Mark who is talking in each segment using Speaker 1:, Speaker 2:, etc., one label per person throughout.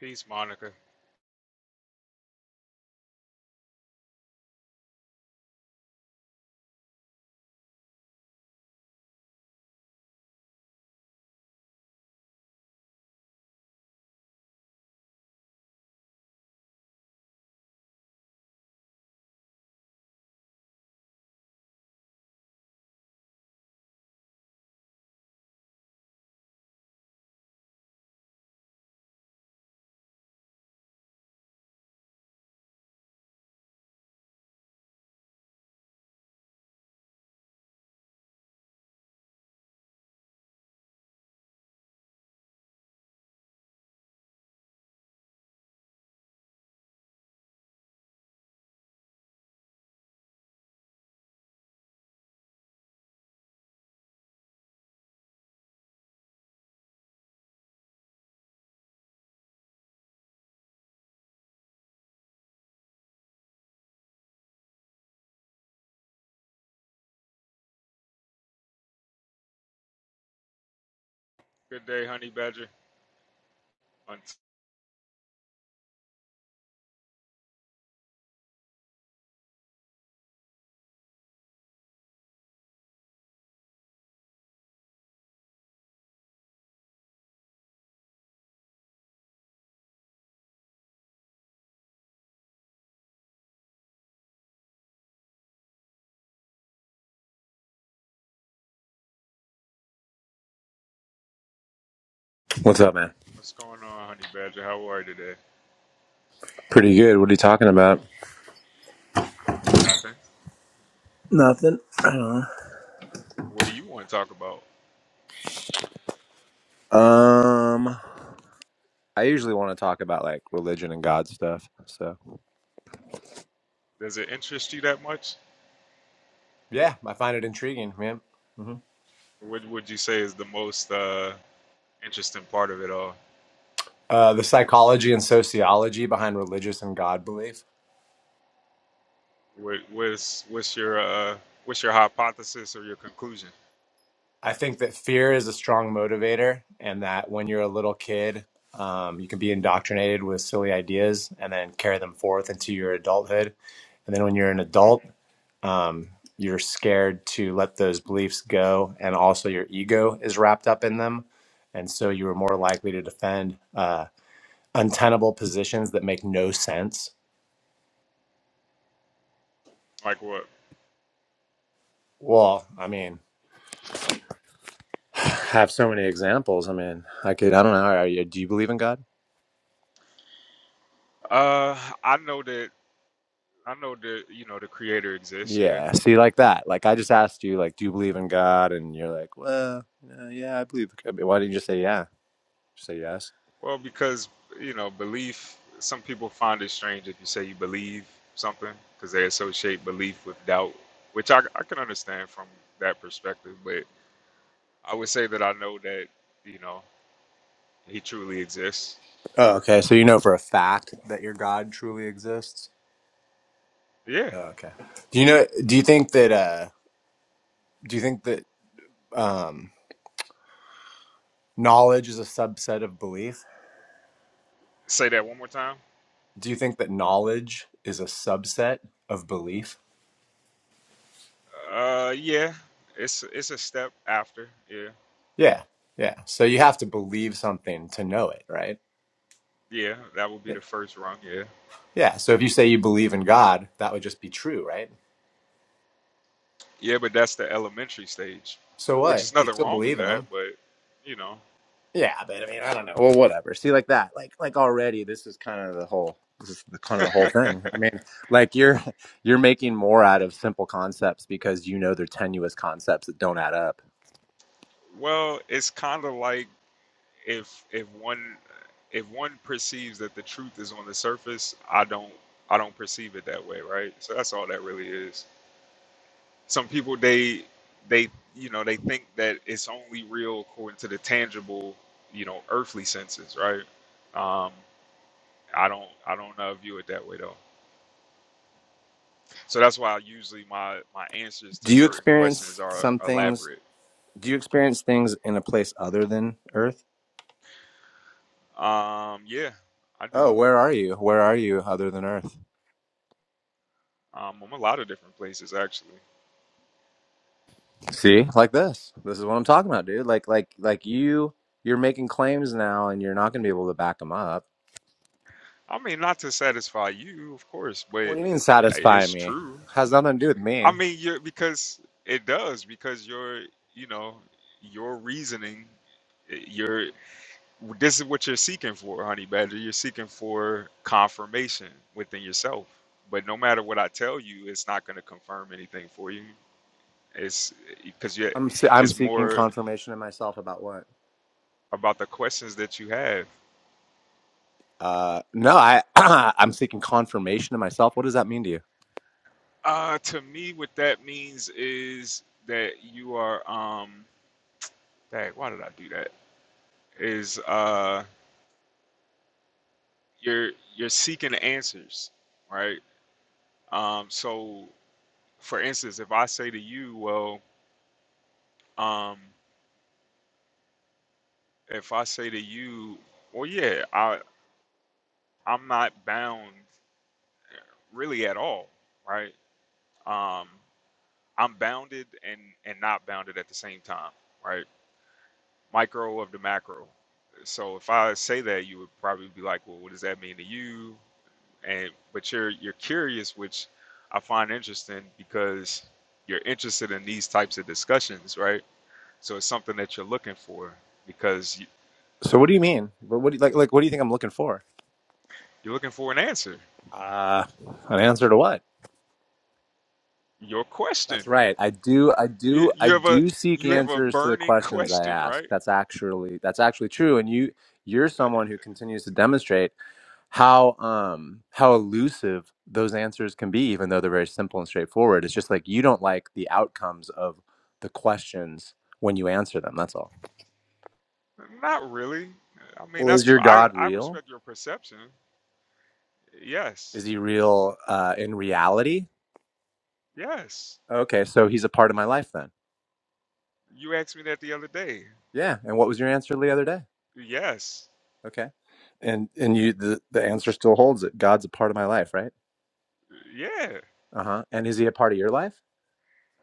Speaker 1: Peace, Monica. Good day, Honey Badger. Hunt.
Speaker 2: What's up, man?
Speaker 1: What's going on, Honey Badger? How are you today?
Speaker 2: Pretty good. What are you talking about?
Speaker 1: Nothing.
Speaker 2: Nothing. I don't
Speaker 1: What do you want to talk about?
Speaker 2: know. Um, I usually want to talk about like religion and God stuff. So
Speaker 1: Does it interest you that much?
Speaker 2: yeah, I find it intriguing, man. hmm
Speaker 1: What would you say is the most uh, interesting part of it all?
Speaker 2: Uh, the psychology and sociology behind religious and God belief.
Speaker 1: What, what's what's your uh, what's your hypothesis or your conclusion?
Speaker 2: I think that fear is a strong motivator, and that when you're a little kid, um, you can be indoctrinated with silly ideas and then carry them forth into your adulthood. And then when you're an adult, um, you're scared to let those beliefs go, and also your ego is wrapped up in them. And so you are more likely to defend uh, untenable positions that make no sense.
Speaker 1: Like what?
Speaker 2: Well, I mean, I have so many examples. I mean, I could, I don't know. Are you, do you believe in God?
Speaker 1: Uh, I know that I know that you know the creator exists. Yeah,
Speaker 2: Yeah, see, like that. Like I just asked you, like, do you believe in God? And you're like, well, uh, yeah, I believe. I mean, Why didn't you just say yeah? Just say yes.
Speaker 1: Well, because you know, belief. Some people find it strange if you say you believe something because they associate belief with doubt, which I, I can understand from that perspective. But I would say that I know that you know he truly exists.
Speaker 2: Oh, okay. So you know for a fact that your God truly exists.
Speaker 1: Yeah.
Speaker 2: Oh, okay. Do you know? Do you think that? uh Do you think that um knowledge is a subset of belief?
Speaker 1: Say that one more time.
Speaker 2: Do you think that knowledge is a subset of belief?
Speaker 1: Uh, yeah. It's it's a step after. Yeah.
Speaker 2: Yeah, yeah. So you have to believe something to know it, right?
Speaker 1: Yeah. That would be the first rung. Yeah.
Speaker 2: Yeah. So if you say you believe in God, that would just be true, right?
Speaker 1: Yeah, but that's the elementary stage,
Speaker 2: So
Speaker 1: which
Speaker 2: what?
Speaker 1: is
Speaker 2: You
Speaker 1: nothing
Speaker 2: still
Speaker 1: wrong with
Speaker 2: believe in
Speaker 1: that.
Speaker 2: them?
Speaker 1: But you know,
Speaker 2: Yeah, but I mean, I don't know. Well, whatever. See, like that, like like already, this is kind of the whole. This is the, kind of the whole thing. I mean, like you're you're making more out of simple concepts because you know they're tenuous concepts that don't add up.
Speaker 1: well, it's kind of like if if one if one perceives that the truth is on the surface, I don't I don't perceive it that way, right? So that's all that really is. Some people they they you know they think that it's only real according to the tangible you know earthly senses, right? Um, I don't I don't uh, view it that way though. So that's why usually my my answers to
Speaker 2: Do you
Speaker 1: certain questions
Speaker 2: experience
Speaker 1: are
Speaker 2: some things
Speaker 1: elaborate.
Speaker 2: Do you experience things in a place other than Earth?
Speaker 1: Um, yeah, I do.
Speaker 2: Oh, where are you? Where are you other than Earth?
Speaker 1: Um, I'm a lot of different places actually.
Speaker 2: See, like this. This is what I'm talking about, dude. Like, like, like you, you're making claims now, and you're not going to be able to back them up.
Speaker 1: I mean, not to satisfy you, of course,
Speaker 2: What do
Speaker 1: but
Speaker 2: you mean satisfy
Speaker 1: it's
Speaker 2: me?
Speaker 1: true.
Speaker 2: Has nothing to do with
Speaker 1: I
Speaker 2: me.
Speaker 1: mean, you're because it does because your, you know, your reasoning, eh, your this is what you're seeking for, honey badger. You're seeking for confirmation within yourself. But no matter what I tell you, it's not going to confirm anything for you. It's because you
Speaker 2: I'm se- I'm
Speaker 1: it's
Speaker 2: seeking
Speaker 1: more
Speaker 2: confirmation in myself about what?
Speaker 1: about the questions that you have.
Speaker 2: Uh, no, I I'm seeking confirmation to myself. What does that mean to you?
Speaker 1: Uh, to me, what that means is that you are um Dang, why did I do that? Is uh, you're you're seeking answers, right? Um, so, for instance, if I say to you, well, um, if I say to you, well, yeah, I I'm not bound really at all, right? Um, I'm bounded and and not bounded at the same time, right? Micro of the macro. So if I say that, you would probably be like, well, what does that mean to you? and but you're you're curious which i find interesting because you're interested in these types of discussions right so it's something that you're looking for because you-
Speaker 2: So what do you mean? What, what do you, like like what do you think I'm looking for?
Speaker 1: you're looking for an answer
Speaker 2: Uh, an answer to what?
Speaker 1: your question
Speaker 2: That's right. I do I
Speaker 1: you
Speaker 2: do I
Speaker 1: you have a
Speaker 2: do seek
Speaker 1: you have a
Speaker 2: answers to the
Speaker 1: burning
Speaker 2: questions I
Speaker 1: question
Speaker 2: ask.
Speaker 1: right
Speaker 2: That's actually that's actually true and you you're someone who continues to demonstrate how um how elusive those answers can be even though they're very simple and straightforward. It's just like you don't like the outcomes of the questions when you answer them. That's all.
Speaker 1: not really i mean
Speaker 2: Well, is
Speaker 1: that's
Speaker 2: your
Speaker 1: i
Speaker 2: God
Speaker 1: i
Speaker 2: real?
Speaker 1: respect your perception yes
Speaker 2: Is he real uh, in reality?
Speaker 1: yes
Speaker 2: Okay, so he's a part of my life then.
Speaker 1: you asked me that the other day
Speaker 2: Yeah. And what was your answer the other day?
Speaker 1: yes
Speaker 2: Okay. And and you the, the answer still holds that God's a part of my life, right?
Speaker 1: yeah
Speaker 2: Uh huh. And is he a part of your life?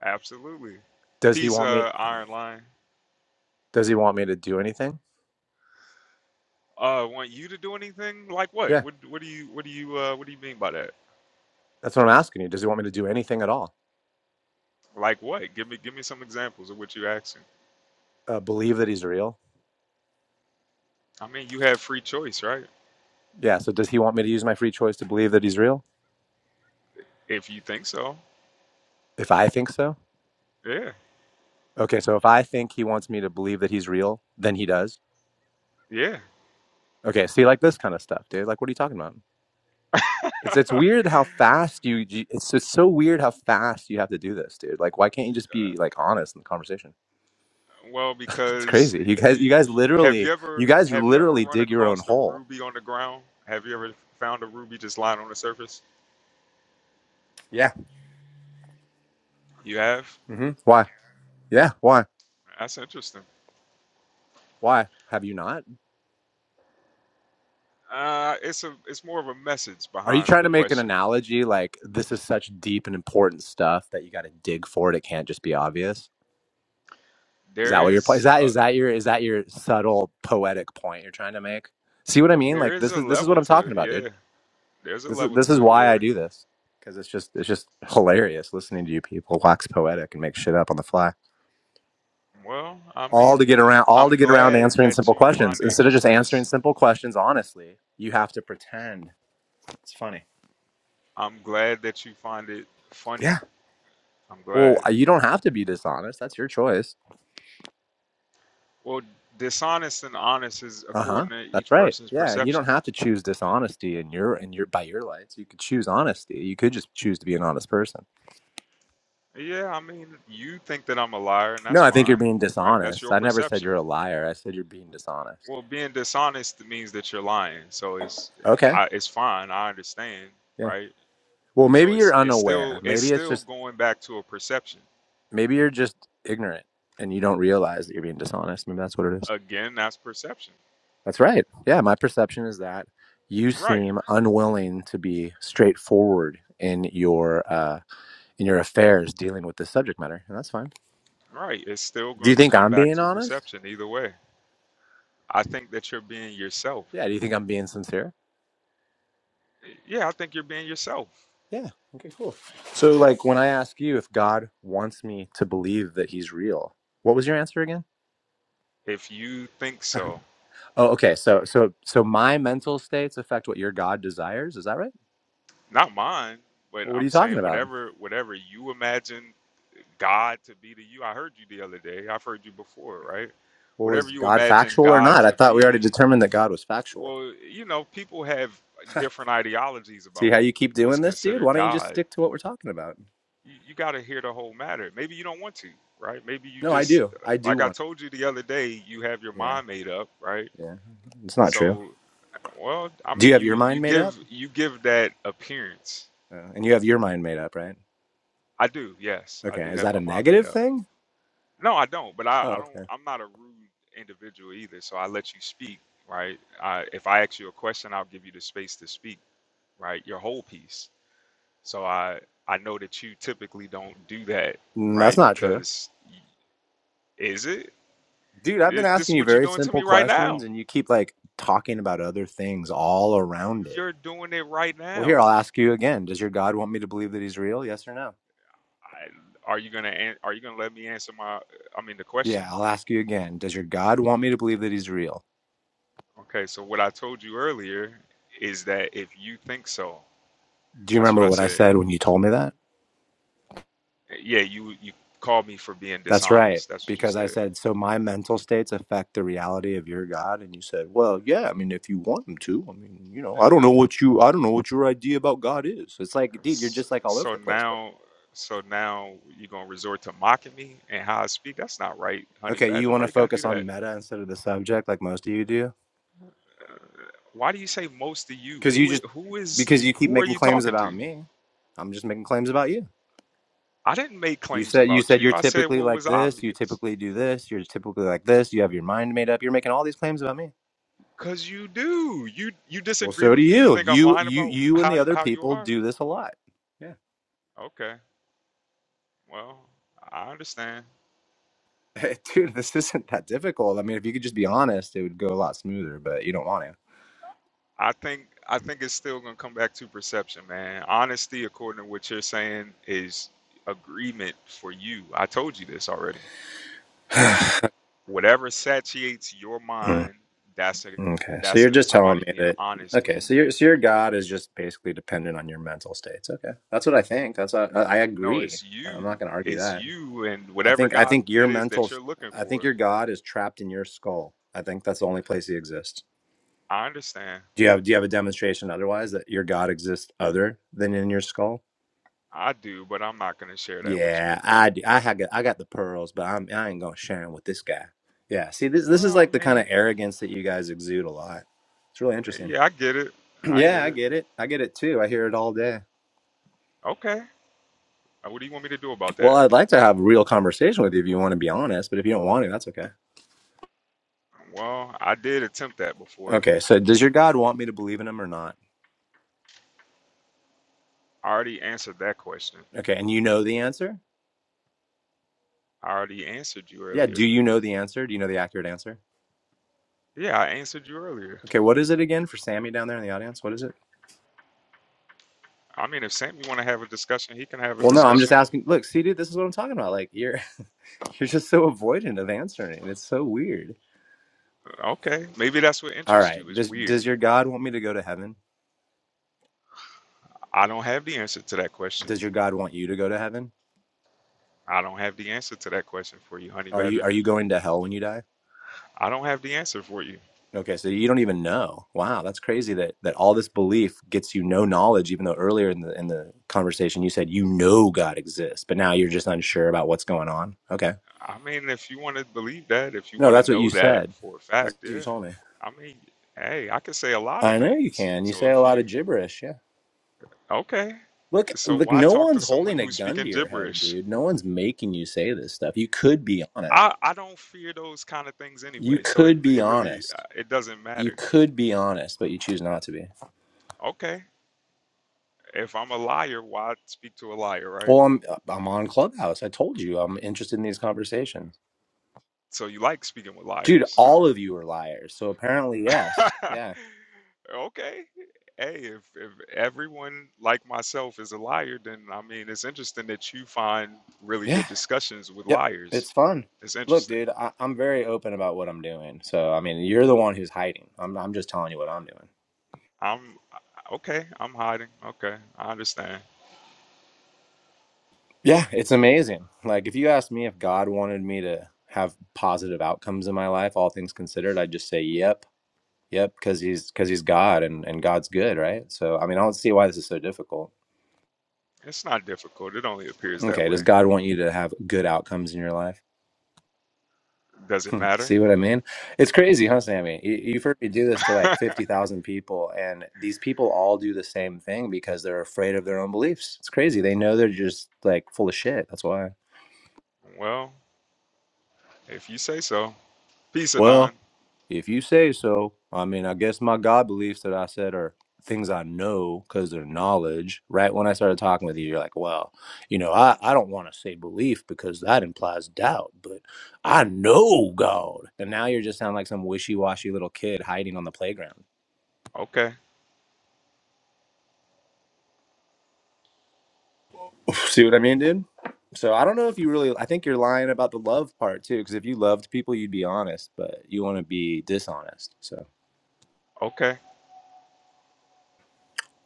Speaker 1: absolutely
Speaker 2: Does he
Speaker 1: peace
Speaker 2: want me?
Speaker 1: uh iron line
Speaker 2: Does he want me to do anything?
Speaker 1: Uh, want you to do anything? Like what?
Speaker 2: Yeah.
Speaker 1: What what do you what do you uh what do you mean by that?
Speaker 2: That's what I'm asking you. Does he want me to do anything at all?
Speaker 1: Like what? Give me give me some examples of what you are asking.
Speaker 2: Uh, believe that he's real?
Speaker 1: I mean, you have free choice, right?
Speaker 2: Yeah. So does he want me to use my free choice to believe that he's real?
Speaker 1: If you think so.
Speaker 2: If I think so.
Speaker 1: Yeah.
Speaker 2: Okay. So if I think he wants me to believe that he's real, then he does.
Speaker 1: Yeah.
Speaker 2: Okay. See, like this kind of stuff, dude. Like, what are you talking about? It's it's weird how fast you. you- It's just so weird how fast you have to do this, dude. Like, why can't you just be like honest in the conversation?
Speaker 1: Well,
Speaker 2: It's
Speaker 1: because
Speaker 2: crazy. You guys,
Speaker 1: you,
Speaker 2: you guys
Speaker 1: you have
Speaker 2: literally,
Speaker 1: you
Speaker 2: you
Speaker 1: ever
Speaker 2: guys
Speaker 1: have you ever
Speaker 2: literally
Speaker 1: run
Speaker 2: dig your own
Speaker 1: across a
Speaker 2: hole.
Speaker 1: ruby on the ground? Have you ever found a ruby just lying on the surface?
Speaker 2: Yeah.
Speaker 1: You have?
Speaker 2: hmm Why? Yeah. Why?
Speaker 1: That's interesting.
Speaker 2: Why have you not?
Speaker 1: Uh, it's a it's more of a message
Speaker 2: Are you
Speaker 1: behind
Speaker 2: trying
Speaker 1: the
Speaker 2: to make an
Speaker 1: question.
Speaker 2: analogy like this is such deep and important stuff that you got to dig for it? It can't just be obvious. Is
Speaker 1: There
Speaker 2: that what your point? Is
Speaker 1: is
Speaker 2: that
Speaker 1: a,
Speaker 2: is that your is that your subtle poetic point you're trying to make? See what I mean?
Speaker 1: there
Speaker 2: Like
Speaker 1: is
Speaker 2: this
Speaker 1: a
Speaker 2: is this is what
Speaker 1: level
Speaker 2: I'm
Speaker 1: to
Speaker 2: talking
Speaker 1: it,
Speaker 2: about, dude.
Speaker 1: yeah. There's a
Speaker 2: This is
Speaker 1: level
Speaker 2: this is
Speaker 1: to it,
Speaker 2: why I
Speaker 1: yeah.
Speaker 2: do this because it's just it's just hilarious listening to you people wax poetic and make shit up on the fly.
Speaker 1: Well, I
Speaker 2: All
Speaker 1: mean,
Speaker 2: to get around all to
Speaker 1: I'm
Speaker 2: get around
Speaker 1: glad
Speaker 2: answering
Speaker 1: that
Speaker 2: simple
Speaker 1: you
Speaker 2: questions
Speaker 1: find it
Speaker 2: instead of just answering
Speaker 1: humorous.
Speaker 2: simple questions honestly. You have to pretend. It's funny.
Speaker 1: I'm glad that you find it funny.
Speaker 2: Yeah.
Speaker 1: I'm
Speaker 2: Well,
Speaker 1: glad.
Speaker 2: uh, you don't have to be dishonest. That's your choice.
Speaker 1: Well, dishonest and honest is
Speaker 2: Uh huh.
Speaker 1: according to
Speaker 2: That's
Speaker 1: each
Speaker 2: right.
Speaker 1: person's
Speaker 2: Yeah, and you don't
Speaker 1: perception.
Speaker 2: have to choose dishonesty in your in your by your lights. You could choose honesty. You could just choose to be an honest person.
Speaker 1: Yeah, I mean, you think that I'm a liar, and
Speaker 2: No,
Speaker 1: that's
Speaker 2: I think you're
Speaker 1: fine,
Speaker 2: being
Speaker 1: right? That's
Speaker 2: dishonest.
Speaker 1: your
Speaker 2: I never said
Speaker 1: perception.
Speaker 2: you're a liar. I said you're being dishonest.
Speaker 1: Well, being dishonest means that you're lying, so it's
Speaker 2: Okay.
Speaker 1: I, it's fine. I understand,
Speaker 2: yeah.
Speaker 1: right?
Speaker 2: Well,
Speaker 1: So
Speaker 2: maybe
Speaker 1: it's
Speaker 2: you're
Speaker 1: it's still
Speaker 2: unaware.
Speaker 1: it's
Speaker 2: Maybe it's
Speaker 1: still
Speaker 2: just
Speaker 1: going back to a perception.
Speaker 2: maybe you're just ignorant and you don't realize that you're being dishonest. Maybe that's what it is.
Speaker 1: Again, that's perception.
Speaker 2: That's right. Yeah, my perception is that you
Speaker 1: Right.
Speaker 2: seem unwilling to be straightforward in your uh in your affairs dealing with this subject matter, and that's fine.
Speaker 1: Right. It's still
Speaker 2: Do you
Speaker 1: going to
Speaker 2: think
Speaker 1: come
Speaker 2: I'm
Speaker 1: back
Speaker 2: being
Speaker 1: to
Speaker 2: honest?
Speaker 1: perception either way. I think that you're being yourself.
Speaker 2: Yeah, do you think I'm being sincere?
Speaker 1: Yeah, I think you're being yourself.
Speaker 2: Yeah. Okay, cool. So like when I ask you if God wants me to believe that he's real, what was your answer again?
Speaker 1: If you think so.
Speaker 2: Oh, okay. So, so, so my mental states affect what your God desires. Is that right?
Speaker 1: Not mine, but
Speaker 2: Well, what are you
Speaker 1: I'm
Speaker 2: talking
Speaker 1: saying
Speaker 2: about?
Speaker 1: whatever whatever you imagine God to be to you. I heard you the other day. I've heard you before, right?
Speaker 2: Well,
Speaker 1: Whatever
Speaker 2: is
Speaker 1: you
Speaker 2: God
Speaker 1: imagine
Speaker 2: factual or
Speaker 1: God
Speaker 2: not? I
Speaker 1: to
Speaker 2: thought we already
Speaker 1: be,
Speaker 2: determined that God was factual.
Speaker 1: well, you know, people have different ideologies
Speaker 2: See
Speaker 1: about
Speaker 2: how you keep
Speaker 1: what's
Speaker 2: doing this, dude?
Speaker 1: considered
Speaker 2: Why don't you just
Speaker 1: God.
Speaker 2: stick to what we're talking about?
Speaker 1: you, you got to hear the whole matter. Maybe you don't want to, right? Maybe you
Speaker 2: No, I
Speaker 1: just,
Speaker 2: do.
Speaker 1: uh,
Speaker 2: I do
Speaker 1: like I
Speaker 2: want.
Speaker 1: told you the other day, you have your
Speaker 2: it. Yeah,
Speaker 1: mind made up, right?
Speaker 2: yeah. It's not true.
Speaker 1: So, well, I
Speaker 2: Do you
Speaker 1: mean,
Speaker 2: have
Speaker 1: you
Speaker 2: your
Speaker 1: you
Speaker 2: mind made up?
Speaker 1: give you give that appearance.
Speaker 2: Uh, and you have your mind made up, right?
Speaker 1: I do, yes, I
Speaker 2: Okay.
Speaker 1: do
Speaker 2: Is
Speaker 1: have
Speaker 2: that a
Speaker 1: my mind made
Speaker 2: negative
Speaker 1: up.
Speaker 2: thing?
Speaker 1: No, I don't, but I,
Speaker 2: Oh,
Speaker 1: I don't.
Speaker 2: okay.
Speaker 1: I'm not a rude individual either, so I let you speak, right? I, if I ask you a question, I'll give you the space to speak, right? Your whole piece. So I I know that you typically don't do that,
Speaker 2: Mm, That's
Speaker 1: right?
Speaker 2: not true.
Speaker 1: Because y- is it?
Speaker 2: Dude, I've been
Speaker 1: This this
Speaker 2: asking
Speaker 1: is
Speaker 2: you
Speaker 1: what you're
Speaker 2: very
Speaker 1: doing to
Speaker 2: simple
Speaker 1: me right
Speaker 2: questions
Speaker 1: now.
Speaker 2: and you keep like talking about other things all around it.
Speaker 1: You're doing it right
Speaker 2: Well, here,
Speaker 1: now.
Speaker 2: I'll ask you again. Does your God want me to believe that he's real? Yes or no?
Speaker 1: I, are you gonna an- Are you gonna let me answer my? I mean, the question.
Speaker 2: Yeah, I'll ask you again. Does your God want me to believe that he's real?
Speaker 1: Okay, so what I told you earlier is that if you think so,
Speaker 2: Do you
Speaker 1: that's what
Speaker 2: remember
Speaker 1: I
Speaker 2: what I
Speaker 1: said.
Speaker 2: said when you told me that?
Speaker 1: Yeah, you you called me for being
Speaker 2: That's right.
Speaker 1: dishonest. That's what you
Speaker 2: Because I
Speaker 1: said.
Speaker 2: said, so my mental states affect the reality of your God. And you said, well, yeah, I mean, if you want him to, I mean, you know, I don't know what you, I don't know what your idea about God is. It's like, dude, you're
Speaker 1: S-
Speaker 2: just like all over
Speaker 1: So
Speaker 2: the place, bro.
Speaker 1: now, so now you're gonna resort to mocking me and how I speak. That's not right, honey
Speaker 2: Okay. You
Speaker 1: badger.
Speaker 2: want
Speaker 1: Why
Speaker 2: to
Speaker 1: you gotta do
Speaker 2: focus
Speaker 1: that?
Speaker 2: on meta instead of the subject like most of you do?
Speaker 1: Why do you say most of you?
Speaker 2: Because you
Speaker 1: Who i-
Speaker 2: just,
Speaker 1: who is
Speaker 2: because
Speaker 1: you?
Speaker 2: you keep
Speaker 1: Who are
Speaker 2: making
Speaker 1: you
Speaker 2: claims
Speaker 1: talking
Speaker 2: about
Speaker 1: to?
Speaker 2: me. I'm just making claims about you.
Speaker 1: I didn't make
Speaker 2: You
Speaker 1: claims
Speaker 2: said you
Speaker 1: about
Speaker 2: said you're
Speaker 1: you. I said
Speaker 2: typically
Speaker 1: what
Speaker 2: like
Speaker 1: was
Speaker 2: this. You
Speaker 1: obvious.
Speaker 2: typically do this. You're typically like this. You have your mind made up. You're making all these claims about me.
Speaker 1: Cause you do. You you
Speaker 2: Well,
Speaker 1: disagree
Speaker 2: so do
Speaker 1: with me. You
Speaker 2: you.
Speaker 1: think I'm
Speaker 2: You
Speaker 1: lying
Speaker 2: you
Speaker 1: about
Speaker 2: you and
Speaker 1: how
Speaker 2: the other
Speaker 1: how you
Speaker 2: people
Speaker 1: are?
Speaker 2: do this a lot. Yeah,
Speaker 1: Okay. Well, I understand.
Speaker 2: dude, this isn't that difficult. I mean, if you could just be honest, it would go a lot smoother. But you don't want
Speaker 1: I think I think it's still gonna come back to perception, man. Honesty, according to what you're saying, is agreement for you. I told you this already.
Speaker 2: to.
Speaker 1: Whatever satiates your mind, that's a
Speaker 2: Mm, okay, so
Speaker 1: that's
Speaker 2: you're
Speaker 1: a,
Speaker 2: just telling
Speaker 1: somebody
Speaker 2: me
Speaker 1: being
Speaker 2: that.
Speaker 1: honest with
Speaker 2: Okay,
Speaker 1: you.
Speaker 2: so your so your God is just basically dependent on your mental states. Okay, that's what I think. That's what, I, I
Speaker 1: No,
Speaker 2: agree.
Speaker 1: it's
Speaker 2: I'm
Speaker 1: you.
Speaker 2: not going to argue
Speaker 1: It's
Speaker 2: that.
Speaker 1: you and
Speaker 2: I
Speaker 1: whatever
Speaker 2: think I
Speaker 1: God
Speaker 2: think your
Speaker 1: it is that
Speaker 2: mental
Speaker 1: you're looking
Speaker 2: I think
Speaker 1: for.
Speaker 2: your God is trapped in your skull. I think that's the only place he exists.
Speaker 1: I understand.
Speaker 2: Do you have do you have a demonstration otherwise that your God exists other than in your skull?
Speaker 1: I do, but I'm not gonna share that with you.
Speaker 2: Yeah, I do. I ha- got I got the pearls, but I'm I ain't gonna share them with this guy. Yeah, see this this
Speaker 1: Well,
Speaker 2: is
Speaker 1: I
Speaker 2: like the kind of
Speaker 1: mean,
Speaker 2: arrogance that you guys exude a lot. It's really interesting.
Speaker 1: yeah, I get it. I
Speaker 2: yeah,
Speaker 1: get
Speaker 2: I
Speaker 1: it.
Speaker 2: get it. I get it too. I hear it all day.
Speaker 1: Okay. Uh, What do you want me to do about
Speaker 2: Well,
Speaker 1: that?
Speaker 2: I'd like to have a real conversation with you if you want to be honest, but if you don't want to, that's okay.
Speaker 1: Well, I did attempt that before.
Speaker 2: Okay, so does your God want me to believe in him or not?
Speaker 1: I already answered that question.
Speaker 2: Okay, and you know the answer?
Speaker 1: I already answered you
Speaker 2: Yeah.
Speaker 1: earlier.
Speaker 2: Do you know the answer? Do you know the accurate answer?
Speaker 1: Yeah, I answered you earlier.
Speaker 2: Okay. What is it again for Sammy down there in the audience? What is it?
Speaker 1: I mean, if Sammy want to have a discussion, he can have a
Speaker 2: Well, no, I'm just
Speaker 1: discussion.
Speaker 2: asking. Look, see, dude, this is what I'm talking about. Like, you're you're just so avoidant of answering, and it's so weird.
Speaker 1: Okay, maybe that's what
Speaker 2: All
Speaker 1: interests
Speaker 2: right.
Speaker 1: you. It's
Speaker 2: Does
Speaker 1: weird.
Speaker 2: does your God want me to go to heaven?
Speaker 1: I don't have the answer to that question.
Speaker 2: Does your God want you to go to heaven?
Speaker 1: I don't have the answer to that question for you, Honey
Speaker 2: Are you
Speaker 1: Badger.
Speaker 2: are you going to hell when you die?
Speaker 1: I don't have the answer for you.
Speaker 2: Okay, so you don't even know. Wow, that's crazy that that all this belief gets you no knowledge, even though earlier in the in the conversation you said you know God exists, but now you're just unsure about what's going on. Okay.
Speaker 1: I mean, if you want to believe that, if you
Speaker 2: No,
Speaker 1: want to
Speaker 2: that's what you
Speaker 1: know that
Speaker 2: said.
Speaker 1: for a
Speaker 2: That's
Speaker 1: fact,
Speaker 2: what you
Speaker 1: yeah.
Speaker 2: told me.
Speaker 1: I mean, hey, I can say a lot
Speaker 2: I
Speaker 1: of
Speaker 2: know you
Speaker 1: things.
Speaker 2: can. You
Speaker 1: So
Speaker 2: say a
Speaker 1: if
Speaker 2: lot of
Speaker 1: you,
Speaker 2: gibberish, yeah.
Speaker 1: okay,
Speaker 2: Look,
Speaker 1: so
Speaker 2: look,
Speaker 1: why
Speaker 2: no
Speaker 1: talk to
Speaker 2: one's
Speaker 1: someone
Speaker 2: holding a
Speaker 1: who's
Speaker 2: gun to
Speaker 1: speaking
Speaker 2: your head,
Speaker 1: gibberish?
Speaker 2: dude. No one's making you say this stuff. You could be honest.
Speaker 1: I, I don't fear those kind of things
Speaker 2: You
Speaker 1: anyway. So it,
Speaker 2: could be
Speaker 1: it really, uh,
Speaker 2: honest.
Speaker 1: it doesn't
Speaker 2: You
Speaker 1: matter.
Speaker 2: could be honest, but you choose not to be.
Speaker 1: Okay. If I'm a liar, why speak to a liar, right?
Speaker 2: Well, I'm uh, I'm on Clubhouse. I told you I'm interested in these conversations.
Speaker 1: So you like speaking with
Speaker 2: Dude,
Speaker 1: liars.
Speaker 2: all of you are liars. So apparently, yes. Yeah.
Speaker 1: Okay. Hey, if if everyone like myself is a liar, then I mean, it's interesting that you find really
Speaker 2: Yeah.
Speaker 1: good discussions with
Speaker 2: Yep.
Speaker 1: liars.
Speaker 2: It's fun.
Speaker 1: It's
Speaker 2: Look,
Speaker 1: interesting.
Speaker 2: dude, I, I'm very open about what I'm doing. So I mean, you're the one who's hiding. I'm I'm just telling you what I'm doing.
Speaker 1: I'm okay, I'm hiding. Okay, I understand.
Speaker 2: Yeah, it's amazing. Like if you asked me if God wanted me to have positive outcomes in my life, all things considered, I'd just say yep, yep, because he's because he's God and and God's good, right? So I mean, I don't see why this is so difficult.
Speaker 1: It's not difficult. It only appears that
Speaker 2: Okay, does
Speaker 1: way.
Speaker 2: God want you to have good outcomes in your life?
Speaker 1: Does it
Speaker 2: Hmm,
Speaker 1: matter?
Speaker 2: see what I mean? It's crazy, huh, Sammy? You, you've heard me do this to like fifty thousand people, and these people all do the same thing because they're afraid of their own beliefs. It's crazy. They know they're just like full of shit. That's why.
Speaker 1: Well, if you say so. Peace, Anon.
Speaker 2: Well, if you say so, I mean, I guess my God beliefs that I said are things I know because they're knowledge. Right when I started talking with you, you're like, well, you know, I, I don't want to say belief because that implies doubt, but I know God. And now you're just sounding like some wishy washy little kid hiding on the playground.
Speaker 1: Okay,
Speaker 2: See what I mean, dude? So I don't know if you really, I think you're lying about the love part too, because if you loved people, you'd be honest, but you want to be dishonest. So.
Speaker 1: okay,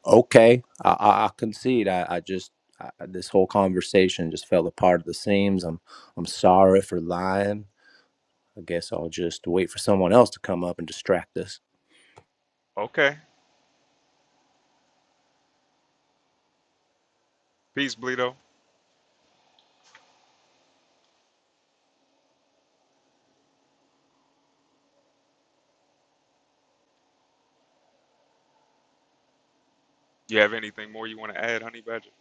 Speaker 2: Okay, I, I, I concede. I, I just I, this whole conversation just fell apart at the seams. I'm I'm sorry for lying. I guess I'll just wait for someone else to come up and distract us.
Speaker 1: okay. Peace, Bleedo. You have anything more you want to add, Honey Badger?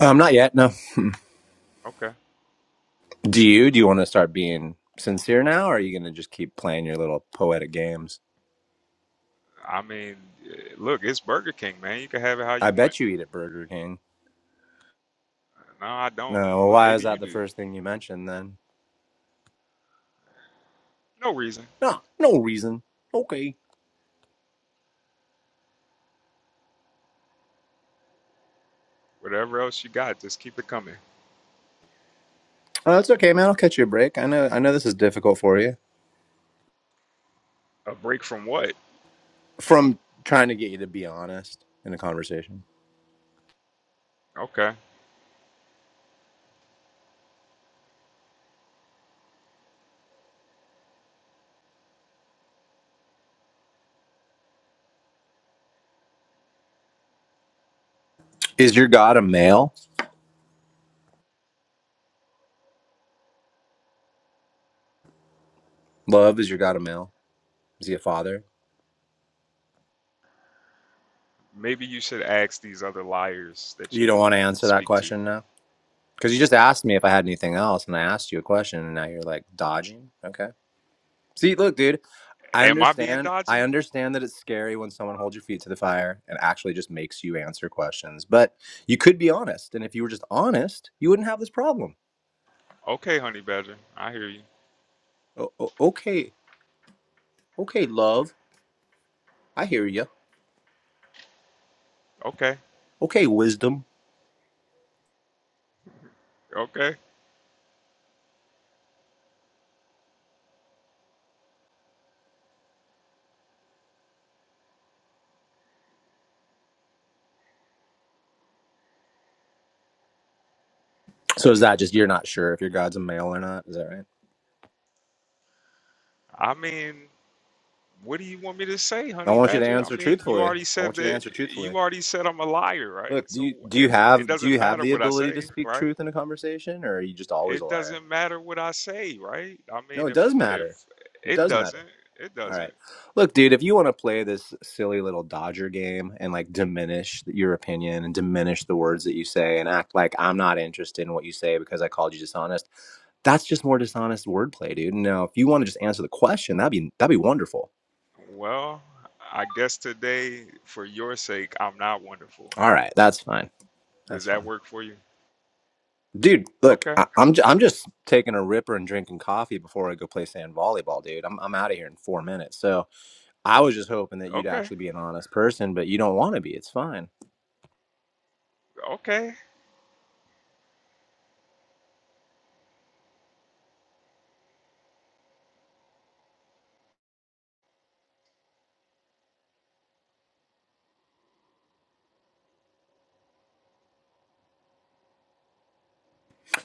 Speaker 2: Um, not yet. No.
Speaker 1: Okay.
Speaker 2: Do you? Do you want to start being sincere now, or are you gonna just keep playing your little poetic games?
Speaker 1: I mean, eh, look, it's Burger King, man. You can have it how
Speaker 2: I
Speaker 1: you want.
Speaker 2: bet you eat at Burger King.
Speaker 1: No, I
Speaker 2: No.
Speaker 1: don't,
Speaker 2: well,
Speaker 1: but
Speaker 2: why is
Speaker 1: maybe
Speaker 2: that
Speaker 1: you
Speaker 2: the
Speaker 1: do.
Speaker 2: first thing you mentioned then?
Speaker 1: No reason.
Speaker 2: No, no reason. Okay.
Speaker 1: Whatever else you got, just keep it coming.
Speaker 2: Oh, that's okay, man. I'll catch you a break. I know. I know this is difficult for you.
Speaker 1: A break from what?
Speaker 2: From trying to get you to be honest in a conversation.
Speaker 1: Okay.
Speaker 2: Is your God a male? Love, is your God a male? Is he a father?
Speaker 1: Maybe you should ask these other liars that
Speaker 2: You
Speaker 1: you
Speaker 2: don't want to answer that
Speaker 1: speak to.
Speaker 2: question now? Because you just asked me if I had anything else, and I asked you a question, and now you're like dodging. Okay. See, look, dude, I
Speaker 1: Am I being
Speaker 2: understand. I
Speaker 1: dodgy?
Speaker 2: understand that it's scary when someone holds your feet to the fire and actually just makes you answer questions, but you could be honest. And if you were just honest, you wouldn't have this problem.
Speaker 1: Okay, honey badger. I hear you.
Speaker 2: O- o- okay. Okay, love. I hear you.
Speaker 1: Okay.
Speaker 2: Okay, wisdom.
Speaker 1: Okay.
Speaker 2: So is that just you're not sure if your God's a male or not? Is that right?
Speaker 1: I mean, what do you want me to say,
Speaker 2: I
Speaker 1: honey
Speaker 2: want you to
Speaker 1: badger? I
Speaker 2: answer
Speaker 1: mean, you
Speaker 2: truthfully.
Speaker 1: already
Speaker 2: I
Speaker 1: said
Speaker 2: want you to
Speaker 1: that
Speaker 2: answer truthfully.
Speaker 1: you already said I'm a liar, right?
Speaker 2: Look, do
Speaker 1: So
Speaker 2: you do you
Speaker 1: if it
Speaker 2: have do
Speaker 1: doesn't
Speaker 2: you have
Speaker 1: matter
Speaker 2: the
Speaker 1: what I
Speaker 2: ability to
Speaker 1: say,
Speaker 2: speak
Speaker 1: right?
Speaker 2: truth in a conversation, or are you just always a
Speaker 1: it
Speaker 2: liar?
Speaker 1: doesn't matter what I say, right? I
Speaker 2: No,
Speaker 1: mean,
Speaker 2: it
Speaker 1: if
Speaker 2: does
Speaker 1: if
Speaker 2: matter. It
Speaker 1: it
Speaker 2: does matter.
Speaker 1: doesn't, it
Speaker 2: All
Speaker 1: doesn't.
Speaker 2: right. Look, dude, if you want to play this silly little Dodger game and like diminish your opinion and diminish the words that you say and act like I'm not interested in what you say because I called you dishonest, that's just more dishonest wordplay, dude. No, if you want to just answer the question, that'd be that'd be wonderful.
Speaker 1: Well, I guess today, for your sake, I'm not wonderful.
Speaker 2: All right, that's fine.
Speaker 1: Does
Speaker 2: That's
Speaker 1: that
Speaker 2: fine.
Speaker 1: work for you?
Speaker 2: Dude, look,
Speaker 1: Okay,
Speaker 2: I, I'm j- I'm just taking a ripper and drinking coffee before I go play sand volleyball, dude. I'm I'm out of here in four minutes. So I was just hoping that you'd
Speaker 1: okay,
Speaker 2: actually be an honest person, but you don't want to be. It's fine.
Speaker 1: okay.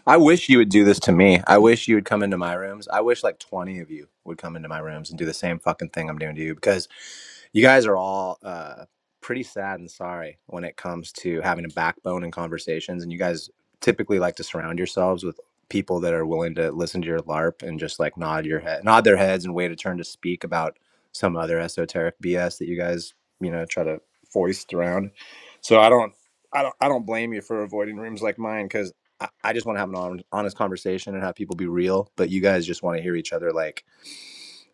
Speaker 2: I wish you would do this to me. I wish you would come into my rooms. I wish like 20 of you would come into my rooms and do the same fucking thing I'm doing to you because you guys are all uh, pretty sad and sorry when it comes to having a backbone in conversations. And you guys typically like to surround yourselves with people that are willing to listen to your LARP and just like nod your head, nod their heads and wait a turn to speak about some other esoteric BS that you guys, you know, try to foist around. So I don't, I don't, I don't blame you for avoiding rooms like mine because I, I just want to have an hon- honest conversation and have people be real, but you guys just want to hear each other like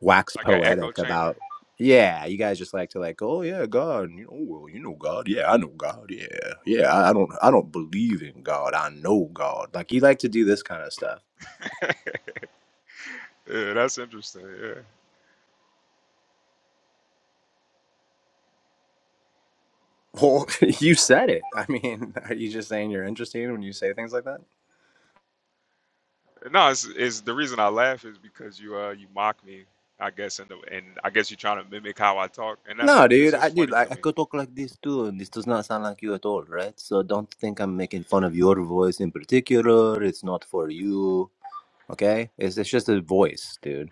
Speaker 2: wax
Speaker 1: Like an echo
Speaker 2: poetic
Speaker 1: chamber.
Speaker 2: about. Yeah, you guys just like to like, oh yeah, God, you know, well, you know God, yeah, I know God, yeah, yeah, I I don't, I don't believe in God, I know God. Like you like to do this kind of stuff.
Speaker 1: yeah, that's interesting. Yeah.
Speaker 2: Well, you said it. I mean, are you just saying you're interesting when you say things like that?
Speaker 1: No, it's, it's the reason I laugh is because you uh you mock me. I guess and and I guess you're trying to mimic how I talk, and that's
Speaker 2: No,
Speaker 1: it's
Speaker 2: dude, I
Speaker 1: just
Speaker 2: dude,
Speaker 1: funny
Speaker 2: I,
Speaker 1: to
Speaker 2: I
Speaker 1: me.
Speaker 2: could talk like this too, and this does not sound like you at all, right? So don't think I'm making fun of your voice in particular. It's not for you. Okay, it's it's just a voice, dude.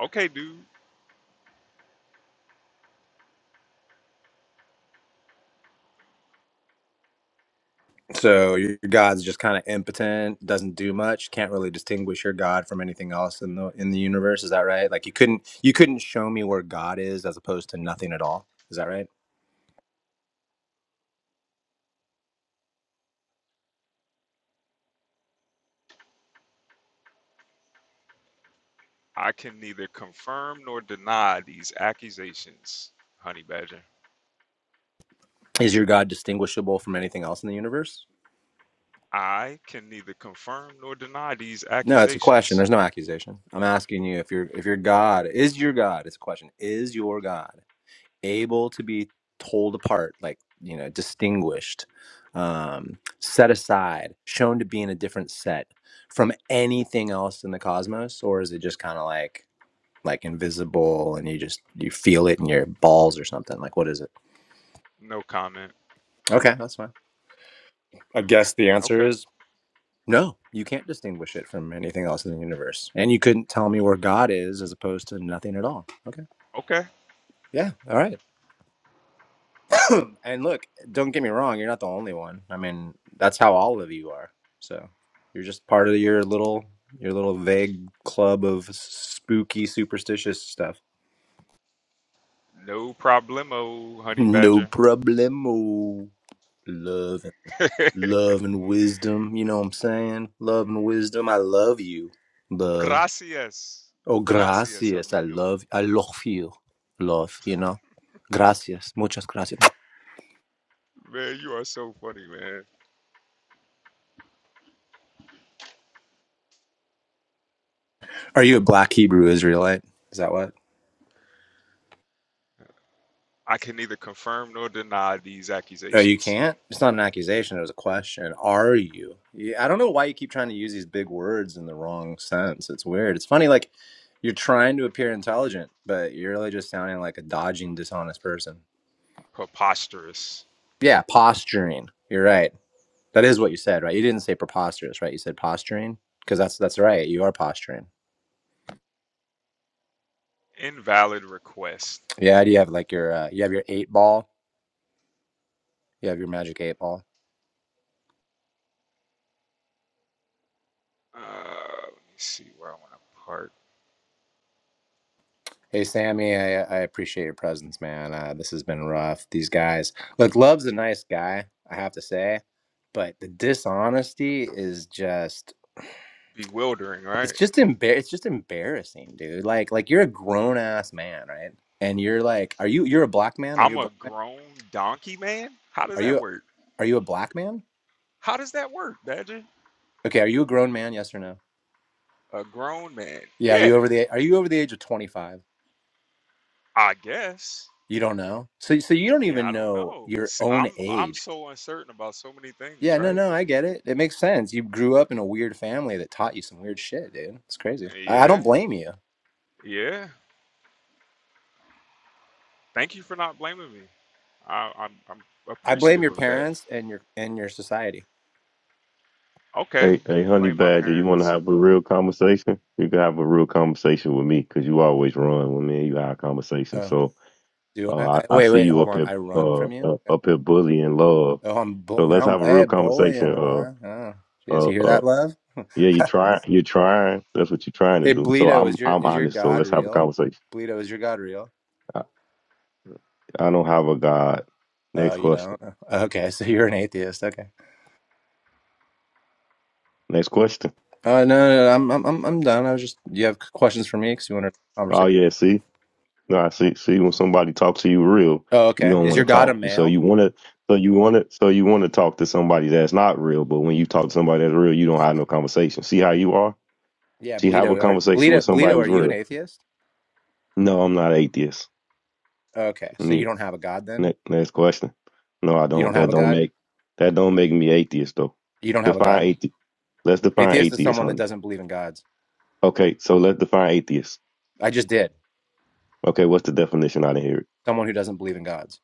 Speaker 1: Okay, dude.
Speaker 2: So your God's just kind of impotent, doesn't do much, can't really distinguish your God from anything else in the in the universe. Is that right? Like you couldn't you couldn't show me where God is as opposed to nothing at all. Is that right?
Speaker 1: I can neither confirm nor deny these accusations, Honey Badger.
Speaker 2: Is your God distinguishable from anything else in the universe?
Speaker 1: I can neither confirm nor deny these
Speaker 2: No, it's a question.
Speaker 1: accusations.
Speaker 2: There's no accusation. I'm asking you if your if your God is your God. It's a question. Is your God? able to be told apart, like, you know, distinguished, um, set aside, shown to be in a different set from anything else in the cosmos? Or is it just kind of like, like invisible and you just you feel it in your balls or something like what is it
Speaker 1: No comment.
Speaker 2: okay that's fine I guess the answer
Speaker 1: Okay.
Speaker 2: is no you can't distinguish it from anything else in the universe and you couldn't tell me where god is as opposed to nothing at all okay
Speaker 1: Okay.
Speaker 2: yeah all right and look, don't get me wrong, you're not the only one. I mean, that's how all of you are. So you're just part of your little your little vague club of spooky, superstitious stuff.
Speaker 1: No problemo, Honey
Speaker 2: No
Speaker 1: Badger.
Speaker 2: problemo. Love, love and wisdom. You know what I'm saying? Love and wisdom. I love you. Love.
Speaker 1: Gracias.
Speaker 2: Oh,
Speaker 1: Gracias,
Speaker 2: gracias. I
Speaker 1: amigo.
Speaker 2: love. I love you. Love. You know. Gracias. Muchas gracias.
Speaker 1: Man, you are so funny, man.
Speaker 2: Are you a black Hebrew Israelite? Is that what?
Speaker 1: I can neither confirm nor deny these
Speaker 2: No, you
Speaker 1: accusations.
Speaker 2: can't. It's not an accusation. It was a question. Are you? Yeah, I don't know why you keep trying to use these big words in the wrong sense. It's weird. It's funny. Like you're trying to appear intelligent, but you're really just sounding like a dodging, dishonest person.
Speaker 1: Preposterous.
Speaker 2: Yeah, posturing. You're right. That is what you said, right? You didn't say preposterous, right? You said posturing because that's that's right. You are posturing.
Speaker 1: Invalid request.
Speaker 2: Yeah. Do you have like your uh, you have your eight ball? You have your magic eight ball.
Speaker 1: Uh, let me see where I want to park.
Speaker 2: Hey Sammy, I, I appreciate your presence, man. Uh, this has been rough. These guys, look, Love's a nice guy, I have to say, but the dishonesty is just
Speaker 1: Bewildering, right?
Speaker 2: it's just embar- it's just embarrassing, dude. Like like you're a grown ass man, right? And you're like, are you you're a black man? Are you a
Speaker 1: I'm a
Speaker 2: black man?
Speaker 1: grown donkey man? How does
Speaker 2: Are
Speaker 1: that
Speaker 2: you
Speaker 1: work?
Speaker 2: are you a black man?
Speaker 1: How does that work, Badger?
Speaker 2: Okay, are you a grown man? Yes or no?
Speaker 1: A grown man.
Speaker 2: Yeah, are
Speaker 1: Yeah,
Speaker 2: you over the are you over the age of 25?
Speaker 1: I guess.
Speaker 2: You don't know. So so you don't
Speaker 1: Yeah,
Speaker 2: even
Speaker 1: I don't
Speaker 2: know
Speaker 1: know.
Speaker 2: your
Speaker 1: S-
Speaker 2: own
Speaker 1: I'm I'm
Speaker 2: age
Speaker 1: so uncertain about so many things,
Speaker 2: Yeah, no,
Speaker 1: right?
Speaker 2: no, I get it. It makes sense. You grew up in a weird family that taught you some weird shit, dude. It's crazy. I, I don't
Speaker 1: Yeah,
Speaker 2: blame you.
Speaker 1: yeah. Thank you for not blaming me. I, I'm I'm
Speaker 2: I blame
Speaker 1: appreciative
Speaker 2: your
Speaker 1: of that.
Speaker 2: parents and your and your society.
Speaker 1: Okay,
Speaker 3: Hey, hey, honey
Speaker 1: blame my
Speaker 3: badger, you want to
Speaker 1: parents.
Speaker 3: have a real conversation? You can have a real conversation with me 'cause you always run when me and you have a conversation.
Speaker 2: Oh,
Speaker 3: So
Speaker 2: do I?
Speaker 3: uh,
Speaker 2: I
Speaker 3: I, I
Speaker 2: wait,
Speaker 3: see
Speaker 2: wait,
Speaker 3: you
Speaker 2: hold
Speaker 3: up
Speaker 2: on.
Speaker 3: here,
Speaker 2: I run
Speaker 3: uh,
Speaker 2: from you.
Speaker 3: uh, up here bullying love.
Speaker 2: Oh, I'm bu-
Speaker 3: So let's
Speaker 2: now I'm
Speaker 3: have a real
Speaker 2: bad
Speaker 3: conversation.
Speaker 2: bullying,
Speaker 3: Uh,
Speaker 2: huh? Oh, jeez,
Speaker 3: uh,
Speaker 2: you hear
Speaker 3: uh,
Speaker 2: that, love?
Speaker 3: yeah, you
Speaker 2: hey,
Speaker 3: try, you're trying. That's what you're trying to do. So
Speaker 2: Bleedo,
Speaker 3: I'm,
Speaker 2: is your
Speaker 3: I'm
Speaker 2: is your
Speaker 3: honest. So
Speaker 2: god
Speaker 3: let's have a
Speaker 2: real?
Speaker 3: conversation.
Speaker 2: Bleedo, is your god real?
Speaker 3: I, I don't have a god.
Speaker 2: Oh,
Speaker 3: Next
Speaker 2: you
Speaker 3: question.
Speaker 2: don't? Oh, Okay, so you're an atheist. Okay.
Speaker 3: Next question.
Speaker 2: Oh no, no, no I'm I'm I'm I'm done. I was just you have questions for me because you wanted a
Speaker 3: Oh
Speaker 2: conversation.
Speaker 3: yeah, see. Nah, see, see, when somebody talks to you real,
Speaker 2: Oh,
Speaker 3: you
Speaker 2: okay.
Speaker 3: don't
Speaker 2: Is
Speaker 3: want to
Speaker 2: your god a
Speaker 3: talk. You- So you
Speaker 2: male?
Speaker 3: want to, so you want to, so you want to talk to somebody that's not real. But when you talk to somebody that's real, you don't have no conversation. See how you are?
Speaker 2: Yeah,
Speaker 3: See, have a
Speaker 2: Bleedo, are
Speaker 3: conversation
Speaker 2: Bleedo,
Speaker 3: with somebody
Speaker 2: Bleedo, are
Speaker 3: who's
Speaker 2: you an
Speaker 3: real.
Speaker 2: atheist?
Speaker 3: No, I'm not atheist.
Speaker 2: Okay, so
Speaker 3: And
Speaker 2: you
Speaker 3: you-
Speaker 2: don't have a god then?
Speaker 3: ne- Next question. No, I
Speaker 2: You
Speaker 3: don't.
Speaker 2: don't have
Speaker 3: That
Speaker 2: a
Speaker 3: don't
Speaker 2: god?
Speaker 3: make that don't make me atheist though.
Speaker 2: You don't have a
Speaker 3: Define
Speaker 2: god?
Speaker 3: atheist. Let's define
Speaker 2: Atheist is
Speaker 3: atheist,
Speaker 2: someone that
Speaker 3: honey.
Speaker 2: doesn't believe in gods.
Speaker 3: Okay, so let's define atheist.
Speaker 2: I just did.
Speaker 3: Okay, what's the definition? I didn't hear it.
Speaker 2: Someone who doesn't believe in gods.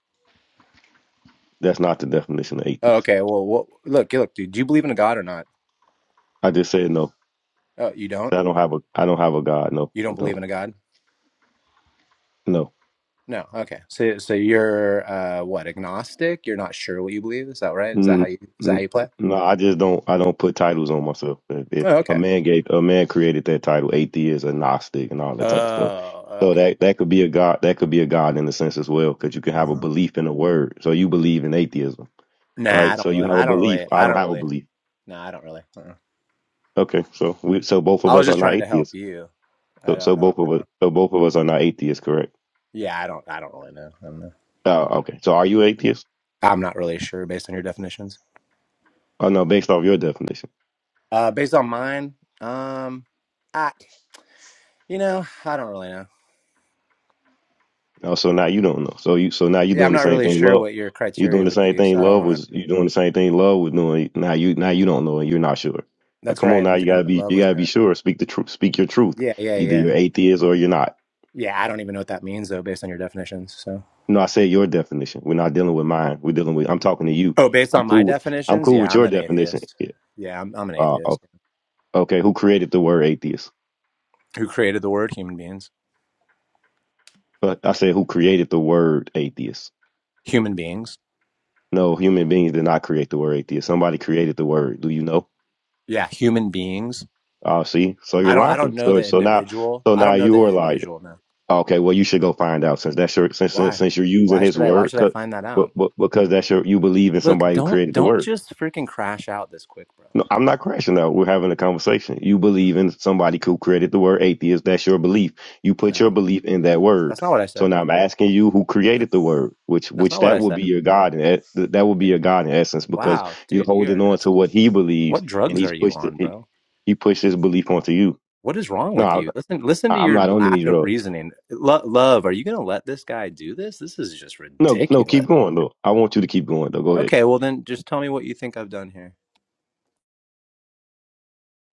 Speaker 3: That's not the definition of
Speaker 2: Oh,
Speaker 3: atheist.
Speaker 2: okay, well, well look, look, dude, do you believe in a god or not?
Speaker 3: I just said no.
Speaker 2: Oh, you
Speaker 3: See, I
Speaker 2: don't?
Speaker 3: don't have a I don't have a God. No,
Speaker 2: You don't
Speaker 3: I
Speaker 2: believe
Speaker 3: don't.
Speaker 2: in a god?
Speaker 3: No.
Speaker 2: No. Okay. So so you're uh what, agnostic? You're not sure what you believe? Is that right? Is that how
Speaker 3: Mm,
Speaker 2: you is that how
Speaker 3: mm,
Speaker 2: you
Speaker 3: mm,
Speaker 2: play?
Speaker 3: No, I just don't. I don't put titles on myself. If, if
Speaker 2: Oh,
Speaker 3: a
Speaker 2: okay.
Speaker 3: man gave a man created that title, atheist, agnostic, and all that type of stuff,
Speaker 2: Oh,
Speaker 3: so
Speaker 2: okay.
Speaker 3: that that could be a god. That could be a god in a sense as well, because you can have a
Speaker 2: hmm
Speaker 3: belief in a word. So you believe in atheism,
Speaker 2: Nah, I
Speaker 3: right?
Speaker 2: don't
Speaker 3: So you
Speaker 2: really
Speaker 3: have a
Speaker 2: I don't
Speaker 3: belief.
Speaker 2: really
Speaker 3: I
Speaker 2: I
Speaker 3: don't
Speaker 2: don't
Speaker 3: have a
Speaker 2: really
Speaker 3: belief.
Speaker 2: Nah, I don't really.
Speaker 3: Okay, so we so both of
Speaker 2: I was
Speaker 3: us are
Speaker 2: just
Speaker 3: not
Speaker 2: trying to help
Speaker 3: atheists.
Speaker 2: you. I
Speaker 3: So
Speaker 2: don't.
Speaker 3: so
Speaker 2: I don't
Speaker 3: both of us
Speaker 2: know.
Speaker 3: so both of us are not atheists, correct?
Speaker 2: Yeah, I don't. I don't really know. I don't know.
Speaker 3: oh okay. So are you atheist?
Speaker 2: I'm not really sure based on your definitions.
Speaker 3: Oh no, based off your definition.
Speaker 2: Uh, based on mine, um, I, you know, I don't really know.
Speaker 3: Oh, so now you don't know. So you so now you
Speaker 2: Yeah,
Speaker 3: doing
Speaker 2: I'm
Speaker 3: the
Speaker 2: not
Speaker 3: same
Speaker 2: really
Speaker 3: thing
Speaker 2: sure
Speaker 3: love.
Speaker 2: what your
Speaker 3: You doing
Speaker 2: criteria
Speaker 3: the
Speaker 2: would
Speaker 3: same
Speaker 2: be,
Speaker 3: thing
Speaker 2: so I don't
Speaker 3: love
Speaker 2: want to.
Speaker 3: was you doing the same thing love was doing. Now you now you don't know and you're not sure. Now,
Speaker 2: That's
Speaker 3: come on
Speaker 2: right.
Speaker 3: now,
Speaker 2: I'm
Speaker 3: you
Speaker 2: doing
Speaker 3: gotta
Speaker 2: what
Speaker 3: be
Speaker 2: love
Speaker 3: you
Speaker 2: was
Speaker 3: gotta be
Speaker 2: doing.
Speaker 3: sure. Speak the truth. Speak your truth.
Speaker 2: Yeah, yeah,
Speaker 3: Either
Speaker 2: yeah,
Speaker 3: you're atheist or you're not.
Speaker 2: yeah. I don't even know what that means though, based on your definitions. So,
Speaker 3: No, I said your definition. We're not dealing with mine. We're dealing with. I'm talking to you.
Speaker 2: oh, based
Speaker 3: I'm
Speaker 2: on my
Speaker 3: cool. With, I'm
Speaker 2: definitions,
Speaker 3: cool with
Speaker 2: yeah, I'm
Speaker 3: your
Speaker 2: an
Speaker 3: definition.
Speaker 2: atheist.
Speaker 3: Yeah.
Speaker 2: Yeah, I'm, I'm an
Speaker 3: Uh, o-
Speaker 2: atheist.
Speaker 3: okay. Who created the word atheist?
Speaker 2: Who created the word human beings?
Speaker 3: But I said who created the word atheist?
Speaker 2: Human beings.
Speaker 3: No, human beings did not create the word atheist. Somebody created the word. Do you know?
Speaker 2: Yeah, human beings.
Speaker 3: Oh, see, so you're
Speaker 2: I don't I don't
Speaker 3: lying.
Speaker 2: know
Speaker 3: So
Speaker 2: the
Speaker 3: so now
Speaker 2: individual.
Speaker 3: so
Speaker 2: I
Speaker 3: now
Speaker 2: don't know
Speaker 3: you
Speaker 2: the
Speaker 3: are lying.
Speaker 2: individual now.
Speaker 3: Okay, well you should go find out since that's your since since,
Speaker 2: Why?
Speaker 3: since you're using
Speaker 2: Why
Speaker 3: his
Speaker 2: should I why
Speaker 3: word,
Speaker 2: should I
Speaker 3: but,
Speaker 2: find that out?
Speaker 3: but because that's your you believe in
Speaker 2: Look,
Speaker 3: somebody who
Speaker 2: don't
Speaker 3: created the
Speaker 2: don't
Speaker 3: word.
Speaker 2: just freaking crash out this quick, bro.
Speaker 3: No, I'm not crashing out. We're having a conversation. You believe in somebody who created the word atheist. That's your belief. You put your
Speaker 2: No.
Speaker 3: belief in that
Speaker 2: That's
Speaker 3: word.
Speaker 2: not what I
Speaker 3: So
Speaker 2: said.
Speaker 3: now I'm asking you who created the word, which
Speaker 2: That's
Speaker 3: which
Speaker 2: not what
Speaker 3: that
Speaker 2: I
Speaker 3: would be
Speaker 2: said.
Speaker 3: your God and that, that would be
Speaker 2: Yeah.
Speaker 3: your God in essence because
Speaker 2: Wow,
Speaker 3: you're
Speaker 2: dude, you
Speaker 3: holding
Speaker 2: are
Speaker 3: on to
Speaker 2: just
Speaker 3: what he believes
Speaker 2: what
Speaker 3: and
Speaker 2: drugs
Speaker 3: he's
Speaker 2: are you
Speaker 3: pushed it,
Speaker 2: on,
Speaker 3: he,
Speaker 2: bro?
Speaker 3: he pushed his belief onto you.
Speaker 2: What is wrong with
Speaker 3: No,
Speaker 2: you? Listen listen to
Speaker 3: I, I'm
Speaker 2: your
Speaker 3: not on any
Speaker 2: lack of
Speaker 3: drugs.
Speaker 2: reasoning. Lo- love, are you going to let this guy do this? This is just
Speaker 3: No, no, keep
Speaker 2: ridiculous.
Speaker 3: going though. I want you to keep going though. Go ahead.
Speaker 2: Okay, well then just tell me what you think I've done here.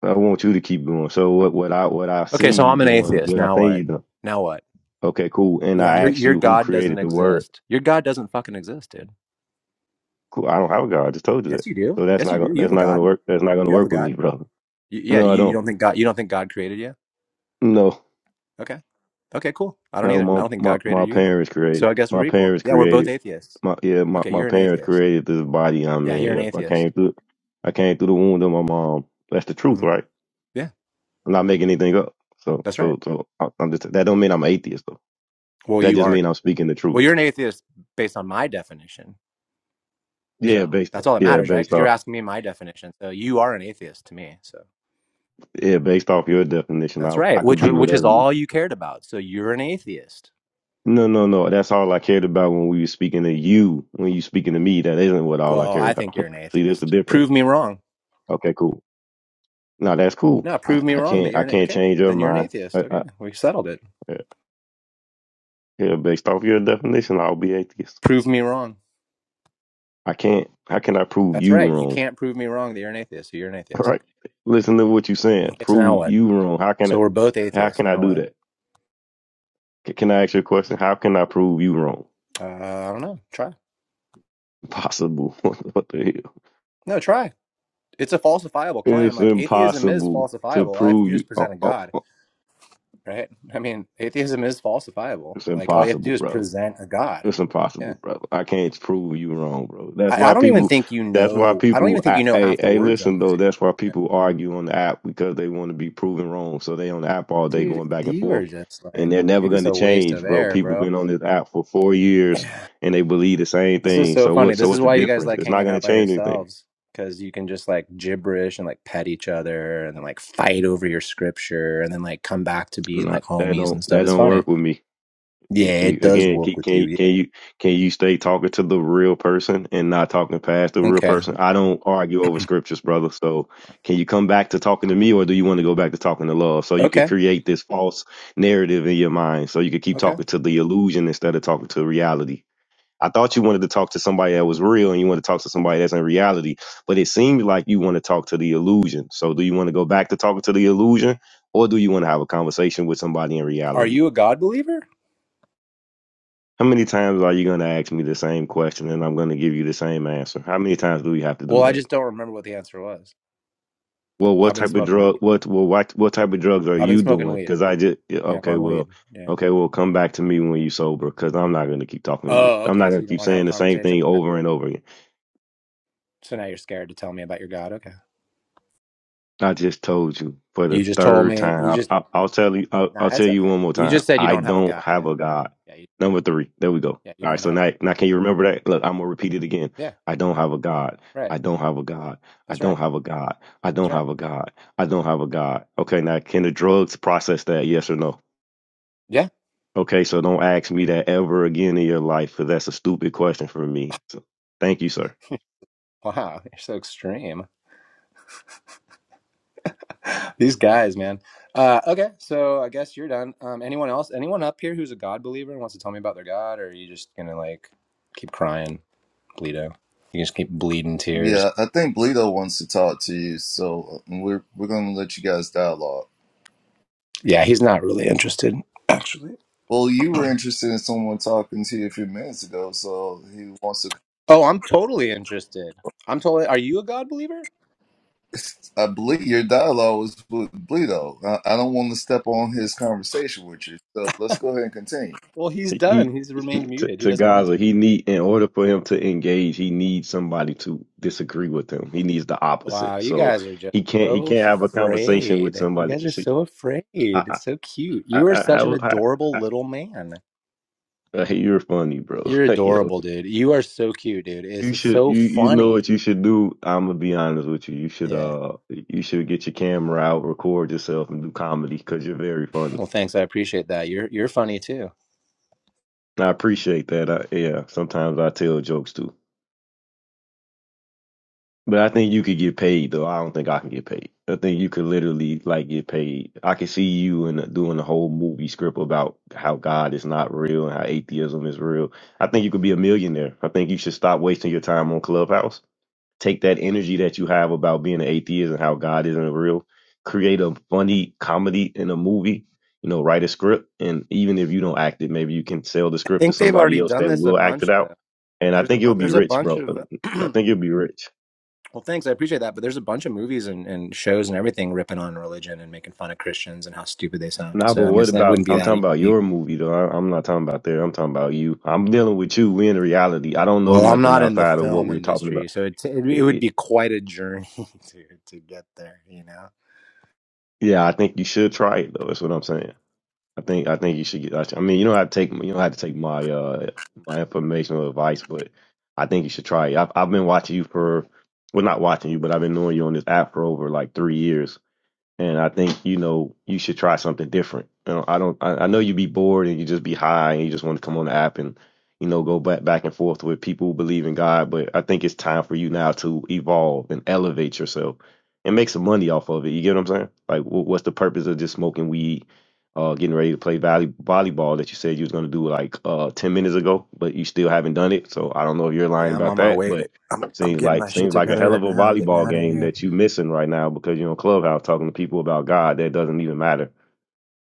Speaker 3: I want you to keep going. So what what I what I've
Speaker 2: Okay,
Speaker 3: seen
Speaker 2: so
Speaker 3: you
Speaker 2: I'm an
Speaker 3: doing,
Speaker 2: atheist.
Speaker 3: what I
Speaker 2: Now
Speaker 3: think you
Speaker 2: what?
Speaker 3: done.
Speaker 2: Now what?
Speaker 3: Okay, cool. And
Speaker 2: Yeah,
Speaker 3: I
Speaker 2: your
Speaker 3: asked
Speaker 2: your
Speaker 3: you who
Speaker 2: God doesn't
Speaker 3: created the word.
Speaker 2: exist. Your God doesn't fucking exist, dude.
Speaker 3: Cool. I don't have a God. I just told you that.
Speaker 2: Yes, you do.
Speaker 3: So that's
Speaker 2: Yes,
Speaker 3: not
Speaker 2: you do.
Speaker 3: gonna
Speaker 2: You
Speaker 3: that's
Speaker 2: have a
Speaker 3: not gonna
Speaker 2: God.
Speaker 3: work. That's not gonna
Speaker 2: You have a
Speaker 3: work with me,
Speaker 2: God.
Speaker 3: brother.
Speaker 2: Y yeah,
Speaker 3: No, I
Speaker 2: you, you
Speaker 3: don't.
Speaker 2: don't think God you don't think God created you?
Speaker 3: No,
Speaker 2: Okay. Okay, cool. I don't
Speaker 3: no.
Speaker 2: either. I
Speaker 3: My
Speaker 2: don't think
Speaker 3: my,
Speaker 2: God created
Speaker 3: my
Speaker 2: you either.
Speaker 3: parents created.
Speaker 2: So I guess we're
Speaker 3: My
Speaker 2: equal.
Speaker 3: parents
Speaker 2: Yeah, we're both
Speaker 3: created.
Speaker 2: atheists.
Speaker 3: My yeah. My,
Speaker 2: Okay,
Speaker 3: my
Speaker 2: you're an
Speaker 3: parents
Speaker 2: atheist.
Speaker 3: created this body I'm
Speaker 2: Yeah,
Speaker 3: in.
Speaker 2: you're an
Speaker 3: Yep. I
Speaker 2: atheist.
Speaker 3: came through. I came through the womb of my mom. That's the truth,
Speaker 2: Mhm.
Speaker 3: right?
Speaker 2: Yeah,
Speaker 3: I'm not making anything up. So,
Speaker 2: that's right.
Speaker 3: so, so I- I'm just that don't mean I'm an atheist though.
Speaker 2: Well,
Speaker 3: That
Speaker 2: you
Speaker 3: just
Speaker 2: aren't.
Speaker 3: mean I'm speaking the
Speaker 2: Well,
Speaker 3: truth.
Speaker 2: you're an atheist based on my definition.
Speaker 3: Yeah,
Speaker 2: So
Speaker 3: based
Speaker 2: that's all that
Speaker 3: yeah,
Speaker 2: matters, right?
Speaker 3: based
Speaker 2: Because you're
Speaker 3: off
Speaker 2: asking me my definition. So you are an atheist to me. So
Speaker 3: yeah, based off your definition,
Speaker 2: that's
Speaker 3: I I
Speaker 2: right.
Speaker 3: could
Speaker 2: Which
Speaker 3: be
Speaker 2: which is
Speaker 3: whatever you.
Speaker 2: all you cared about. So you're an atheist.
Speaker 3: No, no, no. That's all I cared about when we were speaking to you. When you speaking to me, that isn't what all I
Speaker 2: Well,
Speaker 3: care
Speaker 2: I think you're
Speaker 3: about.
Speaker 2: an
Speaker 3: See, that's the
Speaker 2: atheist.
Speaker 3: difference.
Speaker 2: Prove me wrong.
Speaker 3: Okay, cool. No, that's cool.
Speaker 2: No,
Speaker 3: I,
Speaker 2: prove me
Speaker 3: I
Speaker 2: wrong that
Speaker 3: can't I
Speaker 2: you're an
Speaker 3: can't
Speaker 2: okay.
Speaker 3: change your
Speaker 2: Then you're an
Speaker 3: mind.
Speaker 2: atheist.
Speaker 3: I,
Speaker 2: Okay,
Speaker 3: I,
Speaker 2: we settled it.
Speaker 3: yeah, based off your definition, I'll be atheist.
Speaker 2: Prove me wrong.
Speaker 3: I can't. How can I prove
Speaker 2: That's
Speaker 3: you
Speaker 2: right. You
Speaker 3: wrong?
Speaker 2: can't prove me wrong that you're an atheist. So you're an
Speaker 3: Right,
Speaker 2: atheist. Okay.
Speaker 3: Listen to what you're saying.
Speaker 2: okay. So now
Speaker 3: Prove
Speaker 2: what?
Speaker 3: you wrong. How can I,
Speaker 2: So we're both
Speaker 3: how
Speaker 2: atheists.
Speaker 3: can I
Speaker 2: Now
Speaker 3: do
Speaker 2: what?
Speaker 3: that? C- Can I ask you a question? How can I prove you wrong?
Speaker 2: Uh, I don't know. Try.
Speaker 3: Impossible. what the hell?
Speaker 2: No, try. It's a falsifiable claim.
Speaker 3: It's
Speaker 2: Like atheism is
Speaker 3: impossible to
Speaker 2: falsifiable. All you have to
Speaker 3: prove
Speaker 2: do
Speaker 3: you.
Speaker 2: is present
Speaker 3: Oh,
Speaker 2: a
Speaker 3: oh,
Speaker 2: god,
Speaker 3: oh.
Speaker 2: right? I mean, atheism is falsifiable.
Speaker 3: It's
Speaker 2: Like all you have to
Speaker 3: impossible,
Speaker 2: do is
Speaker 3: brother.
Speaker 2: present a god.
Speaker 3: It's
Speaker 2: Yeah.
Speaker 3: impossible, brother. I can't prove you wrong, bro. That's
Speaker 2: I,
Speaker 3: why
Speaker 2: I don't even
Speaker 3: people.
Speaker 2: think you
Speaker 3: That's why
Speaker 2: know. I don't
Speaker 3: people.
Speaker 2: even think
Speaker 3: I,
Speaker 2: you know
Speaker 3: hey,
Speaker 2: half the
Speaker 3: hey,
Speaker 2: words
Speaker 3: listen
Speaker 2: I'm
Speaker 3: though.
Speaker 2: using.
Speaker 3: That's why people argue on the app because they want to be proven wrong. So they on the app all day
Speaker 2: Dude,
Speaker 3: going back and
Speaker 2: you
Speaker 3: forth,
Speaker 2: are just
Speaker 3: and
Speaker 2: like
Speaker 3: they're never
Speaker 2: you're
Speaker 3: going
Speaker 2: just
Speaker 3: to
Speaker 2: a waste
Speaker 3: change,
Speaker 2: of
Speaker 3: bro.
Speaker 2: air,
Speaker 3: People
Speaker 2: bro.
Speaker 3: been on this app for four years
Speaker 2: Yeah.
Speaker 3: and they believe the same
Speaker 2: This is
Speaker 3: thing.
Speaker 2: so
Speaker 3: So
Speaker 2: funny.
Speaker 3: what? So
Speaker 2: This is
Speaker 3: what's the
Speaker 2: why you guys
Speaker 3: difference?
Speaker 2: like
Speaker 3: It's not
Speaker 2: hanging
Speaker 3: going
Speaker 2: out
Speaker 3: to
Speaker 2: by
Speaker 3: change anything.
Speaker 2: yourselves because you can just like gibberish and like pet each other and then like fight over your scripture and then like come back to being
Speaker 3: Nah,
Speaker 2: like
Speaker 3: that
Speaker 2: homies
Speaker 3: don't
Speaker 2: and stuff.
Speaker 3: that
Speaker 2: It's
Speaker 3: don't
Speaker 2: funny.
Speaker 3: work with me. You-
Speaker 2: Yeah,
Speaker 3: you-
Speaker 2: it does
Speaker 3: Again,
Speaker 2: work
Speaker 3: can,
Speaker 2: with
Speaker 3: can
Speaker 2: you.
Speaker 3: you- can
Speaker 2: Yeah.
Speaker 3: you can you stay talking to the real person and not talking past the real
Speaker 2: Okay.
Speaker 3: person? I don't argue over scriptures, brother. So can you come back to talking to me, or do you want to go back to talking to love? So you can
Speaker 2: Okay.
Speaker 3: create this false narrative in your mind, so you can keep
Speaker 2: Okay.
Speaker 3: talking to the illusion instead of talking to reality. I thought you wanted to talk to somebody that was real, and you want to talk to somebody that's in reality, but it seemed like you want to talk to the illusion. So do you want to go back to talking to the illusion, or do you want to have a conversation with somebody in
Speaker 2: Are
Speaker 3: reality?
Speaker 2: you a God believer?
Speaker 3: How many times are you going to ask me the same question and I'm going to give you the same answer? How many times do we have to do
Speaker 2: Well, I
Speaker 3: that?
Speaker 2: just don't remember what the answer was.
Speaker 3: Well, what
Speaker 2: I've been
Speaker 3: type of
Speaker 2: smoking
Speaker 3: drug?
Speaker 2: weed.
Speaker 3: What well, what what type of drugs are
Speaker 2: I've been
Speaker 3: you
Speaker 2: smoking
Speaker 3: doing?
Speaker 2: weed.
Speaker 3: Because I just yeah,
Speaker 2: Yeah, I'm
Speaker 3: okay,
Speaker 2: on weed.
Speaker 3: well,
Speaker 2: Yeah.
Speaker 3: okay, well, come back to me when you sober because I'm not going to keep talking to you.
Speaker 2: Oh,
Speaker 3: I'm
Speaker 2: okay.
Speaker 3: not going
Speaker 2: So
Speaker 3: to
Speaker 2: you don't
Speaker 3: keep
Speaker 2: want to have a
Speaker 3: saying the same
Speaker 2: conversation?
Speaker 3: thing over and over again.
Speaker 2: So now you're scared to tell me about your God. Okay.
Speaker 3: I just told you for the
Speaker 2: You just told
Speaker 3: third
Speaker 2: me. You
Speaker 3: time.
Speaker 2: just
Speaker 3: I, I, I'll tell you. I'll,
Speaker 2: nah.
Speaker 3: I'll tell
Speaker 2: That's
Speaker 3: you
Speaker 2: okay.
Speaker 3: one more
Speaker 2: You
Speaker 3: time.
Speaker 2: just said you
Speaker 3: I
Speaker 2: don't have a
Speaker 3: don't
Speaker 2: guy.
Speaker 3: have
Speaker 2: Yeah.
Speaker 3: a God.
Speaker 2: Yeah. You don't have
Speaker 3: Number
Speaker 2: a guy.
Speaker 3: three. There we go.
Speaker 2: Yeah. You
Speaker 3: All right.
Speaker 2: don't
Speaker 3: So
Speaker 2: have.
Speaker 3: now, now can you remember that? Look, I'm gonna repeat it again.
Speaker 2: Yeah.
Speaker 3: I don't have a God.
Speaker 2: Right.
Speaker 3: I don't have a God. I
Speaker 2: That's
Speaker 3: don't
Speaker 2: right.
Speaker 3: have a God. I
Speaker 2: That's
Speaker 3: don't
Speaker 2: right.
Speaker 3: have a God. I don't have a God. Okay. Now, can the drugs process that? Yes or no?
Speaker 2: Yeah.
Speaker 3: Okay. So don't ask me that ever again in your life, because that's a stupid question for me. So, thank you, sir.
Speaker 2: wow. You're so extreme. These guys, man. Uh, okay. So I guess you're done. Um, anyone else? Anyone up here who's a God believer and wants to tell me about their God, or are you just gonna like keep crying, Bleedo? You just keep bleeding tears.
Speaker 4: Yeah, I think Bleedo wants to talk to you, so um, we're we're gonna let you guys dialogue.
Speaker 2: Yeah. He's not really interested, actually.
Speaker 4: Well, you were interested in someone talking to you a few minutes ago, so he wants to.
Speaker 2: Oh, I'm totally interested. I'm totally. Are you a God believer?
Speaker 4: I believe your dialogue was with Bleedo. I, I don't want to step on his conversation with you, so let's go ahead and continue.
Speaker 2: Well, he's done.
Speaker 3: He,
Speaker 2: He's
Speaker 3: he
Speaker 2: remained
Speaker 3: to,
Speaker 2: muted. He
Speaker 3: to
Speaker 2: doesn't want to
Speaker 3: Gaza,
Speaker 2: talk.
Speaker 3: he need in order for him to engage, he needs somebody to disagree with him. He needs the
Speaker 2: Wow,
Speaker 3: opposite.
Speaker 2: you
Speaker 3: So
Speaker 2: guys are just
Speaker 3: he can't he
Speaker 2: so
Speaker 3: can't have a conversation with
Speaker 2: afraid. You
Speaker 3: somebody.
Speaker 2: guys are
Speaker 3: See,
Speaker 2: so afraid.
Speaker 3: I
Speaker 2: It's so cute.
Speaker 3: I I,
Speaker 2: You are
Speaker 3: I,
Speaker 2: such an
Speaker 3: how- I,
Speaker 2: adorable
Speaker 3: I,
Speaker 2: little man.
Speaker 3: I you're funny, bro.
Speaker 2: You're
Speaker 3: Yo,
Speaker 2: adorable, dude. You are so cute, dude.
Speaker 3: you
Speaker 2: This is
Speaker 3: should
Speaker 2: so
Speaker 3: you you know
Speaker 2: funny.
Speaker 3: what you should do. I'm gonna be honest with you. You should
Speaker 2: Yeah.
Speaker 3: uh you should get your camera out, record yourself, and do comedy because you're very funny.
Speaker 2: Well, thanks. I appreciate that. You're you're funny too.
Speaker 3: I appreciate that. I, yeah, sometimes I tell jokes too. But I think you could get paid though. I don't think I can get paid. I think you could literally like get paid. I could see you and doing a whole movie script about how God is not real and how atheism is real. I think you could be a millionaire. I think you should stop wasting your time on Clubhouse. Take that energy that you have about being an atheist and how God isn't real. Create a funny comedy in a movie. You know, write a script, and even if you don't act it, maybe you can sell the
Speaker 2: I
Speaker 3: script to
Speaker 2: think they've
Speaker 3: somebody
Speaker 2: already
Speaker 3: else
Speaker 2: done
Speaker 3: that
Speaker 2: this a
Speaker 3: will act it
Speaker 2: bunch
Speaker 3: out.
Speaker 2: though.
Speaker 3: And I
Speaker 2: There's a
Speaker 3: think
Speaker 2: bu-
Speaker 3: you'll be
Speaker 2: there's a
Speaker 3: rich,
Speaker 2: bunch
Speaker 3: bro.
Speaker 2: of
Speaker 3: I think you'll be rich.
Speaker 2: Well, thanks. I appreciate that. But there's a bunch of movies and, and shows and everything ripping on religion and making fun of Christians and how stupid they sound.
Speaker 3: Nah,
Speaker 2: So,
Speaker 3: but
Speaker 2: I mean,
Speaker 3: what
Speaker 2: it's, that
Speaker 3: about?
Speaker 2: wouldn't be
Speaker 3: I'm
Speaker 2: that
Speaker 3: talking about
Speaker 2: easy.
Speaker 3: your movie though. I, I'm not talking about there. I'm talking about you. I'm dealing with you. we in reality. I don't know
Speaker 2: Well, I'm
Speaker 3: nothing
Speaker 2: not in the
Speaker 3: outside of what
Speaker 2: film
Speaker 3: we're talking
Speaker 2: industry,
Speaker 3: about.
Speaker 2: so it it,
Speaker 3: It,
Speaker 2: would
Speaker 3: it,
Speaker 2: be quite a journey to to get there, you know.
Speaker 3: yeah, I think you should try it though. That's what I'm saying. I think I think you should get. I sh- I mean, you don't have to take you don't have to take my uh my information or advice, but I think you should try it. I've I've been watching you for well, not watching you, but I've been knowing you on this app for over like three years, and I think you know you should try something different. You know, I don't. I, I know you be bored and you just be high and you just want to come on the app and you know go back back and forth with people who believe in God. But I think it's time for you now to evolve and elevate yourself and make some money off of it. You get what I'm saying? Like, wh- what's the purpose of just smoking weed? Uh, getting ready to play volley, volleyball that you said you was gonna do like uh ten minutes ago, but you still haven't done it. So I don't know if you're lying
Speaker 2: Yeah, I'm
Speaker 3: about
Speaker 2: on my
Speaker 3: that,
Speaker 2: way
Speaker 3: but
Speaker 2: to. I'm I'm
Speaker 3: Seems
Speaker 2: getting
Speaker 3: like
Speaker 2: my shit
Speaker 3: seems like a
Speaker 2: together
Speaker 3: hell of
Speaker 2: right
Speaker 3: a
Speaker 2: now. Getting
Speaker 3: volleyball
Speaker 2: out of
Speaker 3: game
Speaker 2: here.
Speaker 3: that you missing right now because you're on Clubhouse talking to people about God that doesn't even matter.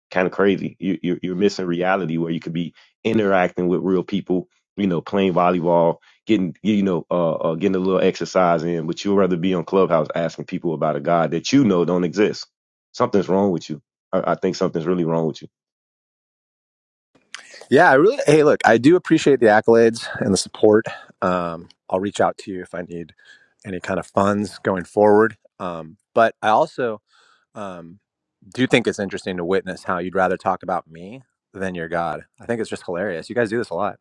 Speaker 3: Kind of crazy. You, you're you're missing reality where you could be interacting with real people. You know, playing volleyball, getting you know, uh, uh getting a little exercise in, but you'd rather be on Clubhouse asking people about a God that you know don't exist. Something's wrong with you. I, I think something's really wrong with you.
Speaker 2: Yeah, I really. Hey, look, I do appreciate the accolades and the support. Um, I'll reach out to you if I need any kind of funds going forward. Um, but I also um, do think it's interesting to witness how you'd rather talk about me than your God. I think it's just hilarious. You guys do this a lot.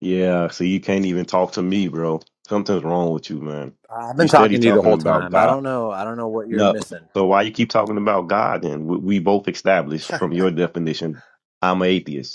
Speaker 3: Yeah. See, you can't even talk to me, bro. Something's wrong with you, man.
Speaker 2: I've
Speaker 3: You
Speaker 2: been
Speaker 3: steady
Speaker 2: talking to you the
Speaker 3: talking
Speaker 2: whole
Speaker 3: about
Speaker 2: time. I
Speaker 3: God.
Speaker 2: don't know. I don't know what you're
Speaker 3: No.
Speaker 2: missing.
Speaker 3: So why you keep talking about God then? We, we both established from your definition, I'm an atheist.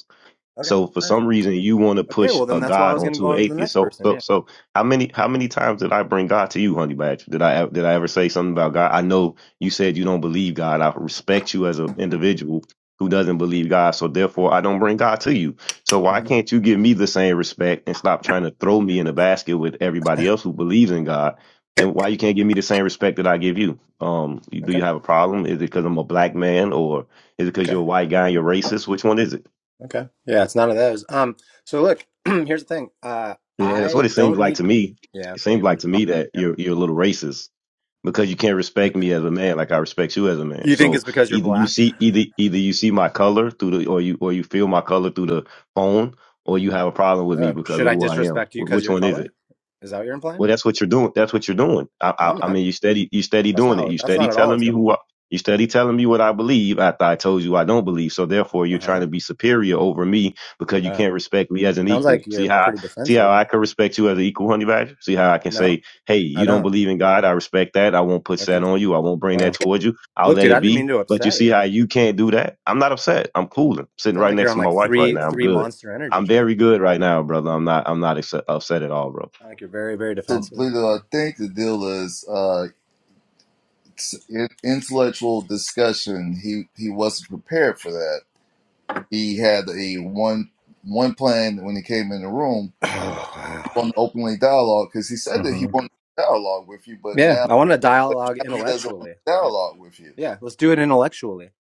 Speaker 2: Okay.
Speaker 3: So for
Speaker 2: All right.
Speaker 3: some reason you want to
Speaker 2: Okay.
Speaker 3: push
Speaker 2: Well,
Speaker 3: a
Speaker 2: then that's why I
Speaker 3: God
Speaker 2: was going to go
Speaker 3: onto an
Speaker 2: on to the
Speaker 3: atheist.
Speaker 2: next
Speaker 3: So
Speaker 2: person.
Speaker 3: so
Speaker 2: Yeah.
Speaker 3: so how many how many times did I bring God to you, honey badger? Did I did I ever say something about God? I know you said you don't believe God. I respect you as an individual who doesn't believe God. So therefore I don't bring God to you. So why
Speaker 2: hmm
Speaker 3: can't you give me the same respect and stop trying to throw me in a basket with everybody else who believes in God? And why you can't give me the same respect that I give you? Um, you- do
Speaker 2: Okay.
Speaker 3: you have a problem? Is it because I'm a black man, or is it because you're
Speaker 2: Okay.
Speaker 3: a white guy and you're racist? Which one is it?
Speaker 2: Okay. Yeah, it's none of those. Um. So look, here's the thing. Uh,
Speaker 3: Yeah, that's
Speaker 2: I
Speaker 3: what it seems
Speaker 2: don't
Speaker 3: like
Speaker 2: need.
Speaker 3: to me.
Speaker 2: Yeah.
Speaker 3: It
Speaker 2: Okay.
Speaker 3: seems
Speaker 2: You want
Speaker 3: like
Speaker 2: to
Speaker 3: to
Speaker 2: talk
Speaker 3: me
Speaker 2: over
Speaker 3: that
Speaker 2: here?
Speaker 3: you're you're a little racist because you can't respect me as a man like I respect you as a man.
Speaker 2: You think
Speaker 3: So
Speaker 2: it's because you're
Speaker 3: either you
Speaker 2: black?
Speaker 3: see either either you see my color through the or you or you feel my color through the phone or you
Speaker 2: hmm
Speaker 3: have a problem with me
Speaker 2: No.
Speaker 3: because
Speaker 2: Should
Speaker 3: of
Speaker 2: I
Speaker 3: who I am.
Speaker 2: disrespect you
Speaker 3: Wh-
Speaker 2: because of
Speaker 3: Which
Speaker 2: your
Speaker 3: one is it?
Speaker 2: color? Is that what you're
Speaker 3: Well,
Speaker 2: implying?
Speaker 3: that's what you're doing. That's what you're doing. I,
Speaker 2: No, I'm
Speaker 3: I, I
Speaker 2: not.
Speaker 3: mean, you steady, you steady
Speaker 2: That's
Speaker 3: doing it.
Speaker 2: not.
Speaker 3: You
Speaker 2: That's
Speaker 3: steady
Speaker 2: not at all
Speaker 3: telling
Speaker 2: what's
Speaker 3: me
Speaker 2: going.
Speaker 3: who, I, you steady telling me what I believe after I told you I don't believe. So therefore, you're
Speaker 2: Uh
Speaker 3: trying
Speaker 2: huh.
Speaker 3: to be superior over me because you
Speaker 2: Oh.
Speaker 3: can't respect me as an
Speaker 2: Sounds like
Speaker 3: equal. See
Speaker 2: you're
Speaker 3: how,
Speaker 2: pretty
Speaker 3: see how
Speaker 2: defensive.
Speaker 3: I can respect you as an equal, honey badger. See how I can
Speaker 2: No,
Speaker 3: say, hey,
Speaker 2: I
Speaker 3: you don't
Speaker 2: don't.
Speaker 3: believe in God. I respect that. I won't put
Speaker 2: Okay.
Speaker 3: that on you. I won't bring
Speaker 2: Wow.
Speaker 3: that towards you. I'll
Speaker 2: Look,
Speaker 3: let
Speaker 2: dude, I
Speaker 3: it
Speaker 2: didn't mean
Speaker 3: be.
Speaker 2: to
Speaker 3: But you
Speaker 2: upset
Speaker 3: see
Speaker 2: you.
Speaker 3: how you can't do that. I'm not upset. I'm cool. I'm sitting
Speaker 2: Sound
Speaker 3: right
Speaker 2: like you're
Speaker 3: next
Speaker 2: on
Speaker 3: to my
Speaker 2: like
Speaker 3: wife right
Speaker 2: three
Speaker 3: now. I'm
Speaker 2: three
Speaker 3: good.
Speaker 2: Monster Energy
Speaker 3: I'm
Speaker 2: drinks.
Speaker 3: very good right now, brother. I'm not. I'm not upset upset at all, bro
Speaker 2: Like you're very, very
Speaker 4: So,
Speaker 2: defensive. Yeah.
Speaker 4: Bleedo, I think the deal is uh, it's in- intellectual discussion. He he wasn't prepared for that. He had a one one plan when he came in the room
Speaker 2: Oh,
Speaker 4: want to openly dialogue because he said
Speaker 2: wow.
Speaker 4: that he
Speaker 2: hmm
Speaker 4: wanted to dialogue with you, but
Speaker 2: Yeah.
Speaker 4: now,
Speaker 2: I want to
Speaker 4: but
Speaker 2: dialogue
Speaker 4: now he doesn't want
Speaker 2: intellectually.
Speaker 4: to
Speaker 2: Yeah.
Speaker 4: dialogue with you.
Speaker 2: Yeah. Let's do it intellectually.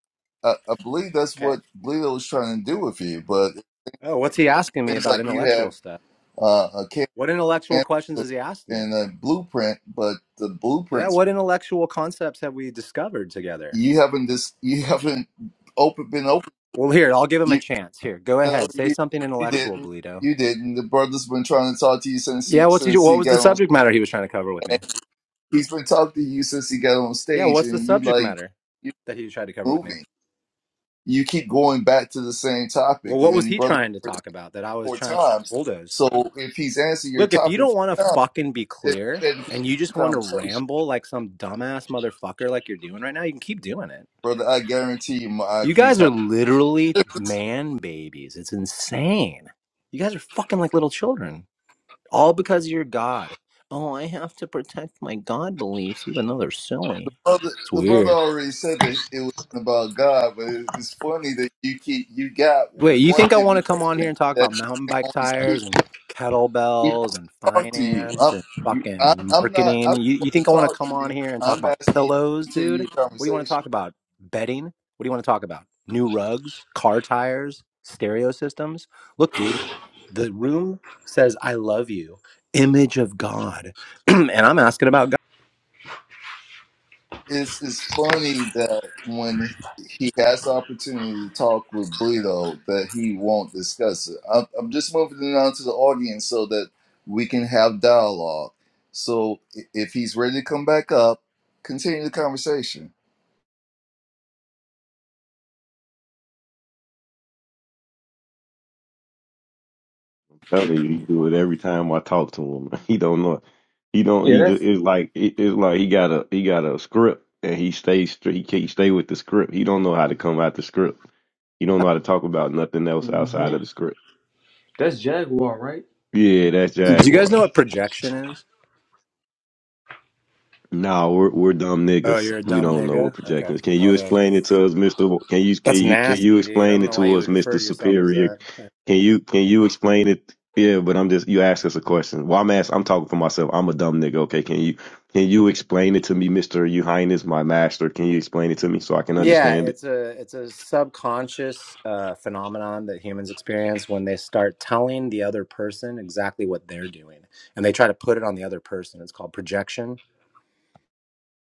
Speaker 4: I, I believe that's
Speaker 2: Okay.
Speaker 4: what Bleedo was trying to do with you, but it
Speaker 2: Oh, what's he asking me
Speaker 4: seems
Speaker 2: about
Speaker 4: like you
Speaker 2: intellectual
Speaker 4: have
Speaker 2: stuff?
Speaker 4: uh, a clear
Speaker 2: What intellectual questions
Speaker 4: answer
Speaker 2: has he asked me?
Speaker 4: and a blueprint, but the
Speaker 2: Yeah.
Speaker 4: blueprints
Speaker 2: What intellectual concepts have we discovered together?
Speaker 4: you haven't just you haven't open been open.
Speaker 2: Well, here, I'll give him a
Speaker 4: You
Speaker 2: chance. Here, go
Speaker 4: no,
Speaker 2: ahead. Say
Speaker 4: you,
Speaker 2: something
Speaker 4: you
Speaker 2: intellectual,
Speaker 4: didn't.
Speaker 2: Bleedo.
Speaker 4: You didn't. The brother's been trying to talk to you since he,
Speaker 2: Yeah. What's he,
Speaker 4: since
Speaker 2: what
Speaker 4: he
Speaker 2: was the
Speaker 4: got on.
Speaker 2: subject matter he was trying to cover with me?
Speaker 4: He's been talking to you since he got on
Speaker 2: Yeah.
Speaker 4: stage,
Speaker 2: What's the
Speaker 4: and you
Speaker 2: subject
Speaker 4: like
Speaker 2: matter
Speaker 4: you
Speaker 2: that he tried to cover with me?
Speaker 4: moving. you keep going back to the same
Speaker 2: Well,
Speaker 4: topic
Speaker 2: what was
Speaker 4: and
Speaker 2: he
Speaker 4: brother
Speaker 2: trying to talk about that I was
Speaker 4: four
Speaker 2: trying to
Speaker 4: times.
Speaker 2: bulldoze?
Speaker 4: So if he's answering your
Speaker 2: Look, if you
Speaker 4: topic
Speaker 2: don't want to
Speaker 4: four times,
Speaker 2: fucking be
Speaker 4: then
Speaker 2: clear
Speaker 4: then
Speaker 2: and you
Speaker 4: the
Speaker 2: just want to
Speaker 4: conversation,
Speaker 2: ramble like some dumbass motherfucker like you're doing right now, you can keep doing it.
Speaker 4: brother. I guarantee you my
Speaker 2: You
Speaker 4: IQ is
Speaker 2: guys
Speaker 4: high.
Speaker 2: are literally man babies. It's insane. You guys are fucking like little children. All because you're God. Oh, I have to protect my God beliefs, even though they're silly.
Speaker 4: Brother,
Speaker 2: It's
Speaker 4: the brother
Speaker 2: weird.
Speaker 4: already said that it was about God, but it- it's funny that you keep you got
Speaker 2: Wait, you
Speaker 4: one
Speaker 2: think I want to come on here
Speaker 4: dimension
Speaker 2: and talk
Speaker 4: that
Speaker 2: about
Speaker 4: you
Speaker 2: mountain
Speaker 4: can
Speaker 2: bike
Speaker 4: only speak
Speaker 2: tires and
Speaker 4: to. He won't
Speaker 2: kettlebells and
Speaker 4: talk to you.
Speaker 2: finance
Speaker 4: I'm,
Speaker 2: and
Speaker 4: you, I'm,
Speaker 2: fucking
Speaker 4: I'm not. I
Speaker 2: marketing?
Speaker 4: don't
Speaker 2: You,
Speaker 4: want
Speaker 2: you think
Speaker 4: to
Speaker 2: I want to
Speaker 4: talk
Speaker 2: come
Speaker 4: to
Speaker 2: on
Speaker 4: you.
Speaker 2: here and talk
Speaker 4: I'm
Speaker 2: about
Speaker 4: asking you to
Speaker 2: pillows,
Speaker 4: continue
Speaker 2: dude?
Speaker 4: your
Speaker 2: What do you want to
Speaker 4: conversation.
Speaker 2: talk about? Bedding? What do you want to talk about? New rugs, car tires, stereo systems? Look, dude, the room says, I love you, image of God. and I'm asking about
Speaker 4: it's it's funny that when he has the opportunity to talk with Bleedo, that he won't discuss it. I'm, I'm just moving it on to the audience so that we can have dialogue. So i- if he's ready to come back up, continue the conversation.
Speaker 3: telling you, he do it every time I talk to him. He don't know. He don't.
Speaker 5: Yeah,
Speaker 3: He just,
Speaker 5: that's
Speaker 3: it's like it- it's like he got a he got a script and he stays str- he can't stay with the script. He don't know how to come out the script. He don't know how to talk about nothing else outside
Speaker 5: hmm
Speaker 3: of the script.
Speaker 5: that's Jaguar, right?
Speaker 3: Yeah, that's
Speaker 2: God. Do you guys know
Speaker 3: Jaguar.
Speaker 2: what projection is?
Speaker 3: No, we're we're dumb
Speaker 2: Oh,
Speaker 3: niggas.
Speaker 2: you're a
Speaker 3: We
Speaker 2: dumb
Speaker 3: don't know what
Speaker 2: nigga? Okay,
Speaker 3: projection is. Can you
Speaker 2: whatever.
Speaker 3: explain it to us, Mister? W- Can you can
Speaker 2: That's
Speaker 3: you can you
Speaker 2: nasty, dude. I
Speaker 3: explain
Speaker 2: don't
Speaker 3: it
Speaker 2: know why
Speaker 3: to
Speaker 2: you
Speaker 3: us,
Speaker 2: would
Speaker 3: Mister
Speaker 2: refer to yourself as
Speaker 3: Superior?
Speaker 2: that.
Speaker 3: Can you can you explain it? Yeah, but I'm just you ask us a question. Well, I'm asked. I'm talking for myself. I'm a dumb nigga. Okay, can you can you explain it to me, Mister? You Highness, my master. Can you explain it to me so I can
Speaker 2: Yeah,
Speaker 3: understand it?
Speaker 2: it's a it's a subconscious uh, phenomenon that humans experience when they start telling the other person exactly what they're doing, and they try to put it on the other person. It's called projection.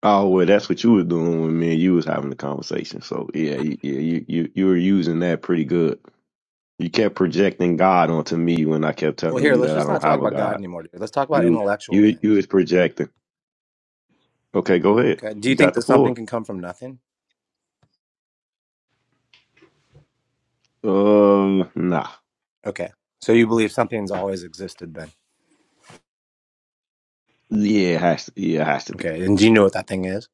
Speaker 3: Oh well, that's what you was doing with me. and You was having the conversation. So yeah, you- yeah, you you you were using that pretty good. You kept projecting God onto me when I kept
Speaker 2: Well,
Speaker 3: telling
Speaker 2: here,
Speaker 3: you
Speaker 2: let's
Speaker 3: that I
Speaker 2: just
Speaker 3: don't
Speaker 2: not talk
Speaker 3: have a
Speaker 2: about God
Speaker 3: God.
Speaker 2: anymore, dude. Let's talk about
Speaker 3: You
Speaker 2: intellectual
Speaker 3: you you
Speaker 2: things.
Speaker 3: is projecting. Okay, go ahead.
Speaker 2: Okay. Do you
Speaker 3: You
Speaker 2: think
Speaker 3: got the
Speaker 2: that something
Speaker 3: floor.
Speaker 2: can come from nothing?
Speaker 3: Um, nah.
Speaker 2: Okay. So you believe something's always existed then?
Speaker 3: Yeah, it has to. Yeah, it has to be.
Speaker 2: Okay. And do you know what that thing is?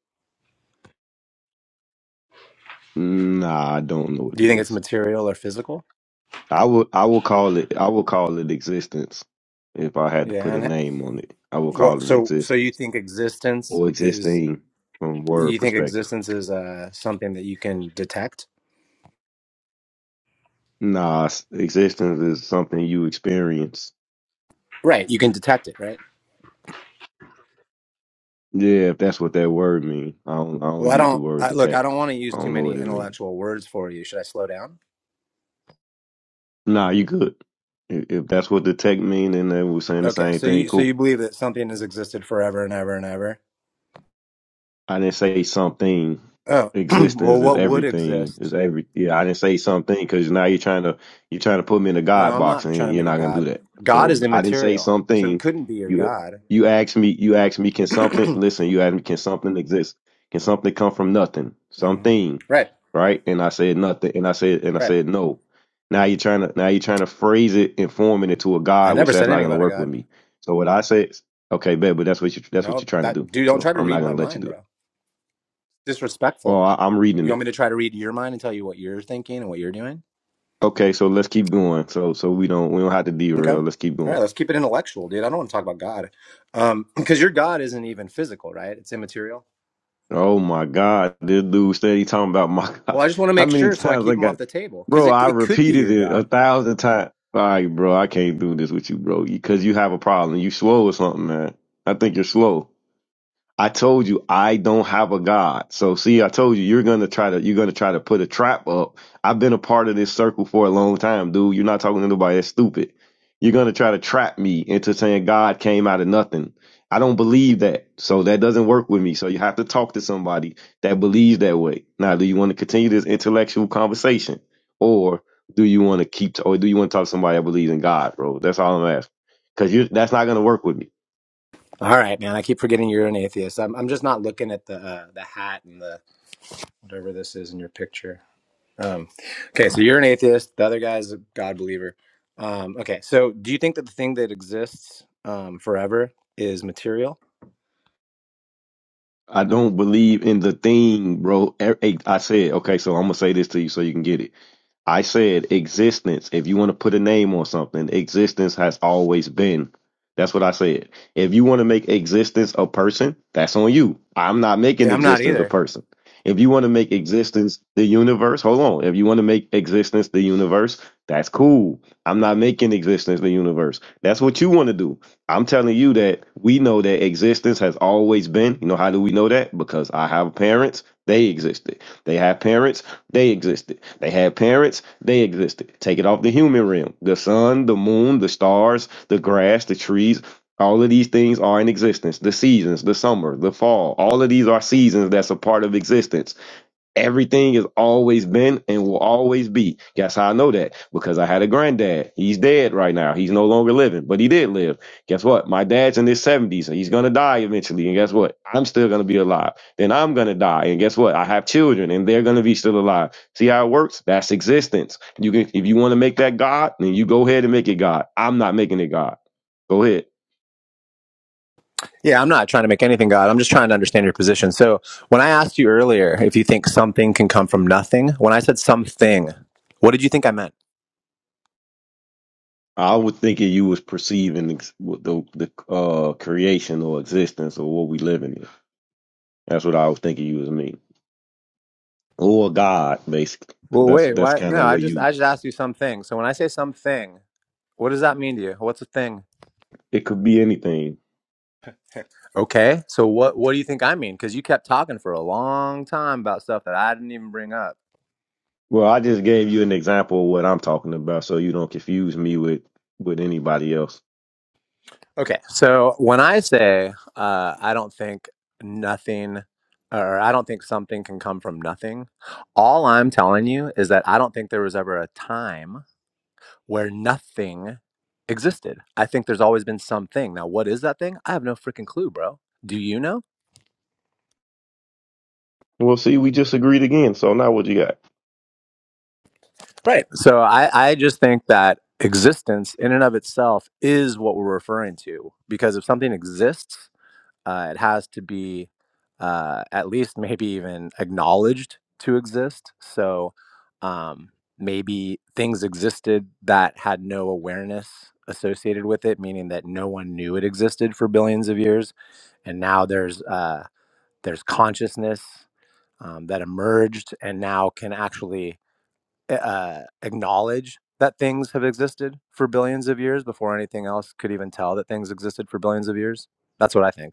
Speaker 3: Nah, I don't know what
Speaker 2: Do you
Speaker 3: it
Speaker 2: think it's
Speaker 3: is.
Speaker 2: material or physical?
Speaker 3: I will. I will call it. I will call it existence. If I had to
Speaker 2: Yeah.
Speaker 3: put a
Speaker 2: And
Speaker 3: name on it, I will call
Speaker 2: what?
Speaker 3: it
Speaker 2: So so you
Speaker 3: existence
Speaker 2: think existence
Speaker 3: or
Speaker 2: is?
Speaker 3: existing from word
Speaker 2: You think
Speaker 3: perspective.
Speaker 2: existence is uh, something that you can detect?
Speaker 3: Nah, s- existence is something you experience.
Speaker 2: Right, you can detect it, right?
Speaker 3: Yeah, if that's what that word mean. I don't. I don't
Speaker 2: Well, I
Speaker 3: use the
Speaker 2: don't
Speaker 3: word
Speaker 2: I, look. I
Speaker 3: detect.
Speaker 2: don't want to use
Speaker 3: I
Speaker 2: too
Speaker 3: don't know what
Speaker 2: many
Speaker 3: it means.
Speaker 2: intellectual words for you. Should I slow down?
Speaker 3: Nah, you good. If if that's what the tech mean, then they were saying the
Speaker 2: Okay,
Speaker 3: same
Speaker 2: so
Speaker 3: thing.
Speaker 2: you so
Speaker 3: Cool.
Speaker 2: you believe that something has existed forever and ever and ever.
Speaker 3: I didn't say something.
Speaker 2: Oh,
Speaker 3: Existence
Speaker 2: well,
Speaker 3: is
Speaker 2: what would
Speaker 3: everything. Is
Speaker 2: exist?
Speaker 3: every yeah. I didn't say something because now you're trying to you're trying to put me in a God
Speaker 2: No, I'm
Speaker 3: box
Speaker 2: not trying
Speaker 3: and
Speaker 2: to
Speaker 3: you're
Speaker 2: make a
Speaker 3: not gonna do
Speaker 2: god.
Speaker 3: that.
Speaker 2: God
Speaker 3: So
Speaker 2: is
Speaker 3: I didn't say
Speaker 2: immaterial, so it
Speaker 3: something.
Speaker 2: couldn't be your
Speaker 3: You
Speaker 2: god.
Speaker 3: you asked me you asked me can something listen you asked me can something exist can something come from nothing
Speaker 2: hmm
Speaker 3: something
Speaker 2: Right,
Speaker 3: right and I said nothing and I said and I
Speaker 2: right.
Speaker 3: said no. Now you're trying to now you're trying to phrase it and form it into a
Speaker 2: I
Speaker 3: God, which
Speaker 2: never said
Speaker 3: that's not
Speaker 2: anything
Speaker 3: gonna
Speaker 2: about a
Speaker 3: work with
Speaker 2: god.
Speaker 3: me. So what I said, okay, bet, but that's what you that's what you're
Speaker 2: No,
Speaker 3: trying to
Speaker 2: that
Speaker 3: do.
Speaker 2: dude, don't
Speaker 3: So
Speaker 2: try to
Speaker 3: I'm not
Speaker 2: read my
Speaker 3: gonna let you
Speaker 2: mind,
Speaker 3: do it.
Speaker 2: bro.
Speaker 3: Oh,
Speaker 2: Disrespectful.
Speaker 3: I, I'm reading
Speaker 2: You want
Speaker 3: it.
Speaker 2: me to try to read your mind and tell you what you're thinking and what you're doing?
Speaker 3: Okay, so let's keep going. So so we don't we don't have to
Speaker 2: Okay.
Speaker 3: derail. Let's keep
Speaker 2: All right,
Speaker 3: going.
Speaker 2: let's keep it intellectual, dude. I don't want to talk about God. Um, because your God isn't even physical, right? It's immaterial.
Speaker 3: Oh my God, this dude steady talking about my God.
Speaker 2: Well, I just want to
Speaker 3: How
Speaker 2: make
Speaker 3: many
Speaker 2: sure so I
Speaker 3: times
Speaker 2: keep
Speaker 3: I
Speaker 2: him off
Speaker 3: got,
Speaker 2: the table because
Speaker 3: bro?
Speaker 2: it,
Speaker 3: I
Speaker 2: it could be
Speaker 3: repeated
Speaker 2: your
Speaker 3: it a
Speaker 2: God.
Speaker 3: thousand times. All right, bro, I can't do this with you, bro, because you have a problem. You slow or something, man. I think you're slow. I told you I don't have a God. So see, I told you you're gonna try to you're gonna try to put a trap up. I've been a part of this circle for a long time, dude. You're not talking to nobody that's stupid. You're gonna try to trap me into saying God came out of nothing. I don't believe that. So that doesn't work with me. So you have to talk to somebody that believes that way. Now, do you want to continue this intellectual conversation? Or do you want to keep or do you want to talk to somebody that believes in God, bro? That's all I'm asking. Because you that's not gonna work with me.
Speaker 2: All right, man. I keep forgetting you're an atheist. I'm, I'm just not looking at the uh, the hat and the whatever this is in your picture. Um, okay, so you're an atheist. The other guy's a God believer. Um, okay, so do you think that the thing that exists um, forever is material?
Speaker 3: I don't believe in the thing, bro. E- hey, I said, okay, so I'm gonna say this to you so you can get it. I said existence. If you want to put a name on something, existence has always been. That's what I said. If you want to make existence a person, that's on you. I'm not making
Speaker 2: Yeah, I'm not
Speaker 3: existence a
Speaker 2: either.
Speaker 3: person. If you want to make existence the universe, hold on. If you want to make existence the universe, that's cool. I'm not making existence the universe. That's what you want to do. I'm telling you that we know that existence has always been. You know, how do we know that? Because I have parents, they existed. They have parents, they existed. They had parents, they existed. Take it off the human realm. The sun, the moon, the stars, the grass, the trees, all of these things are in existence. The seasons, the summer, the fall, all of these are seasons that's a part of existence. Everything has always been and will always be. Guess how I know that? Because I had a granddad. He's dead right now. He's no longer living, but he did live. Guess what? My dad's in his 70s and he's going to die eventually. And guess what? I'm still going to be alive. Then I'm going to die. And guess what? I have children and they're going to be still alive. See how it works? That's existence. You can, if you want to make that God, then you go ahead and make it God. I'm not making it God. Go ahead.
Speaker 2: Yeah, I'm not trying to make anything God. I'm just trying to understand your position. So, when I asked you earlier if you think something can come from nothing, when I said something, what did you think I meant?
Speaker 3: I was thinking you was perceiving ex- the the uh, creation or existence or what we living in. That's what I was thinking you was mean. Or God, basically. Cause
Speaker 2: Well,
Speaker 3: that's
Speaker 2: wait,
Speaker 3: that's
Speaker 2: why?
Speaker 3: kind of
Speaker 2: No, I
Speaker 3: what
Speaker 2: just
Speaker 3: you
Speaker 2: I just asked you something. So when I say something, what does that mean to you? What's a thing?
Speaker 3: it could be anything.
Speaker 2: Okay, so what what do you think I mean? Because you kept talking for a long time about stuff that I didn't even bring up.
Speaker 3: Well, I just gave you an example of what I'm talking about so you don't confuse me with with anybody else.
Speaker 2: Okay, so when I say uh, I don't think nothing or I don't think something can come from nothing, all I'm telling you is that I don't think there was ever a time where nothing existed. I think there's always been something. Now, what is that thing? I have no freaking clue, bro. Do you know?
Speaker 3: Well, see, we just agreed again, so now what you got?
Speaker 2: Right. So I, I just think that existence in and of itself is what we're referring to because if something exists, Uh, it has to be uh, at least maybe even acknowledged to exist. So um, maybe things existed that had no awareness associated with it, meaning that no one knew it existed for billions of years, and now there's uh, there's consciousness um, that emerged and now can actually eh, uh, acknowledge that things have existed for billions of years before anything else could even tell that things existed for billions of years. That's what I think.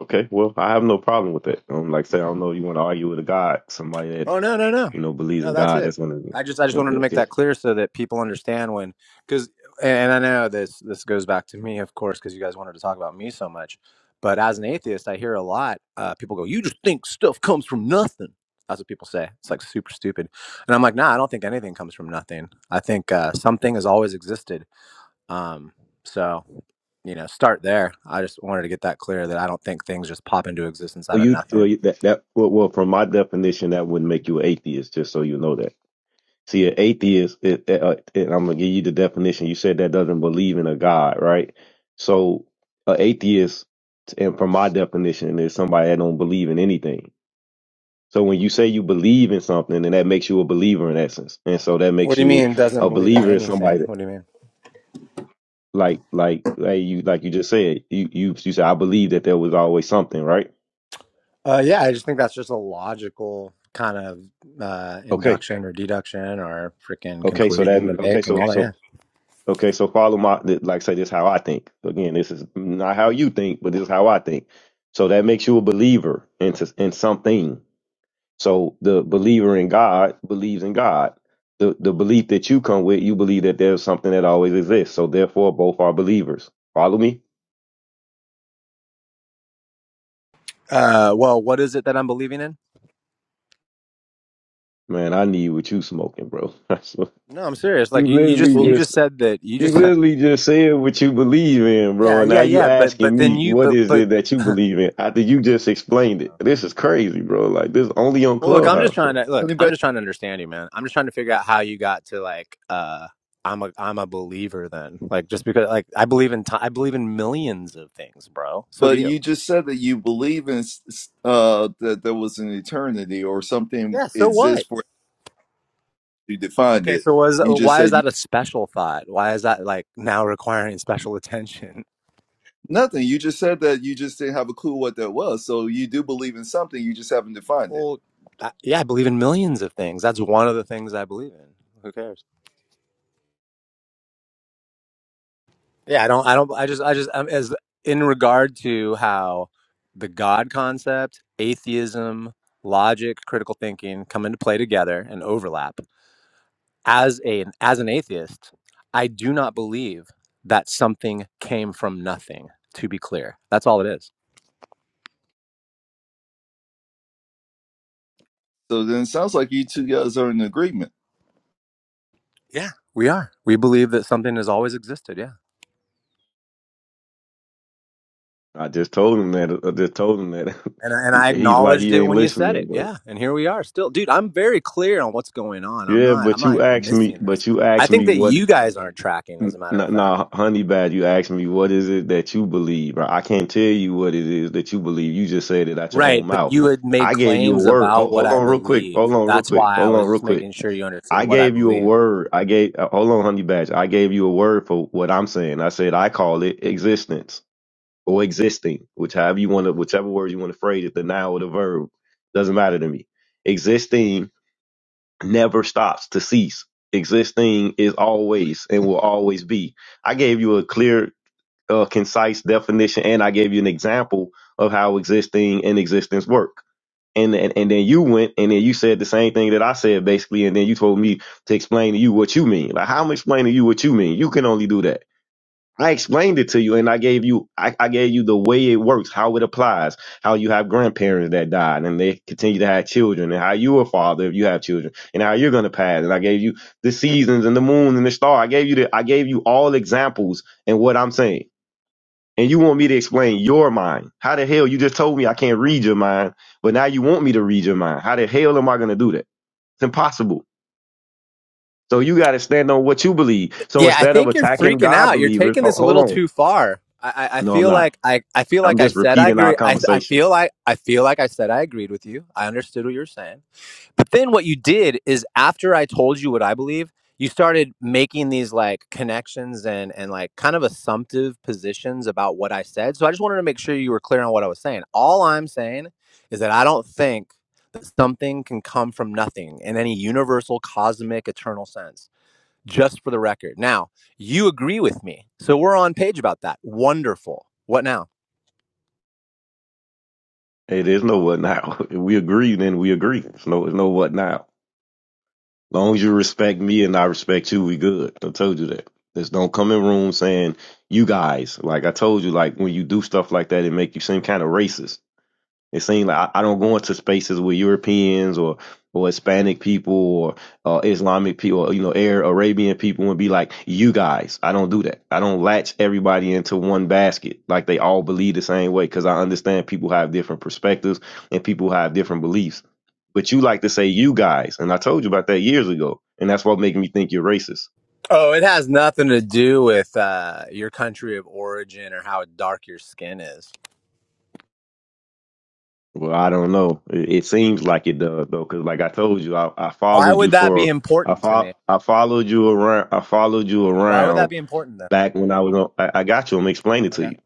Speaker 3: Okay, well, I have no problem with that. Um, like I said, I don't know if you want to argue with a God, somebody that,
Speaker 2: Oh no, no, no,
Speaker 3: you know, believes in
Speaker 2: no. That's
Speaker 3: God,
Speaker 2: it.
Speaker 3: that's gonna it,
Speaker 2: I just I just wanted to
Speaker 3: it,
Speaker 2: make that
Speaker 3: it-
Speaker 2: clear so that people understand when because and I know this this goes back to me of course because you guys wanted to talk about me so much, but as an atheist I hear a lot uh, people go you just think stuff comes from nothing. That's what people say. It's like super stupid, and I'm like nah I don't think anything comes from nothing. I think uh, something has always existed. Um, so you know start there. I just wanted to get that clear that I don't think things just pop into existence out
Speaker 3: Well,
Speaker 2: of
Speaker 3: you well,
Speaker 2: nothing.
Speaker 3: you- that that well, well, from my definition, that would make you an atheist. Just so you know that. See, an atheist, it, it, uh, and I'm gonna give you the definition. You said that doesn't believe in a God, right? So, an atheist, and from my definition, is somebody that don't believe in anything. So when you say you believe in something, then that makes you a believer in essence, and so that
Speaker 2: What
Speaker 3: makes
Speaker 2: do you
Speaker 3: you
Speaker 2: mean doesn't
Speaker 3: a
Speaker 2: believe in
Speaker 3: believer is somebody
Speaker 2: anything?
Speaker 3: that,
Speaker 2: What do you mean?
Speaker 3: like, like, like you, like you just said, you, you, you said I believe that there was always something, right?
Speaker 2: Uh, yeah, I just think that's just a logical kind of uh,
Speaker 3: Okay,
Speaker 2: induction or deduction or freaking
Speaker 3: okay, so
Speaker 2: conclusion
Speaker 3: that,
Speaker 2: to
Speaker 3: okay,
Speaker 2: make and
Speaker 3: so,
Speaker 2: all that.
Speaker 3: so
Speaker 2: Yeah.
Speaker 3: Okay, so follow my th- like say this is how I think. Again, this is not how you think, but this is how I think. So that makes you a believer into in something. So the believer in God believes in God. The the belief that you come with, you believe that there's something that always exists. So therefore, both are believers. Follow me,
Speaker 2: Uh, well, what is it that I'm believing in?
Speaker 3: man. I need what you smoking, bro.
Speaker 2: No, I'm serious.
Speaker 3: you
Speaker 2: Like you, you just
Speaker 3: literally
Speaker 4: Well,
Speaker 2: you
Speaker 3: just
Speaker 2: just said that you
Speaker 3: You
Speaker 2: just
Speaker 3: literally just said what you believe in, bro,
Speaker 2: yeah
Speaker 3: and now
Speaker 2: yeah
Speaker 3: you
Speaker 2: yeah. But
Speaker 3: asking
Speaker 2: but then
Speaker 3: me
Speaker 2: you
Speaker 3: what
Speaker 2: but
Speaker 3: is
Speaker 2: but
Speaker 3: it that you
Speaker 2: well
Speaker 3: believe in after you just explained it. This is crazy, bro. Like this only on
Speaker 2: look, I'm just
Speaker 3: Clubhouse, bro.
Speaker 2: trying to look.
Speaker 4: Tony
Speaker 2: I'm
Speaker 4: Bennett,
Speaker 2: just trying to understand you, man. I'm just trying to figure out how you got to like uh I'm a I'm a believer then. Like just because like I believe in ti I believe in millions of things, bro. So do
Speaker 4: but
Speaker 2: you.
Speaker 4: you just said that you believe in s- s- uh, that there was an eternity or something
Speaker 2: Yeah. So what?
Speaker 4: exists for you defined
Speaker 2: Okay,
Speaker 4: it.
Speaker 2: so was uh,
Speaker 4: You just
Speaker 2: why is
Speaker 4: said
Speaker 2: that a special thought? Why is that like now requiring special attention?
Speaker 4: Nothing. You just said that you just didn't have a clue what that was. So you do believe in something, you just haven't defined it.
Speaker 2: Well, I, yeah, I believe in millions of things. That's one of the things I believe in. Who cares? Yeah, I don't. I don't. I just. I just. I'm, as in regard to how the God concept, atheism, logic, critical thinking come into play together and overlap. As a as an atheist, I do not believe that something came from nothing. To be clear, that's all it is.
Speaker 4: So then it sounds like you two guys are in agreement.
Speaker 2: Yeah, we are. We believe that something has always existed. Yeah.
Speaker 3: I just told him that. I just told him that.
Speaker 2: And, I- and
Speaker 3: he,
Speaker 2: I
Speaker 3: he's like
Speaker 2: acknowledged
Speaker 3: he
Speaker 2: it
Speaker 3: ain't
Speaker 2: when you said
Speaker 3: listening,
Speaker 2: it.
Speaker 3: bro.
Speaker 2: Yeah. And here we are still. Dude, I'm very clear on what's going on. I'm
Speaker 3: Yeah,
Speaker 2: not, I'm
Speaker 3: but you
Speaker 2: not
Speaker 3: asked me,
Speaker 2: missing this.
Speaker 3: but you
Speaker 2: I
Speaker 3: asked
Speaker 2: think
Speaker 3: me
Speaker 2: that
Speaker 3: what.
Speaker 2: you guys aren't tracking, as
Speaker 3: n-
Speaker 2: a matter
Speaker 3: Nah,
Speaker 2: of fact.
Speaker 3: nah, honey bad. You asked me what is it that you believe, bro. I can't tell you what it is that you believe. You just said it out your own
Speaker 2: Right. But
Speaker 3: mouth.
Speaker 2: you had made
Speaker 3: I gave you a
Speaker 2: claims
Speaker 3: word.
Speaker 2: about
Speaker 3: Hold,
Speaker 2: what
Speaker 3: hold
Speaker 2: I
Speaker 3: on, real quick.
Speaker 2: believe.
Speaker 3: Hold on, real
Speaker 2: That's
Speaker 3: quick.
Speaker 2: why I
Speaker 3: Hold on,
Speaker 2: was
Speaker 3: real
Speaker 2: just
Speaker 3: quick.
Speaker 2: making sure you understood
Speaker 3: I
Speaker 2: what I
Speaker 3: gave you a
Speaker 2: believe.
Speaker 3: word. I gave uh, hold on, honey badge. I gave you a word for what I'm saying. I said I call it existence or existing, which however you want to, whichever word you want to phrase it, the noun or the verb doesn't matter to me. Existing never stops to cease. Existing is always and will always be. I gave you a clear, uh, concise definition, and I gave you an example of how existing and existence work and, and and then you went and then you said the same thing that I said basically, and then you told me to explain to you what you mean. Like how am i explaining to you what you mean. You can only do that. I explained it to you and I gave you I, I gave you the way it works, how it applies, how you have grandparents that died and they continue to have children, and how you a father if you have children, and how you're gonna pass. And I gave you the seasons and the moon and the star. I gave you the I gave you all examples and what I'm saying and you want me to explain your mind. How the hell you just told me I can't read your mind, but now you want me to read your mind. How the hell am I going to do that? It's impossible. So you got to stand on what you believe. So
Speaker 2: Yeah. I
Speaker 3: instead of
Speaker 2: think you're
Speaker 3: attacking
Speaker 2: freaking
Speaker 3: God
Speaker 2: out. You're
Speaker 3: believers,
Speaker 2: taking
Speaker 3: ho-
Speaker 2: this a
Speaker 3: hold
Speaker 2: little
Speaker 3: on.
Speaker 2: too far. I, I I
Speaker 3: No, I'm
Speaker 2: feel
Speaker 3: not.
Speaker 2: like I, I feel
Speaker 3: I'm
Speaker 2: like I
Speaker 3: just
Speaker 2: said I
Speaker 3: repeating our
Speaker 2: agree. I, I
Speaker 3: conversation.
Speaker 2: feel like I feel like I said I agreed with you. I understood what you were saying But then what you did is after I told you what I believe, you started making these like connections and and like kind of assumptive positions about what I said. So I just wanted to make sure you were clear on what I was saying. All I'm saying is that I don't think that something can come from nothing in any universal cosmic eternal sense. Just for the record. Now, you agree with me. So we're on page about that. Wonderful. What now?
Speaker 3: Hey, there's no what now. If we agree, then we agree. There's no, there's no what now. As long as you respect me and I respect you, we good. I told you that. Just don't come in room saying you guys. Like I told you, like when you do stuff like that, it make you seem kind of racist It seems like I, I don't go into spaces with Europeans or or Hispanic people or uh, Islamic people, or, you know, Arab Arabian people, and be like, "You guys." I don't do that. I don't latch everybody into one basket like they all believe the same way because I understand people have different perspectives and people have different beliefs. But you like to say "you guys," and I told you about that years ago, and that's what making me think you're racist.
Speaker 2: Oh, it has nothing to do with uh, your country of origin or how dark your skin is.
Speaker 3: Well, I don't know. It, it seems like it does though, because like I told you, I, I
Speaker 2: Why
Speaker 3: followed you
Speaker 2: would that be
Speaker 3: for I
Speaker 2: important to
Speaker 3: fo-
Speaker 2: me?
Speaker 3: I followed you around. I followed you
Speaker 2: Why would
Speaker 3: around
Speaker 2: that be important though?
Speaker 3: back when I was on. I, I got you. I'm explaining it to
Speaker 2: Okay.
Speaker 3: you.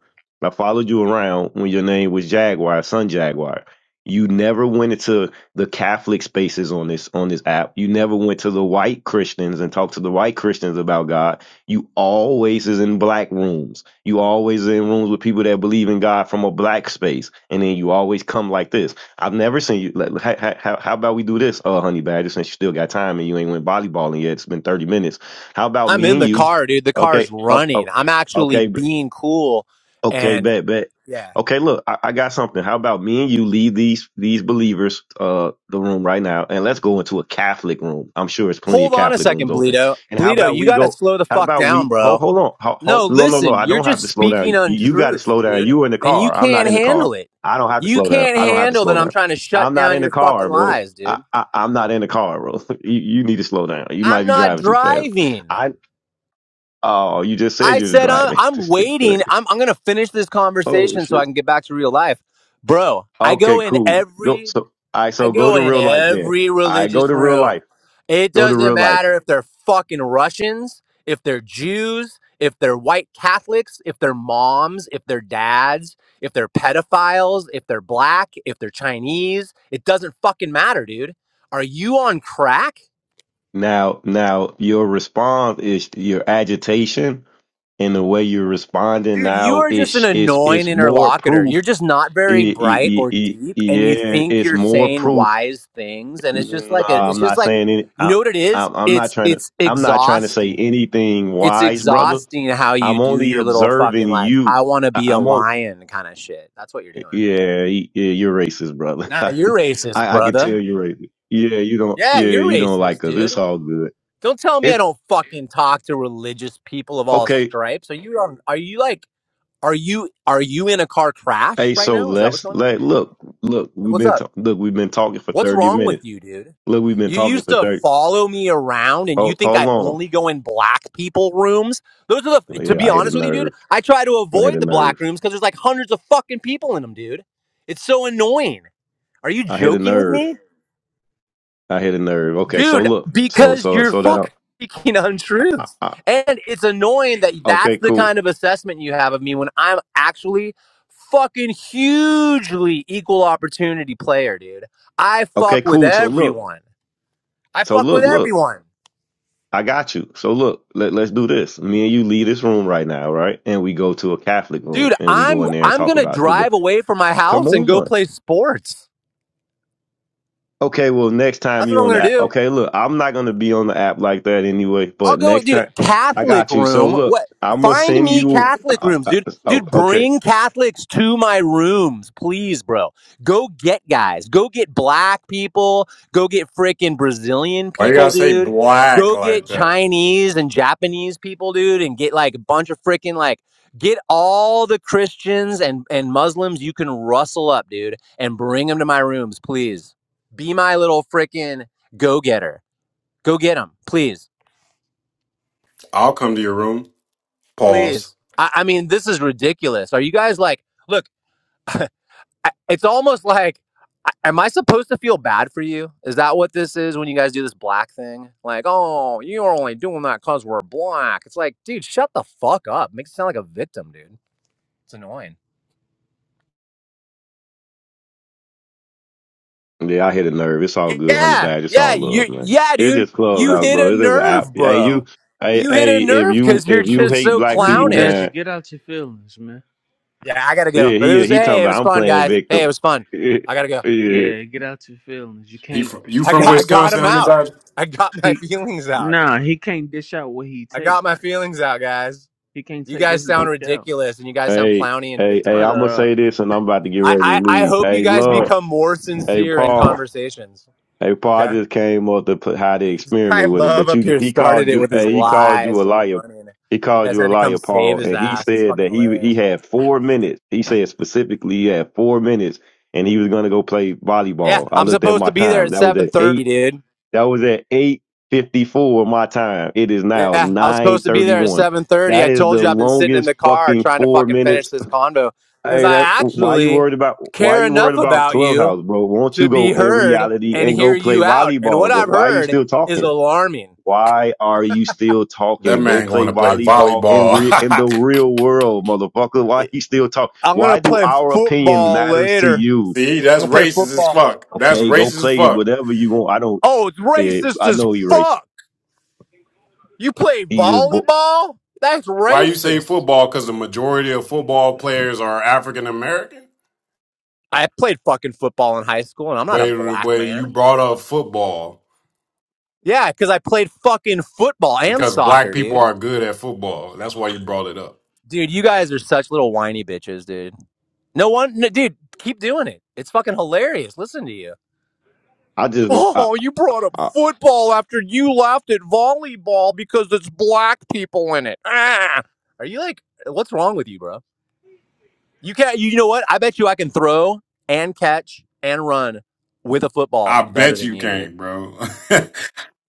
Speaker 3: I followed you around when your name was Jaguar, Sun Jaguar. You never went into the Catholic spaces on this on this app. You never went to the white Christians and talked to the white Christians about God. You always is in black rooms. You always in rooms with people that believe in God from a black space, and then you always come like this. I've never seen you. Like, how, how, how about we do this, uh, Honey Badger? Since you still got time and you ain't went volleyballing yet, it's been thirty minutes. How about
Speaker 2: I'm
Speaker 3: me
Speaker 2: in
Speaker 3: and
Speaker 2: the
Speaker 3: you?
Speaker 2: car, dude. The
Speaker 3: Okay.
Speaker 2: car's
Speaker 3: Oh,
Speaker 2: running.
Speaker 3: oh,
Speaker 2: I'm actually
Speaker 3: okay. b-
Speaker 2: being cool.
Speaker 3: Okay.
Speaker 2: And
Speaker 3: Bet. Bet.
Speaker 2: yeah.
Speaker 3: Okay. Look, I, I got something. How about me and you leave these these believers uh the room right now, and let's go into a Catholic room. I'm sure it's plenty of
Speaker 2: Hold on a
Speaker 3: Catholic rooms
Speaker 2: second,
Speaker 3: open.
Speaker 2: Bleedo.
Speaker 3: And how
Speaker 2: Bleedo,
Speaker 3: about
Speaker 2: you
Speaker 3: we
Speaker 2: gotta
Speaker 3: go?
Speaker 2: slow the
Speaker 3: How
Speaker 2: fuck
Speaker 3: about
Speaker 2: down,
Speaker 3: we? Hold.
Speaker 2: bro.
Speaker 3: Hold on. Ho hold,
Speaker 2: No,
Speaker 3: no. No. No.
Speaker 2: listen,
Speaker 3: I
Speaker 2: you're
Speaker 3: don't have
Speaker 2: just
Speaker 3: to slow down.
Speaker 2: speaking
Speaker 3: You, you got to
Speaker 2: untruth,
Speaker 3: slow down.
Speaker 2: dude.
Speaker 3: You in the
Speaker 2: And you
Speaker 3: car. I'm not
Speaker 2: can't
Speaker 3: in the car.
Speaker 2: handle it.
Speaker 3: I don't have to
Speaker 2: You
Speaker 3: slow down.
Speaker 2: can't
Speaker 3: I don't have to
Speaker 2: handle
Speaker 3: slow
Speaker 2: that I'm
Speaker 3: down.
Speaker 2: trying to shut
Speaker 3: I'm not
Speaker 2: down
Speaker 3: in the
Speaker 2: your
Speaker 3: car,
Speaker 2: fucking
Speaker 3: bro.
Speaker 2: lies,
Speaker 3: I,
Speaker 2: dude.
Speaker 3: I, I'm not in the car, bro. you, you need to slow down. You might
Speaker 2: I'm
Speaker 3: be
Speaker 2: not
Speaker 3: driving too fast.
Speaker 2: driving.
Speaker 3: Oh, you just said
Speaker 2: I
Speaker 3: you was
Speaker 2: said I'm,
Speaker 3: driving.
Speaker 2: I'm
Speaker 3: This thing
Speaker 2: waiting.
Speaker 3: great.
Speaker 2: I'm I'm gonna finish this
Speaker 3: Oh
Speaker 2: conversation so I
Speaker 3: shit.
Speaker 2: can get back to real life, bro. I
Speaker 3: Okay,
Speaker 2: go in
Speaker 3: cool. Go
Speaker 2: every
Speaker 3: so I
Speaker 2: I
Speaker 3: so go
Speaker 2: go
Speaker 3: to
Speaker 2: in
Speaker 3: real life then.
Speaker 2: every
Speaker 3: I go
Speaker 2: religious
Speaker 3: to real
Speaker 2: room.
Speaker 3: life.
Speaker 2: It
Speaker 3: Go to
Speaker 2: doesn't
Speaker 3: real life.
Speaker 2: matter if they're fucking Russians, if they're Jews, if they're white Catholics, if they're moms, if they're dads, if they're pedophiles, if they're black, if they're Chinese. It doesn't fucking matter, dude. Are you on crack?
Speaker 3: Now now your response is your agitation and the way you're responding
Speaker 2: Dude, you
Speaker 3: now
Speaker 2: are just an
Speaker 3: is is
Speaker 2: annoying
Speaker 3: is more
Speaker 2: interlocutor.
Speaker 3: proof.
Speaker 2: You're just not very
Speaker 3: I- I-
Speaker 2: bright
Speaker 3: I-
Speaker 2: or
Speaker 3: I-
Speaker 2: deep, and you
Speaker 3: Yeah,
Speaker 2: think
Speaker 3: it's
Speaker 2: you're
Speaker 3: more
Speaker 2: saying
Speaker 3: proof.
Speaker 2: wise things, and it's just
Speaker 3: No,
Speaker 2: like a,
Speaker 3: I'm
Speaker 2: it's just
Speaker 3: not
Speaker 2: like,
Speaker 3: saying any.
Speaker 2: you
Speaker 3: I,
Speaker 2: know what it is?
Speaker 3: I'm I'm not
Speaker 2: It's
Speaker 3: trying to.
Speaker 2: it's
Speaker 3: I'm not trying to say
Speaker 2: exhausting.
Speaker 3: anything
Speaker 2: It's
Speaker 3: wise, brother.
Speaker 2: exhausting how you
Speaker 3: I'm
Speaker 2: do
Speaker 3: only
Speaker 2: your little
Speaker 3: observing
Speaker 2: fucking like,
Speaker 3: you
Speaker 2: I want to
Speaker 3: I-
Speaker 2: be a
Speaker 3: I'm on.
Speaker 2: lion kind of shit. That's what you're doing.
Speaker 3: Yeah, y- yeah, you're racist, brother.
Speaker 2: Nah,
Speaker 3: I
Speaker 2: you're racist,
Speaker 3: I can tell
Speaker 2: brother.
Speaker 3: you're racist. Yeah, you don't.
Speaker 2: Yeah,
Speaker 3: Yeah,
Speaker 2: you're
Speaker 3: you don't
Speaker 2: racist,
Speaker 3: like us.
Speaker 2: dude.
Speaker 3: It's all good.
Speaker 2: Don't tell me I
Speaker 3: It
Speaker 2: don't fucking talk to religious people of all
Speaker 3: okay.
Speaker 2: stripes. Are you on? Are you like? Are you are you in a car crash
Speaker 3: Hey,
Speaker 2: right
Speaker 3: so
Speaker 2: now? Is that what's
Speaker 3: let's
Speaker 2: going on?
Speaker 3: let look look.
Speaker 2: Like,
Speaker 3: We've
Speaker 2: what's
Speaker 3: been
Speaker 2: up?
Speaker 3: ta- look. We've been talking for
Speaker 2: What's
Speaker 3: thirty
Speaker 2: wrong with
Speaker 3: minutes.
Speaker 2: you, dude?
Speaker 3: Look, we've been
Speaker 2: You
Speaker 3: talking
Speaker 2: used
Speaker 3: for
Speaker 2: to
Speaker 3: thirty.
Speaker 2: follow me around and you
Speaker 3: Hold
Speaker 2: think
Speaker 3: hold
Speaker 2: I
Speaker 3: on.
Speaker 2: only go in black people rooms? Those are the, to
Speaker 3: Yeah,
Speaker 2: be
Speaker 3: I hit a
Speaker 2: honest with you, dude,
Speaker 3: nerve.
Speaker 2: I try to
Speaker 3: I hit a
Speaker 2: avoid the black
Speaker 3: nerve.
Speaker 2: rooms because there's like hundreds of fucking people in them, dude. It's so annoying. Are you
Speaker 3: I hit a
Speaker 2: joking with me?
Speaker 3: nerve. I hit a nerve. Okay, so
Speaker 2: dude
Speaker 3: look. So
Speaker 2: because
Speaker 3: so
Speaker 2: you're
Speaker 3: so that I,
Speaker 2: fucking speaking
Speaker 3: I,
Speaker 2: untruths
Speaker 3: I
Speaker 2: and it's annoying that that's
Speaker 3: okay.
Speaker 2: the
Speaker 3: Cool.
Speaker 2: kind of assessment you have of me when i'm actually fucking hugely equal opportunity player dude i fuck
Speaker 3: Okay,
Speaker 2: with
Speaker 3: cool. So look.
Speaker 2: everyone i
Speaker 3: So
Speaker 2: fuck
Speaker 3: look.
Speaker 2: with
Speaker 3: Look.
Speaker 2: everyone
Speaker 3: I got you. So look, let, let's do this. Me and you leave this room right now, right? And we go to a Catholic room
Speaker 2: dude
Speaker 3: and we go
Speaker 2: i'm
Speaker 3: in there and
Speaker 2: i'm
Speaker 3: talk
Speaker 2: gonna
Speaker 3: about We go,
Speaker 2: drive away from my
Speaker 3: come
Speaker 2: house and go
Speaker 3: on.
Speaker 2: play sports
Speaker 3: Okay, well, next time
Speaker 2: that's what
Speaker 3: you
Speaker 2: i'm
Speaker 3: on the
Speaker 2: gonna
Speaker 3: app.
Speaker 2: do
Speaker 3: Okay, look, I'm not going to be on the app like that anyway,
Speaker 2: I'll
Speaker 3: but
Speaker 2: go,
Speaker 3: next
Speaker 2: dude.
Speaker 3: time I
Speaker 2: Catholic
Speaker 3: got you. So
Speaker 2: room.
Speaker 3: look,
Speaker 2: What?
Speaker 3: I'm going to
Speaker 2: Find
Speaker 3: send
Speaker 2: me
Speaker 3: you.
Speaker 2: Catholic
Speaker 3: Uh,
Speaker 2: rooms,
Speaker 3: uh,
Speaker 2: dude.
Speaker 3: oh,
Speaker 2: Dude,
Speaker 3: okay.
Speaker 2: bring Catholics to my rooms, please, bro. Go get guys. Go get black people. Go get frickin' Brazilian
Speaker 6: Why you
Speaker 2: people,
Speaker 6: gotta say
Speaker 2: dude.
Speaker 6: black
Speaker 2: Go get
Speaker 6: like that?
Speaker 2: Chinese and Japanese people, dude, and get like a bunch of frickin' like get all the Christians and and Muslims you can rustle up, dude, and bring them to my rooms, please. Be my little frickin' go getter. Go get them, please.
Speaker 6: I'll come to your room. Pause.
Speaker 2: please. I, I mean, this is ridiculous. Are you guys like, look, I, it's almost like, am I supposed to feel bad for you? Is that what this is when you guys do this black thing? Like, oh, you're only doing that because we're black. It's like, dude, shut the fuck up. Makes it sound like a victim, dude. It's annoying.
Speaker 3: Yeah, I hit a nerve. It's all good, honey
Speaker 2: Yeah,
Speaker 3: badge. It's
Speaker 2: yeah,
Speaker 3: all
Speaker 2: you,
Speaker 3: love, man.
Speaker 2: yeah,
Speaker 3: It's
Speaker 2: dude.
Speaker 3: just
Speaker 2: You
Speaker 3: clubhouse,
Speaker 2: hit a
Speaker 3: bro. It is an app.
Speaker 2: nerve,
Speaker 3: Hey, you.
Speaker 2: bro.
Speaker 3: Hey,
Speaker 2: You hit a
Speaker 3: hey, if
Speaker 2: nerve
Speaker 3: you
Speaker 2: because you're
Speaker 3: if you
Speaker 2: just
Speaker 3: hate
Speaker 2: so
Speaker 3: black
Speaker 5: Honey
Speaker 3: people,
Speaker 5: Badger,
Speaker 2: clownish.
Speaker 3: man,
Speaker 5: get out your feelings, man.
Speaker 2: Yeah, I gotta go.
Speaker 3: Yeah,
Speaker 2: But it
Speaker 3: he uh,
Speaker 2: was,
Speaker 3: he talking
Speaker 2: hey, it was
Speaker 3: about I'm
Speaker 2: fun,
Speaker 3: playing
Speaker 2: guys. Hey, it
Speaker 3: victim.
Speaker 2: was fun.
Speaker 3: Yeah,
Speaker 2: I gotta go.
Speaker 3: yeah.
Speaker 5: Yeah, get out your feelings. You
Speaker 6: He
Speaker 5: can't
Speaker 6: from, you
Speaker 2: I
Speaker 6: from
Speaker 2: got I got
Speaker 6: Wisconsin,
Speaker 2: them
Speaker 6: honey
Speaker 2: out.
Speaker 6: badger?
Speaker 2: I got my
Speaker 5: he
Speaker 2: feelings out.
Speaker 5: nah, he can't dish out what he
Speaker 2: I
Speaker 5: take.
Speaker 2: got my feelings out, guys.
Speaker 5: He can't
Speaker 2: You
Speaker 5: take what
Speaker 2: guys
Speaker 5: he
Speaker 2: sound
Speaker 5: dish out.
Speaker 2: ridiculous and you guys sound
Speaker 3: Hey,
Speaker 2: clowny and
Speaker 3: hey, hey,
Speaker 5: Shut
Speaker 3: I'm
Speaker 2: victimized.
Speaker 3: gonna
Speaker 5: up.
Speaker 3: say this, and I'm about to get
Speaker 2: I,
Speaker 3: ready to
Speaker 2: I, I
Speaker 3: leave.
Speaker 2: hope you
Speaker 3: Hey,
Speaker 2: guys
Speaker 3: love.
Speaker 2: become more
Speaker 3: Hey,
Speaker 2: sincere in
Speaker 3: Paul.
Speaker 2: conversations.
Speaker 3: Hey, Paul. I
Speaker 2: Okay.
Speaker 3: just came up to put how to
Speaker 2: This guy
Speaker 3: experiment with him,
Speaker 2: Love
Speaker 3: but
Speaker 2: up
Speaker 3: you
Speaker 2: here
Speaker 3: he
Speaker 2: started
Speaker 3: called
Speaker 2: it
Speaker 3: you.
Speaker 2: with his
Speaker 3: Hey, he called you a
Speaker 2: lies and
Speaker 3: liar.
Speaker 2: running.
Speaker 3: He
Speaker 2: You
Speaker 3: called
Speaker 2: guys
Speaker 3: you a
Speaker 2: had to come
Speaker 3: liar,
Speaker 2: save
Speaker 3: Paul,
Speaker 2: his
Speaker 3: and he
Speaker 2: ass. It's
Speaker 3: said
Speaker 2: fucking
Speaker 3: that he he
Speaker 2: hilarious.
Speaker 3: had four minutes. He said specifically he had four minutes, and he was gonna go play
Speaker 2: Yeah.
Speaker 3: volleyball. I
Speaker 2: I'm
Speaker 3: looked at
Speaker 2: supposed
Speaker 3: my
Speaker 2: to be there
Speaker 3: time.
Speaker 2: at
Speaker 3: That was at eight
Speaker 2: 7:30, dude.
Speaker 3: That was at 8:54 my time. It is now
Speaker 2: Yeah, I was supposed to be there at
Speaker 3: 9:31.
Speaker 2: 7:30.
Speaker 3: That
Speaker 2: I
Speaker 3: is
Speaker 2: told
Speaker 3: the
Speaker 2: you I've been sitting in
Speaker 3: longest
Speaker 2: the car
Speaker 3: fucking
Speaker 2: trying to
Speaker 3: 4
Speaker 2: fucking finish
Speaker 3: minutes.
Speaker 2: this convo cuz
Speaker 3: Hey,
Speaker 2: I
Speaker 3: that why you
Speaker 2: actually
Speaker 3: worried about why
Speaker 2: care
Speaker 3: you worried
Speaker 2: enough
Speaker 3: about
Speaker 2: about you
Speaker 3: Clubhouse, bro? Won't you
Speaker 2: to
Speaker 3: go
Speaker 2: be
Speaker 3: in
Speaker 2: heard
Speaker 3: reality
Speaker 2: and
Speaker 3: and
Speaker 2: hear
Speaker 3: go play
Speaker 2: you out. And what
Speaker 3: volleyball, bro?
Speaker 2: I've
Speaker 3: Why are you
Speaker 2: heard
Speaker 3: still
Speaker 2: is
Speaker 3: talking?
Speaker 2: alarming.
Speaker 3: Why are you still
Speaker 6: That
Speaker 3: talking? Go
Speaker 6: man going
Speaker 3: play
Speaker 6: to play
Speaker 3: volleyball in
Speaker 6: volleyball.
Speaker 3: re- in the real world, motherfucker. Why you still talk?
Speaker 2: I'm going
Speaker 3: Why
Speaker 2: to
Speaker 3: do
Speaker 2: play
Speaker 3: our opinion
Speaker 2: football
Speaker 3: matters to
Speaker 2: later.
Speaker 3: you?
Speaker 6: See,
Speaker 2: I'm
Speaker 6: that's
Speaker 2: going to play
Speaker 6: racist as
Speaker 2: football.
Speaker 6: fuck. That's
Speaker 3: Okay, go
Speaker 6: racist as
Speaker 3: play
Speaker 6: fuck.
Speaker 3: whatever you want. I don't.
Speaker 2: Oh, it's
Speaker 3: eh,
Speaker 2: racist
Speaker 3: I
Speaker 2: as
Speaker 3: know he racist.
Speaker 2: fuck. You play
Speaker 3: He just
Speaker 2: volleyball? That's
Speaker 6: Why you say
Speaker 2: racist.
Speaker 6: football? Because the majority of football players are African American.
Speaker 2: I played fucking football in high school and I'm not a
Speaker 6: But,
Speaker 2: black
Speaker 6: but you
Speaker 2: man.
Speaker 6: brought up football
Speaker 2: Yeah, cuz I played fucking football and
Speaker 6: because black
Speaker 2: soccer,
Speaker 6: people
Speaker 2: dude.
Speaker 6: are good at football. That's why you brought it up.
Speaker 2: Dude, you guys are such little whiny bitches, dude. No one, no, dude, keep doing it. It's fucking hilarious. Listen to you.
Speaker 3: I just want. I,
Speaker 2: Oh, you brought up
Speaker 3: I, all
Speaker 2: football after you laughed at volleyball because it's black people in it. Ah. Are you like, what's wrong with you, bro? You can't, you, you know what? I bet you I can throw and catch and run with a football
Speaker 6: I
Speaker 2: better
Speaker 6: bet
Speaker 2: than
Speaker 6: you
Speaker 2: you, dude.
Speaker 6: can't, bro.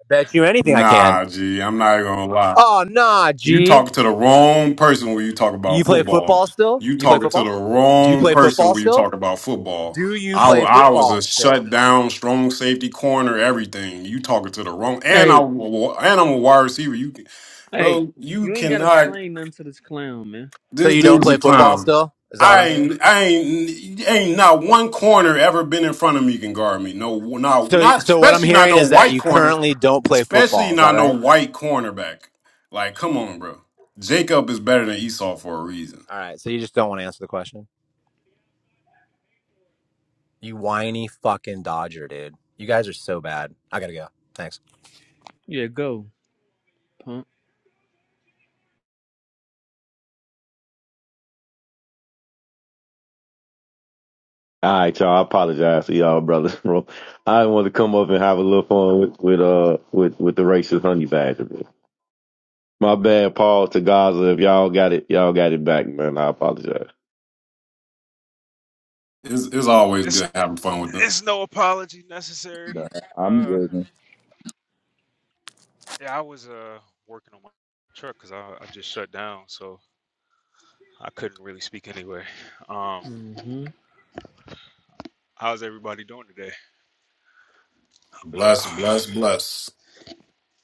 Speaker 2: I bet you anything I can.
Speaker 6: nah, G, I'm not gonna lie.
Speaker 2: Oh, nah,
Speaker 6: You
Speaker 2: G.
Speaker 6: talking to the wrong person when you talk about
Speaker 2: You play
Speaker 6: football.
Speaker 2: football still?
Speaker 6: You
Speaker 2: You play
Speaker 6: talking to the
Speaker 2: football? Do you
Speaker 6: wrong
Speaker 2: play
Speaker 6: person
Speaker 2: football
Speaker 6: when you
Speaker 2: still?
Speaker 6: talk about football.
Speaker 2: Do you
Speaker 6: I,
Speaker 2: play
Speaker 6: wa- I was
Speaker 2: football
Speaker 6: a
Speaker 2: still?
Speaker 6: shut down, strong safety corner, everything. You talking to the wrong, and I
Speaker 5: Hey,
Speaker 6: wa- and I'm a wide receiver. You, can-
Speaker 5: hey,
Speaker 6: bro, you
Speaker 5: you ain't gotta
Speaker 6: cannot.
Speaker 5: explain nothing to this clown, man.
Speaker 2: So
Speaker 6: This
Speaker 2: you
Speaker 6: dude
Speaker 2: don't
Speaker 6: was a
Speaker 2: play football
Speaker 6: clown.
Speaker 2: still? Is that what
Speaker 6: I
Speaker 2: I'm hearing?
Speaker 6: ain't, I ain't, ain't not one corner ever been in front of me can guard me. No, not,
Speaker 2: So
Speaker 6: not
Speaker 2: so what I'm
Speaker 6: especially not
Speaker 2: hearing
Speaker 6: no
Speaker 2: is that
Speaker 6: white
Speaker 2: you
Speaker 6: corner,
Speaker 2: currently don't play
Speaker 6: especially
Speaker 2: football. Is that
Speaker 6: not no
Speaker 2: right?
Speaker 6: white cornerback. Like, come on, bro. Jacob is better than Esau for a reason.
Speaker 2: All right. So you just don't want to answer the question. You whiny fucking Dodger, dude. You guys are so bad. I gotta go. Thanks.
Speaker 5: Yeah, go, punk.
Speaker 3: right, y'all. I apologize to y'all, brother. Bro. I want to come up and have a little fun with with uh with with the racist honey badger. Man. My bad, Paul to Gaza. If y'all got it, y'all got it back, man. I apologize.
Speaker 6: It's, it's always
Speaker 1: It's
Speaker 6: good having fun with them.
Speaker 1: it's no apology necessary.
Speaker 4: Nah, I'm
Speaker 1: Uh,
Speaker 4: good. man.
Speaker 1: yeah, I was uh working on my truck because I I just shut down, so I couldn't really speak anyway. Um,
Speaker 5: Mm-hmm.
Speaker 1: How's everybody doing today?
Speaker 6: Bless,
Speaker 1: Ah,
Speaker 6: bless, bless.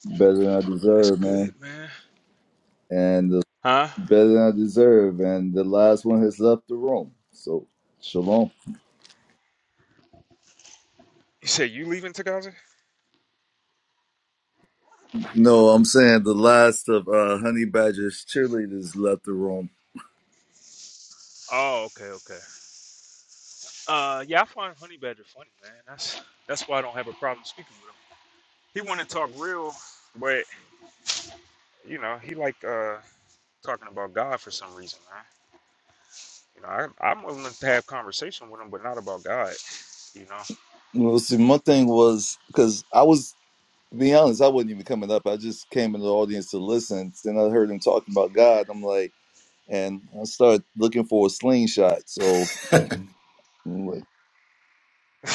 Speaker 4: Better than I
Speaker 1: that's
Speaker 4: deserve,
Speaker 1: good,
Speaker 4: man.
Speaker 1: man.
Speaker 4: And the,
Speaker 1: Huh?
Speaker 4: better than I deserve. And the last one has left the room. So, shalom.
Speaker 1: You say you leaving Tagaza?
Speaker 4: No, I'm saying the last of uh, Honey Badger's cheerleaders left the room.
Speaker 1: Oh, okay, okay. Uh, yeah, I find Honey Badger funny, man. That's that's why I don't have a problem speaking with him. He want to talk real, but you know, he like uh talking about God for some reason, man. You know, I, I'm willing to have conversation with him, but not about God. You know.
Speaker 4: Well, see, my thing was because I was, to be honest, I wasn't even coming up. I just came in the audience to listen. Then I heard him talking about God. I'm like, and I started looking for a slingshot. So I'm like,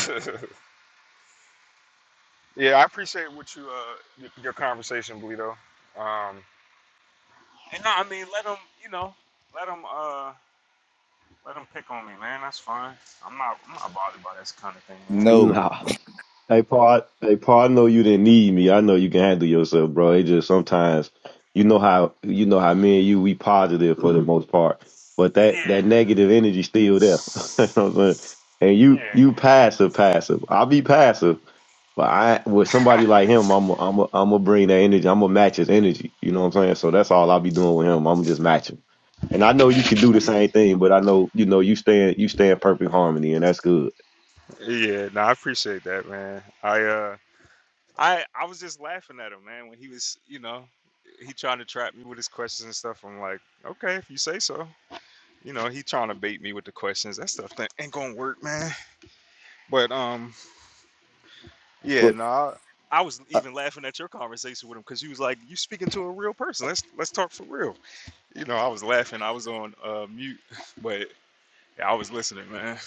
Speaker 1: yeah, I appreciate what you uh y- your conversation, Bleedo. Um, and no, I mean, let him, you know, let him. uh. Let them pick on me, man. That's fine. I'm not. I'm not bothered by this kind of thing, man.
Speaker 4: no,
Speaker 3: Nah. Hey Paul, hey Paul, I know you didn't need me. I know you can handle yourself, bro. It just sometimes you know how you know how me and you we positive for the most part. But that that
Speaker 1: Yeah.
Speaker 3: negative energy still there. you know what I'm saying? And you you
Speaker 1: Yeah.
Speaker 3: passive passive. I'll be passive, but I with somebody like him, I'm i I'm i am i am i am am going to bring that energy. I'm gonna match his energy. You know what I'm saying? So that's all I'll be doing with him. I'm just matching. And I know you can do the same thing, but I know you know you stay in you stay in perfect harmony, and that's good.
Speaker 1: Yeah. yeah. No, I appreciate that, man. I uh, I I was just laughing at him, man, when he was, you know, he trying to trap me with his questions and stuff. I'm like, okay, if you say so. You know, he trying to bait me with the questions. That stuff that ain't gonna work, man. But um, yeah,
Speaker 4: but
Speaker 1: no. I, I was
Speaker 4: I,
Speaker 1: even laughing at your conversation with him because you was like, "You speaking to a real person? Let's let's talk for real." You know, I was laughing. I was on uh, mute, but Yeah, I was listening, man.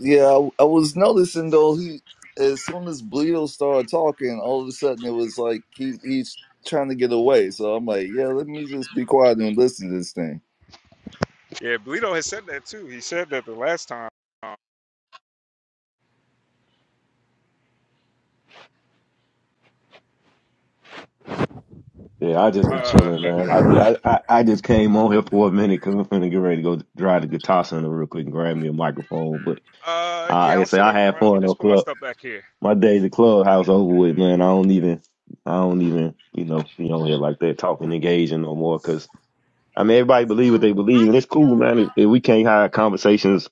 Speaker 4: yeah, I, I was noticing though he as soon as Bleedo started talking, all of a sudden it was like he he's trying to get away. So I'm like, yeah, let me just be quiet and listen to this thing.
Speaker 1: Yeah, Bleedo has said that too. He said that the last time.
Speaker 3: Yeah, I just be
Speaker 1: Uh,
Speaker 3: chilling, man. I, I I I just came on here for a minute because I'm finna get ready to go drive the guitar center real quick and grab me a microphone. But uh,
Speaker 1: uh, yeah,
Speaker 3: like I
Speaker 1: I'll
Speaker 3: say,
Speaker 1: sit
Speaker 3: I
Speaker 1: up
Speaker 3: had
Speaker 1: front. Let me
Speaker 3: fun on
Speaker 1: just put my
Speaker 3: club.
Speaker 1: stuff back here.
Speaker 3: My days at the clubhouse over with, man. I don't even I don't even you know be on here like that talking engaging no more. Cause I mean everybody
Speaker 1: So
Speaker 3: believe
Speaker 1: I
Speaker 3: what they believe, and it's
Speaker 1: didn't know
Speaker 3: cool,
Speaker 1: if
Speaker 3: man. If,
Speaker 1: I
Speaker 3: if
Speaker 1: was.
Speaker 3: we can't have conversations,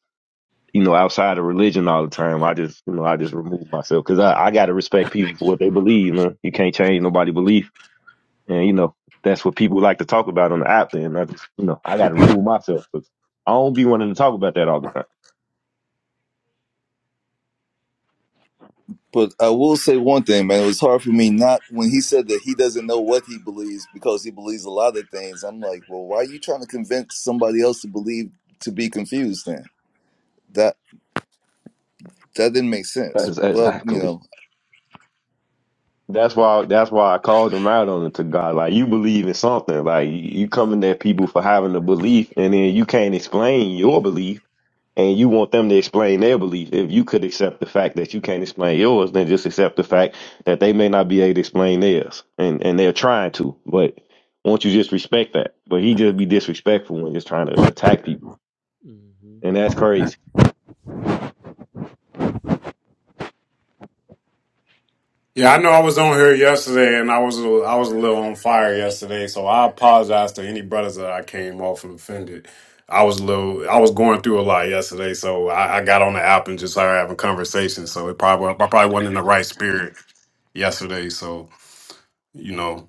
Speaker 3: you know, outside of religion all the time, I just you know I just remove myself because I I gotta respect people for what they believe, man. You can't change nobody's belief and you know, that's what people like to talk about on the app. Then I just, you know, I got to remove myself because I don't be wanting to talk about that all the time.
Speaker 4: But I will say one thing, man. It was hard for me not when he said that he doesn't know what he believes because he believes a lot of things. I'm like, well, why are you trying to convince somebody else to believe to be confused? Then that that didn't make sense.
Speaker 3: That's
Speaker 4: But you
Speaker 3: exactly.
Speaker 4: know,
Speaker 3: That's why. That's why I called them out on it to God. Like you believe in something. Like you, you coming at people for having a belief, and then you can't explain your belief and you want them to explain their belief. If you could accept the fact that you can't explain yours, then just accept the fact that they may not be able to explain theirs, and and they're trying to. But won't you just respect that? But he just be disrespectful and just trying to attack people,
Speaker 5: Mm-hmm.
Speaker 3: and that's crazy.
Speaker 6: Yeah, I know I was on here yesterday, and I was a- I was a little on fire yesterday, so I apologize to any brothers that I came off and offended. I was a little, I was going through a lot yesterday, so I, I got on the app and just started having conversations. So it probably I probably wasn't in the right spirit yesterday. So you know.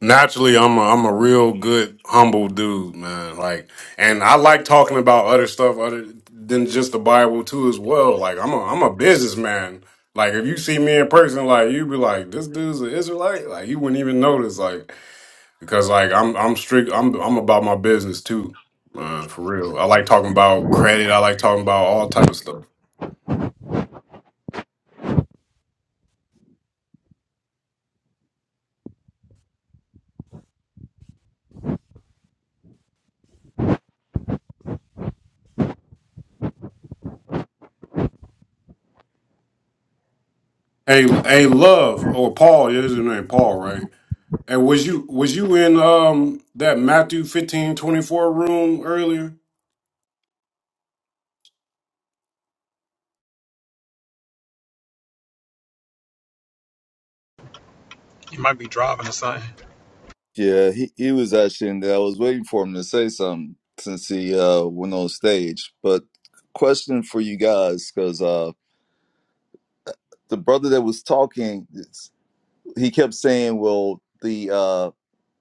Speaker 6: naturally I'm a, I'm a real good humble dude, man. Like, and I like talking about other stuff other than just the Bible too, as well. Like, I'm a I'm a businessman. Like, if you see me in person, like you be like, this dude's an Israelite. Like, you wouldn't even notice, like, because like I'm I'm strict. I'm I'm about my business too, man. For real. I like talking about credit. I like talking about all type of stuff. Hey, hey, love or Paul. Yeah, this is your name, Paul, right? And was you was you in um that Matthew fifteen twenty four room earlier?
Speaker 4: Yeah, he, he was actually in there. I was waiting for him to say something since he uh, went on stage. But question for you guys, because uh, the brother that was talking, it's- he kept saying, "Well, the uh,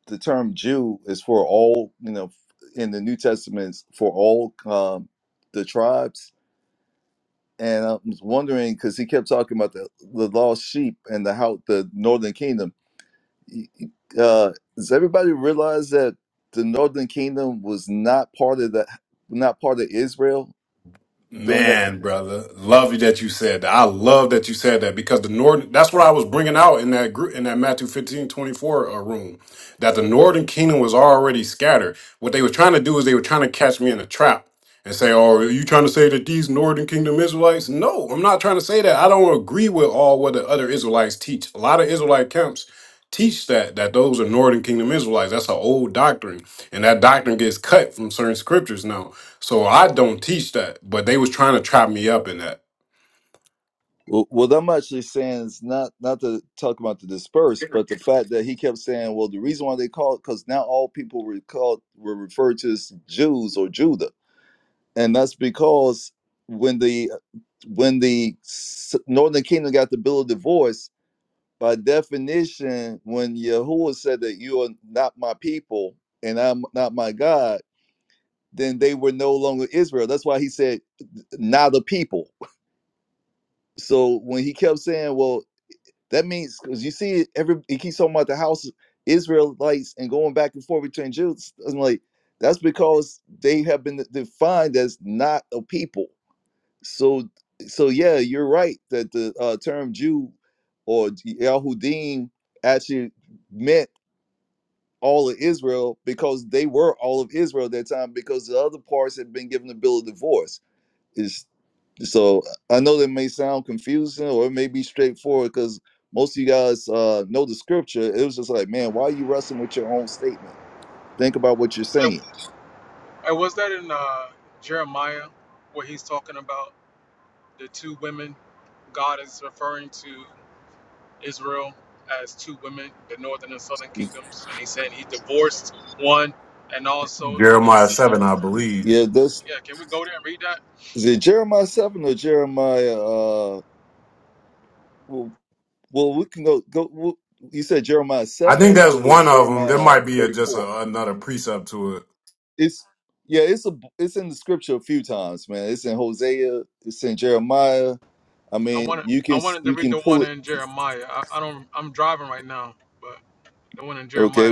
Speaker 4: the term Jew is for all, you know, in the New Testament it's for all um, the tribes." And I was wondering because he kept talking about the, the lost sheep and the how the Northern Kingdom. y- y- uh, does everybody realize that the Northern Kingdom was not part of the not part of Israel during that time?
Speaker 6: Man, brother, love you that you said that. I love that you said that because the northern that's what I was bringing out in that group in that Matthew fifteen twenty four uh, room that the northern kingdom was already scattered. What they were trying to do is they were trying to catch me in a trap and say, "Oh, are you trying to say that these northern kingdom Israelites?" No, I'm not trying to say that. I don't agree with all what the other Israelites teach. A lot of Israelite camps teach that that those are northern kingdom Israelites. That's an old doctrine, and that doctrine gets cut from certain scriptures now. So I don't teach that, but they was trying to trap me up in that.
Speaker 4: Well, what I'm actually saying is not not to talk about the dispersed, but the fact that he kept saying, "Well, the reason why they called because now all people were called were referred to as Jews or Judah," and that's because when the when the s- Northern Kingdom got the Bill of Divorce by definition, when Yahuwah said that you are not my people and I'm not my God, then they were no longer Israel. That's why he said, not a people. So when he kept saying, well, that means because you see, every he keeps talking about the house of Israelites and going back and forth between Jews. I'm like, that's because they have been defined as not a people. So, so yeah, you're right that the uh, term Jew or Yahudim actually meant all of Israel because they were all of Israel at that time because the other parts had been given the bill of divorce. Is so I know that may sound confusing or it may be straightforward because most of you guys uh, know the scripture. It was just like, man, why are you wrestling with your own statement? Think about what you're saying.
Speaker 6: Jeremiah seven, I believe.
Speaker 4: Yeah, this is it. Jeremiah seven or Jeremiah? Uh, well, well, we can go go. Well, you said Jeremiah
Speaker 6: I
Speaker 4: seven. I
Speaker 6: think
Speaker 4: thought
Speaker 6: that's
Speaker 4: it was
Speaker 6: one of them. There
Speaker 4: Jeremiah
Speaker 6: might be a,
Speaker 4: thirty
Speaker 6: just
Speaker 4: four.
Speaker 6: a, another precept to it.
Speaker 4: it's yeah, it's a it's in the scripture a few times, man. It's in Hosea, it's in Jeremiah. I mean, you can you can pull it. Okay,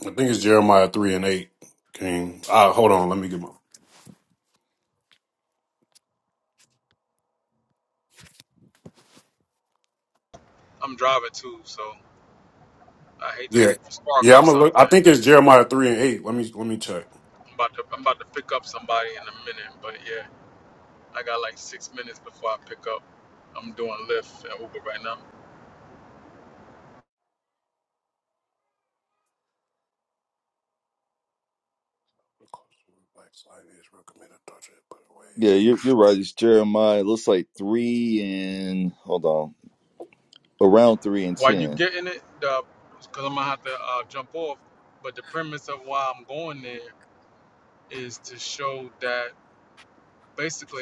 Speaker 6: I think it's Jeremiah three and eight. King, uh, hold on, let me get my yeah, yeah. I'm gonna look. I think it's Jeremiah three and eight. Let me let me check.
Speaker 4: yeah, you're you're right. It's Jeremiah. It looks like three and hold on, around three and ten.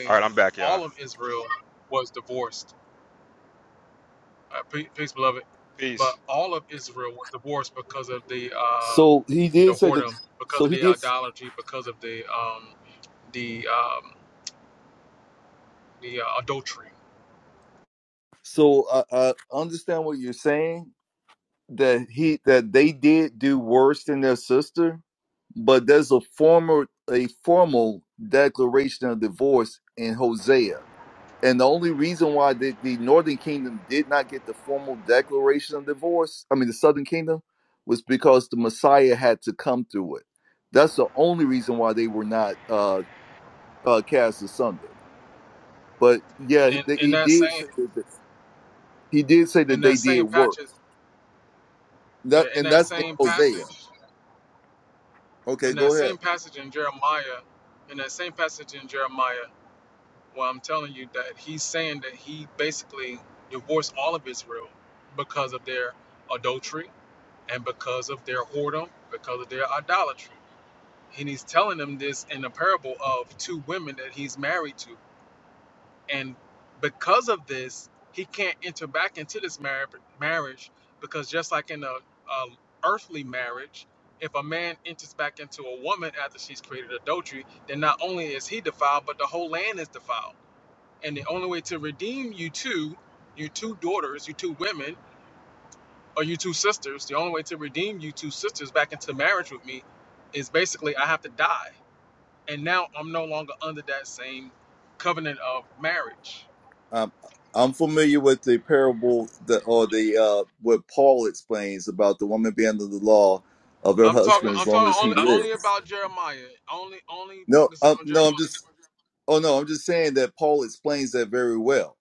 Speaker 1: All right, I'm back, y'all. Peace.
Speaker 4: So he did say that. So he did. So I, I understand what you're saying that he that they did do worse than their sister, but there's a formal a formal declaration of divorce in Hosea And the only reason why the, the Northern Kingdom did not get the formal declaration of divorce, I mean, the Southern Kingdom, was because the Messiah had to come through it. That's the only reason why they were not uh, uh, cast asunder. But yeah, they, he did say that he did say that they did work. That and that's in Hosea. Okay, go ahead. Um, I'm familiar with the parable that or the uh, what Paul explains about the woman being under the law of her husband as long as he lives. No, um, no, I'm just. Oh no, I'm just saying that Paul explains that very well.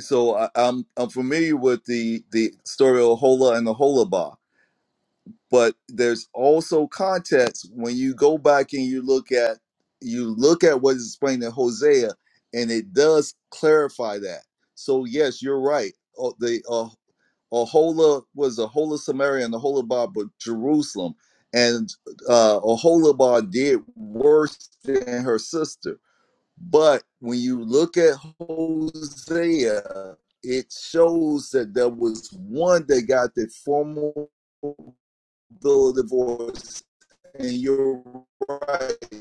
Speaker 4: So I, I'm I'm familiar with the the story of Hola and the Holabah, but there's also context when you go back and you look at you look at what is explained in Hosea, and it does clarify that. So yes, you're right. Oh, the uh, Ahola was a Hola Samaria and the Holabah, but Jerusalem, and uh, Aholabah did worse than her sister but when you look at Hosea, it shows that there was one that got the formal bill of divorce. And you're right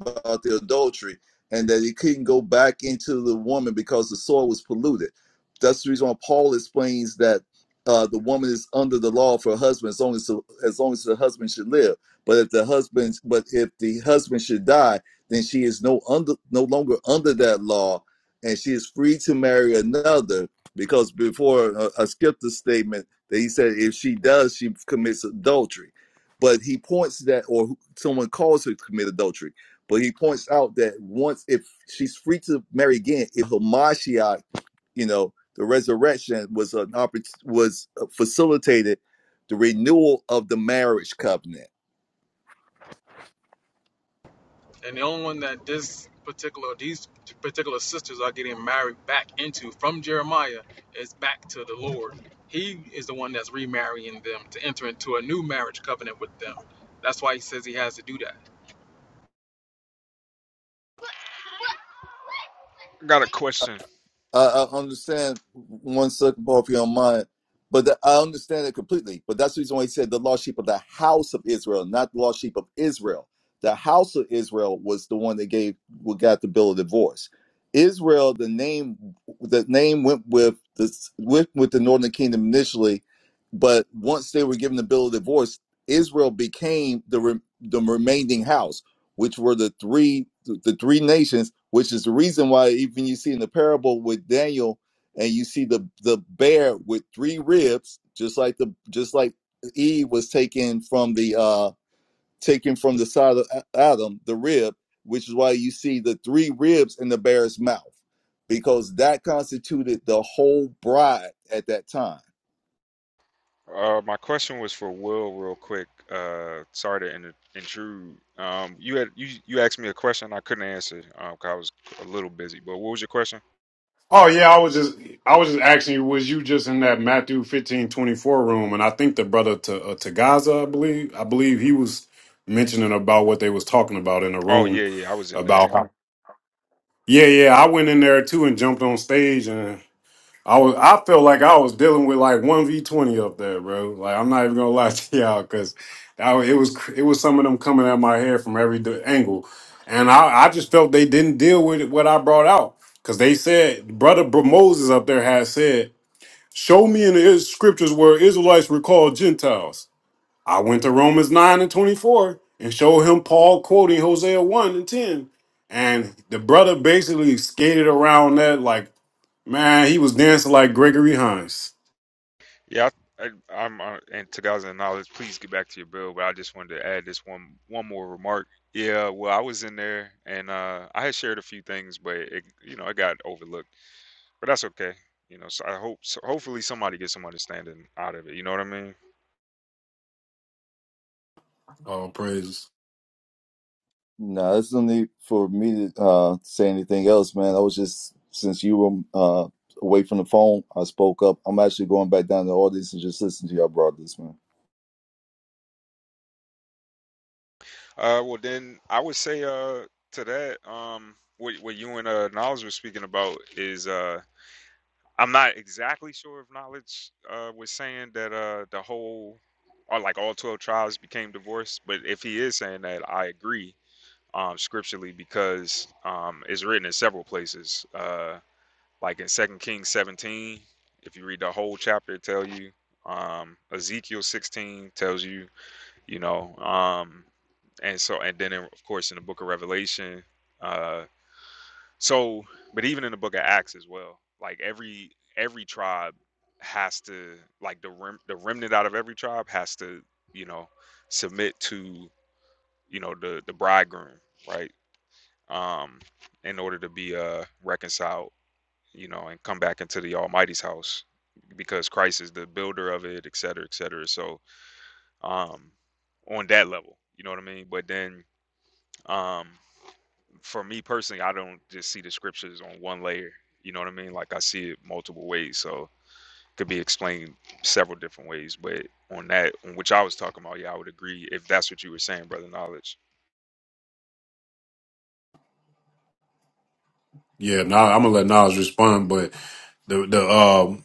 Speaker 4: about the adultery and that he couldn't go back into the woman because the soil was polluted. That's the reason why Paul explains that uh, the woman is under the law for her husband as long as the, as long as the husband should live. But if the husband but if the husband should die, then she is no under no longer under that law, and she is free to marry another. Because before uh, I skipped the statement that he said if she does, she commits adultery. But he points that, or someone calls her to commit adultery but he points out that once if she's free to marry again, if Hamashiach, you know, the resurrection was an oppor- was uh, facilitated the renewal of the marriage covenant.
Speaker 1: I got a question.
Speaker 4: I, I understand one second, Paul, if you don't mind, but the, I understand it completely. But that's the reason why he said the lost sheep of the house of Israel, not the lost sheep of Israel. The house of Israel was the one that gave what got the bill of divorce. Israel, the name, the name went with the with, with the Northern Kingdom initially, but once they were given the bill of divorce, Israel became the re, the remaining house which were the three the three nations, which is the reason why even you see in the parable with Daniel and you see the the bear with three ribs, just like the just like Eve was taken from the uh taken from the side of A- Adam, the rib, which is why you see the three ribs in the bear's mouth, because that constituted the whole bride at that time
Speaker 1: Uh, my question was for Will, real quick. Uh, sorry to in- intrude. Um, you had you you asked me a question I couldn't answer. Um, 'cause I was a little busy. But what was your question?
Speaker 6: Oh yeah, I was just I was just asking you, was you just in that Matthew fifteen twenty four room? And I think the brother to uh, to Gaza, I believe, I believe he was mentioning about what they was talking about in the
Speaker 1: Oh yeah,
Speaker 6: room
Speaker 1: yeah, I was in there.
Speaker 6: about. Yeah, yeah, I went in there too and jumped on stage and. I was I felt like I was dealing with like one v twenty up there, bro. Like I'm not even gonna lie to y'all because it was cr- it was some of them coming at my hair from every di- angle, and I I just felt they didn't deal with what I brought out because they said brother Br- Moses up there had said, "Show me in the is- scriptures where Israelites were called Gentiles." I went to Romans nine and twenty four and showed him Paul quoting Hosea one and ten, and the brother basically skated around that like Man, he was dancing like Gregory Hines.
Speaker 1: Yeah, I, I, I'm uh, and to God's knowledge, please get back to your bill. But I just wanted to add this one one more remark. Yeah, well, I was in there and uh, I had shared a few things, but it, you know, it got overlooked. But that's okay. You know, so I hope so hopefully somebody gets some understanding out of it. You know what I mean?
Speaker 6: Oh, praise.
Speaker 4: No, there's no need for me to uh, say anything else, man. I was just since you were uh, away from the phone, I spoke up. I'm actually going back down to the audience and just listen to y'all brothers, man.
Speaker 1: Uh, well, then I would say uh to that um what what you and uh Niles were speaking about is uh I'm not exactly sure if knowledge uh, was saying that uh, the whole or like all 12 tribes became divorced, but if he is saying that, I agree um, scripturally because um, it's written in several places, uh, like in Second Kings 17. If you read the whole chapter, it tells you. Um, Ezekiel 16 tells you, you know, um, and so and then in, of course in the book of Revelation. uh, so, but even in the Book of Acts as well, like every every tribe has to like the rem, the remnant out of every tribe has to you know submit to you know the the bridegroom right um in order to be uh reconciled you know and come back into the Almighty's house because Christ is the builder of it et cetera et cetera so um on that level you know what I mean but then um for me personally, I don't just see the scriptures on one layer. You know what I mean? Like I see it multiple ways, so it could be explained several different ways. But on that, on which I was talking about, yeah, I would agree if that's what you were saying, brother. Knowledge.
Speaker 6: Yeah, nah, I'm gonna let Nas respond, but the the um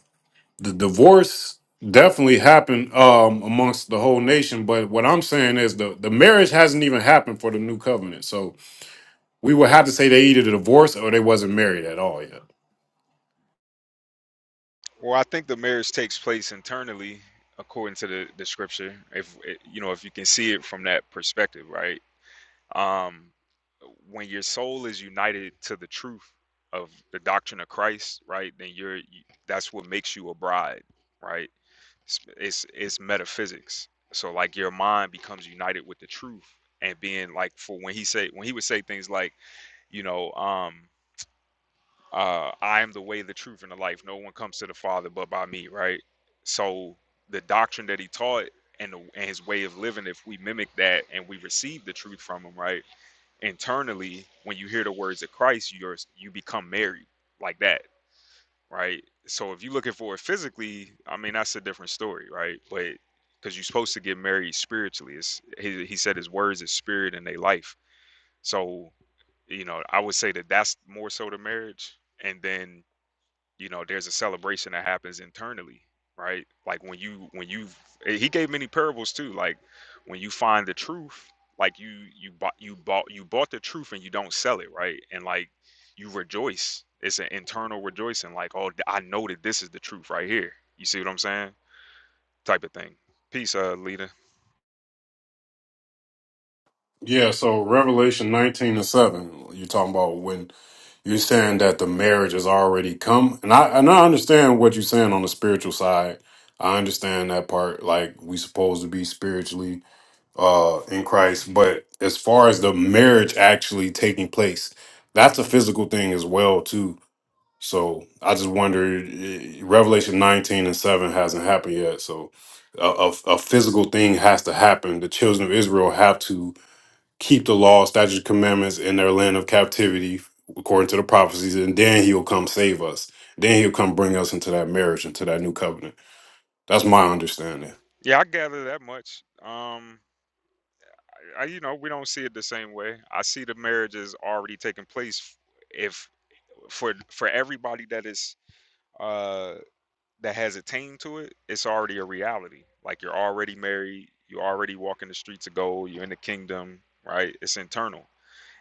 Speaker 6: the divorce definitely happened um amongst the whole nation. But what I'm saying is the the marriage hasn't even happened for the new covenant. So we would have to say they either divorced or they wasn't married at all yet.
Speaker 1: Well, I think the marriage takes place internally, according to the, the scripture. If you know, if you can see it from that perspective, right? Um, when your soul is united to the truth of the doctrine of Christ, right? Then you're you, that's what makes you a bride, right? It's, it's it's metaphysics. So like your mind becomes united with the truth and being like for when he say when he would say things like, you know, um uh I am the way, the truth and the life. No one comes to the Father but by me, right? So the doctrine that he taught and, the, and his way of living, if we mimic that and we receive the truth from him, right? Internally, when you hear the words of Christ, you're you become married like that right? So if you're looking for it physically, I mean that's a different story, right? But because you're supposed to get married spiritually, it's, he he said his words is spirit and they life. So you know, I would say that that's more so the marriage, and then you know there's a celebration that happens internally right like when you when you eh, he gave many parables too like when you find the truth like you you bought you bought you bought the truth and you don't sell it right and like you rejoice it's an internal rejoicing like oh i know that this is the truth right here you see what i'm saying type of thing peace uh leader
Speaker 6: Yeah, so Revelation 19 and 7, you're talking about when You're saying that the marriage has already come, and I and I understand what you're saying on the spiritual side. I understand that part. Like we supposed to be spiritually uh in Christ, but as far as the marriage actually taking place, that's a physical thing as well too. So I just wonder, eh, eh, Revelation 19 and 7 hasn't happened yet. So a, a, a physical thing has to happen. The children of Israel have to keep the law, statutes, commandments in their land of captivity, according to the prophecies, and then he'll come save us. Then he'll come bring us into that marriage, into that new covenant. That's my understanding.
Speaker 1: yeah i gather that much um I, you know we don't see it the same way i see the marriage is already taking place if for for everybody that is uh that has a team to it, it's already a reality. Like you're already married, you're already walking the streets of gold, you're in the kingdom, right? It's internal.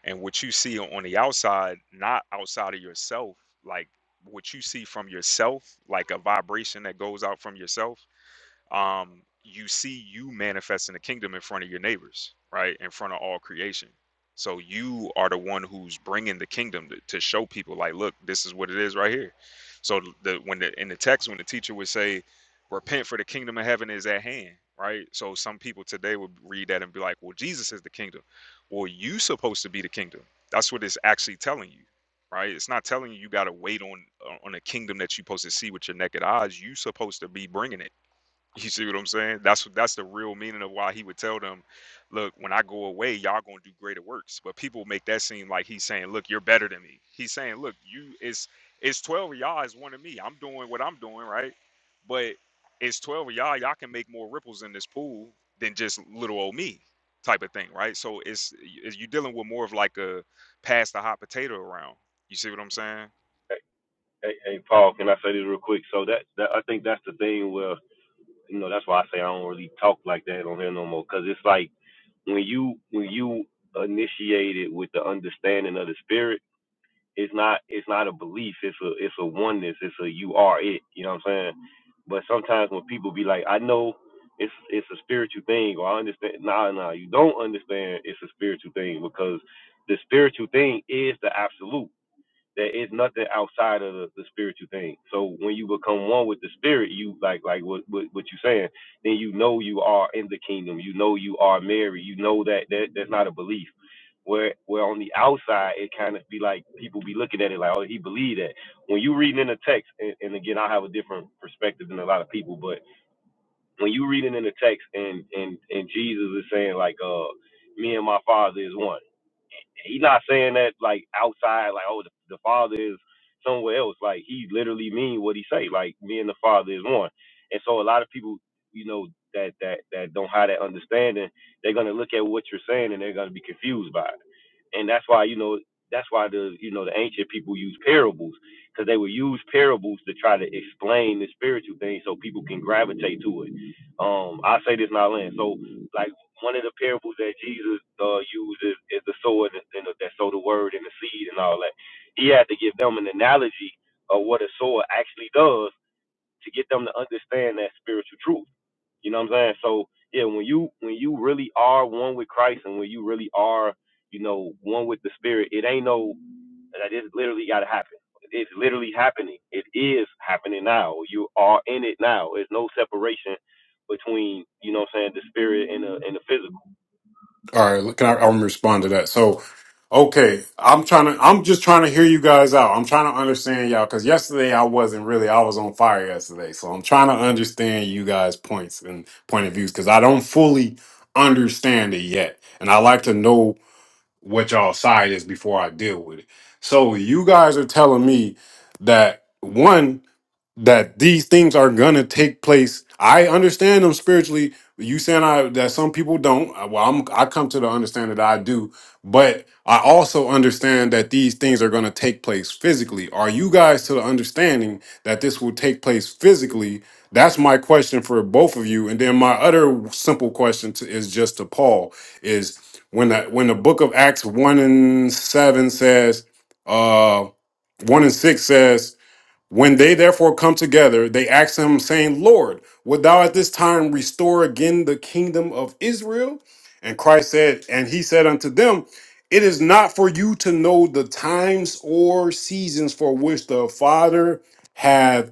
Speaker 1: And what you see on the outside, not outside of yourself, like what you see from yourself, like a vibration that goes out from yourself um, you see you manifesting the kingdom in front of your neighbors, right? In front of all creation. So you are the one who's bringing the kingdom to, to show people, like, look, this is what it is right here. So the when the in the text, when the teacher would say, "Repent, for the kingdom of heaven is at hand," right? So some people today would read that and be like, "Well, Jesus is the kingdom." Well, you supposed to be the kingdom. That's what it's actually telling you, right? It's not telling you you got to wait on on a kingdom that you supposed to see with your naked eyes. You supposed to be bringing it you see what I'm saying? That's that's the real meaning of why he would tell them, "Look, when I go away, y'all gonna do greater works." But people make that seem like he's saying, "Look, you're better than me." He's saying, "Look, you it's it's twelve of y'all is one of me. I'm doing what I'm doing, right? But it's twelve of y'all. Y'all can make more ripples in this pool than just little old me." type of thing right so it's you're dealing with more of like a pass the hot potato around you see what i'm saying
Speaker 6: All right, can I, I'm gonna respond to that. So, okay, I'm trying to, I'm just trying to hear you guys out. I'm trying to understand y'all because yesterday I wasn't really, I was on fire yesterday. So I'm trying to understand you guys' points and point of views because I don't fully understand it yet, and I like to know what y'all side is before I deal with it. So you guys are telling me that one that these things are gonna take place. I understand them spiritually. You saying I that some people don't. I- Well, I'm I come to the understanding that I do, but I also understand that these things are gonna take place physically. Are you guys to the understanding that this will take place physically? That's my question for both of you. And then my other simple question to, is just to Paul is when the when the book of Acts one and seven says, uh, one and six says when they therefore come together, they asked him, saying, Lord, would thou at this time restore again the kingdom of Israel? And Christ said, And he said unto them, It is not for you to know the times or seasons for which the Father hath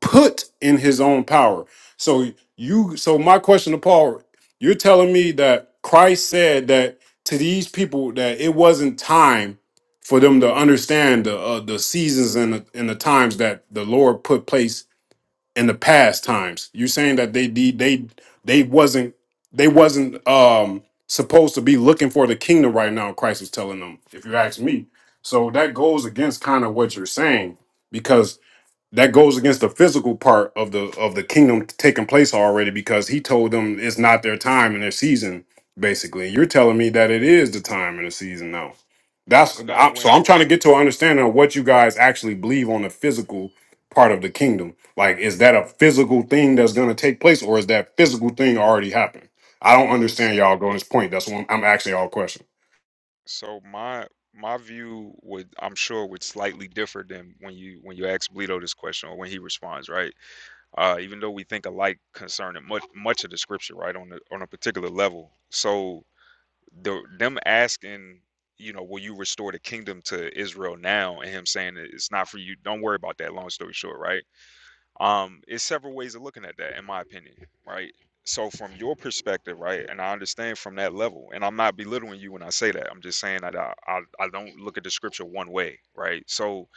Speaker 6: put in his own power. So you so my question to Paul, you're telling me that Christ said that to these people that it wasn't time for them to understand the uh, the seasons and the, and the times that the Lord put place in the past times. You're saying that they de- they they wasn't they wasn't um supposed to be looking for the kingdom right now Christ was telling them if you ask me. So that goes against kind of what you're saying that goes against the physical part of the of the kingdom taking place already because he told them it's not their time and their season basically you're telling me that it is the time and the season now that's
Speaker 1: Now
Speaker 6: I'm, so
Speaker 1: when
Speaker 6: i'm trying to get to an understanding of what you guys actually believe on the physical part of the kingdom like is that a physical thing that's going to take place or is that physical thing already happened i don't understand y'all going this point that's what i'm, I'm asking y'all a question
Speaker 1: So my my view would I'm sure would slightly differ than when you when you ask Bleedo this question or when he responds, right? Uh, even though we think alike concerning much much of the scripture, right, on the, on a particular level. So the them asking, you know, will you restore the kingdom to Israel now? And him saying that it's not for you. Don't worry about that. Long story short, right? um it's several ways of looking at that in my opinion right so from your perspective right and i understand from that level and i'm not belittling you when i say that i'm just saying that i i, I don't look at the scripture one way right so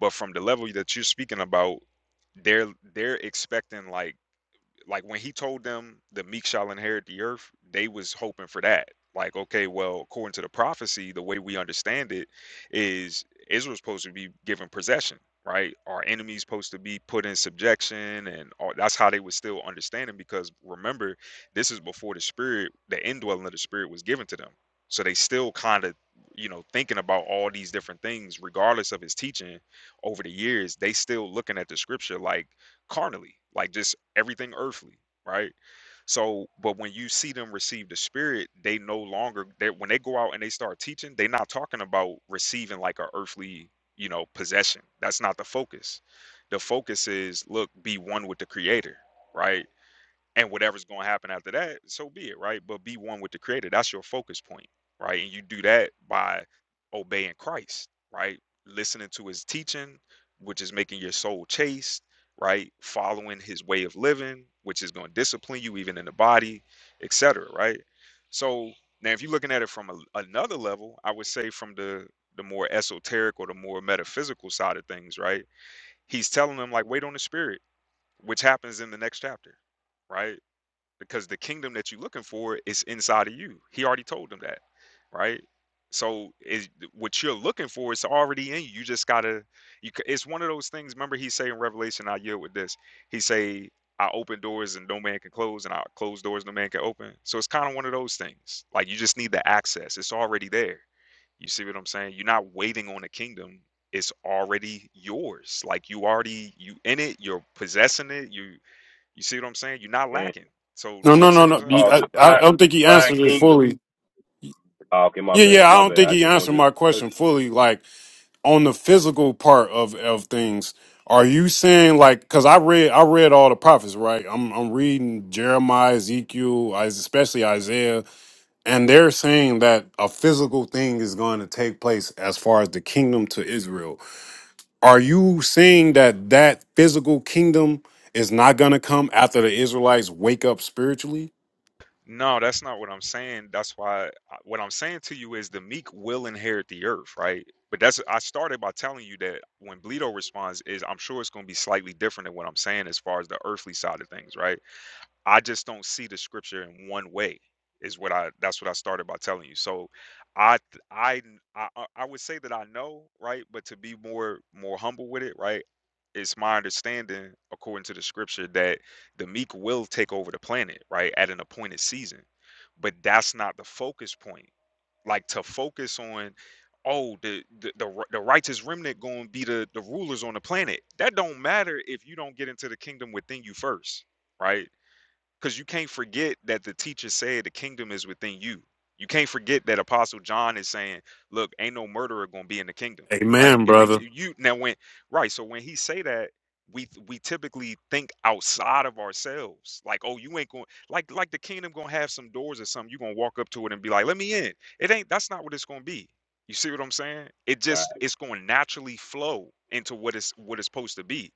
Speaker 1: but from the level that you're speaking about they're they're expecting like like when he told them the meek shall inherit the earth, they was hoping for that. Like, okay, well, according to the prophecy, the way we understand it is Israel's supposed to be given possession, right? Our enemies supposed to be put in subjection, and all, that's how they was still understanding. Because remember, this is before the spirit, the indwelling of the spirit was given to them. So they still kind of, you know, thinking about all these different things, regardless of his teaching over the years. They still looking at the scripture like carnally, like just everything earthly, right? So, but when you see them receive the spirit, they no longer they when they go out and they start teaching, they're not talking about receiving like a earthly, you know, possession. That's not the focus. The focus is look, be one with the creator, right? and whatever's going to happen after that so be it right but be one with the creator that's your focus point right and you do that by obeying christ right listening to his teaching which is making your soul chaste right following his way of living which is going to discipline you even in the body etc right so now if you're looking at it from a, another level i would say from the the more esoteric or the more metaphysical side of things right he's telling them like wait on the spirit which happens in the next chapter right because the kingdom that you're looking for is inside of you. He already told them that, right? So is what you're looking for is already in you. You just gotta. You, c- it's one of those things. Remember, he say in Revelation, "I yield with this." He say, "I open doors and no man can close, and I close doors no man can open." So it's kind of one of those things. Like you just need the access. It's already there. You see what I'm saying? You're not waiting on the kingdom. It's already yours. Like you already you in it. You're possessing it. You you see what I'm saying? You're not lacking. So
Speaker 6: no no
Speaker 1: you see
Speaker 6: no
Speaker 1: what I'm
Speaker 6: no
Speaker 1: saying?
Speaker 6: You- i, I don't think he answered it fully yeah, yeah, I don't think he answered my question fully. Like, on the physical part of of things are you saying like because i read i read all the prophets right i'm i'm reading jeremiah ezekiel Is- especially isaiah and they're saying that a physical thing is going to take place as far as the kingdom to israel are you saying that that physical kingdom is not going to come after the israelites wake up spiritually
Speaker 1: No, that's not what I'm saying. That's why uh, what I'm saying to you is the meek will inherit the earth, right? But that's I started by telling you that when Bleedo responds is I'm sure it's going to be slightly different than what I'm saying as far as the earthly side of things, right? I just don't see the scripture in one way is what I that's what I started by telling you. So I th- i I I uh, I would say that I know, right? But to be more more humble with it, right? It's my understanding according to the scripture that the meek will take over the planet, right? At an appointed season. But that's not the focus point. Like to focus on oh the the the, ri- the righteous remnant going to be the the rulers on the planet. That don't matter if you don't get into the kingdom within you first right? because you can't forget that the teacher said the kingdom is within you. You can't forget that Apostle John is saying, "Look, ain't no murderer gonna be in the kingdom, right?
Speaker 6: amen
Speaker 1: If the
Speaker 6: brother.
Speaker 1: ki- you now when right, so when he say that, we we typically think outside of ourselves, like, oh, you ain't going like like the kingdom gonna have some doors or something. You gonna walk up to it and be like, let me in. It ain't. That's not what it's gonna be. You see what I'm saying? It just it's gonna naturally flow into what it's what it's supposed to be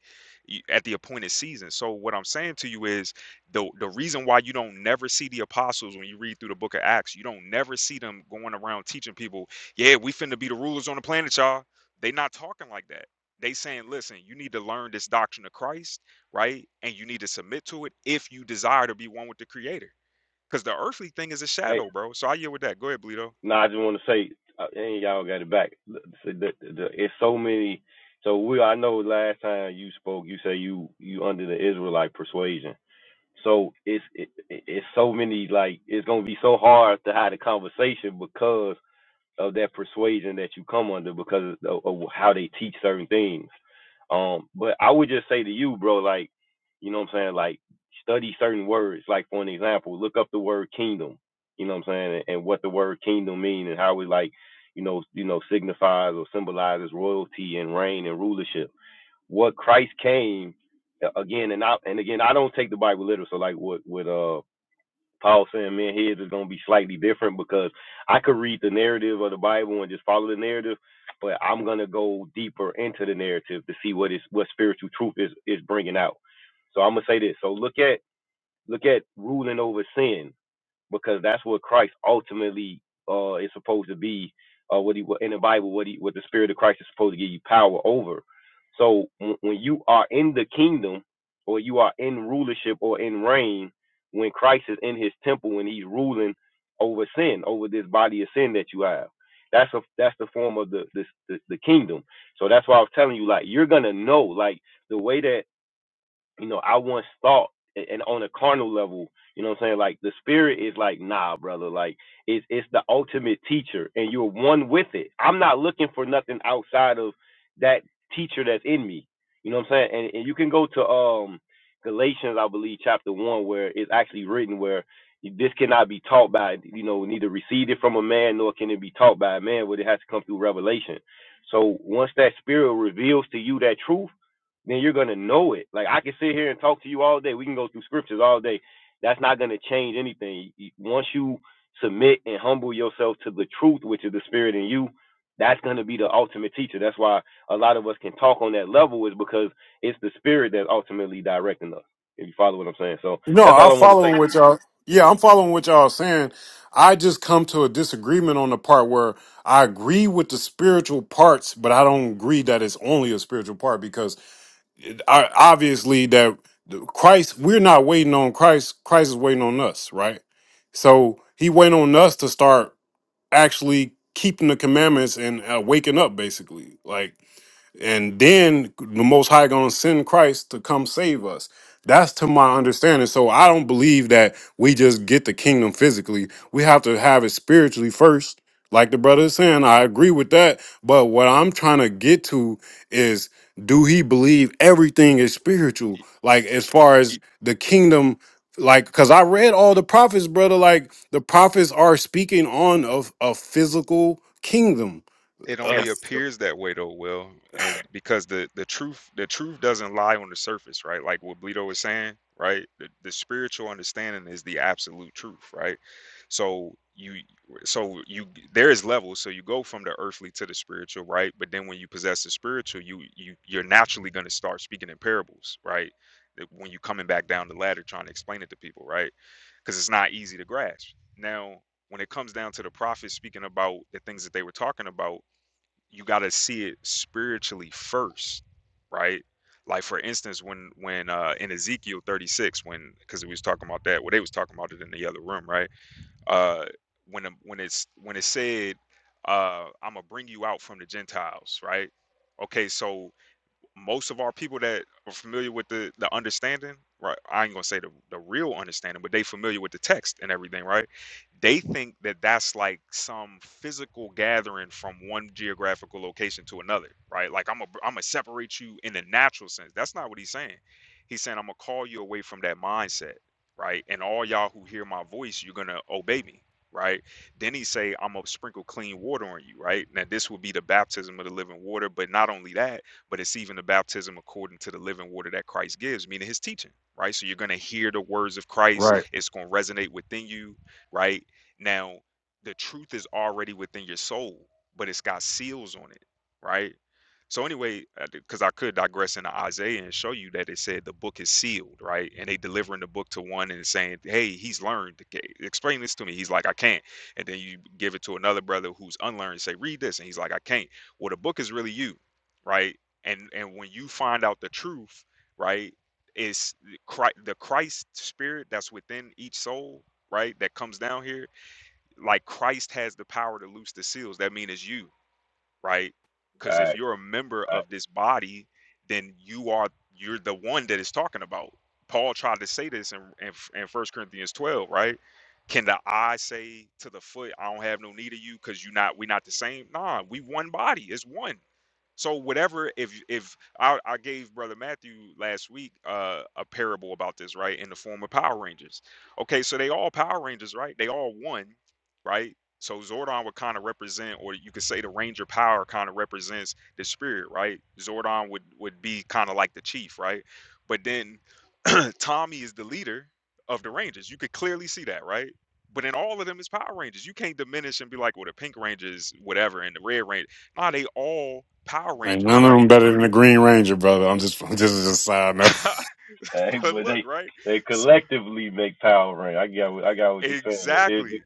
Speaker 1: y- at the appointed season. So what I'm saying to you is the the reason why you don't never see the apostles when you read through the book of Acts, you don't never see them going around teaching people, yeah, we finna be the rulers on the planet, y'all. They not talking like that. They saying, listen, you need to learn this doctrine of Christ, right? And you need to submit to it if you desire to be one with the creator. Because the earthly thing is a shadow, bro. So I yield with that. Go ahead, Bleedo.
Speaker 6: No, I'm following what y'all. Yeah, I'm following what y'all saying. I just come to a disagreement on the part where I agree with the spiritual parts, but I don't agree that it's only a spiritual part because it, I, obviously that the- Christ, we're not waiting on Christ. Christ is waiting on us, right? So he waiting on us to start actually keeping the commandments and uh, waking up, basically. Like and then the most high gonna send christ to come save us that's to my understanding so i don't believe that we just get the kingdom physically we have to have it spiritually first like the brother is saying i agree with that but what i'm trying to get to is do he believe everything is spiritual like as far as the kingdom like because i read all the prophets brother like the prophets are speaking on of a physical kingdom
Speaker 1: it
Speaker 6: Uh,
Speaker 1: only appears that way though will and because the the truth the truth doesn't lie on the surface right like what bleedo was saying right the, the spiritual understanding is the absolute truth right so you so you there is levels so you go from the earthly to the spiritual right but then when you possess the spiritual you you you're naturally going to start speaking in parables right That when you are coming back down the ladder trying to explain it to people right because it's not easy to grasp now when it comes down to the prophets speaking about the things that they were talking about you got to see it spiritually first, right? Like for instance, when when uh in Ezekiel 36, when because we was talking about that, well, they was talking about it in the other room, right? Uh, when um, when it's when it said, uh, I'm gonna bring you out from the Gentiles, right? Okay, so most of our people that are familiar with the the understanding, right? I ain't gonna say the the real understanding, but they familiar with the text and everything, right? They think that that's like some physical gathering from one geographical location to another, right? Like I'm a I'm gonna separate you in the natural sense. That's not what he's saying. He's saying I'm gonna call you away from that mindset, right? And all y'all who hear my voice, you're gonna obey me, right? Then he say I'm gonna sprinkle clean water on you, right? Now this will be the baptism of the living water, but not only that but it's even the baptism according to the living water that Christ gives, meaning his teaching, right? So you're going to hear the words of Christ,
Speaker 6: Right.
Speaker 1: it's going to resonate within you, right? Now, the truth is already within your soul, but it's got seals on it, right? So anyway, because I could digress into Isaiah and show you that it said the book is sealed, right? And they delivering the book to one and saying, "Hey, he's learned. Explain this to me." He's like, "I can't." And then you give it to another brother who's unlearned, and say, "Read this," and he's like, "I can't." Well, the book is really you, right? and and when you find out the truth right is the christ spirit that's within each soul right that comes down here like christ has the power to loose the seals that mean it's you right? Because if you're a member of this body, then you are you're the one that is talking about. Paul tried to say this in in, in 1 Corinthians 12, right? Can the eye say to the foot, I don't have no need of you because you not we not the same? Nah, we one body, it's one. So whatever, if if I, I gave brother Matthew last week uh, a parable about this, right, in the form of Power Rangers. Okay, so they all Power Rangers, right? They all one, right? So Zordon would kind of represent, or you could say the Ranger power kind of represents the spirit, right? Zordon would would be kind of like the chief, right? But then Tommy is the leader of the Rangers. You could clearly see that, right? But in all of them is Power Rangers. You can't diminish and be like, well, the Pink Rangers, whatever, and the Red Ranger. Nah, they all Power
Speaker 6: Ain't
Speaker 1: Rangers,
Speaker 6: none of
Speaker 1: right?
Speaker 6: them better than the Green Ranger, brother. I'm just this is just a side note.
Speaker 1: but look, right? So, exactly.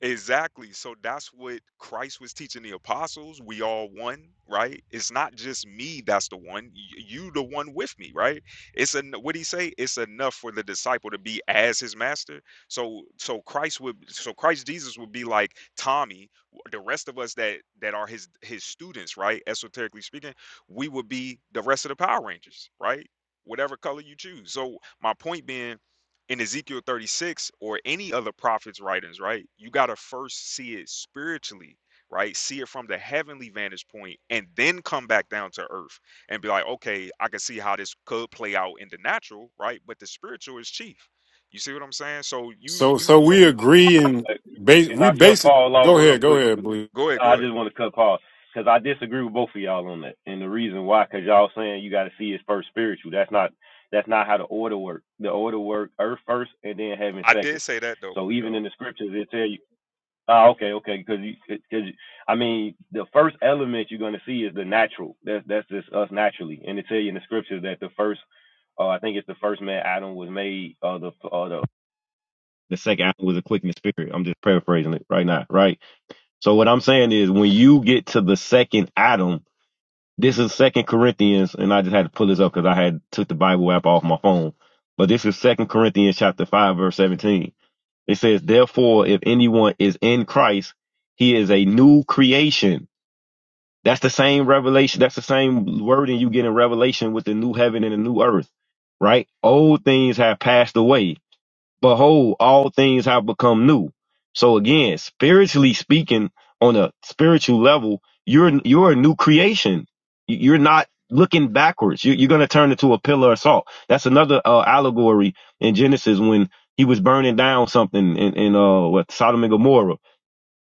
Speaker 1: Exactly. So that's what Christ was teaching the apostles. We all one, right? It's not just me that's the one. Y- You the one with me, right? It's an what he say? It's enough for the disciple to be as his master. So so Christ would so Christ Jesus would be like Tommy, w- the rest of us that that are his his students, right? Esoterically speaking, we would be the rest of the Power Rangers, right? Whatever color you choose. So my point being in Ezekiel 36 or any other prophet's writings, right? You got to first see it spiritually, right? See it from the heavenly vantage point and then come back down to earth and be like, okay, I can see how this could play out in the natural, right? But the spiritual is chief. You see what I'm saying? So you,
Speaker 6: So so
Speaker 1: you
Speaker 6: we agree and base we basic. Go ahead, go ahead, Blue.
Speaker 1: go ahead, go ahead. I did say that though, Bleedo.
Speaker 3: to tell you. Oh, okay, okay, because you, because I mean, the first element you're going to see is the natural. That's that's just us naturally, and it tell you in the scriptures that the first, uh, I think it's the first man Adam was made. Uh, the uh, the the second Adam was a quickened spirit. I'm just paraphrasing it right now, right? So what I'm saying is when you get to the second Adam, this is Second Corinthians, and I just had to pull this up because I had took the Bible app off my phone. But this is Second Corinthians chapter five, verse seventeen. It says, Therefore, if anyone is in Christ, he is a new creation. That's the same revelation, that's the same wording you get in Revelation with the new heaven and the new earth. Right? Old things have passed away behold, all things have become new. So again, spiritually speaking, on a spiritual level, you're you're a new creation. You- You're not looking backwards. You- You're going to turn into a pillar of salt. That's another uh, allegory in Genesis when he was burning down something in, in uh, what Sodom and Gomorrah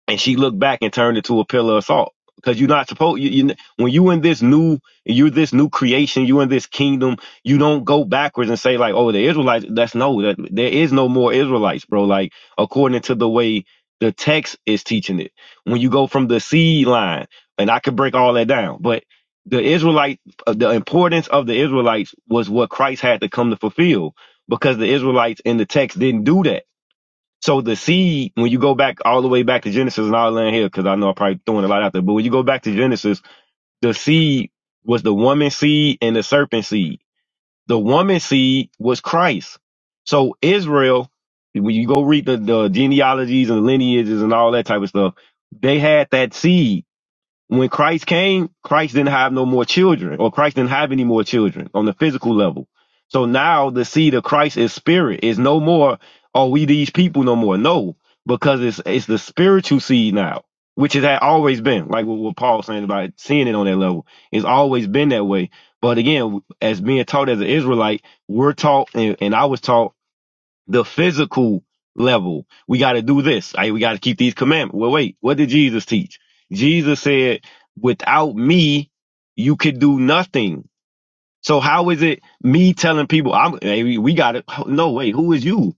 Speaker 3: and she looked back and turned it to a pillar of salt because you're not supposed you, you when you in this new you're this new creation you in this kingdom you don't go backwards and say like oh the israelites that's no that there is no more israelites bro like according to the way the text is teaching it when you go from the seed line and i could break all that down but the israelite uh, the importance of the israelites was what christ had to come to fulfill because the israelites in the text didn't do that so the seed, when you go back all the way back to Genesis and all in here, because I know I'm probably throwing a lot out there, but when you go back to Genesis, the seed was the woman seed and the serpent seed. The woman seed was Christ. So Israel, when you go read the, the genealogies and lineages and all that type of stuff, they had that seed when Christ came, Christ didn't have no more children, or Christ didn't have any more children on the physical level. So now the seed of Christ is spirit. It's no more, are we these people no more? No, because it's it's the spiritual seed now, which it had always been. Like what, what Paul's saying about seeing it on that level. It's always been that way. But again, as being taught as an Israelite, we're taught, and, and I was taught the physical level. We got to do this. Right? We got to keep these commandments. Well, wait, what did Jesus teach? Jesus said, without me, you could do nothing. So how is it me telling people, I'm, hey, we got to, no, wait, who is you?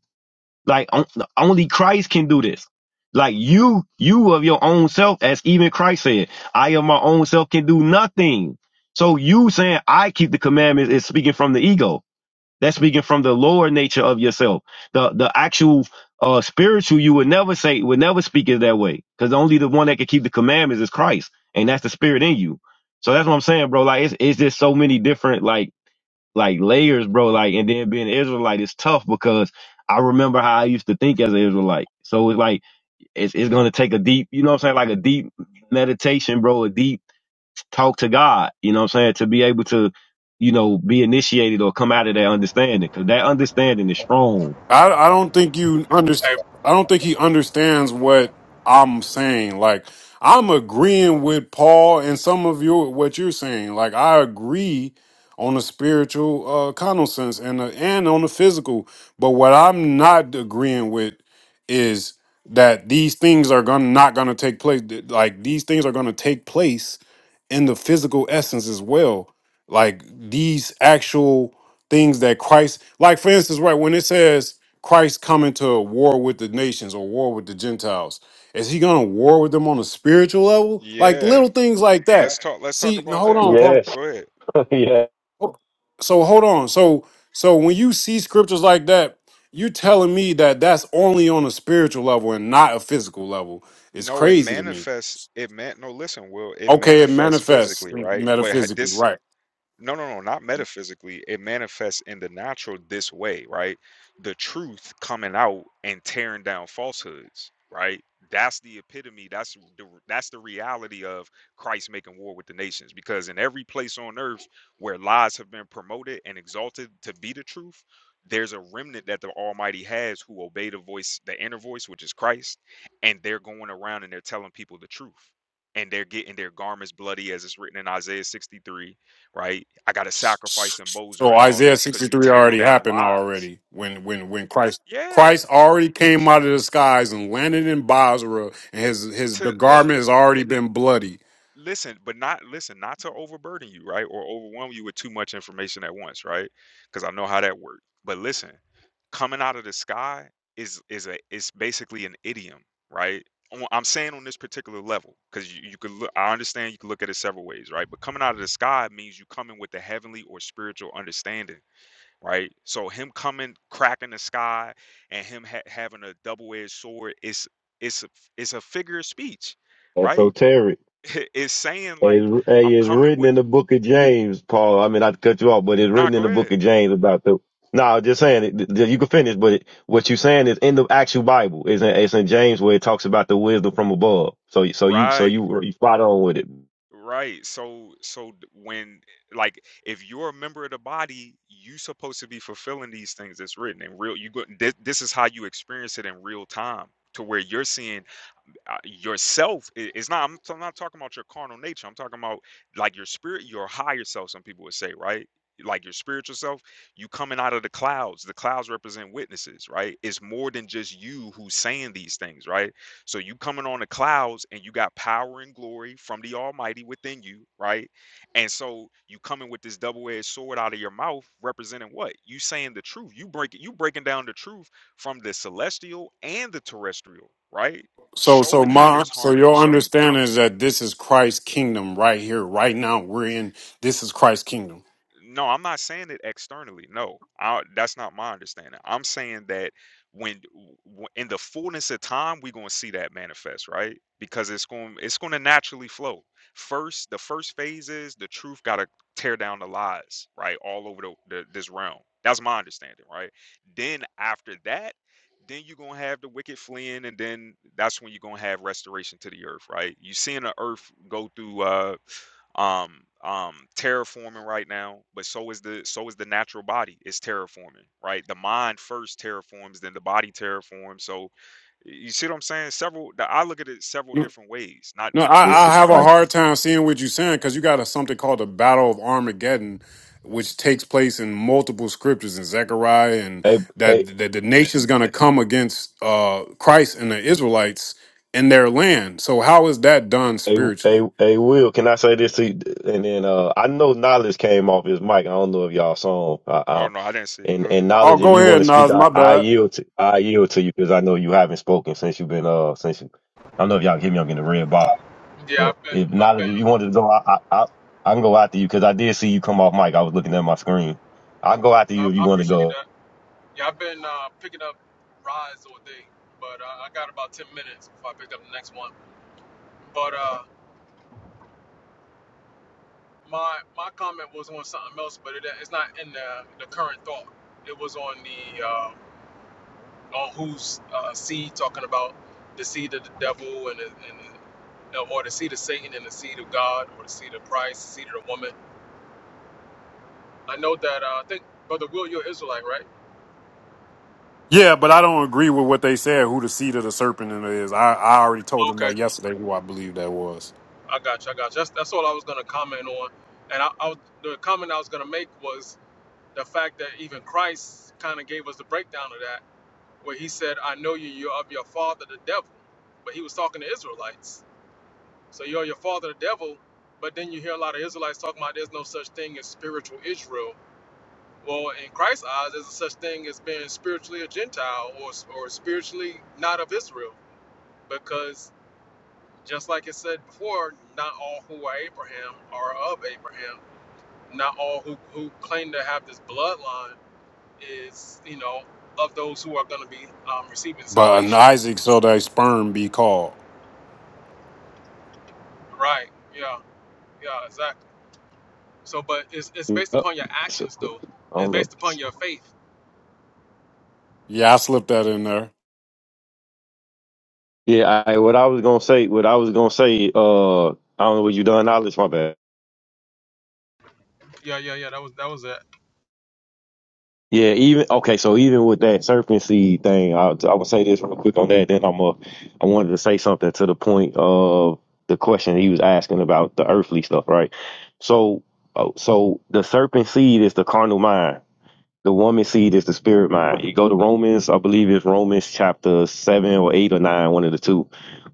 Speaker 3: Like on- only Christ can do this. Like you, you of your own self, as even Christ said, I of my own self can do nothing. So you saying I keep the commandments is speaking from the ego. That's speaking from the lower nature of yourself. The the actual uh spiritual you would never say would never speak it that way. Because only the one that can keep the commandments is Christ. And that's the spirit in you. So that's what I'm saying, bro. Like it's it's just so many different like like layers, bro. Like and then being an Israelite is tough because I remember how I used to think as an Israelite. So it's like it's it's gonna take a deep, you know what I'm saying, like a deep meditation, bro, a deep talk to God, you know what I'm saying? To be able to, you know, be initiated or come out of that understanding because that understanding is strong.
Speaker 6: I I don't think you understand. I don't think he understands what I'm saying. Like I'm agreeing with Paul and some of your what you're saying. Like I agree on the spiritual uh carnal sense and the, and on the physical. But what I'm not agreeing with is that these things are gonna not gonna take place. Th- Like these things are gonna take place in the physical essence as well. Like these actual things that Christ, like for instance, right when it says Christ coming to a war with the nations or war with the Gentiles? Is he going to war with them on a spiritual level? Like
Speaker 1: Yeah.
Speaker 6: little things like that.
Speaker 1: Let's talk, let's talk
Speaker 6: See, no,
Speaker 1: about
Speaker 6: hold
Speaker 1: that,
Speaker 6: on,
Speaker 1: Will.
Speaker 6: Paul.
Speaker 1: Go ahead.
Speaker 6: Ho- So hold on. So so when you see scriptures like that, you're telling me that that's only on a spiritual level and not a physical level. It's
Speaker 1: No, it
Speaker 6: crazy to me.
Speaker 1: manifests, it man, no, listen, Will, it
Speaker 6: Okay, it
Speaker 1: manifests
Speaker 6: manifests
Speaker 1: physically, right? But ha-
Speaker 6: metaphysically,
Speaker 1: this,
Speaker 6: right?
Speaker 1: No, no, no, not metaphysically. It manifests in the natural this way, right? The truth coming out and tearing down falsehoods, right? That's the epitome. That's the that's the reality of Christ making war with the nations. Because in every place on earth where lies have been promoted and exalted to be the truth, there's a remnant that the Almighty has who obey the voice, the inner voice, which is Christ, and they're going around and they're telling people the truth. And they're getting their garments bloody, as it's written in Isaiah 63 right? I got to sacrifice and
Speaker 6: So
Speaker 1: Bozer and all
Speaker 6: Isaiah
Speaker 1: this because you
Speaker 6: 63
Speaker 1: tearing
Speaker 6: already
Speaker 1: down
Speaker 6: happened
Speaker 1: lies.
Speaker 6: already when when when Christ
Speaker 1: Yeah,
Speaker 6: Christ already came out of the skies and landed in Basra and his his the
Speaker 1: to look,
Speaker 6: garment has already
Speaker 1: li-
Speaker 6: been bloody.
Speaker 1: listen, but not listen, not to overburden you, right, or overwhelm you with too much information at once, right? Because I know how that works. But listen, coming out of the sky is is a is basically an idiom, right? On- I'm saying on this particular level because you, you could look. I understand you can look at it several ways, right? But coming out of the sky means you coming with the heavenly or spiritual understanding right? So him coming, cracking the sky, and him ha- having a double-edged sword is it's it's a, it's a figure of speech, right?
Speaker 3: Esoteric.
Speaker 1: it's saying like
Speaker 3: It's,
Speaker 1: I'm
Speaker 3: it's
Speaker 1: coming
Speaker 3: written
Speaker 1: with.
Speaker 3: in the book of James, Paul. I mean, not to cut you off, but it's
Speaker 1: Nah,
Speaker 3: written in
Speaker 1: go
Speaker 3: the book
Speaker 1: ahead.
Speaker 3: of James about the. No, I'm just saying it, th- th- you can finish, but it, what you're saying is in the actual Bible. It's in, it's in James where it talks about the wisdom from above. So, so you, so
Speaker 1: Right,
Speaker 3: you, you spot on with it.
Speaker 1: right. So so d- when like if you're a member of the body, you supposed to be fulfilling these things that's written in real. You go. This, this is how you experience it in real time, to where you're seeing uh, yourself i- it's not I'm, so I'm not talking about your carnal nature i'm talking about like your spirit your higher self some people would say right like your spiritual self you coming out of the clouds the clouds represent witnesses right it's more than just you who's saying these things right so you coming on the clouds and you got power and glory from the almighty within you right and so you coming with this double-edged sword out of your mouth representing what you saying the truth you break you breaking down the truth from the celestial and the terrestrial, right?
Speaker 6: So so
Speaker 1: Showing how
Speaker 6: my
Speaker 1: there's
Speaker 6: so
Speaker 1: harmony.
Speaker 6: your
Speaker 1: Show
Speaker 6: understanding is that this is Christ's kingdom right here right now we're in this is Christ's kingdom.
Speaker 1: no, I'm not saying it externally. No, I, that's not my understanding. I'm saying that when w- in the fullness of time, we're gonna see that manifest, right? Because it's going it's gonna naturally flow. First, the first phase is the truth gotta tear down the lies, right? All over the, the this realm. That's my understanding, right? Then after that, then you're gonna have the wicked fleeing, and then that's when you're gonna have restoration to the earth, right? you seeing the earth go through uh um um terraforming right now but so is the so is the natural body it's terraforming right the mind first terraforms then the body terraforms so you see what i'm saying several the, i look at it several different ways not
Speaker 6: No,
Speaker 1: you get what
Speaker 6: I,
Speaker 3: This
Speaker 1: i'm
Speaker 6: I
Speaker 3: is
Speaker 6: have
Speaker 1: saying
Speaker 6: a
Speaker 3: crisis.
Speaker 6: hard time seeing what you're saying because you got a, something called the Battle of Armageddon, which takes place in multiple scriptures in Zechariah, and
Speaker 3: Hey, hey.
Speaker 6: that, that the nation's going to come against uh, Christ and the Israelites in their land. So how is that done
Speaker 3: Hey, hey,
Speaker 6: spiritually?
Speaker 3: hey, Will, can I say this to you? And then uh, I know Knowledge came off his mic. I don't know if y'all saw him. I,
Speaker 1: oh
Speaker 3: I,
Speaker 1: no i didn't see
Speaker 3: and,
Speaker 1: go ahead
Speaker 3: and
Speaker 6: Oh,
Speaker 3: Knowledge, if
Speaker 6: go
Speaker 3: you want
Speaker 6: ahead,
Speaker 3: to speak,
Speaker 6: Nas.
Speaker 3: I,
Speaker 6: My
Speaker 3: I
Speaker 6: bad.
Speaker 3: yield to I yield to you because I know you haven't spoken since you've been uh since you. I don't know if y'all give me. I'm getting a red bar. But if Knowledge, if you wanted to go, I I, I, I can go after you because I did see you come off mic. I was looking at my screen. I can go after you if you want to go.
Speaker 6: Yeah, but I don't agree with what they said. Who the seed of the serpent in it is? I, I already told them that yesterday. Who I believe that was. But an Isaac so thy sperm be called.
Speaker 3: So, I don't know.
Speaker 6: Yeah, I slipped that in there.
Speaker 3: Yeah, I, what I was gonna say, what I was gonna say, uh, I don't know what you done, Knowledge. My bad. Yeah, even okay. So even with that serpent seed thing, I I would say this real quick on that. Then I'm a, I wanted to say something to the point of the question he was asking about the earthly stuff, right? So, oh, so the serpent seed is the carnal mind. The woman seed is the spirit mind. You go to Romans, I believe it's Romans chapter seven or eight or nine, one of the two,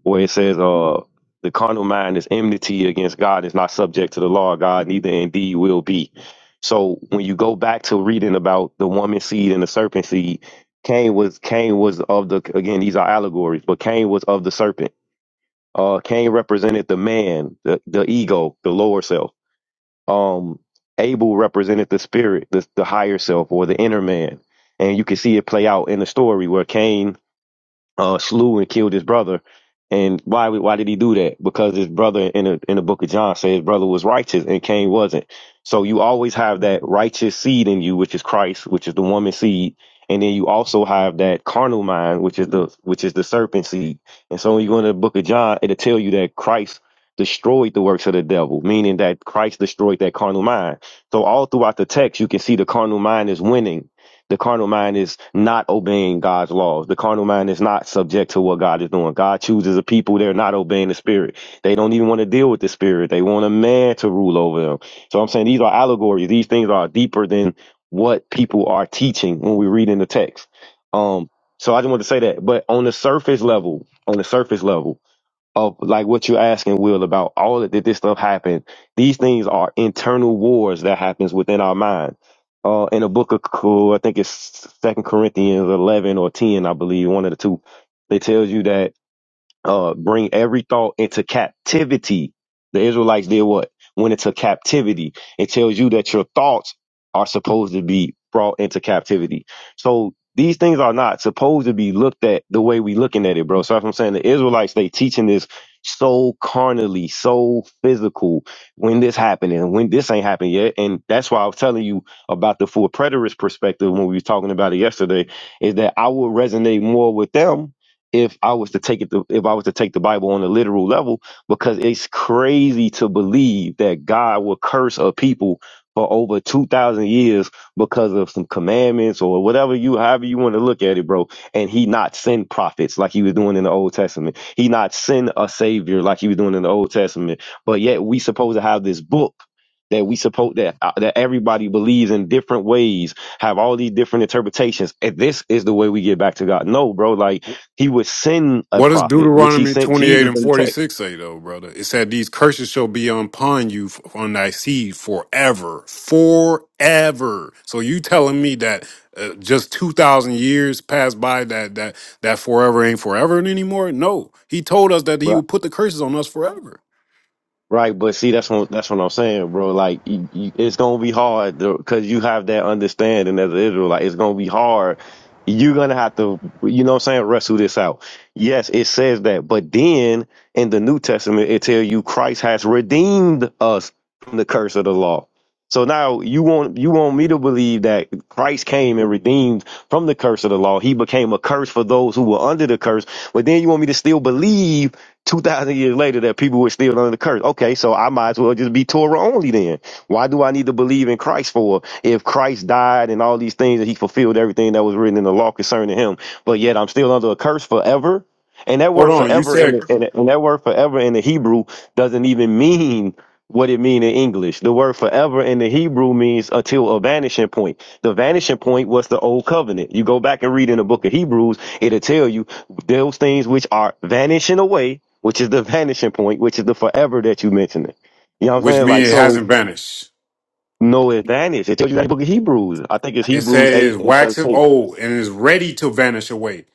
Speaker 3: where it says, "Uh, the carnal mind is enmity against God; is not subject to the law of God, neither indeed will be." So when you go back to reading about the woman seed and the serpent seed, Cain was Cain was of the again these are allegories, but Cain was of the serpent. Uh, Cain represented the man, the, the ego, the lower self um Abel represented the spirit, the the higher self or the inner man. And you can see it play out in the story where Cain uh, slew and killed his brother. And why why did he do that? Because his brother in the in the book of John said his brother was righteous and Cain wasn't. So you always have that righteous seed in you, which is Christ, which is the woman seed, and then you also have that carnal mind, which is the which is the serpent seed. And so when you go into the book of John, it'll tell you that Christ destroyed the works of the devil, meaning that Christ destroyed that carnal mind. So all throughout the text, you can see the carnal mind is winning the carnal mind is not obeying God's laws. The carnal mind is not subject to what God is doing. God chooses a people, they're not obeying the spirit. They don't even want to deal with the spirit. They want a man to rule over them. So I'm saying these are allegories. These things are deeper than what people are teaching when we read in the text. Um, so I just want to say that. But on the surface level, on the surface level, of like what you're asking, Will, about all of that this stuff happened. These things are internal wars that happens within our mind. Uh, in the book of, Co- I think it's Second Corinthians 11 or 10, I believe, one of the two. It tells you that uh, bring every thought into captivity. The Israelites did what? Went into captivity. It tells you that your thoughts are supposed to be brought into captivity. So these things are not supposed to be looked at the way we looking at it, bro. So that's what I'm saying. The Israelites, they teaching this so carnally, so physical when this happened and when this ain't happened yet. And that's why I was telling you about the full preterist perspective when we was talking about it yesterday, is that I would resonate more with them if I was to take it to, if I was to take the Bible on a literal level, because it's crazy to believe that God will curse a people for over two thousand years because of some commandments or whatever you however you want to look at it, bro. And he not send prophets like he was doing in the Old Testament. He not send a savior like he was doing in the Old Testament. But yet we supposed to have this book. That we suppose that uh, that everybody believes in different ways, have all these different interpretations. And this is the way we get back to God. No, bro, like he would send a
Speaker 6: What does
Speaker 3: prophet, which he
Speaker 6: Deuteronomy
Speaker 3: sent
Speaker 6: 28
Speaker 3: Jesus
Speaker 6: and
Speaker 3: in the text,
Speaker 6: 46 say, though, brother? It said, These curses shall be upon you, f- on thy seed forever. Forever. So you telling me that uh, just 2,000 years passed by that, that, that forever ain't forever anymore? No. He told us that he
Speaker 3: right?
Speaker 6: would put the curses on us forever.
Speaker 3: Right, but see, that's what that's what I'm saying, bro. Like, you, you, it's gonna be hard because you have that understanding as an Israelite. It's gonna be hard. You're gonna have to, you know, what I'm saying, wrestle this out. Yes, it says that, but then in the New Testament, it tells you Christ has redeemed us from the curse of the law. So now you want you want me to believe that Christ came and redeemed from the curse of the law. He became a curse for those who were under the curse. But then you want me to still believe two thousand years later that people were still under the curse. Okay, so I might as well just be Torah only then. Why do I need to believe in Christ for if Christ died and all these things and he fulfilled everything that was written in the law concerning him, but yet I'm still under a curse forever? And that
Speaker 6: Hold
Speaker 3: word
Speaker 6: on. You
Speaker 3: forever in
Speaker 6: said
Speaker 3: the, in the- and that word forever in the Hebrew doesn't even mean what it mean in English. The word forever in the Hebrew means until a vanishing point. The vanishing point was the old covenant. You go back and read in the book of Hebrews, it'll tell you those things which are vanishing away, which is the vanishing point, which is the forever that you mentioned it. You know what I'm
Speaker 6: which
Speaker 3: saying? Like,
Speaker 6: means it
Speaker 3: so
Speaker 6: hasn't vanished.
Speaker 3: no advantage. It tells you that in the book of Hebrews. I think it's
Speaker 6: It
Speaker 3: Hebrews
Speaker 6: says
Speaker 3: 8 and
Speaker 6: waxeth
Speaker 3: 13.
Speaker 6: old and is ready to vanish away.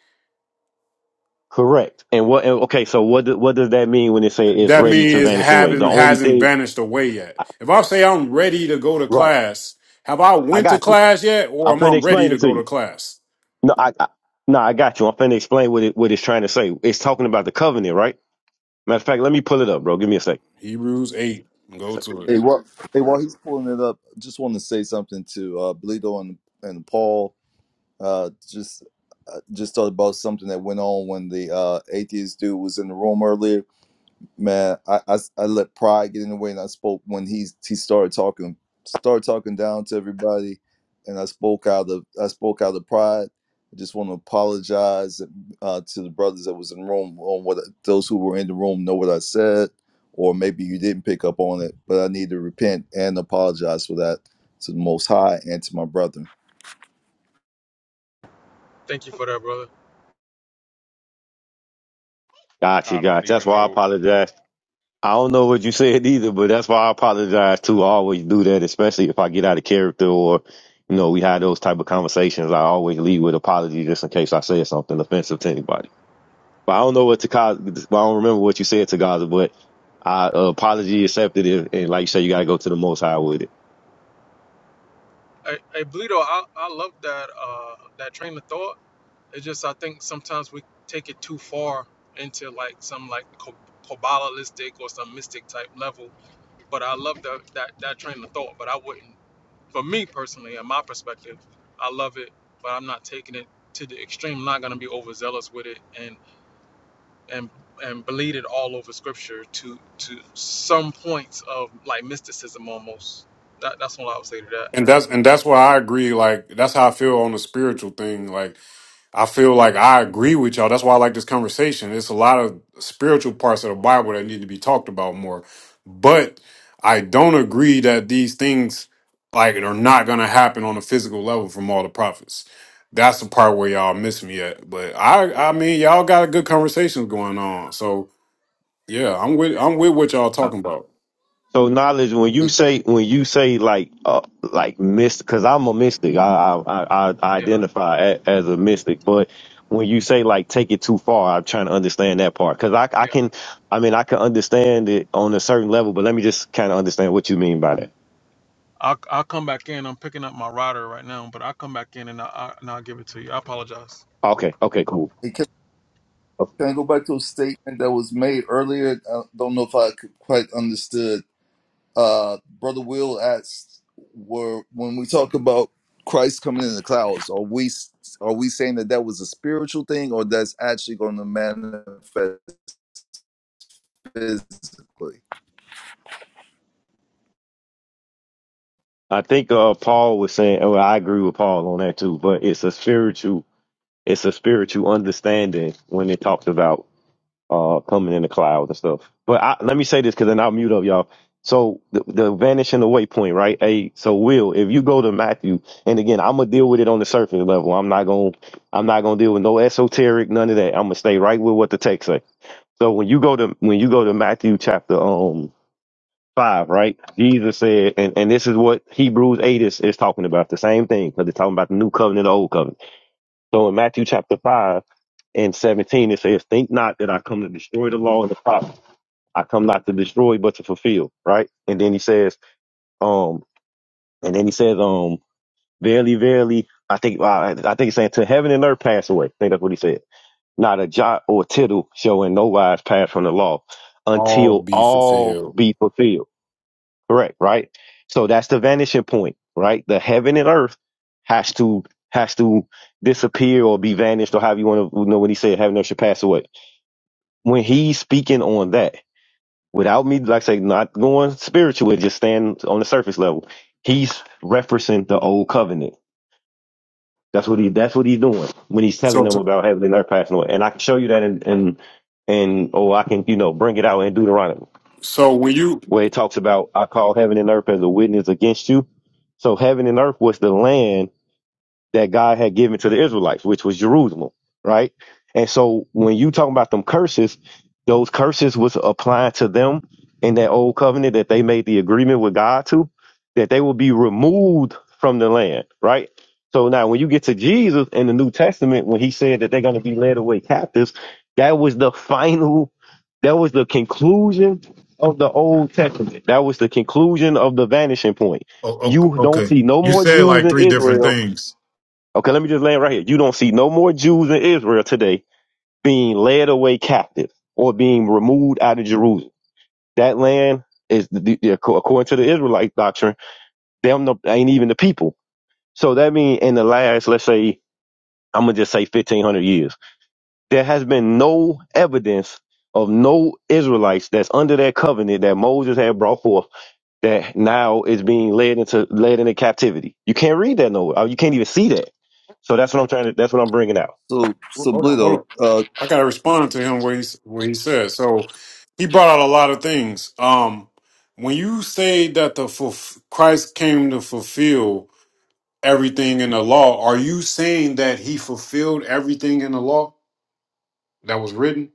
Speaker 3: Correct. And what, and, okay, so what, do- what does that mean when it says it's
Speaker 6: That
Speaker 3: ready to
Speaker 6: means it
Speaker 3: vanish away? The
Speaker 6: haven't
Speaker 3: only
Speaker 6: hasn't
Speaker 3: thing,
Speaker 6: vanished away yet. If I say I'm ready to go to
Speaker 3: right,
Speaker 6: class, have I
Speaker 3: I
Speaker 6: went to
Speaker 3: got you.
Speaker 6: class yet, or
Speaker 3: I'm
Speaker 6: am I
Speaker 3: finna
Speaker 6: ready
Speaker 3: explain
Speaker 6: to
Speaker 3: it to
Speaker 6: go
Speaker 3: you.
Speaker 6: to class?
Speaker 3: No, I, I no, I got you. I'm finna explain what it, what it's trying to say. It's talking about the covenant, right? Matter of fact, let me pull it up, bro. Give me a sec.
Speaker 6: Hebrews eight, go
Speaker 3: sec.
Speaker 6: to it.
Speaker 4: Hey, while hey, while he's pulling it up, just want to say something to uh, Bleedo and and Paul. Uh, just uh, just thought about something that went on when the uh, atheist dude was in the room earlier man, I I I let pride get in the way, and I spoke when he he started talking, started talking down to everybody, and I spoke out of I spoke out of pride. I just want to apologize uh, to the brothers that was in the room on what those who were in the room know what I said, or maybe you didn't pick up on it, but I need to repent and apologize for that to the Most High and to my brother.
Speaker 3: Gotcha,
Speaker 1: i don't
Speaker 3: gotcha. That's
Speaker 1: even
Speaker 3: why I
Speaker 1: know
Speaker 3: apologize. I don't know what you said either, but that's why I apologize too. I always do that, especially if I get out of character or, you know, we had those type of conversations. I always lead with apology just in case I said something offensive to anybody. But I don't know what to cause. I don't remember what you said to Gaza, but I uh, apology accepted it. And like you said, you got to go to the most high with it.
Speaker 6: And that's and that's why I agree. Like that's how I feel on the spiritual thing. Like I feel like I agree with y'all. That's why I like this conversation. It's a lot of spiritual parts of the Bible that need to be talked about more. But I don't agree that these things like are not gonna happen on a physical level from all the prophets. That's the part where y'all miss me at. But I I mean y'all got a good conversations going on. So yeah, I'm with I'm with what y'all talking about.
Speaker 3: So knowledge, when you say when you say like uh, like mystic, because I'm a mystic, I I, I, I identify a, as a mystic. But when you say like take it too far, I'm trying to understand that part because I I can, I mean I can understand it on a certain level, but let me just kind of understand what you mean by that. Okay, okay, cool.
Speaker 4: Hey, can, can I go back to a statement that was made earlier? I don't know if I could quite understood uh brother will asked were when we talk about christ coming in the clouds are we are we saying that that was a spiritual thing or that's actually going to manifest physically
Speaker 3: I think uh Paul was saying, Well, I agree with Paul on that too. But it's a spiritual, it's a spiritual understanding when it talks about uh, coming in the clouds and stuff. But I, let me say this because then I'll mute up, y'all. So the, the vanishing away point, right? Hey, so Will, if you go to Matthew, and again, I'm gonna deal with it on the surface level. I'm not gonna, I'm not gonna deal with no esoteric, none of that. I'm gonna stay right with what the text say. So when you go to when you go to Matthew chapter um five, right? Jesus said, and, and this is what Hebrews eight is, is talking about, the same thing, because it's talking about the new covenant, the old covenant. So in Matthew chapter five and seventeen, it says, "Think not that I come to destroy the law and the prophets." I come not to destroy, but to fulfill, right? And then he says, um, and then he says, um, verily, verily, I think, well, I, I think he's saying to heaven and earth pass away. I think that's what he said. Not a jot or tittle shall in no wise pass from the law
Speaker 6: All
Speaker 3: until
Speaker 6: be
Speaker 3: all
Speaker 6: fulfilled.
Speaker 3: be fulfilled. Correct, right? So that's the vanishing point, right? The heaven and earth has to, has to disappear or be vanished or however you want to you know when he said heaven and earth should pass away. When he's speaking on that, without me, like I say, not going spiritual, just staying on the surface level. He's referencing the old covenant. That's what he. That's what he's doing when he's telling
Speaker 6: So
Speaker 3: them about heaven and earth passing away. And I can show you that in in and oh, I can you know bring it out in Deuteronomy
Speaker 6: so when you
Speaker 3: where it talks about I call heaven and earth as a witness against you. So heaven and earth was the land that God had given to the Israelites, which was Jerusalem, right? And so when you talk about them curses, those curses was applied to them in that old covenant that they made the agreement with God to, that they will be removed from the land, right? So now when you get to Jesus in the New Testament, when he said that they're going to be led away captives, that was the final, that was the conclusion of the Old Testament. That was the conclusion of the vanishing point.
Speaker 6: o-
Speaker 3: You
Speaker 6: o-
Speaker 3: don't
Speaker 6: okay,
Speaker 3: see no
Speaker 6: you
Speaker 3: more
Speaker 6: said
Speaker 3: Jews
Speaker 6: like
Speaker 3: in
Speaker 6: three different
Speaker 3: Israel
Speaker 6: things.
Speaker 3: Okay, let me just land right here. You don't see no more Jews in Israel today being led away captive or being removed out of Jerusalem. That land is, the, the, according to the Israelite doctrine, them no, ain't even the people. So that means in the last, let's say, I'm gonna just say 1500 years, there has been no evidence of no Israelites that's under that covenant that Moses had brought forth that now is being led into led into captivity. You can't read that nowhere. Uh, You can't even see that. So that's what I'm trying to. That's what I'm bringing out.
Speaker 4: so
Speaker 6: Well,
Speaker 4: so
Speaker 6: Hold on, hold
Speaker 4: blito
Speaker 6: on.
Speaker 4: uh
Speaker 6: I gotta respond to him what he where he said. So he brought out a lot of things. Um, when you say that the fulf- Christ came to fulfill everything in the law, are you saying that he fulfilled everything in the law that was written?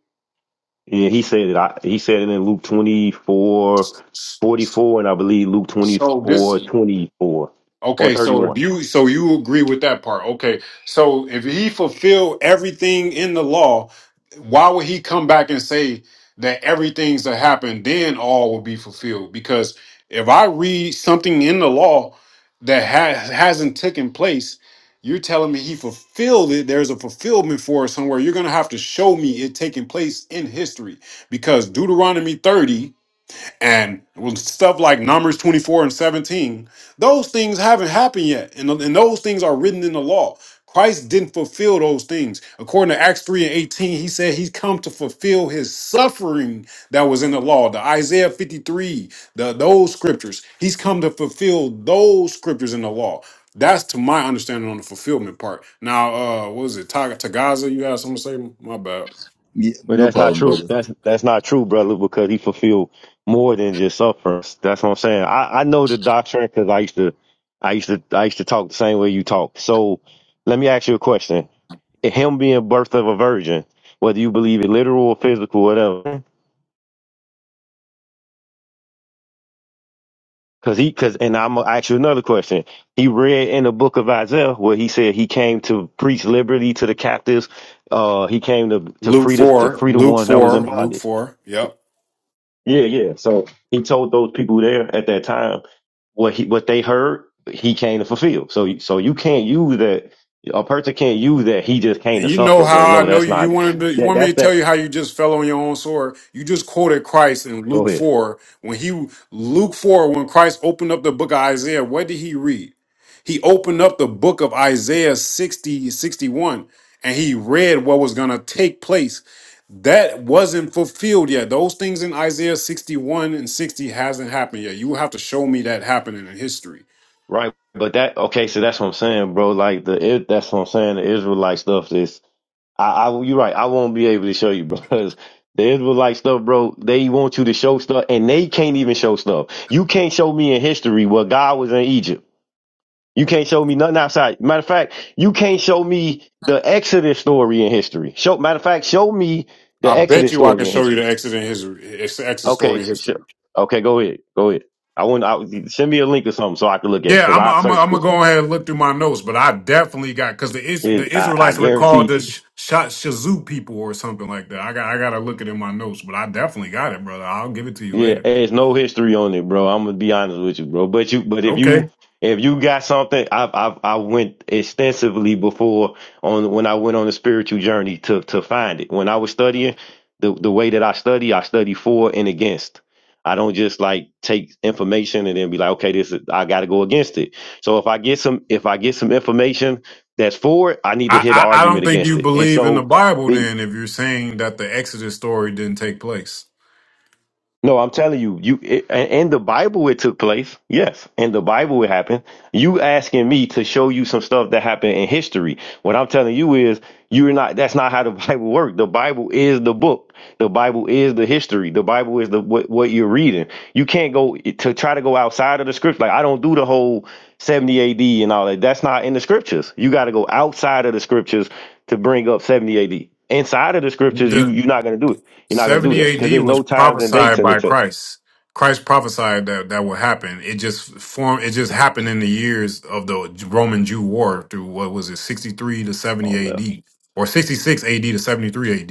Speaker 3: Yeah, he said it. I, he said it in Luke 24
Speaker 6: S-
Speaker 3: forty
Speaker 6: s-
Speaker 3: four, and I believe Luke twenty
Speaker 6: So this.
Speaker 3: four 24 or
Speaker 6: Okay, so
Speaker 3: 31.
Speaker 6: if you so you agree with that part. Okay. So if he fulfilled everything in the law, why would he come back and say that everything's that happened then all will be fulfilled? Because if I read something in the law that has hasn't taken place, you're telling me he fulfilled it. There's a fulfillment for it somewhere. You're gonna have to show me it taking place in history. Because Deuteronomy 30 and with stuff like Numbers 24 and 17, those things haven't happened yet. And, and those things are written in the law. Christ didn't fulfill those things. According to Acts 3 and 18, he said he's come to fulfill his suffering that was in the law, the Isaiah 53, the those scriptures. He's come to fulfill those scriptures in the law. That's to my understanding on the fulfillment part. Now, uh, what was it? Tag- Tagaza, you had something to say? My bad.
Speaker 4: yeah,
Speaker 3: But
Speaker 4: no
Speaker 3: that's not
Speaker 4: problem
Speaker 3: true.
Speaker 4: brother
Speaker 3: That's that's not true, brother, because he fulfilled more than just sufferance. That's what I'm saying. I, I know the doctrine because I used to, I used to, I used to talk the same way you talk. So let me ask you a question: Him being birth of a virgin, whether you believe it literal or physical, whatever. Cause he, cause, and I'm gonna ask you another question. He read in the book of Isaiah where he said he came to preach liberty to the captives. Uh, he came to to
Speaker 6: Luke
Speaker 3: free the to
Speaker 6: 4,
Speaker 3: free the
Speaker 6: Luke
Speaker 3: one that was in
Speaker 6: 4, Luke
Speaker 3: bondage.
Speaker 6: 4. Yep.
Speaker 3: Yeah, yeah. So he told those people there at that time what he what they heard. He came to fulfill. So so you can't use that. A person can't use that. He just came to
Speaker 6: You know
Speaker 3: suffer, bro.
Speaker 6: how I
Speaker 3: No,
Speaker 6: know
Speaker 3: that's
Speaker 6: you. You
Speaker 3: not.
Speaker 6: wanted to, you
Speaker 3: That
Speaker 6: want me
Speaker 3: that's
Speaker 6: to tell
Speaker 3: that.
Speaker 6: you how you just fell on your own sword. You just quoted Christ in
Speaker 3: Go
Speaker 6: Luke
Speaker 3: ahead.
Speaker 6: four when he Luke four when Christ opened up the book of Isaiah. What did he read? He opened up the book of Isaiah 60 61 and he read what was going to take place. That wasn't fulfilled yet. Those things in Isaiah 61 and 60 hasn't happened yet. You have to show me that happening in history.
Speaker 3: Right. But that okay. So that's what I'm saying, bro. Like the it, that's what I'm saying. The Israelite stuff is I, I you're right. I won't be able to show you because the Israelite stuff, bro. They want you to show stuff, and they can't even show stuff. You can't show me in history where God was in Egypt. You can't show me nothing outside. Matter of fact, you can't show me the Exodus story in history. Show matter of fact, show me the
Speaker 6: I bet
Speaker 3: Exodus
Speaker 6: you I can
Speaker 3: story in
Speaker 6: show you
Speaker 3: history.
Speaker 6: the exit in history, exit
Speaker 3: Okay,
Speaker 6: story in
Speaker 3: sure.
Speaker 6: history.
Speaker 3: Okay, go ahead. Go ahead. I want. I, send me a link or something so I can look at it
Speaker 6: Yeah,
Speaker 3: because
Speaker 6: I'm
Speaker 3: I
Speaker 6: I'm I'm
Speaker 3: searched
Speaker 6: gonna
Speaker 3: it.
Speaker 6: go ahead and look through my notes, but I definitely got because the Is, the
Speaker 3: it I, I
Speaker 6: Israelites were called
Speaker 3: guarantee.
Speaker 6: the Sh- Sha- Shazoo people or something like that. I got I gotta look it in my notes, but I definitely got it, brother. I'll give it to you
Speaker 3: Yeah,
Speaker 6: later.
Speaker 3: there's no history on it, bro. I'm gonna be honest with you, bro. But you, but if you,
Speaker 6: Okay,
Speaker 3: if you got something, I've, I've, I went extensively before on when I went on a spiritual journey to to find it. When I was studying, the the way that I study, I study for and against. I don't just like take information and then be like, okay, this is, I got to go against it. So if I get some, if I get some information that's for it, I need to
Speaker 6: I
Speaker 3: hit an
Speaker 6: I, I don't
Speaker 3: argument
Speaker 6: think
Speaker 3: against
Speaker 6: you
Speaker 3: it. And
Speaker 6: believe in the
Speaker 3: so
Speaker 6: Bible
Speaker 3: the.
Speaker 6: then if you're saying that the Exodus story didn't take place.
Speaker 3: No, I'm telling you, you it, a- in the Bible it took place. Yes, in the Bible it happened. You asking me to show you some stuff that happened in history. What I'm telling you is you're not that's not how the Bible works. The Bible is the book. The Bible is the history. The Bible is the what, what you're reading. You can't go to try to go outside of the scripture. Like I don't do the whole 70 AD and all that. That's not in the scriptures. You got to go outside of the scriptures to bring up 70 AD. Inside of the scriptures, you
Speaker 6: The,
Speaker 3: you're not gonna do it.
Speaker 6: the
Speaker 3: You're not gonna do that because
Speaker 6: 70 AD
Speaker 3: there's
Speaker 6: was
Speaker 3: no times and dates
Speaker 6: prophesied
Speaker 3: in the
Speaker 6: by
Speaker 3: text.
Speaker 6: Christ. Christ prophesied that that would happen. It just formed. It just happened in the years of the Roman Jew War through what was it, 63 to
Speaker 3: Oh,
Speaker 6: 70 AD, or 66 AD to 73 AD.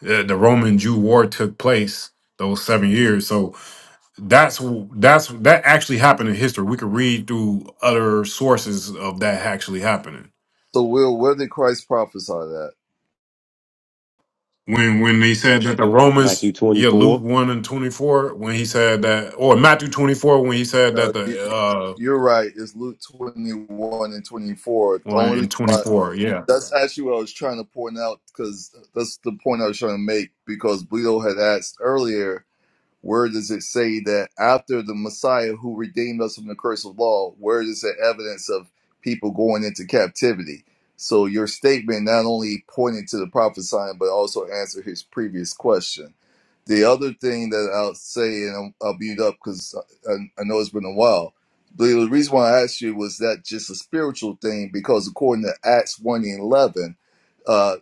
Speaker 6: The, the Roman Jew War took place those seven years. So that's that's that actually happened in history. We could read through other sources of that actually happening.
Speaker 4: so will where did christ prophesy that
Speaker 6: when when he said that the
Speaker 3: Matthew
Speaker 6: Romans, yeah, Luke
Speaker 3: 24.
Speaker 6: one and twenty four, when he said that, or Matthew twenty four, when he said
Speaker 4: no
Speaker 6: that
Speaker 4: you-
Speaker 6: the uh
Speaker 4: you're right it's luke 21 and 24 the
Speaker 6: one
Speaker 4: only reason
Speaker 6: in twenty
Speaker 4: why
Speaker 6: four, yeah.
Speaker 4: that's actually what i was trying to point out because that's the point i was trying to make because blito had asked earlier where does it say that after the Messiah who redeemed us from the curse of law, where is the evidence of people going into captivity? So your statement not only pointed to the prophesying, but also answered his previous question. The other thing that I'll say, and I'll, I'll mute up because I, I know it's been a while. But the reason why I asked you was that just a spiritual thing, because according to Acts 1 and 11, uh,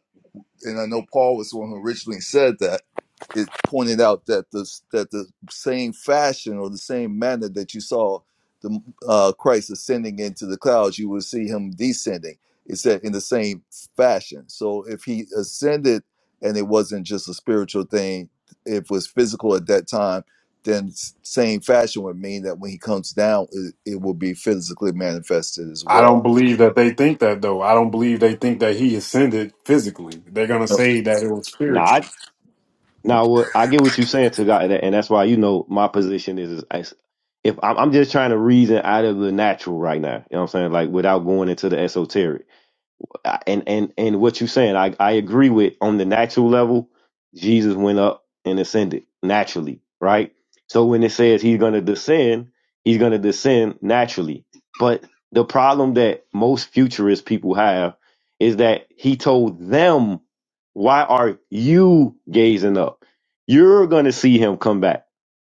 Speaker 4: and I know Paul was the one who originally said that. It pointed out that the that the same fashion or the same manner that you saw the uh, Christ ascending into the clouds, you would see him descending. It said in the same fashion. So if he ascended and it wasn't just a spiritual thing, it was physical at that time, then s- same fashion would mean that when he comes down, it, it will be physically manifested as
Speaker 6: I don't
Speaker 4: well.
Speaker 6: believe that they think that though. I don't believe they think that he ascended physically. They're gonna
Speaker 4: Uh,
Speaker 6: say that it was
Speaker 3: Nah,
Speaker 6: spiritual.
Speaker 4: uh,
Speaker 3: Now, what I get what you're saying to God, and that's why you know my position is, is I- if I'm, I'm just trying to reason out of the natural right now, you know what I'm saying, like without going into the esoteric and and and what you're saying, I I agree with. On the natural level, Jesus went up and ascended naturally, right? So when it says he's going to descend, he's going to descend naturally. But the problem that most futurist people have is that he told them, "Why are you gazing up? You're going to see him come back."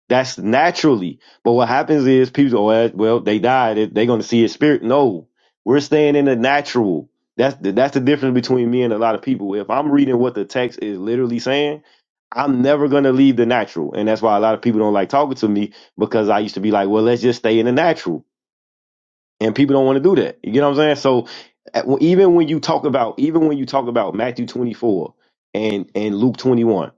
Speaker 3: That's naturally. But what happens is people go, well, well, they died. They're they going to see his spirit. No, we're staying in the natural. That's the, that's the difference between me and a lot of people. If I'm reading what the text is literally saying, I'm never going to leave the natural. And that's why a lot of people don't like talking to me because I used to be like, well, let's just stay in the natural. And people don't want to do that. You get what I'm saying? So at- even when you talk about, even when you talk about Matthew 24 and, and Luke 21,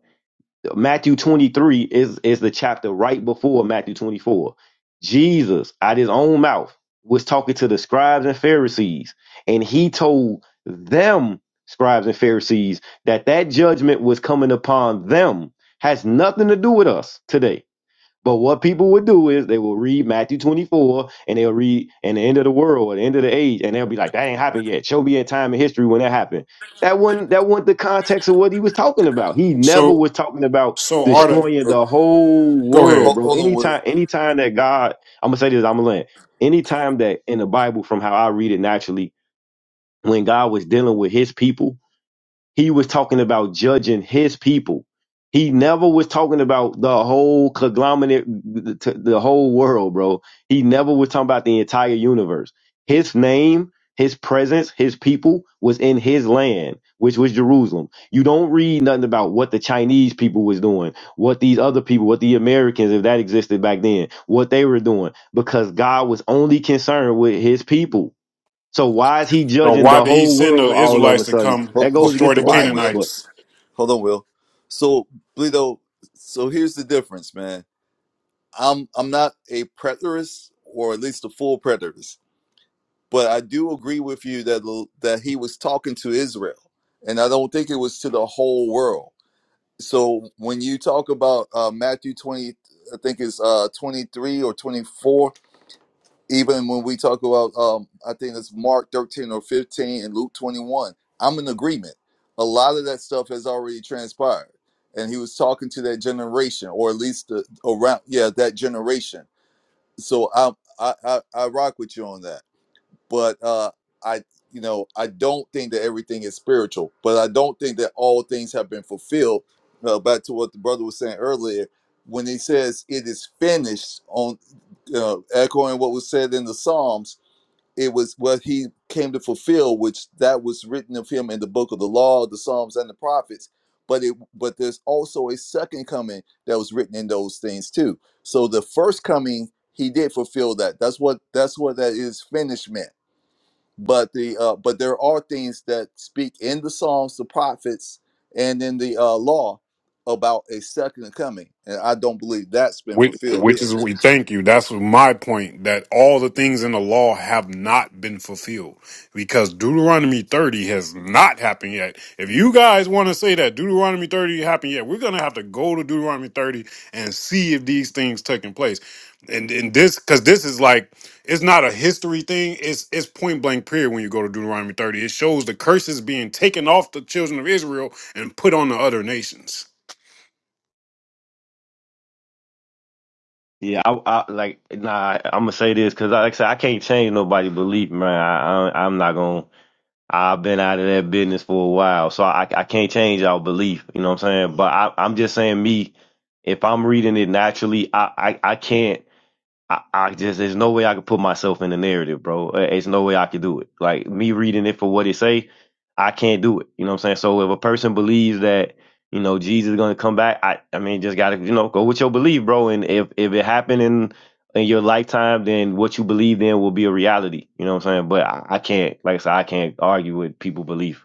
Speaker 3: Matthew 23 is, is the chapter right before Matthew 24. Jesus, out his own mouth, was talking to the scribes and Pharisees, and he told them, scribes and Pharisees, that that judgment was coming upon them. Has nothing to do with us today but what people would do is they will read Matthew 24 and they'll read and the end of the world or the end of the age, and they'll be like, that ain't happened yet. Show me a time in history when that happened. That wasn't that wasn't the context of what he was talking about. He never
Speaker 6: So
Speaker 3: was talking about
Speaker 6: so
Speaker 4: uh,
Speaker 6: Arda,
Speaker 3: destroying the whole
Speaker 6: go
Speaker 3: world,
Speaker 6: ahead.
Speaker 4: Hold,
Speaker 3: bro.
Speaker 4: hold on, Will.
Speaker 3: Anytime, anytime that God, I'm gonna say this, I'm gonna land. Anytime that in the Bible, from how I read it naturally, when God was dealing with his people he was talking about judging his people. He never was talking about the whole conglomerate, the the whole world, bro. He never was talking about the entire universe. His name, his presence, his people was in his land, which was Jerusalem. You don't read nothing about what the Chinese people was doing, what these other people, what the Americans, if that existed back then, what they were doing, because God was only concerned with his people. So why is he
Speaker 6: So
Speaker 3: judging
Speaker 6: why
Speaker 3: the
Speaker 6: did he
Speaker 3: whole
Speaker 6: send the
Speaker 3: world all of
Speaker 6: Israelites
Speaker 3: a
Speaker 6: to
Speaker 3: sudden?
Speaker 6: come
Speaker 4: Hold,
Speaker 3: That goes
Speaker 4: hold,
Speaker 3: against
Speaker 6: destroy
Speaker 3: the
Speaker 6: the
Speaker 4: hold on,
Speaker 3: Bible.
Speaker 4: Will.
Speaker 3: But
Speaker 6: Canaanites?
Speaker 4: Hold on, Will. So, Bleedo, so here's the difference, man. I'm I'm not a preterist, or at least a full preterist, but I do agree with you that l- that he was talking to Israel, and I don't think it was to the whole world. So when you talk about uh, Matthew twenty, I think it's uh, twenty three or 24, even when we talk about um i think it's mark 13 or 15 and luke 21 i'm in agreement a lot of that stuff has already transpired and he was talking to that generation or at least the, around yeah that generation so I, I i i rock with you on that but uh, I, you know, I don't think that everything is spiritual, but I don't think that all things have been fulfilled. Uh, back to what the brother was saying earlier, when he says it is finished, on uh, echoing what was said in the Psalms, it was what he came to fulfill, which that was written of him in the book of the law, the Psalms, and the prophets. But it, but there's also a second coming that was written in those things too. So the first coming, he did fulfill that. That's what that's what that is finished meant but the uh, but there are things that speak in the Psalms, the prophets, and in the uh, law about a second coming, and I don't believe that's been
Speaker 6: Which,
Speaker 4: fulfilled
Speaker 6: which
Speaker 4: yet.
Speaker 6: is we thank you. That's my point. That all the things in the law have not been fulfilled because Deuteronomy thirty has not happened yet. If you guys want to say that Deuteronomy thirty happened yet, we're gonna have to go to Deuteronomy thirty and see if these things taking place. And and this because this is like it's not a history thing. It's it's point blank period when you go to Deuteronomy thirty. It shows the curses being taken off the children of Israel and put on the other nations.
Speaker 3: yeah, I, I like nah. I'm gonna say this because like I said, I can't change nobody's belief, man. I, I I'm not gonna. I've been out of that business for a while, so I I can't change our belief. You know what I'm saying? But I, I'm just saying me. If I'm reading it naturally, I I, I can't. I, I just there's no way I could put myself in the narrative, bro. Uh, It's no way I could do it. Like me reading it for what it say, I can't do it. You know what I'm saying? So if a person believes that you know Jesus is gonna come back, I I mean just gotta you know go with your belief, bro. And if if it happened in in your lifetime, then what you believe then will be a reality. You know what I'm saying? But I, I can't, like I said, I can't argue with people belief.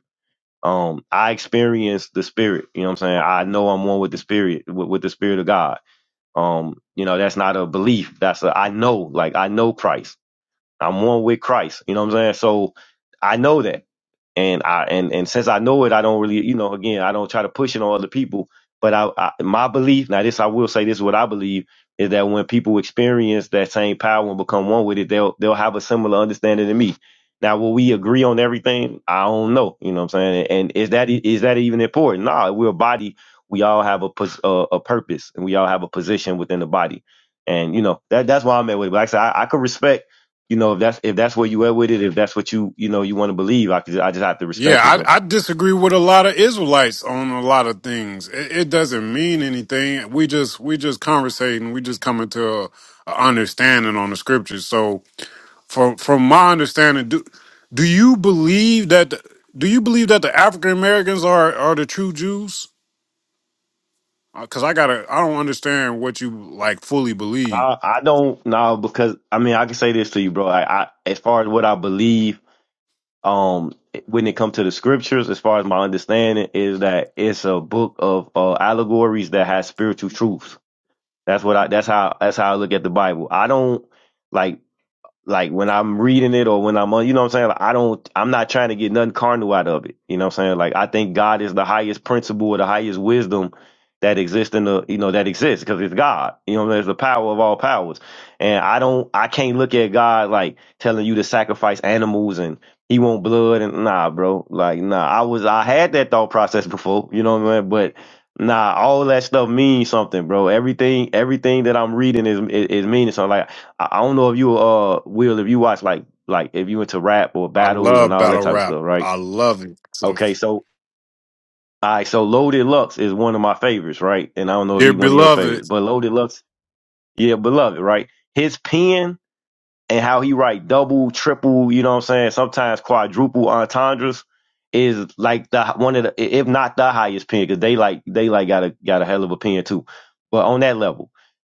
Speaker 3: Um, I experience the spirit. You know what I'm saying? I know I'm one with the spirit, with, with the spirit of God. Um, you know, that's not a belief. That's a I know, like I know Christ. I'm one with Christ. You know what I'm saying? So I know that. And I and and since I know it, I don't really, you know, again, I don't try to push it on other people. But I, I my belief, now this I will say this is what I believe is that when people experience that same power and become one with it, they'll they'll have a similar understanding to me. Now, will we agree on everything? I don't know. You know what I'm saying? And is that is that even important? No, nah, we're a body. We all have a pos- uh, a purpose, and we all have a position within the body. And you know that that's why I'm at with. it. But like I said, I, I could respect you know, if that's if that's where you at with it, if that's what you you know you want to believe, I could, I just have to
Speaker 6: Yeah,
Speaker 3: respect it, bro.
Speaker 6: I, I disagree with a lot of Israelites on a lot of things. It, it doesn't mean anything. We just we just conversating. We just coming to a, a understanding on the scriptures. So from from my understanding, do do you believe that the- do you believe that the African Americans are are the true Jews? Because I gotta I don't understand what you like fully believe.
Speaker 3: I I don't know because I mean I can say this to you, bro. I, I as far as what I believe, um, when it comes to the scriptures, as far as my understanding is that it's a book of uh, allegories that has spiritual truths. That's what I that's how that's how I look at the Bible. I don't like like when I'm reading it or when I'm on, you know what I'm saying? Like, I don't, I'm not trying to get nothing carnal out of it. You know what I'm saying? Like, I think God is the highest principle or the highest wisdom that exists in the, you know, that exists because it's God. You know, there's the power of all powers. And I don't, I can't look at God like telling you to sacrifice animals and he won't blood and nah, bro. Like, nah, I was, I had that thought process before, you know what I mean? But nah, all that stuff means something, bro. Everything, everything that I'm reading is, is, is meaning something. Like, I, I don't know if you uh will if you watch like like if you into rap or
Speaker 6: I
Speaker 3: battles and
Speaker 6: love
Speaker 3: all that
Speaker 6: battle
Speaker 3: type of
Speaker 6: rap.
Speaker 3: stuff, right?
Speaker 6: I love it. To the
Speaker 3: Okay,
Speaker 6: f-
Speaker 3: so all right, so Loaded Lux is one of my favorites, right? And I don't know if
Speaker 6: dear
Speaker 3: he's one of your favorites,
Speaker 6: beloved.
Speaker 3: but Loaded Lux, yeah, beloved, right? His pen and how he write double, triple, you know what I'm saying, sometimes quadruple entendres is like the one of the if not the highest pen because they like they like got a got a hell of a pen too, but on that level.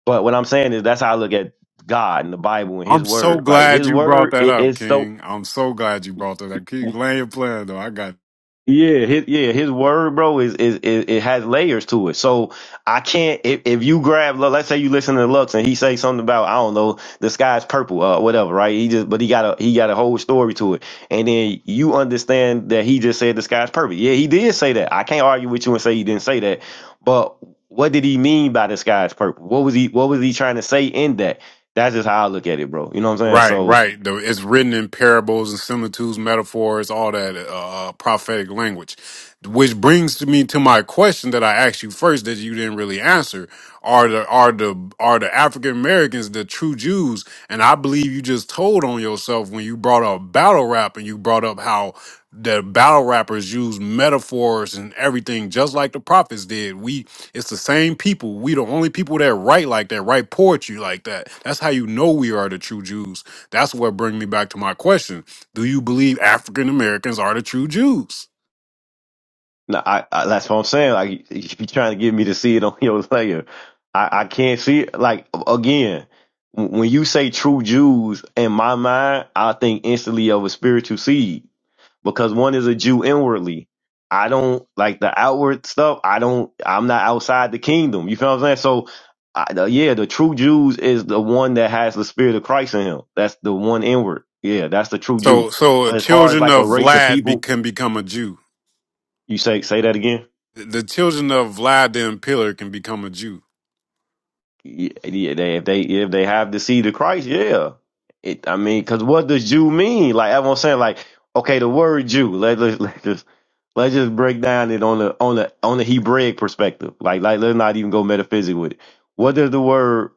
Speaker 3: But what I'm saying is that's how I look at God and the Bible and His
Speaker 6: I'm so
Speaker 3: Word. Like
Speaker 6: glad
Speaker 3: His
Speaker 6: you brought
Speaker 3: Word
Speaker 6: that up,
Speaker 3: is so
Speaker 6: King. I'm so glad you brought that up. Keep laying your plan though. I got
Speaker 3: Yeah, his, yeah, his word, bro, is, is, is it has layers to it. So I can't if, if you grab, Lu- let's say you listen to Lux and he say something about I don't know the sky's purple, uh, whatever, right? He just but he got a he got a whole story to it, and then you understand that he just said the sky's purple. Yeah, he did say that. I can't argue with you and say he didn't say that, but what did he mean by the sky's purple? What was he what was he trying to say in that? That's just how I look at it, bro. You know what I'm saying?
Speaker 6: right,
Speaker 3: So.
Speaker 6: right. The, it's written in parables and similitudes, metaphors, all that uh, uh, prophetic language, which brings to me to my question that I asked you first that you didn't really answer. Are the are the are the African Americans the true Jews? And I believe you just told on yourself when you brought up battle rap and you brought up how the battle rappers use metaphors and everything just like the prophets did. We It's the same people. We the only people that write like that, write poetry like that. That's how you know we are the true Jews. That's what bring me back to my question. Do you believe African Americans are the true Jews?
Speaker 3: No, I, I that's what I'm saying. Like you you be trying to get me to see it on your layer. I, I can't see it. Like again, when you say true Jews, in my mind, I think instantly of a spiritual seed because one is a Jew inwardly. I don't like the outward stuff. I don't. I'm not outside the kingdom. You feel what I'm saying? So, I, the, yeah, the true Jews is the one that has the spirit of Christ in him. That's the one inward. Yeah, that's the true Jew.
Speaker 6: So so
Speaker 3: But as far as
Speaker 6: children
Speaker 3: like a
Speaker 6: of
Speaker 3: race of
Speaker 6: Vlad be,
Speaker 3: people,
Speaker 6: can become a Jew.
Speaker 3: you say say that again.
Speaker 6: The children of Vlad the Impaler can become a Jew.
Speaker 3: Yeah, they if they if they have the seed of Christ, yeah. It, I mean, because what does Jew mean? Like I'm saying, like okay, the word Jew. Let let let's just let's just break down it on the on the on the Hebraic perspective. Like like let's not even go metaphysic with it. What does the word?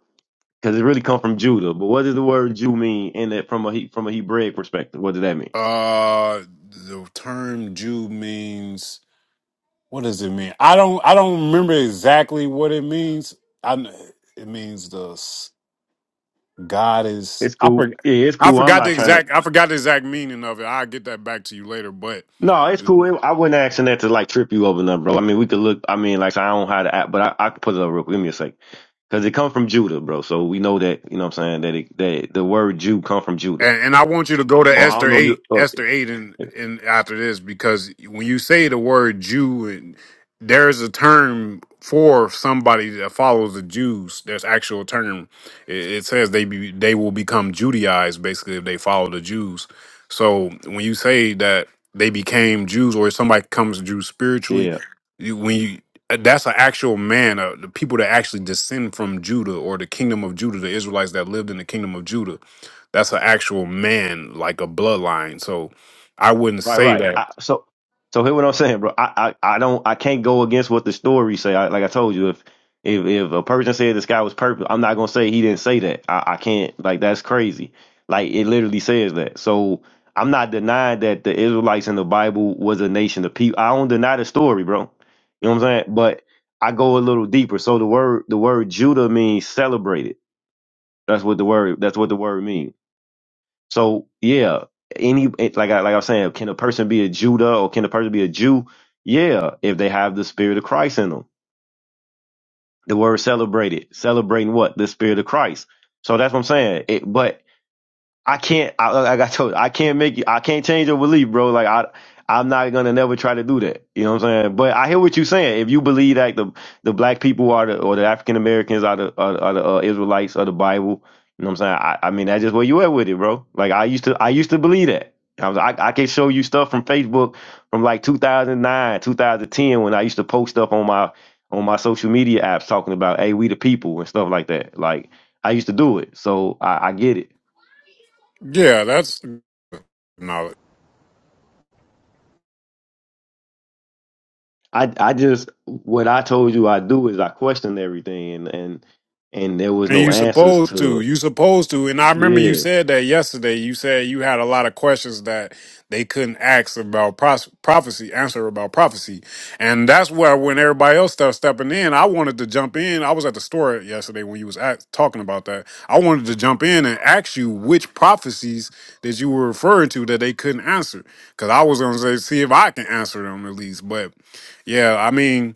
Speaker 3: Because it really come from Judah, but what does the word Jew mean in that from a He- from a Hebraic perspective? What does that mean?
Speaker 6: Uh the term Jew means what does it mean? I don't I don't remember exactly what it means. I kn- it means the God is.
Speaker 3: It's
Speaker 6: I
Speaker 3: cool.
Speaker 6: forgot.
Speaker 3: Yeah, it's
Speaker 6: I
Speaker 3: cool. I'm
Speaker 6: forgot the
Speaker 3: not trying to
Speaker 6: exact. I forgot the exact meaning of it. I'll get that back to you later. But
Speaker 3: No, it's cool. I wasn't asking that to like trip you over nothing, bro. I mean, we could look. I mean, like so I don't know how to act, but I, I could put it up real quick. Give me a sec. Cause it come from Judah, bro. So we know that you know what I'm saying that it, that the word Jew come from Judah.
Speaker 6: and, and I want you to go to
Speaker 3: Or I don't
Speaker 6: Esther
Speaker 3: know you.
Speaker 6: eight,
Speaker 3: Oh,
Speaker 6: Esther eight, and and after this because when you say the word Jew, and there is a term for somebody that follows the Jews. There's actual term. It, it says they be, they will become Judaized basically if they follow the Jews. So when you say that they became Jews, or if somebody comes Jew spiritually,
Speaker 3: yeah.
Speaker 6: you, when you that's an actual man, uh, the people that actually descend from Judah or the kingdom of Judah, the Israelites that lived in the kingdom of Judah that's an actual man, like a bloodline. So I wouldn't
Speaker 3: Right,
Speaker 6: say
Speaker 3: right.
Speaker 6: that.
Speaker 3: I, so, so hear what I'm saying, bro. I, I, I don't, I can't go against what the story say. I, like I told you, if, if, if a person said the sky was purple, I'm not gonna say he didn't say that. I, I can't. Like that's crazy. Like it literally says that. So I'm not denying that the Israelites in the Bible was a nation of people. I don't deny the story, bro. You know what I'm saying? But I go a little deeper. So the word, the word Judah means celebrated. That's what the word. That's what the word means. So yeah, any it, like I like I was saying, can a person be a Judah or can a person be a Jew? Yeah, if they have the Spirit of Christ in them. The word celebrated, celebrating what the Spirit of Christ. So that's what I'm saying. It, but I can't. I, like like I told you, I can't make you. I can't change your belief, bro. Like I, I'm not gonna never try to do that. You know what I'm saying? But I hear what you're saying. If you believe that the the black people are the or the African Americans are the are, the- are the uh, Israelites or the Bible, you know what I'm saying? I, I mean, that's just where you at with it, bro. Like I used to, I used to believe that. I was, I, I can show you stuff from Facebook from like 2009, 2010 when I used to post stuff on my on my social media apps talking about, hey, we the people and stuff like that. Like I used to do it, so I, I get it.
Speaker 6: Yeah, that's no.
Speaker 3: I I just what I told you I do is I questioned everything and and, and there was
Speaker 6: And
Speaker 3: no
Speaker 6: you
Speaker 3: answers
Speaker 6: supposed to.
Speaker 3: to
Speaker 6: You supposed to. And I remember you
Speaker 3: yeah.
Speaker 6: said that yesterday. You said you had a lot of questions that they couldn't ask about pros- prophecy, answer about prophecy. And that's where when everybody else started stepping in, I wanted to jump in. I was at the store yesterday when you was at, talking about that. I wanted to jump in and ask you which prophecies that you were referring to that they couldn't answer. Cause I was gonna say, see if I can answer them at least. But yeah, I mean,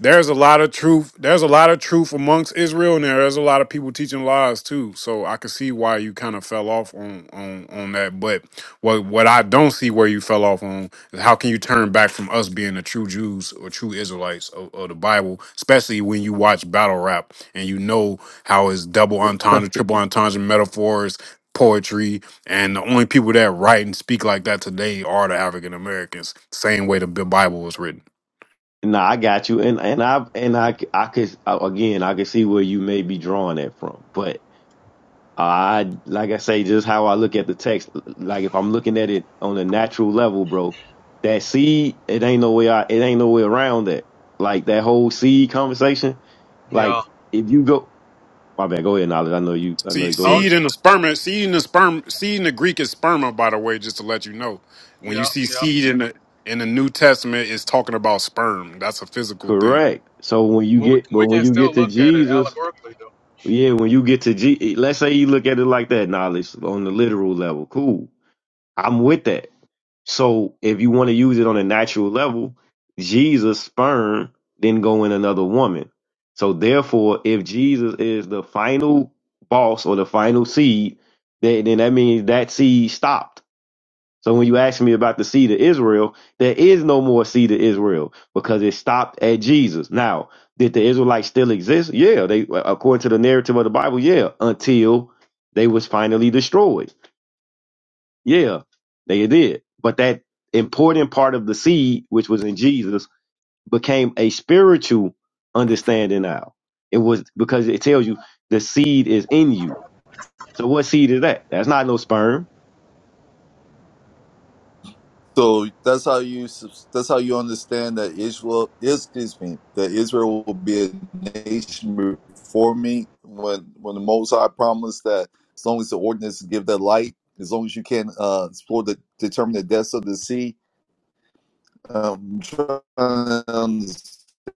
Speaker 6: there's a lot of truth. There's a lot of truth amongst Israel, and there- there's a lot of people teaching lies too. So I can see why you kind of fell off on on on that. But what what I don't see where you fell off on is how can you turn back from us being the true Jews or true Israelites of, of the Bible, especially when you watch battle rap and you know how it's double entendre, triple entendre metaphors. Poetry and the only people that write and speak like that today are the African Americans, same way the Bi- Bible was written.
Speaker 3: No, I got you, and and I and I I could uh, again I could see where you may be drawing that from, but I like I say just how I look at the text, like if I'm looking at it on a natural level, bro, that seed it ain't no way I it ain't no way around that. Like that whole seed conversation, like if you go, my bad, go ahead, knowledge. I know you, I know
Speaker 6: See,
Speaker 3: you. Go ahead.
Speaker 6: seed in the sperm, seed in the sperm, seed in the Greek is sperma, by the way, just to let you know. When you see seed in the in the New Testament, it's talking about sperm. That's a physical thing.
Speaker 3: Correct. So when you get, but when you get to Jesus, yeah, when you get to G, let's say you look at it like that, knowledge on the literal level. Cool. I'm with that. So if you want to use it on a natural level, Jesus' sperm then go in another woman. So therefore, if Jesus is the final boss or the final seed, then, then that means that seed stopped. So when you ask me about the seed of Israel, there is no more seed of Israel because it stopped at Jesus. Now, did the Israelites still exist? Yeah, they according to the narrative of the Bible, yeah, until they was finally destroyed. Yeah, they did. But that important part of the seed, which was in Jesus, became a spiritual understanding now. It was because it tells you the seed is in you. So what seed is that? That's not no sperm.
Speaker 4: So that's how you subs- that's how you understand that Israel is excuse me that Israel will be a nation before me when when the Most High promised that as long as the ordinance give that light, as long as you can uh, explore the determine the depths of the sea. Um,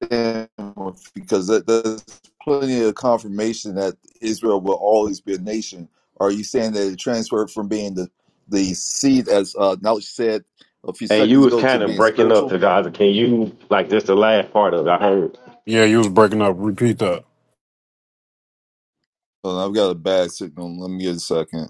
Speaker 4: because there's plenty of confirmation that Israel will always be a nation. Are you saying that it transferred from being the the seed, as uh, Knowledge said a few
Speaker 3: Hey, you
Speaker 4: seconds
Speaker 3: was
Speaker 4: ago, to
Speaker 3: kind of
Speaker 4: being
Speaker 3: breaking up,
Speaker 4: spiritual?
Speaker 3: Tagaza. Can you like just the last part of it? I heard.
Speaker 6: Yeah, you was breaking up. Repeat that.
Speaker 4: Hold on, I've got a bad signal. Let me get a second.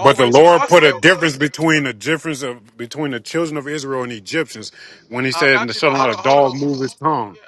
Speaker 6: But the Lord put a difference between the difference of between the children of Israel and Egyptians when He said, "And shall not a dog move his tongue."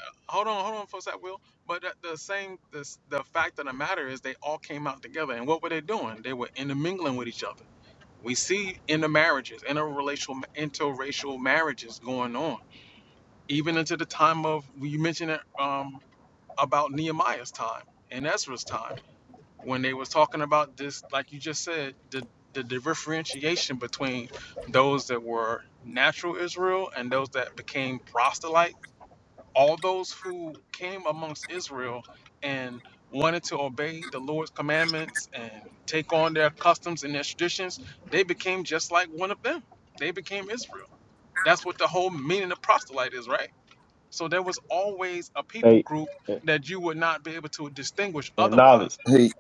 Speaker 3: Hey, and and knowledge,
Speaker 4: Hey,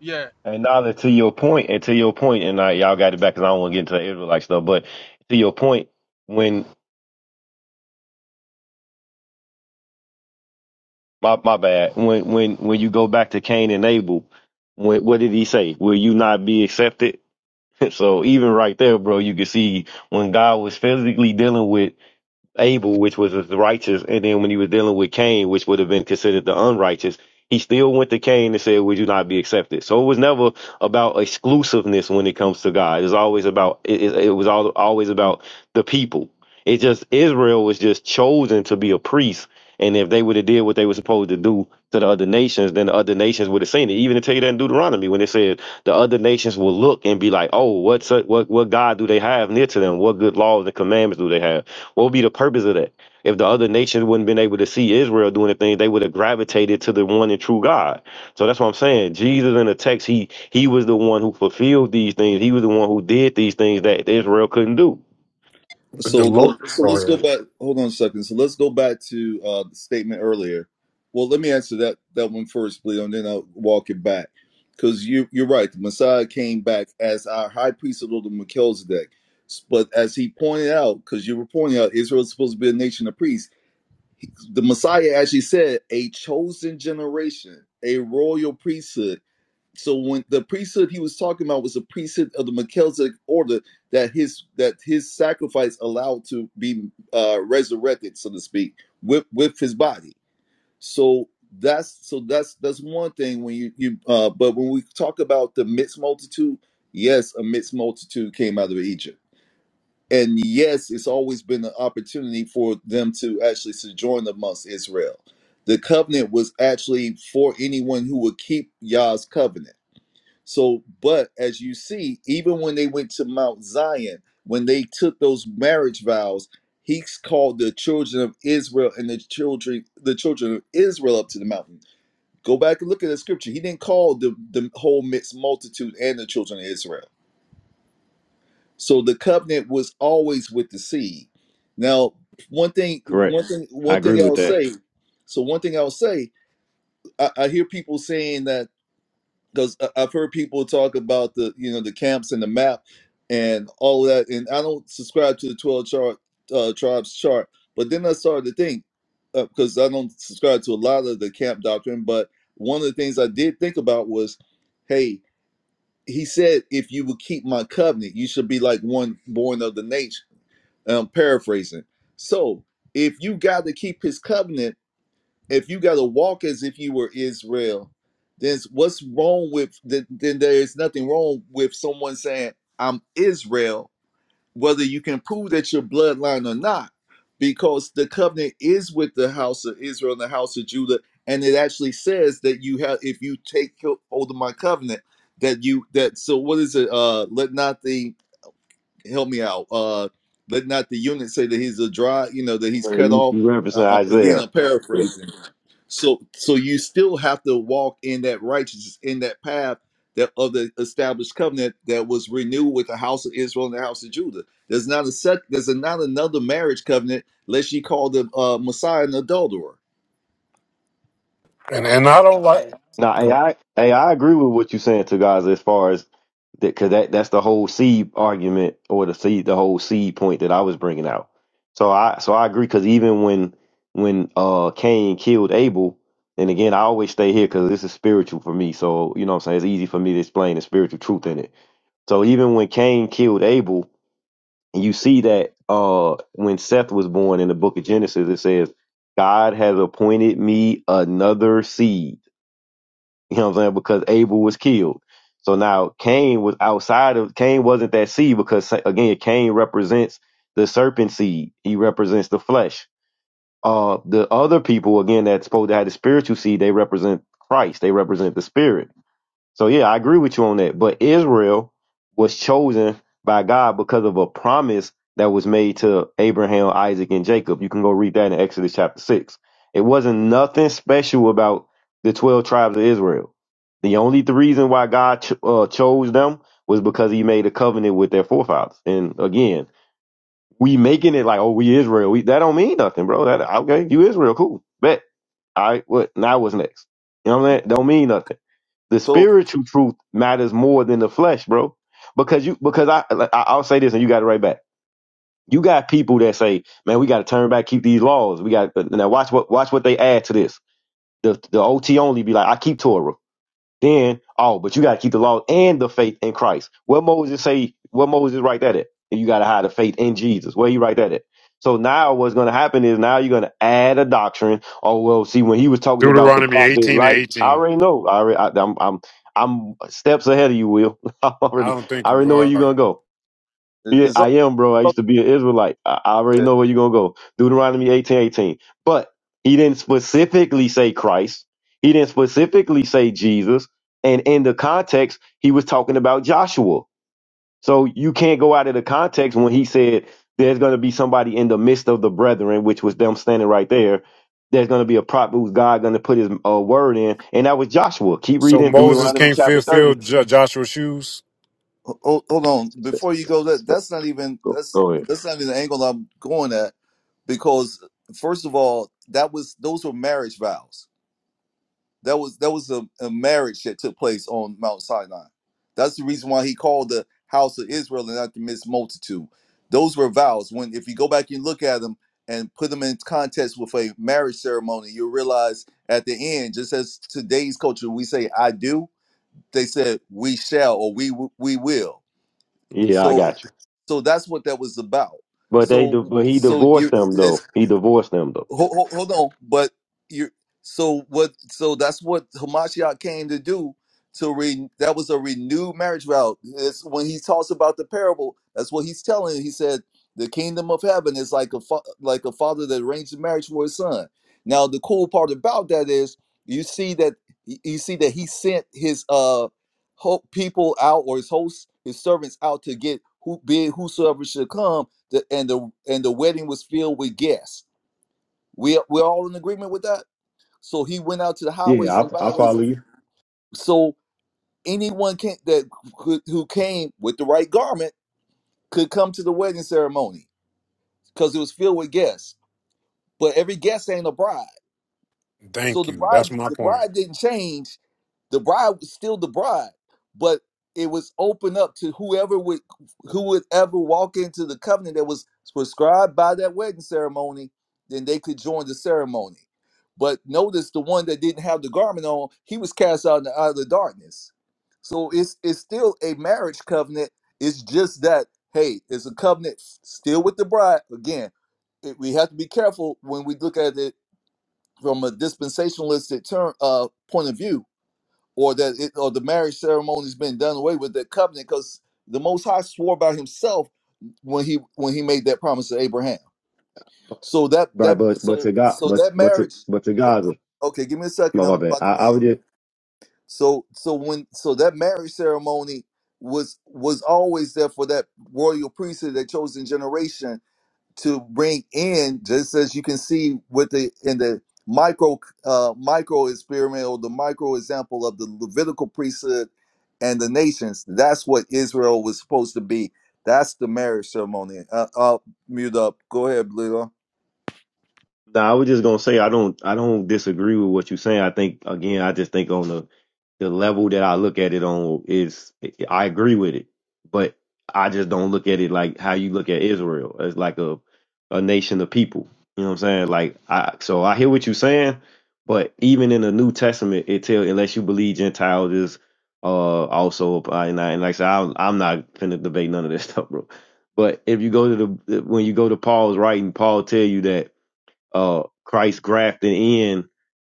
Speaker 3: and knowledge to your point, and to your point, and like y'all got it back because I don't want to get into the Israelite like stuff. But to your point, when my my bad, when when when you go back to Cain and Abel, when, what did he say? Will you not be accepted? so even right there, bro, you can see when God was physically dealing with Abel, which was the righteous, and then when he was dealing with Cain, which would have been considered the unrighteous, he still went to Cain and said, Would you not be accepted? So it was never about exclusiveness when it comes to God. It was always about it, it it was all, always about the people. It just Israel was just chosen to be a priest. And if they would have did what they were supposed to do to the other nations, then the other nations would have seen it. Even to tell you that in Deuteronomy, when it said the other nations will look and be like, "Oh, what's what what God do they have near to them? What good laws and commandments do they have?" What would be the purpose of that? If the other nations wouldn't been able to see Israel doing the thing, they would have gravitated to the one and true God. So that's what I'm saying. Jesus in the text, he he was the one who fulfilled these things. He was the one who did these things that Israel couldn't do.
Speaker 6: But
Speaker 4: So
Speaker 6: the Lord,
Speaker 4: let, so
Speaker 6: go
Speaker 4: let's go
Speaker 6: ahead.
Speaker 4: back. Hold on a second. So let's go back to uh, the statement earlier. Well, let me answer that that one first, Leo, and then I'll walk it back. Because you you're right. The Messiah came back as our high priest of the Melchizedek. But as he pointed out, because you were pointing out, Israel is supposed to be a nation of priests. The Messiah actually said, "A chosen generation, a royal priesthood." So when the priesthood he was talking about was the priesthood of the Melchizedek order that his that his sacrifice allowed to be uh, resurrected, so to speak, with with his body. So that's so that's that's one thing when you you uh, but when we talk about the mixed multitude, yes, a mixed multitude came out of Egypt, and yes, it's always been an opportunity for them to actually sojourn amongst Israel. The covenant was actually for anyone who would keep Yah's covenant so, but as you see, even when they went to Mount Zion, when they took those marriage vows, he called the children of Israel and the children the children of Israel up to the mountain. Go back and look at the scripture. He didn't call the, the whole mixed multitude and the children of Israel. So the covenant was always with the seed. Now, one thing,
Speaker 3: Correct.
Speaker 4: one thing,
Speaker 3: I
Speaker 4: one thing
Speaker 3: agree
Speaker 4: I'll
Speaker 3: with that.
Speaker 4: say. So one thing I'll say, I, I hear people saying that because I've heard people talk about the you know the camps and the map and all that, and I don't subscribe to the twelve chart uh, tribes chart. But then I started to think because I don't subscribe to a lot of the camp doctrine. But one of the things I did think about was, hey, he said if you would keep my covenant, you should be like one born of the nation. I'm paraphrasing. So if you got to keep his covenant if you got to walk as if you were Israel, then what's wrong with then, then there is nothing wrong with someone saying I'm Israel, whether you can prove that your bloodline or not, because the covenant is with the house of Israel and the house of Judah, and it actually says that you have if you take hold of my covenant that you that so what is it uh let not the help me out uh let not the unit say that he's a dry you know that he's
Speaker 3: Yeah,
Speaker 4: cut
Speaker 3: you
Speaker 4: off
Speaker 3: you
Speaker 4: uh,
Speaker 3: referencing
Speaker 4: uh, again
Speaker 3: Isaiah.
Speaker 4: I'm paraphrasing so so you still have to walk in that righteousness, in that path that of the established covenant that was renewed with the house of Israel and the house of Judah. There's not a set there's not another marriage covenant lest ye call the uh, Messiah an adulterer.
Speaker 6: And and I don't like.
Speaker 3: Now,
Speaker 6: Go.
Speaker 3: I I I agree with what you're saying to guys as far as that, because that that's the whole seed argument or the seed, the whole seed point that I was bringing out. So I so I agree because even when when uh Cain killed Abel, and again I always stay here because this is spiritual for me. So you know what I'm saying it's easy for me to explain the spiritual truth in it. So even when Cain killed Abel, you see that uh when Seth was born in the Book of Genesis, it says God has appointed me another seed. You know what I'm saying? Because Abel was killed. So now Cain was outside of Cain wasn't that seed because again Cain represents the serpent seed. He represents the flesh. Uh, the other people again that's supposed to have the spiritual seed, they represent Christ. They represent the spirit. So yeah, I agree with you on that. But Israel was chosen by God because of a promise that was made to Abraham, Isaac, and Jacob. You can go read that in Exodus chapter six. It wasn't nothing special about the twelve tribes of Israel. The only th- reason why God ch- uh, chose them was because He made a covenant with their forefathers. And again, we making it like, oh, we Israel. We, that don't mean nothing, bro. That okay? You Israel, cool, bet. All right, what now was next? You know what I'm saying? Don't mean nothing. The
Speaker 4: So
Speaker 3: spiritual truth matters more than the flesh, bro. Because you because I like, I- I'll say this and you got it right back. You got people that say, "Man, we got to turn back, keep these laws. We got now watch what watch what they add to this. The the OT only be like, I keep Torah. Then, oh, but you got to keep the law and the faith in Christ. What Moses say? What Moses write that at? You got to have the faith in Jesus. Where he write that at? So now what's going to happen is now you're going to add a doctrine. Oh well, see when he was talking about the
Speaker 6: Deuteronomy
Speaker 3: prophet,
Speaker 6: eighteen and
Speaker 3: like I
Speaker 6: eighteen.
Speaker 3: already know. I already, I, I'm I'm I'm steps ahead of you, Will. I
Speaker 6: I
Speaker 3: already
Speaker 6: don't
Speaker 3: I
Speaker 6: think
Speaker 3: already
Speaker 6: you
Speaker 3: know where you're gonna
Speaker 6: are.
Speaker 3: go.
Speaker 4: it's,
Speaker 3: Yeah,
Speaker 4: it's
Speaker 3: I
Speaker 4: all
Speaker 3: am, bro. I
Speaker 4: all-
Speaker 3: used to be an Israelite. I I already know where you're gonna go. Deuteronomy eighteen eighteen. But he didn't specifically say Christ. He didn't specifically say Jesus. And in the context, he was talking about Joshua. So you can't go out of the context when he said there's gonna be somebody in the midst of the brethren, which was them standing right there. There's gonna be a prophet who's God gonna put his uh, word in, and that was Joshua. Keep
Speaker 6: So
Speaker 3: reading
Speaker 6: Moses
Speaker 3: Deuteronomy
Speaker 6: can't
Speaker 3: chapter
Speaker 6: fulfill
Speaker 3: thirty.
Speaker 6: J- Joshua's shoes.
Speaker 4: hold, hold on before you go that that's not even
Speaker 3: Go,
Speaker 4: that's
Speaker 3: go ahead.
Speaker 4: that's not even the angle I'm going at because first of all that was those were marriage vows That was that was a, a marriage that took place on Mount Sinai. That's the reason why he called the house of Israel and not the mixed multitude. Those were vows. When if you go back and look at them and put them in context with a marriage ceremony, you'll realize at the end, just as today's culture, we say "I do," they said "we shall" or "we w- we will."
Speaker 3: Yeah, I
Speaker 4: So,
Speaker 3: got you.
Speaker 4: so that's what that was about.
Speaker 3: But they, di-
Speaker 4: So,
Speaker 3: but he
Speaker 4: so
Speaker 3: divorced
Speaker 4: you
Speaker 3: them though. He divorced them though.
Speaker 4: hold, hold, hold on. But you so what? So that's what Hamashiach came to do. To re, that was a renewed marriage vow. It's when he talks about the parable. That's what he's telling. He said the kingdom of heaven is like a fa- like a father that arranged a marriage for his son. Now the cool part about that is you see that you see that he sent his uh ho- people out or his hosts his servants out to get who be it whosoever should come. The, and the and the wedding was filled with guests we we're all in agreement with that. So he went out to the
Speaker 3: Yeah,
Speaker 4: highways and
Speaker 3: I I
Speaker 4: byways.
Speaker 3: follow you.
Speaker 4: So anyone can that could, who came with the right garment could come to the wedding ceremony because it was filled with guests. But every guest ain't a bride. So
Speaker 6: Thank
Speaker 4: the
Speaker 6: you. That's
Speaker 4: bride,
Speaker 6: my
Speaker 4: the
Speaker 6: point.
Speaker 4: bride didn't change. The bride was still the bride, but it was open up to whoever would, who would ever walk into the covenant that was prescribed by that wedding ceremony. Then they could join the ceremony. But notice the one that didn't have the garment on, he was cast out in the outer darkness. So it's it's still a marriage covenant. It's just that hey, it's a covenant still with the bride. Again, it- we have to be careful when we look at it from a dispensationalistic term uh, point of view, or that it, or the marriage ceremony's been done away with that covenant, because the Most High swore by Himself when he when he made that promise to Abraham. So that
Speaker 3: Right,
Speaker 4: that
Speaker 3: but but
Speaker 4: so
Speaker 3: to God,
Speaker 4: so
Speaker 3: but
Speaker 4: that
Speaker 3: but to
Speaker 4: marriage.
Speaker 3: but to
Speaker 4: o- o-
Speaker 3: Gaza.
Speaker 4: Okay, give me a second.
Speaker 3: No, my
Speaker 4: I'm
Speaker 3: bad.
Speaker 4: about
Speaker 3: I,
Speaker 4: to
Speaker 3: I would
Speaker 4: land.
Speaker 3: just
Speaker 4: So so when so that marriage ceremony was was always there for that royal priesthood, that chosen generation to bring in just as you can see with the in the micro uh, micro experiment or the micro example of the Levitical priesthood and the nations. That's what Israel was supposed to be. That's the marriage ceremony. Uh, I'll mute up. Go ahead, Bleedo.
Speaker 3: No, I was just gonna say I don't I don't disagree with what you're saying. I think again, I just think on the the level that I look at it on is I agree with it, but I just don't look at it like how you look at Israel as like a a nation of people. You know what I'm saying? Like I so I hear what you're saying, but even in the New Testament, it tell unless you believe Gentiles is uh also uh, and, I, and like I said, I'm, I'm not finna debate none of this stuff, bro. But if you go to the when you go to Paul's writing, Paul tell you that uh, Christ grafted in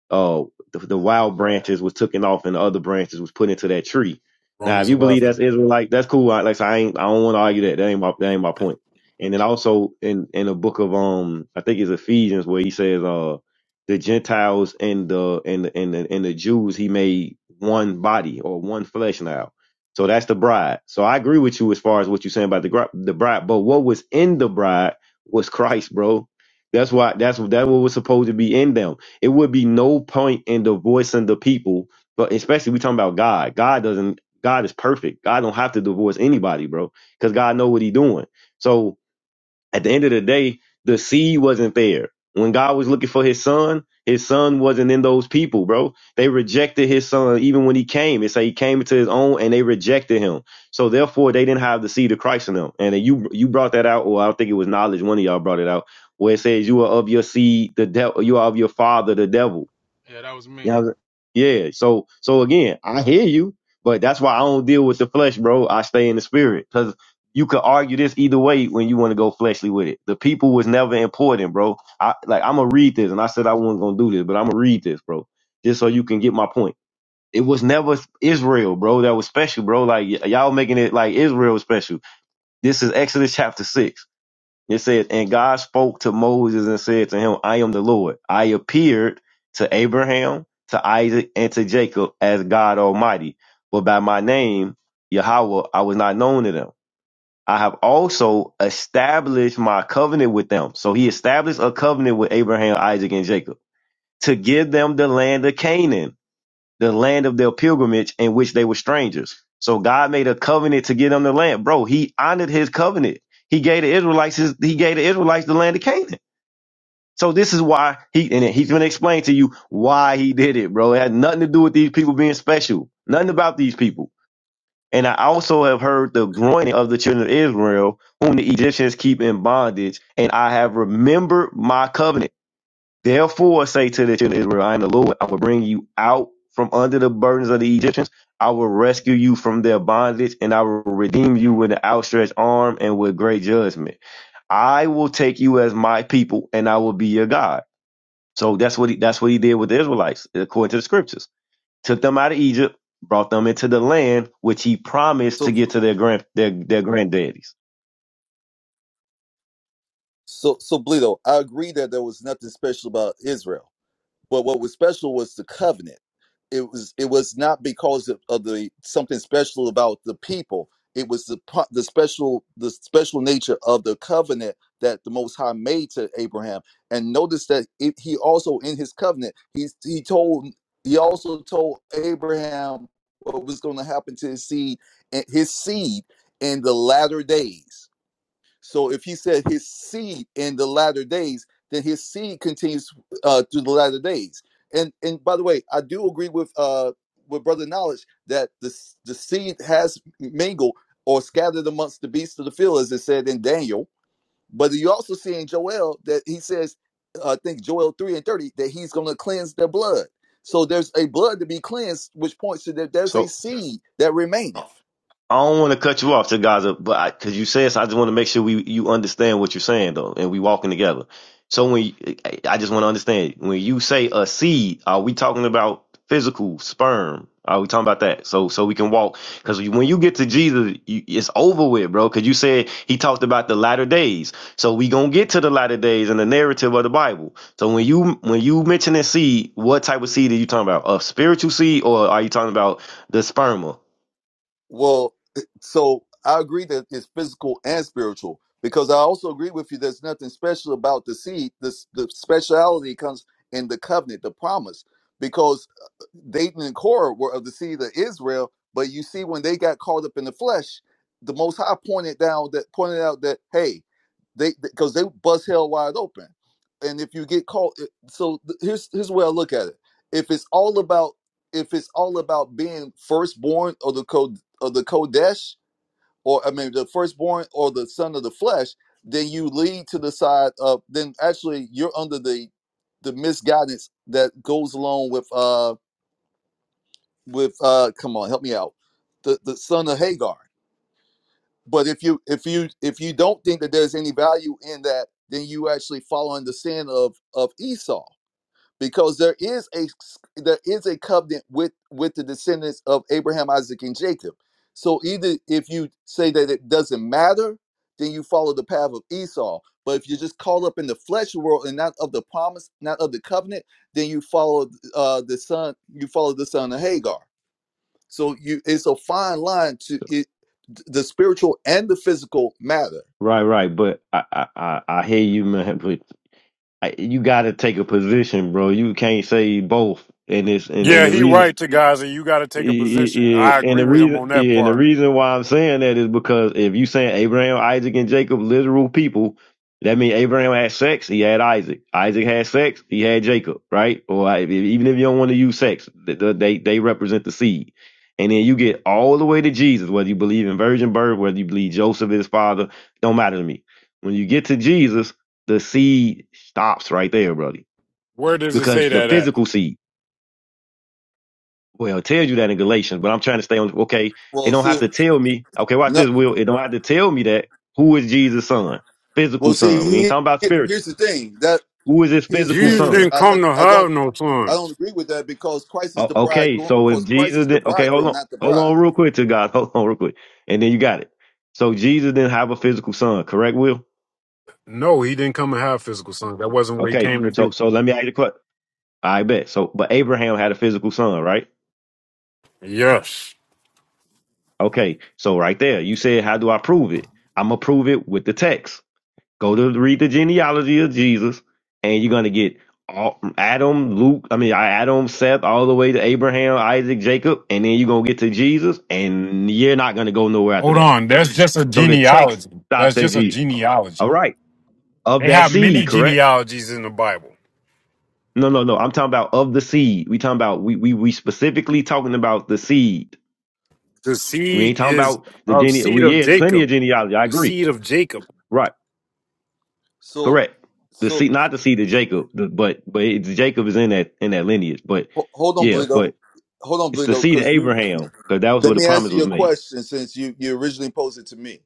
Speaker 3: uh, the, the wild branches was taken off and the other branches was put into that tree. Now, if
Speaker 6: Romans
Speaker 3: you believe
Speaker 6: 11.
Speaker 3: that's Israelite, that's cool. I, like I, said, I ain't, I don't want to argue that. That ain't my, that ain't my point. And then also in in the book of um, I think it's Ephesians where he says uh, the Gentiles and the and the and the, and the Jews he made one body or one flesh now. So that's the bride. So I agree with you as far as what you're saying about the gr- the bride. But what was in the bride was Christ, bro. That's why that's that what was supposed to be in them. It would be no point in divorcing the people, but especially we talking about God. God doesn't God is perfect. God don't have to divorce anybody, bro, because God know what he doing. So at the end of the day, the seed wasn't there. When God was looking for his son, his son wasn't in those people, bro. They rejected his son even when he came. It say he came into his own and they rejected him. So therefore they didn't have the seed of Christ in them. And then you you brought that out, or I think it was knowledge, one of y'all brought it out, where it says you are of your seed, the devil you are of your father, the devil. You know, what I'm saying? yeah. So so again, I hear you, but that's why I don't deal with the flesh, bro. I stay in the spirit because you could argue this either way when you want to go fleshly with it. The people was never important, bro. I like I'm gonna read this, and I said I wasn't gonna do this, but I'm gonna read this, bro, just so you can get my point. It was never Israel, bro. That was special, bro. Like y- y'all making it like Israel was special. This is Exodus chapter six. It says, And God spoke to Moses and said to him, I am the Lord. I appeared to Abraham, to Isaac, and to Jacob as God Almighty, but by my name, Yahweh, I was not known to them. I have also established my covenant with them. So he established a covenant with Abraham, Isaac, and Jacob to give them the land of Canaan the land of their pilgrimage in which they were strangers. So God made a covenant to get them the land. Bro, he honored his covenant. He gave the Israelites his, he gave the Israelites the land of Canaan. So this is why he and he's gonna explain to you why he did it, bro. It had nothing to do with these people being special. Nothing about these people. And I also have heard the groaning of the children of Israel, whom the Egyptians keep in bondage, and I have remembered my covenant. Therefore say to the children of Israel, I am the Lord. I will bring you out from under the burdens of the Egyptians. I will rescue you from their bondage, and I will redeem you with an outstretched arm and with great judgment. I will take you as my people, and I will be your God. So that's what he, that's what he did with the Israelites, according to the scriptures. Took them out of Egypt, brought them into the land which he promised to
Speaker 4: So
Speaker 3: get to their grand their, their granddaddies.
Speaker 4: so so Bleedo, I agree that there was nothing special about Israel But what was special was the covenant. It was it was not because of, of the something special about the people. It was the po- the special the special nature of the covenant that the Most High made to Abraham. And notice that it, he also in his covenant he he told he also told Abraham what was going to happen to his seed and his seed in the latter days. So if he said his seed in the latter days, then his seed continues uh, through the latter days. And and by the way, I do agree with uh, with brother knowledge that the the seed has mingled or scattered amongst the beasts of the field, as it said in Daniel. But you also see in Joel that he says, uh, I think Joel three and thirty, that he's going to cleanse their blood. So there's a blood to be cleansed, which points to that there's a
Speaker 3: So
Speaker 4: seed that remaineth.
Speaker 3: I don't want to cut you off, to Gaza, but cause you said, so I just want to make sure we, you understand what you're saying though, and we walking together. So when, you, I I just want to understand, when you say a seed, are we talking about physical sperm? Are we talking about that? So, so we can walk. Cause when you get to Jesus, you, it's over with, bro. Cause you said he talked about the latter days. So we gonna get to the latter days in the narrative of the Bible. So when you, when you mention a seed, what type of seed are you talking about? A spiritual seed or are you talking about the sperma?
Speaker 4: Well, so I agree that it's physical and spiritual because I also agree with you. There's nothing special about the seed. This the speciality comes in the covenant, the promise, because uh, Dayton and Korah were of the seed of Israel. But you see, when they got caught up in the flesh, the Most High pointed down that pointed out that hey, they because they bust hell wide open, and if you get caught, so th- here's here's where I look at it. If it's all about if it's all about being firstborn or the code or the kodesh or I mean the firstborn or the son of the flesh, then you lead to the side of then actually you're under the the misguidance that goes along with uh with uh come on help me out the the son of Hagar. But if you if you if you don't think that there's any value in that, then you actually follow in the sin of of Esau because there is a there is a covenant with with the descendants of Abraham, Isaac, and Jacob. So either if you say that it doesn't matter, then you follow the path of Esau. But if you're just caught up in the flesh world and not of the promise, not of the covenant, then you follow uh, the son. You follow the son of Hagar. So you it's a fine line to it. The spiritual and the physical matter.
Speaker 3: Right, right, but I, I, I I hear you, man. But I, you got to take a position, bro. You can't say both, and it's and, and
Speaker 6: Yeah,
Speaker 3: the
Speaker 6: he
Speaker 3: reason
Speaker 6: right to guys that you got to take a position.
Speaker 3: yeah,
Speaker 6: I
Speaker 3: and
Speaker 6: agree
Speaker 3: the
Speaker 6: with him
Speaker 3: reason,
Speaker 6: on that
Speaker 3: yeah, and the
Speaker 6: part.
Speaker 3: reason why I'm saying that is because if you saying Abraham, Isaac, and Jacob, literal people, that means Abraham had sex, he had Isaac. Isaac had sex, he had Jacob, right? Or I- if- even if you don't want to use sex, th- th- they they represent the seed. And then you get all the way to Jesus, whether you believe in virgin birth, whether you believe Joseph is father, don't matter to me. When you get to Jesus, the seed stops right there, brother,
Speaker 6: Where does it
Speaker 3: because
Speaker 6: say
Speaker 3: the
Speaker 6: that at?
Speaker 3: physical seed. Well, it tells you that in Galatians, but I'm trying to stay on. Okay, it
Speaker 4: Well,
Speaker 3: don't have
Speaker 4: see,
Speaker 3: to tell me. Okay, watch
Speaker 4: no,
Speaker 3: this, Will. It don't have to tell me that who is Jesus' son,
Speaker 4: well,
Speaker 3: physical son. We
Speaker 4: see.
Speaker 3: ain't
Speaker 4: he-
Speaker 3: talking about spiritual.
Speaker 4: Here's the thing that
Speaker 3: Who is his
Speaker 4: here's the
Speaker 3: physical
Speaker 4: thing
Speaker 6: Jesus
Speaker 4: because
Speaker 3: son?
Speaker 6: didn't
Speaker 4: I,
Speaker 6: come to
Speaker 4: I I don't.
Speaker 6: have no
Speaker 4: I don't
Speaker 6: sons.
Speaker 4: agree with that because Christ is
Speaker 3: O-
Speaker 4: the
Speaker 3: okay,
Speaker 4: bridegroom.
Speaker 3: so if
Speaker 4: Because Christ
Speaker 3: Jesus,
Speaker 4: is the
Speaker 3: did, okay, hold
Speaker 4: bridegroom,
Speaker 3: on,
Speaker 4: not the
Speaker 3: hold
Speaker 4: bride.
Speaker 3: on, real quick to God, hold on, real quick, and then you got it. So Jesus didn't have a physical son, correct, Will?
Speaker 6: No, he didn't come to have physical sons. That wasn't what he
Speaker 3: Okay,
Speaker 6: came to
Speaker 3: so
Speaker 6: do.
Speaker 3: so let me ask you the question. I bet. So, but Abraham had a physical son, right?
Speaker 6: Yes.
Speaker 3: Okay, so right there, you said, how do I prove it? I'm gonna prove it with the text. Go to read the genealogy of Jesus, and you're gonna get all Adam, Luke. I mean, Adam, Seth, all the way to Abraham, Isaac, Jacob, and then you're gonna get to Jesus, and you're not gonna go nowhere after
Speaker 6: Hold
Speaker 3: that.
Speaker 6: on. That's just a
Speaker 3: So the text
Speaker 6: genealogy.
Speaker 3: stops
Speaker 6: That's
Speaker 3: at
Speaker 6: just a
Speaker 3: Jesus. All
Speaker 6: genealogy.
Speaker 3: right, of
Speaker 6: They
Speaker 3: that
Speaker 6: have
Speaker 3: seed,
Speaker 6: many
Speaker 3: correct?
Speaker 6: genealogies in the Bible.
Speaker 3: No, no, no. I'm talking about of the seed. We talking about we we we specifically talking about the seed.
Speaker 6: The
Speaker 3: We ain't
Speaker 6: seed
Speaker 3: talking
Speaker 6: is
Speaker 3: about the
Speaker 6: of
Speaker 3: gene.
Speaker 6: seed
Speaker 3: We
Speaker 6: of
Speaker 3: yeah, it's plenty of
Speaker 6: Jacob.
Speaker 3: genealogy. I
Speaker 6: The
Speaker 3: agree.
Speaker 6: seed of Jacob.
Speaker 3: Right.
Speaker 4: So,
Speaker 3: Correct. The
Speaker 4: so
Speaker 3: seed, not the seed of Jacob, the, but but it's, Jacob is in that in that lineage. But
Speaker 4: ho- hold on,
Speaker 3: yeah,
Speaker 4: Bleedo.
Speaker 3: but
Speaker 4: Hold on,
Speaker 3: it's the
Speaker 4: Bleedo,
Speaker 3: seed of
Speaker 4: because you.
Speaker 3: Abraham because that was
Speaker 4: Let
Speaker 3: where the
Speaker 4: me
Speaker 3: promise
Speaker 4: answer
Speaker 3: was
Speaker 4: your
Speaker 3: made.
Speaker 4: question since you you originally posed it to me.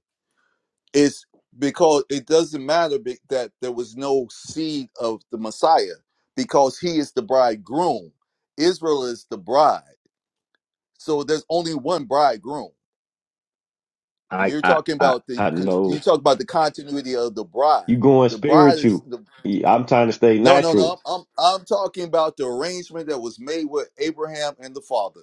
Speaker 4: It's because it doesn't matter be- that there was no seed of the Messiah because he is the bridegroom. Israel is the bride. So there's only one bridegroom.
Speaker 3: I
Speaker 4: You're
Speaker 3: I
Speaker 4: talking
Speaker 3: I,
Speaker 4: about the
Speaker 3: I
Speaker 4: con- you
Speaker 3: know
Speaker 4: talk about the continuity of the bride.
Speaker 3: you going
Speaker 4: The bride is
Speaker 3: spiritual.
Speaker 4: the
Speaker 3: You- I'm trying to stay
Speaker 4: No, no,
Speaker 3: natural.
Speaker 4: no. I'm I'm talking about the arrangement that was made with Abraham and the father.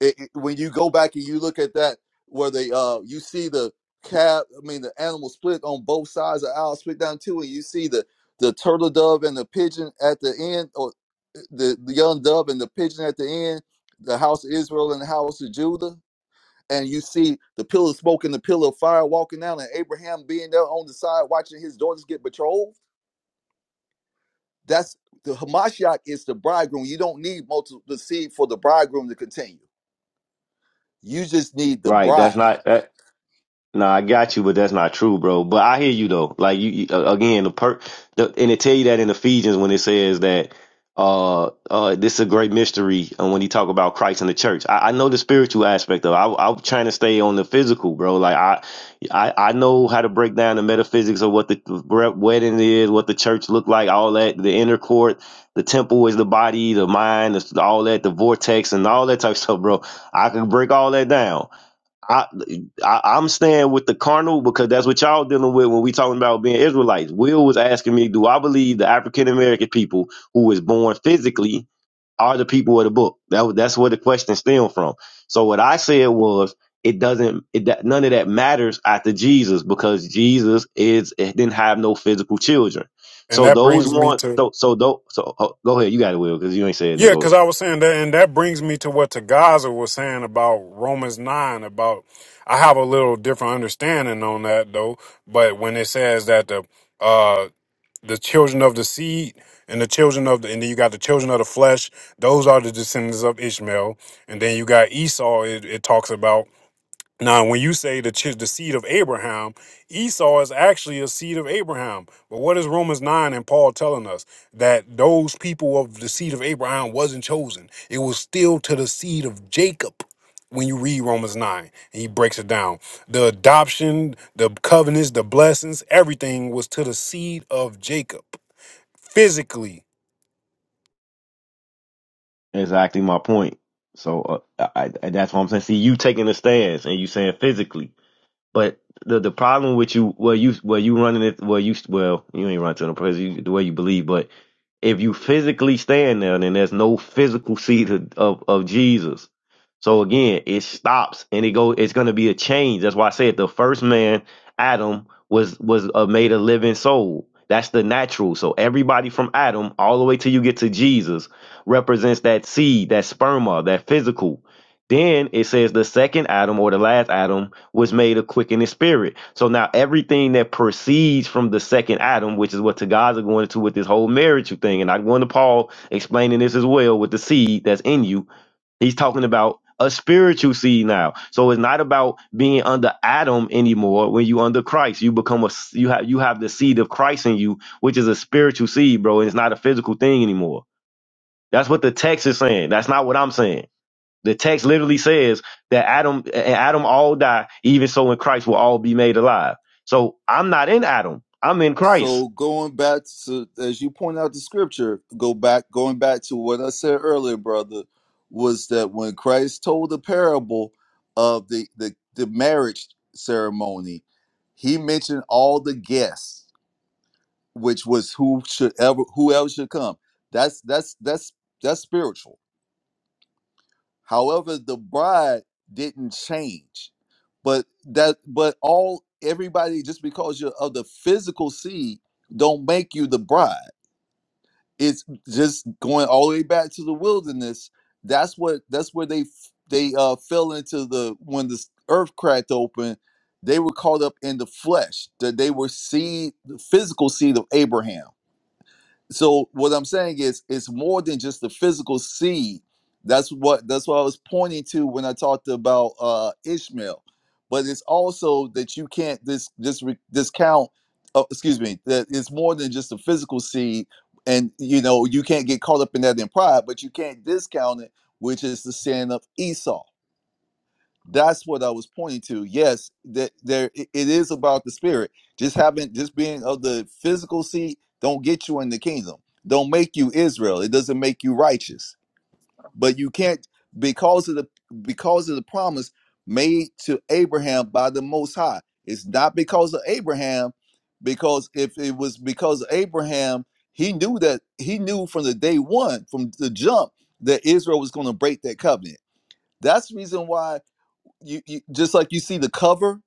Speaker 4: It, it- when you go back and you look at that, where they uh, you see the calf. I mean, the animal split on both sides. The owl split down too, and you see the the turtle dove and the pigeon at the end, or uh, the, the young dove and the pigeon at the end. The house of Israel and the house of Judah, and you see the pillar of smoke and the pillar of fire walking down, and Abraham being there on the side watching his daughters get betrothed that's the Hamashiach is the bridegroom. You don't need multiple the seed for the bridegroom to continue. You just need the
Speaker 3: Right.
Speaker 4: bride.
Speaker 3: That's not. Nah, I got you, but that's not true, bro. But I hear you though. Like you, you uh, again, the per the, and it tell you that in Ephesians when it says that uh uh this is a great mystery and when he talk about Christ and the church. I, I know the spiritual aspect of it. I I'm trying to stay on the physical, bro. Like I I I know how to break down the metaphysics of what the re- wedding is, what the church look like, all that, the inner court, the temple is the body, the mind, the, all that, the vortex and all that type of stuff, bro. I can break all that down. I, I I'm staying with the carnal because that's what y'all dealing with when we talking about being Israelites. Will was asking me, do I believe the African American people who was born physically are the people of the book? That was- that's where the question stemmed from. So what I said was, it doesn't, it that none of that matters after Jesus because Jesus is it didn't have no physical children.
Speaker 6: And
Speaker 3: So
Speaker 6: that
Speaker 3: those
Speaker 6: brings me
Speaker 3: one,
Speaker 6: to
Speaker 3: so so tho- so oh, go ahead, you got it, Will, because you ain't saying no.
Speaker 6: Yeah,
Speaker 3: Go ahead.
Speaker 6: because I was saying that, and that brings me to what Tagaza was saying about Romans 9. About I have a little different understanding on that though. But when it says that the uh the children of the seed and the children of the and then you got the children of the flesh, those are the descendants of Ishmael, and then you got Esau. It, it talks about now, when you say the ch- the seed of Abraham, Esau is actually a seed of Abraham. But what is Romans nine and Paul telling us that those people of the seed of Abraham wasn't chosen? It was still to the seed of Jacob. When you read Romans nine, and he breaks it down, the adoption, the covenants, the blessings, everything was to the seed of Jacob physically.
Speaker 3: Exactly my point. So uh, I, I, that's what I'm saying. See, you taking a stance and you saying physically. But the the problem with you, well, you well you running it, well you well you ain't running to the president you, the way you believe, but if you physically stand there, then there's no physical seed of, of of Jesus. So again, it stops and it go. It's gonna be a change. That's why I said the first man, Adam, was was uh, made a living soul. That's the natural. So everybody from Adam all the way till you get to Jesus represents that seed, that sperma, that physical. Then it says the second Adam or the last Adam was made a quickening spirit. So now everything that proceeds from the second Adam, which is what Tagaza going into with this whole marriage thing, and I'm going to Paul explaining this as well with the seed that's in you. He's talking about a spiritual seed now. So it's not about being under Adam anymore. When you under Christ, you become a s- you have you have the seed of Christ in you, which is a spiritual seed, bro, and it's not a physical thing anymore. That's what the text is saying. That's not what I'm saying. The text literally says that Adam and Adam all die, even so in Christ will all be made alive. So I'm not in Adam. I'm in Christ.
Speaker 4: So going back to as you point out the scripture, go back going back to what I said earlier, brother, was that when Christ told the parable of the the, the marriage ceremony, he mentioned all the guests, which was who should ever who else should come. That's that's that's that's spiritual However, the bride didn't change. But that but all everybody just because you're of the physical seed don't make you the bride. It's just going all the way back to the wilderness. That's what that's where they f- they uh fell into the when the earth cracked open, they were caught up in the flesh. That they were seed the physical seed of Abraham so what I'm saying is it's more than just the physical seed. That's what that's what I was pointing to when I talked about uh Ishmael. But it's also that you can't dis this discount oh, excuse me, that it's more than just the physical seed and you know you can't get caught up in that in pride, but you can't discount it, which is the sin of Esau that's what I was pointing to. Yes, that there it it is about the spirit. Just having just being of the physical seed don't get you in the kingdom. Don't make you Israel. It doesn't make you righteous. But you can't because of the because of the promise made to Abraham by the Most High. It's not because of Abraham, because if it was because of Abraham, he knew that he knew from the day one, from the jump, that Israel was going to break that covenant. That's the reason why you, you just like you see the cover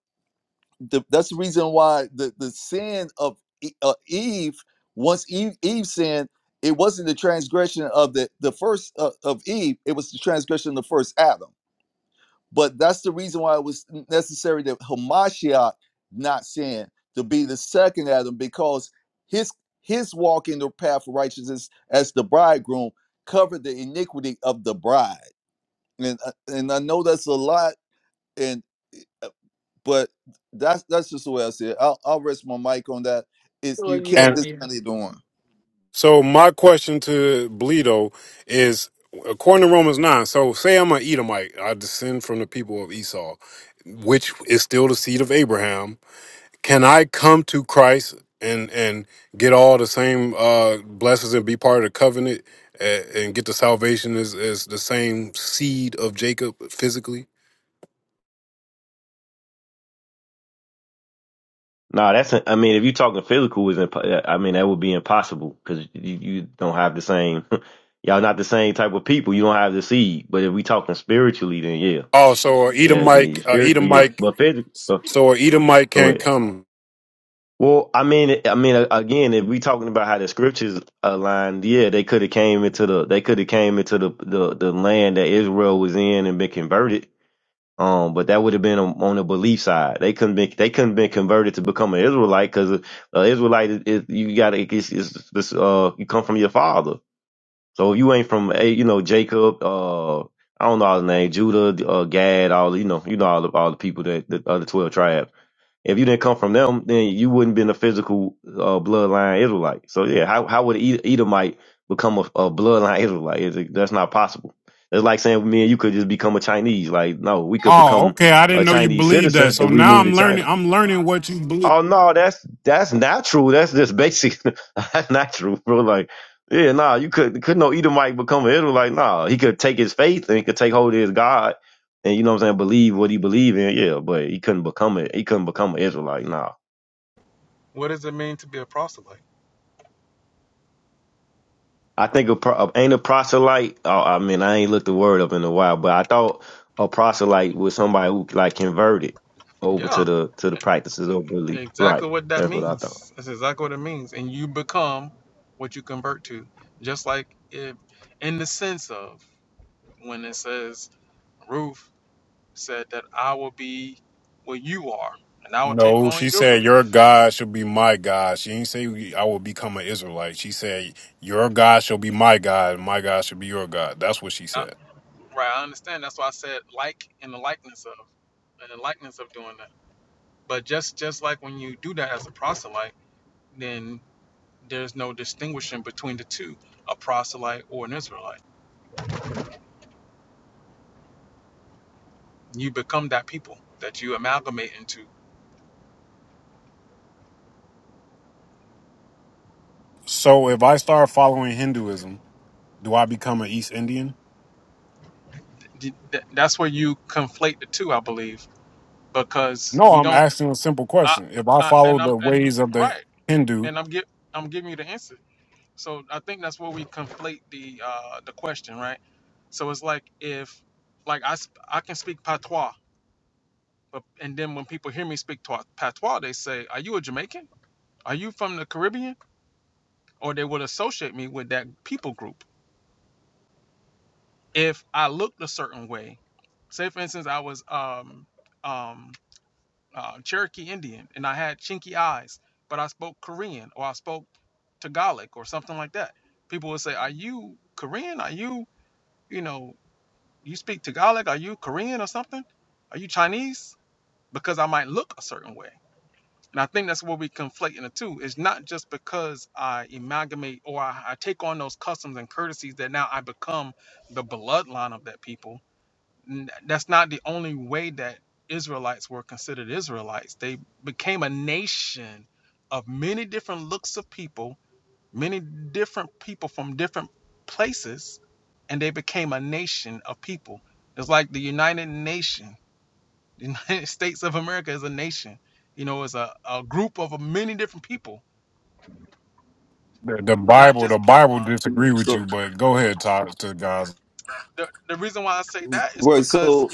Speaker 4: the, that's the reason why the the sin of E- uh, eve once eve, eve sinned it wasn't the transgression of the the first uh, of eve it was the transgression of the first adam but that's the reason why it was necessary that hamashiach not sin to be the second adam because his his walk in the path of righteousness as the bridegroom covered the iniquity of the bride and uh, and i know that's a lot and uh, but that's that's just the way I see it. I'll, I'll rest my mic on that. Is you can't
Speaker 6: And
Speaker 4: discount it one.
Speaker 6: So my question to Bleedo is, according to Romans nine, so say I'm an Edomite, I descend from the people of Esau, which is still the seed of Abraham. Can I come to Christ and and get all the same uh, blessings and be part of the covenant and, and get the salvation as, as the same seed of Jacob physically?
Speaker 3: No, that's I mean, if you're talking physical, is I mean that would be impossible because you, you don't have the same, y'all not the same type of people. You don't have the seed. But if we talking spiritually, then yeah,
Speaker 6: Oh, so a
Speaker 3: yeah, then
Speaker 6: Edomite,
Speaker 3: you
Speaker 6: a
Speaker 3: spiritually, yeah.
Speaker 6: Edomite,
Speaker 3: but physically, uh,
Speaker 6: so a Edomite
Speaker 3: go
Speaker 6: can
Speaker 3: ahead.
Speaker 6: come.
Speaker 3: Well, I mean, I mean, again, if we talking about how the scriptures aligned, yeah, they could have came into the they could have came into the, the the land that Israel was in and been converted. Um, but that would have been on, on the belief side. They couldn't be they couldn't been converted to become an Israelite because an Israelite is, is you got to it's, it's, it's uh you come from your father. So if you ain't from eh, you know Jacob, uh, I don't know all the name, Judah, uh, Gad, all you know, you know all the all the people that the other twelve tribes. If you didn't come from them, then you wouldn't been a physical uh, bloodline Israelite. So yeah, how how would an Edomite become a, a bloodline Israelite? It's- that's not possible. It's like saying me and you could just become a Chinese. Like no, we could
Speaker 6: Oh,
Speaker 3: become
Speaker 6: okay. I
Speaker 3: a
Speaker 6: didn't know you
Speaker 3: Chinese
Speaker 6: believed that.
Speaker 3: citizen if
Speaker 6: So
Speaker 3: we
Speaker 6: now
Speaker 3: move to
Speaker 6: I'm learning.
Speaker 3: China.
Speaker 6: I'm learning what you believe.
Speaker 3: Oh no, that's that's not true. That's just basic. that's not true, bro. Like yeah, nah, you could could no Edomite become an Israelite. Nah, he could take his faith and he could take hold of his God and you know what I'm saying, believe what he believe in. Yeah, but he couldn't become it. He couldn't become an Israelite. Nah. I think a pro- ain't a proselyte. Oh, I mean, I ain't looked the word up in a while, but I thought a proselyte was somebody who like converted over to the to the practices of belief. Right, that's what I thought.
Speaker 6: No, she said your God shall be my God. She didn't say we- I will become an Israelite. She said your God shall be my God, and my God shall be your God. That's what she said. So if I start following Hinduism, do I become an East Indian? No, I'm asking a simple question. If I follow the ways of the Hindu, The, the Bible, the Bible disagree with
Speaker 4: So
Speaker 6: you, but go ahead, Todd, to guys.
Speaker 4: right. So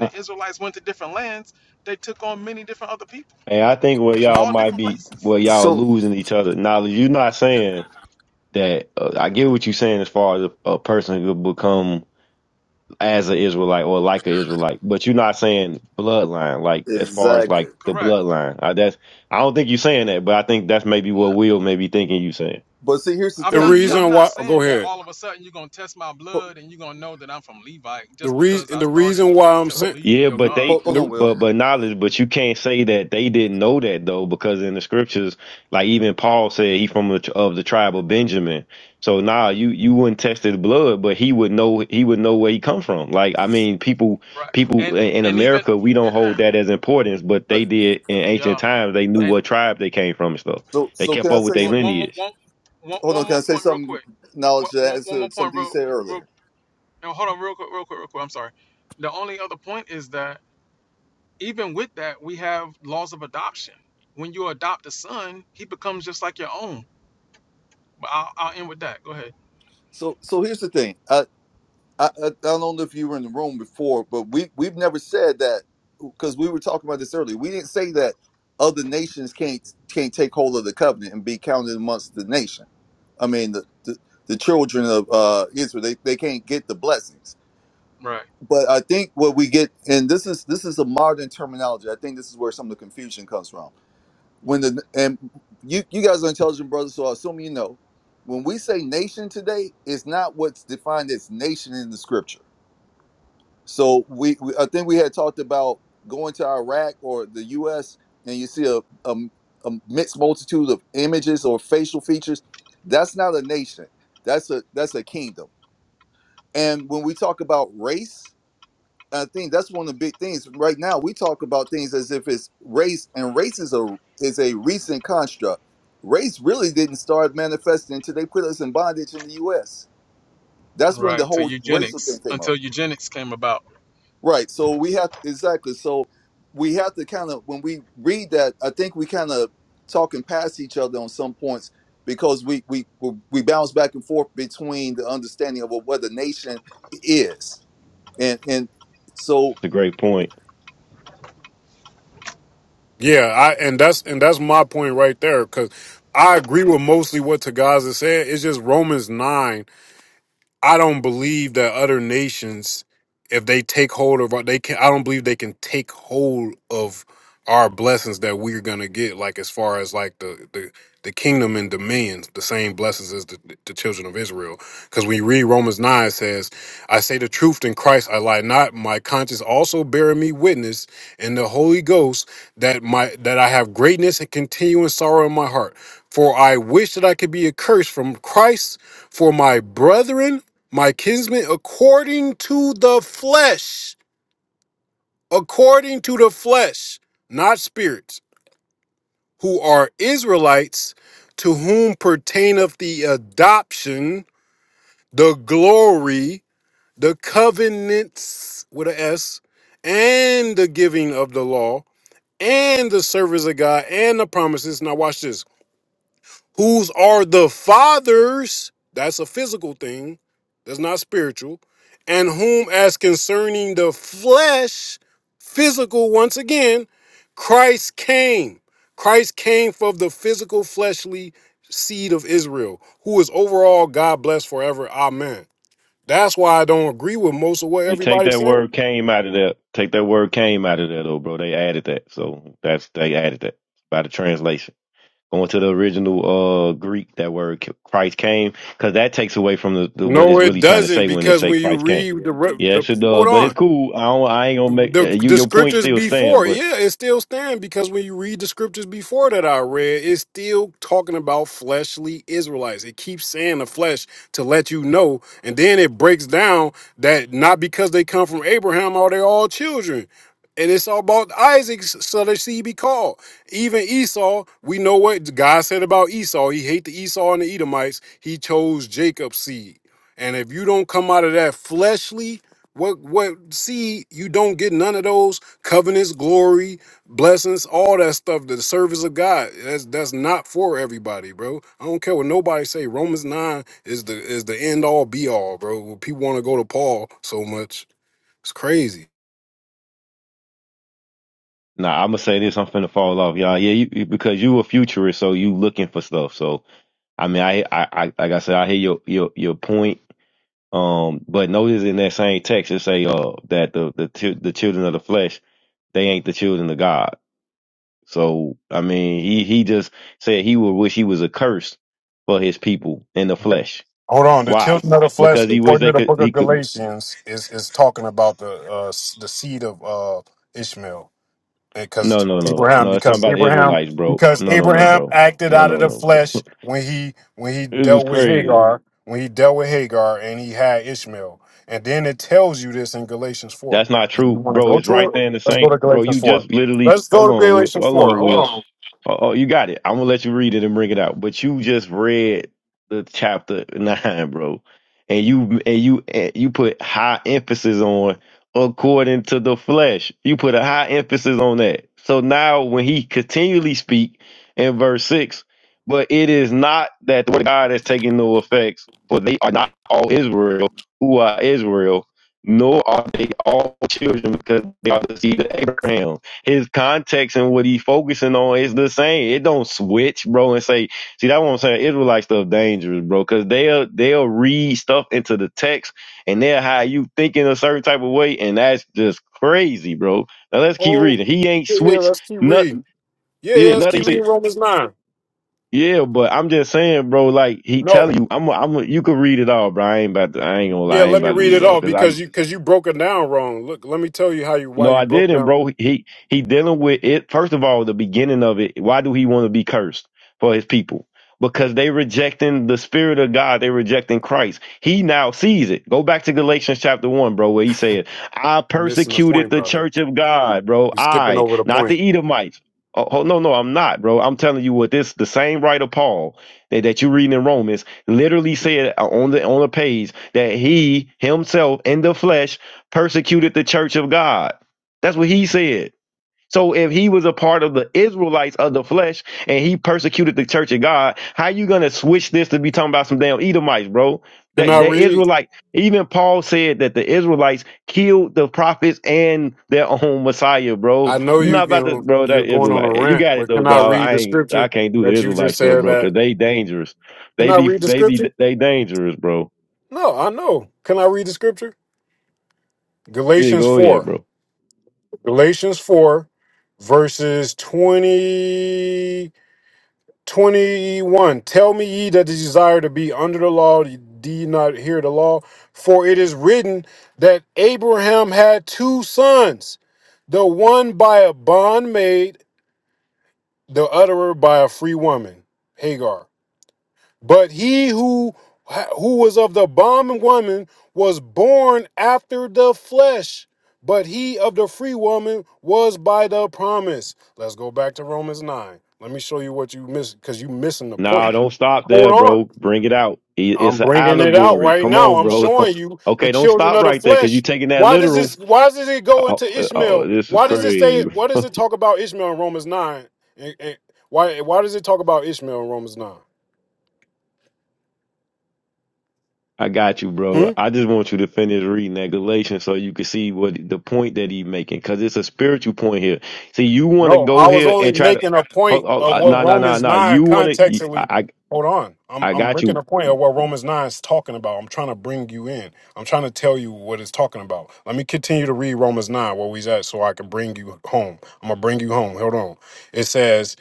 Speaker 3: Uh, And I think where y'all might be, where y'all
Speaker 4: so
Speaker 3: losing each other knowledge. You're not saying that. Uh, I get what you're saying as far as a, a person could become as an Israelite or like an Israelite, but you're not saying bloodline. Like as far as
Speaker 4: exactly.
Speaker 3: like the bloodline, I, that's I don't think you're saying that, but I think that's maybe what Will may be thinking you saying.
Speaker 4: But see, here's the
Speaker 6: The
Speaker 4: thing. No,
Speaker 6: reason why, oh, go ahead.
Speaker 4: ho-
Speaker 6: The reason, the reason why I'm
Speaker 4: ho-
Speaker 6: saying,
Speaker 3: Yeah, but they
Speaker 4: hold, on,
Speaker 6: the,
Speaker 4: Will.
Speaker 3: but but knowledge, but you can't say that they didn't know that though, because in the scriptures, like even Paul said, he from the, tr- of the tribe of Benjamin. So nah, you you wouldn't test his blood, but he would know he would know where he come from. Like I mean, people people in in America, we don't hold that as importance, but
Speaker 4: Uh,
Speaker 3: they did in ancient times. They knew what tribe they came from and stuff.
Speaker 4: So
Speaker 3: They
Speaker 4: so can
Speaker 3: kept
Speaker 4: I
Speaker 3: up with
Speaker 4: say
Speaker 3: their
Speaker 4: something?
Speaker 3: lineage.
Speaker 4: Hold on. Can I say something? Knowledge to that is, uh, something you said earlier. So so here's the thing. I, I, I I don't know if you were in the room before, but we we've never said that because we were talking about this earlier. We didn't say that other nations can't can't take hold of the covenant and be counted amongst the nation. I mean the the, the children of uh, Israel they, they can't get the blessings. But I think what we get and this is this is a modern terminology. I think this is where some of the confusion comes from. When the and you you guys are intelligent brothers, so I assume you know. When we say nation today, it's not what's defined as nation in the scripture so we, we I think we had talked about going to Iraq or the U.S. and you see a, a, a mixed multitude of images or facial features. That's not a nation. That's a that's a kingdom. And when we talk about race, I think that's one of the big things right now. We talk about things as if it's race, and race is a is a recent construct. Race really didn't start manifesting until they put us in bondage in the U.S. That's when the whole racial thing came up. Right. So we have exactly. So we have to kind of when we read that, I think we kind of talking past each other on some points because we we we bounce back and forth between the understanding of what the nation is, and and so
Speaker 3: That's a great point.
Speaker 6: yeah, I and that's and that's my point right there because I agree with mostly what Tagaza said. It's just Romans nine I don't believe that other nations, if they take hold of our, they can. I don't believe they can take hold of our blessings that we're gonna get. Like as far as like the the, the kingdom and dominions, the same blessings as the, the children of Israel. Because when you read Romans nine, it says, "I say the truth in Christ, I lie not. My conscience also bearing me witness, and the Holy Ghost that my that I have greatness and continuing sorrow in my heart. For I wish that I could be accursed from Christ." for my brethren my kinsmen, according to the flesh, according to the flesh, not spirits, who are Israelites, to whom pertaineth the adoption, the glory, the covenants with an S, and the giving of the law, and the service of God, and the promises. Now, watch this whose are the fathers, that's a physical thing, that's not spiritual, and whom, as concerning the flesh, physical, once again, Christ came. Christ came for the physical, fleshly seed of Israel, who is overall God blessed forever. Amen. That's why I don't agree with most of what
Speaker 3: Hey, take
Speaker 6: everybody's
Speaker 3: that word
Speaker 6: saying.
Speaker 3: came out of there. Take that word came out of there though, bro. They added that. So that's they added that by the translation. Going to the original uh Greek, that word c- Christ came, because that takes away from the, the what
Speaker 6: No,
Speaker 3: it's
Speaker 6: it
Speaker 3: really trying to
Speaker 6: doesn't,
Speaker 3: say when it
Speaker 6: because
Speaker 3: say
Speaker 6: when you
Speaker 3: Christ came.
Speaker 6: read the, re-
Speaker 3: Yeah, it sure
Speaker 6: the
Speaker 3: does.
Speaker 6: hold
Speaker 3: But it's
Speaker 6: on.
Speaker 3: cool. I don't, I ain't gonna make uh,
Speaker 6: the
Speaker 3: you
Speaker 6: the
Speaker 3: your point
Speaker 6: scriptures
Speaker 3: still stand.
Speaker 6: before,
Speaker 3: But
Speaker 6: yeah, it still stand because when you read the scriptures before that I read, it's still talking about fleshly Israelites. It keeps saying the flesh to let you know, and then it breaks down that not because they come from Abraham are they all children. And it's all about Isaac's southern seed be called. Even Esau, we know what God said about Esau. He hate the Esau and the Edomites. He chose Jacob's seed. And if you don't come out of that fleshly what what see you don't get none of those covenants, glory, blessings, all that stuff, the service of God. That's that's not for everybody, bro. I don't care what nobody say. Romans 9 is the is the end all be all, bro. People want to go to Paul so much. It's crazy.
Speaker 3: nah, I'm gonna say this. I'm finna fall off, y'all. Yeah, you, you- because you a futurist, so you looking for stuff. So I mean, I I, I like I said, I hear your your your point Um, but notice in that same text it say uh that the the chi- the children of the flesh they ain't the children of God. So I mean he he just said he would wish he was accursed for his people in the flesh.
Speaker 6: Hold on. The
Speaker 3: Why?
Speaker 6: children of the
Speaker 3: Because
Speaker 6: flesh,
Speaker 3: he wish
Speaker 6: according to
Speaker 3: they
Speaker 6: the
Speaker 3: could
Speaker 6: book of
Speaker 3: he could.
Speaker 6: Galatians, is is talking about the uh, s- the seed of uh, Ishmael.
Speaker 3: No
Speaker 6: because
Speaker 3: no no
Speaker 6: Abraham,
Speaker 3: no. It's talking
Speaker 6: because
Speaker 3: about the
Speaker 6: Abraham,
Speaker 3: Israelites, bro.
Speaker 6: because
Speaker 3: No no no,
Speaker 6: Abraham
Speaker 3: bro.
Speaker 6: acted
Speaker 3: No
Speaker 6: out of
Speaker 3: no
Speaker 6: the
Speaker 3: no.
Speaker 6: flesh when he when he
Speaker 3: this is
Speaker 6: dealt with
Speaker 3: crazy.
Speaker 6: Hagar, when he dealt with Hagar, and he had Ishmael. And then it tells you this in Galatians four.
Speaker 3: That's not
Speaker 6: And
Speaker 3: true,
Speaker 6: you want to
Speaker 3: bro.
Speaker 6: go
Speaker 3: It's
Speaker 6: to
Speaker 3: right
Speaker 6: it?
Speaker 3: there in the
Speaker 6: Let's go
Speaker 3: saint,
Speaker 6: to
Speaker 3: bro. You
Speaker 6: Galatians four.
Speaker 3: just literally
Speaker 6: Let's
Speaker 3: hold
Speaker 6: go to
Speaker 3: on, Will.
Speaker 6: Galatians
Speaker 3: hold
Speaker 6: four.
Speaker 3: on,
Speaker 6: Hold
Speaker 3: Will.
Speaker 6: on.
Speaker 3: Oh, oh, you got it. I'm gonna let you read it and bring it out. But you just read the chapter nine, bro, and you and you and you put high emphasis on according to the flesh. You put a high emphasis on that. So now when he continually speak in verse six, but it is not that the word of God is taking no effects, for they are not all Israel who are Israel, nor are they all children because they are the seed of Abraham his context and what he focusing on is the same. It don't switch, bro, and say, see, that what I'm saying. Israelite stuff dangerous, bro, because they'll they'll read stuff into the text and they'll have you thinking a certain type of way, and that's just crazy, bro. Now let's keep
Speaker 6: Oh
Speaker 3: reading. He ain't
Speaker 6: yeah, yeah,
Speaker 3: switched
Speaker 6: let's keep
Speaker 3: nut
Speaker 6: reading. Yeah,
Speaker 3: yeah,
Speaker 6: yeah, let's
Speaker 3: nothing. he
Speaker 6: keep
Speaker 3: said.
Speaker 6: reading Romans nine.
Speaker 3: Yeah, but I'm just saying, bro. Like he
Speaker 6: No,
Speaker 3: telling you, I'm, a, I'm. A, you could read it all, bro. I ain't about to. I ain't gonna
Speaker 6: yeah,
Speaker 3: lie. I ain't
Speaker 6: let me
Speaker 3: about to
Speaker 6: read
Speaker 3: read it
Speaker 6: it
Speaker 3: all,
Speaker 6: all
Speaker 3: cause I.
Speaker 6: because you because you broke it down wrong. Look, let me tell you how you why
Speaker 3: No,
Speaker 6: you
Speaker 3: I
Speaker 6: broke
Speaker 3: didn't,
Speaker 6: down.
Speaker 3: bro. He he dealing with it. First of all, the beginning of it. Why do he want to be cursed for his people? Because they rejecting the spirit of God. They rejecting Christ. He now sees it. Go back to Galatians chapter one, bro, where he said, "I
Speaker 6: Missing the
Speaker 3: persecuted
Speaker 6: point,
Speaker 3: the
Speaker 6: brother.
Speaker 3: church of God, bro.
Speaker 6: You skipping
Speaker 3: I,
Speaker 6: over the
Speaker 3: not
Speaker 6: point.
Speaker 3: the Edomites." Oh, oh, no, no, I'm not, bro. I'm telling you what this. The same writer Paul that, that you reading in Romans literally said uh, on the on the page that he himself in the flesh persecuted the church of God. That's what he said. So if he was a part of the Israelites of the flesh and he persecuted the church of God, how you gonna switch this to be talking about some damn Edomites, bro?
Speaker 6: Can
Speaker 3: That
Speaker 6: I
Speaker 3: the
Speaker 6: read?
Speaker 3: Israelite, even Paul said that the Israelites killed the prophets and their own Messiah,
Speaker 6: I
Speaker 3: bro.
Speaker 6: know
Speaker 3: you
Speaker 6: you
Speaker 3: not about to,
Speaker 6: can.
Speaker 3: bro. That
Speaker 6: You're going on a
Speaker 3: Israelite, you
Speaker 6: rant,
Speaker 3: got it
Speaker 6: but
Speaker 3: though,
Speaker 6: can I
Speaker 3: dog.
Speaker 6: read
Speaker 3: I
Speaker 6: the
Speaker 3: ain't, I
Speaker 6: scripture
Speaker 3: can't do the
Speaker 6: that you
Speaker 3: Israelites
Speaker 6: just
Speaker 3: though,
Speaker 6: said?
Speaker 3: bro,
Speaker 6: That
Speaker 3: because they dangerous.
Speaker 6: can
Speaker 3: They
Speaker 6: I
Speaker 3: be,
Speaker 6: read the
Speaker 3: they be,
Speaker 6: scripture?
Speaker 3: they dangerous, bro.
Speaker 6: No, I know. Can I read the scripture?
Speaker 3: Yeah,
Speaker 6: Galatians
Speaker 3: go ahead,
Speaker 6: four.
Speaker 3: bro.
Speaker 6: Galatians four, verses twenty. 21 Tell me ye that desire to be under the law, ye do ye not hear the law? For it is written that Abraham had two sons, the one by a bondmaid, the other by a free woman, Hagar. But he who who was of the bondwoman was born after the flesh, but he of the free woman was by the promise. Let's go back to Romans 9. Let me show you what you missed because you missing the point.
Speaker 3: No, don't stop there,
Speaker 6: Hold
Speaker 3: bro.
Speaker 6: on.
Speaker 3: Bring it out. I-
Speaker 6: I'm
Speaker 3: It's an
Speaker 6: bringing it out
Speaker 3: allegory.
Speaker 6: right
Speaker 3: Come
Speaker 6: now.
Speaker 3: on,
Speaker 6: I'm
Speaker 3: bro.
Speaker 6: showing you the
Speaker 3: Okay, don't
Speaker 6: children
Speaker 3: stop
Speaker 6: of the
Speaker 3: right there because you're
Speaker 6: flesh.
Speaker 3: taking that
Speaker 6: Why does
Speaker 3: literal.
Speaker 6: this? Why does it go
Speaker 3: Oh,
Speaker 6: into
Speaker 3: uh, oh,
Speaker 6: Ishmael?
Speaker 3: this is
Speaker 6: Why does it say?
Speaker 3: crazy.
Speaker 6: Why does it talk about Ishmael in Romans nine? And, and why? Why does it talk about Ishmael in Romans nine?
Speaker 3: I got you,
Speaker 6: Hmm.
Speaker 3: bro. I just want you to finish reading that Galatians so you can see what the point that he's making because it's a spiritual point here. See, you want to
Speaker 6: No,
Speaker 3: go
Speaker 6: I was
Speaker 3: here and
Speaker 6: only
Speaker 3: try to.
Speaker 6: making a point
Speaker 3: Oh,
Speaker 6: of
Speaker 3: oh,
Speaker 6: what
Speaker 3: no, no, no,
Speaker 6: Romans
Speaker 3: no.
Speaker 6: 9
Speaker 3: You want to. I,
Speaker 6: contextually.
Speaker 3: I,
Speaker 6: Hold on. I'm
Speaker 3: I
Speaker 6: I'm
Speaker 3: got
Speaker 6: making
Speaker 3: you,
Speaker 6: a point of what Romans 9 is talking about. I'm trying to bring you in. I'm trying to tell you what it's talking about. Let me continue to read Romans 9 where we's at so I can bring you home. I'm gonna bring you home. Hold on. It says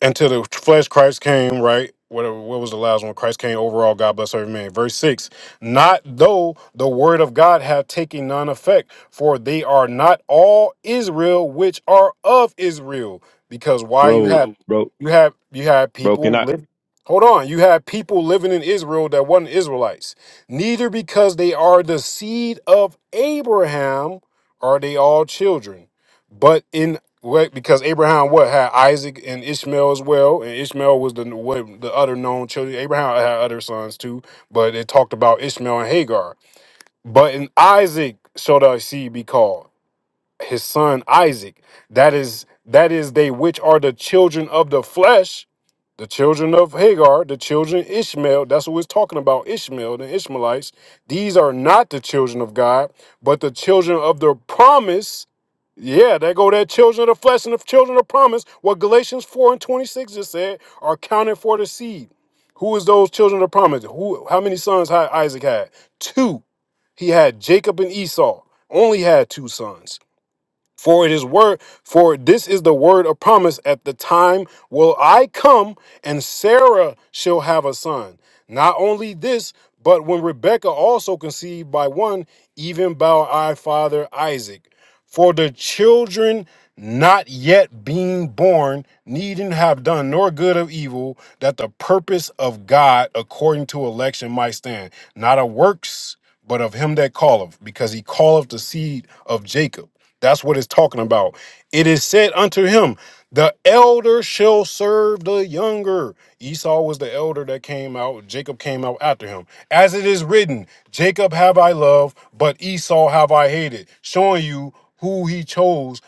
Speaker 6: until the flesh Christ came, right? Whatever, what was the last one? Christ came overall, God bless every man. Verse 6 Not though the word of God have taken none effect, for they are not all Israel which are of Israel. Because why you
Speaker 3: bro,
Speaker 6: have
Speaker 3: bro,
Speaker 6: you have you have
Speaker 3: bro.
Speaker 6: people
Speaker 3: Can I?
Speaker 6: live hold on, you have people living in Israel that wasn't Israelites. Neither because they are the seed of Abraham are they all children, but in Wait, because Abraham what had Isaac and Ishmael as well, and Ishmael was the what the other known children. Abraham had other sons too, but it talked about Ishmael and Hagar. But in Isaac shall thy seed be called, his son Isaac. That is that is they which are the children of the flesh the children of Hagar, the children of Ishmael, that's what we're talking about, Ishmael, the Ishmaelites. These are not the children of God, but the children of the promise. Yeah, there go that children of the flesh and the children of promise. What Galatians 4 and 26 just said are counted for the seed. Who is those children of promise? Who how many sons had Isaac had? Two. He had Jacob and Esau. Only had two sons. For it is word, for this is the word of promise. At the time will I come, and Sarah shall have a son. Not only this, but when Rebekah also conceived by one, even by our father Isaac. For the children not yet being born needn't have done nor good of evil, that the purpose of God according to election might stand. Not of works, but of him that calleth, because he calleth the seed of Jacob. That's what it's talking about. It is said unto him, The elder shall serve the younger. Esau was the elder that came out. Jacob came out after him. As it is written, Jacob have I loved, but Esau have I hated. Showing you who he chose.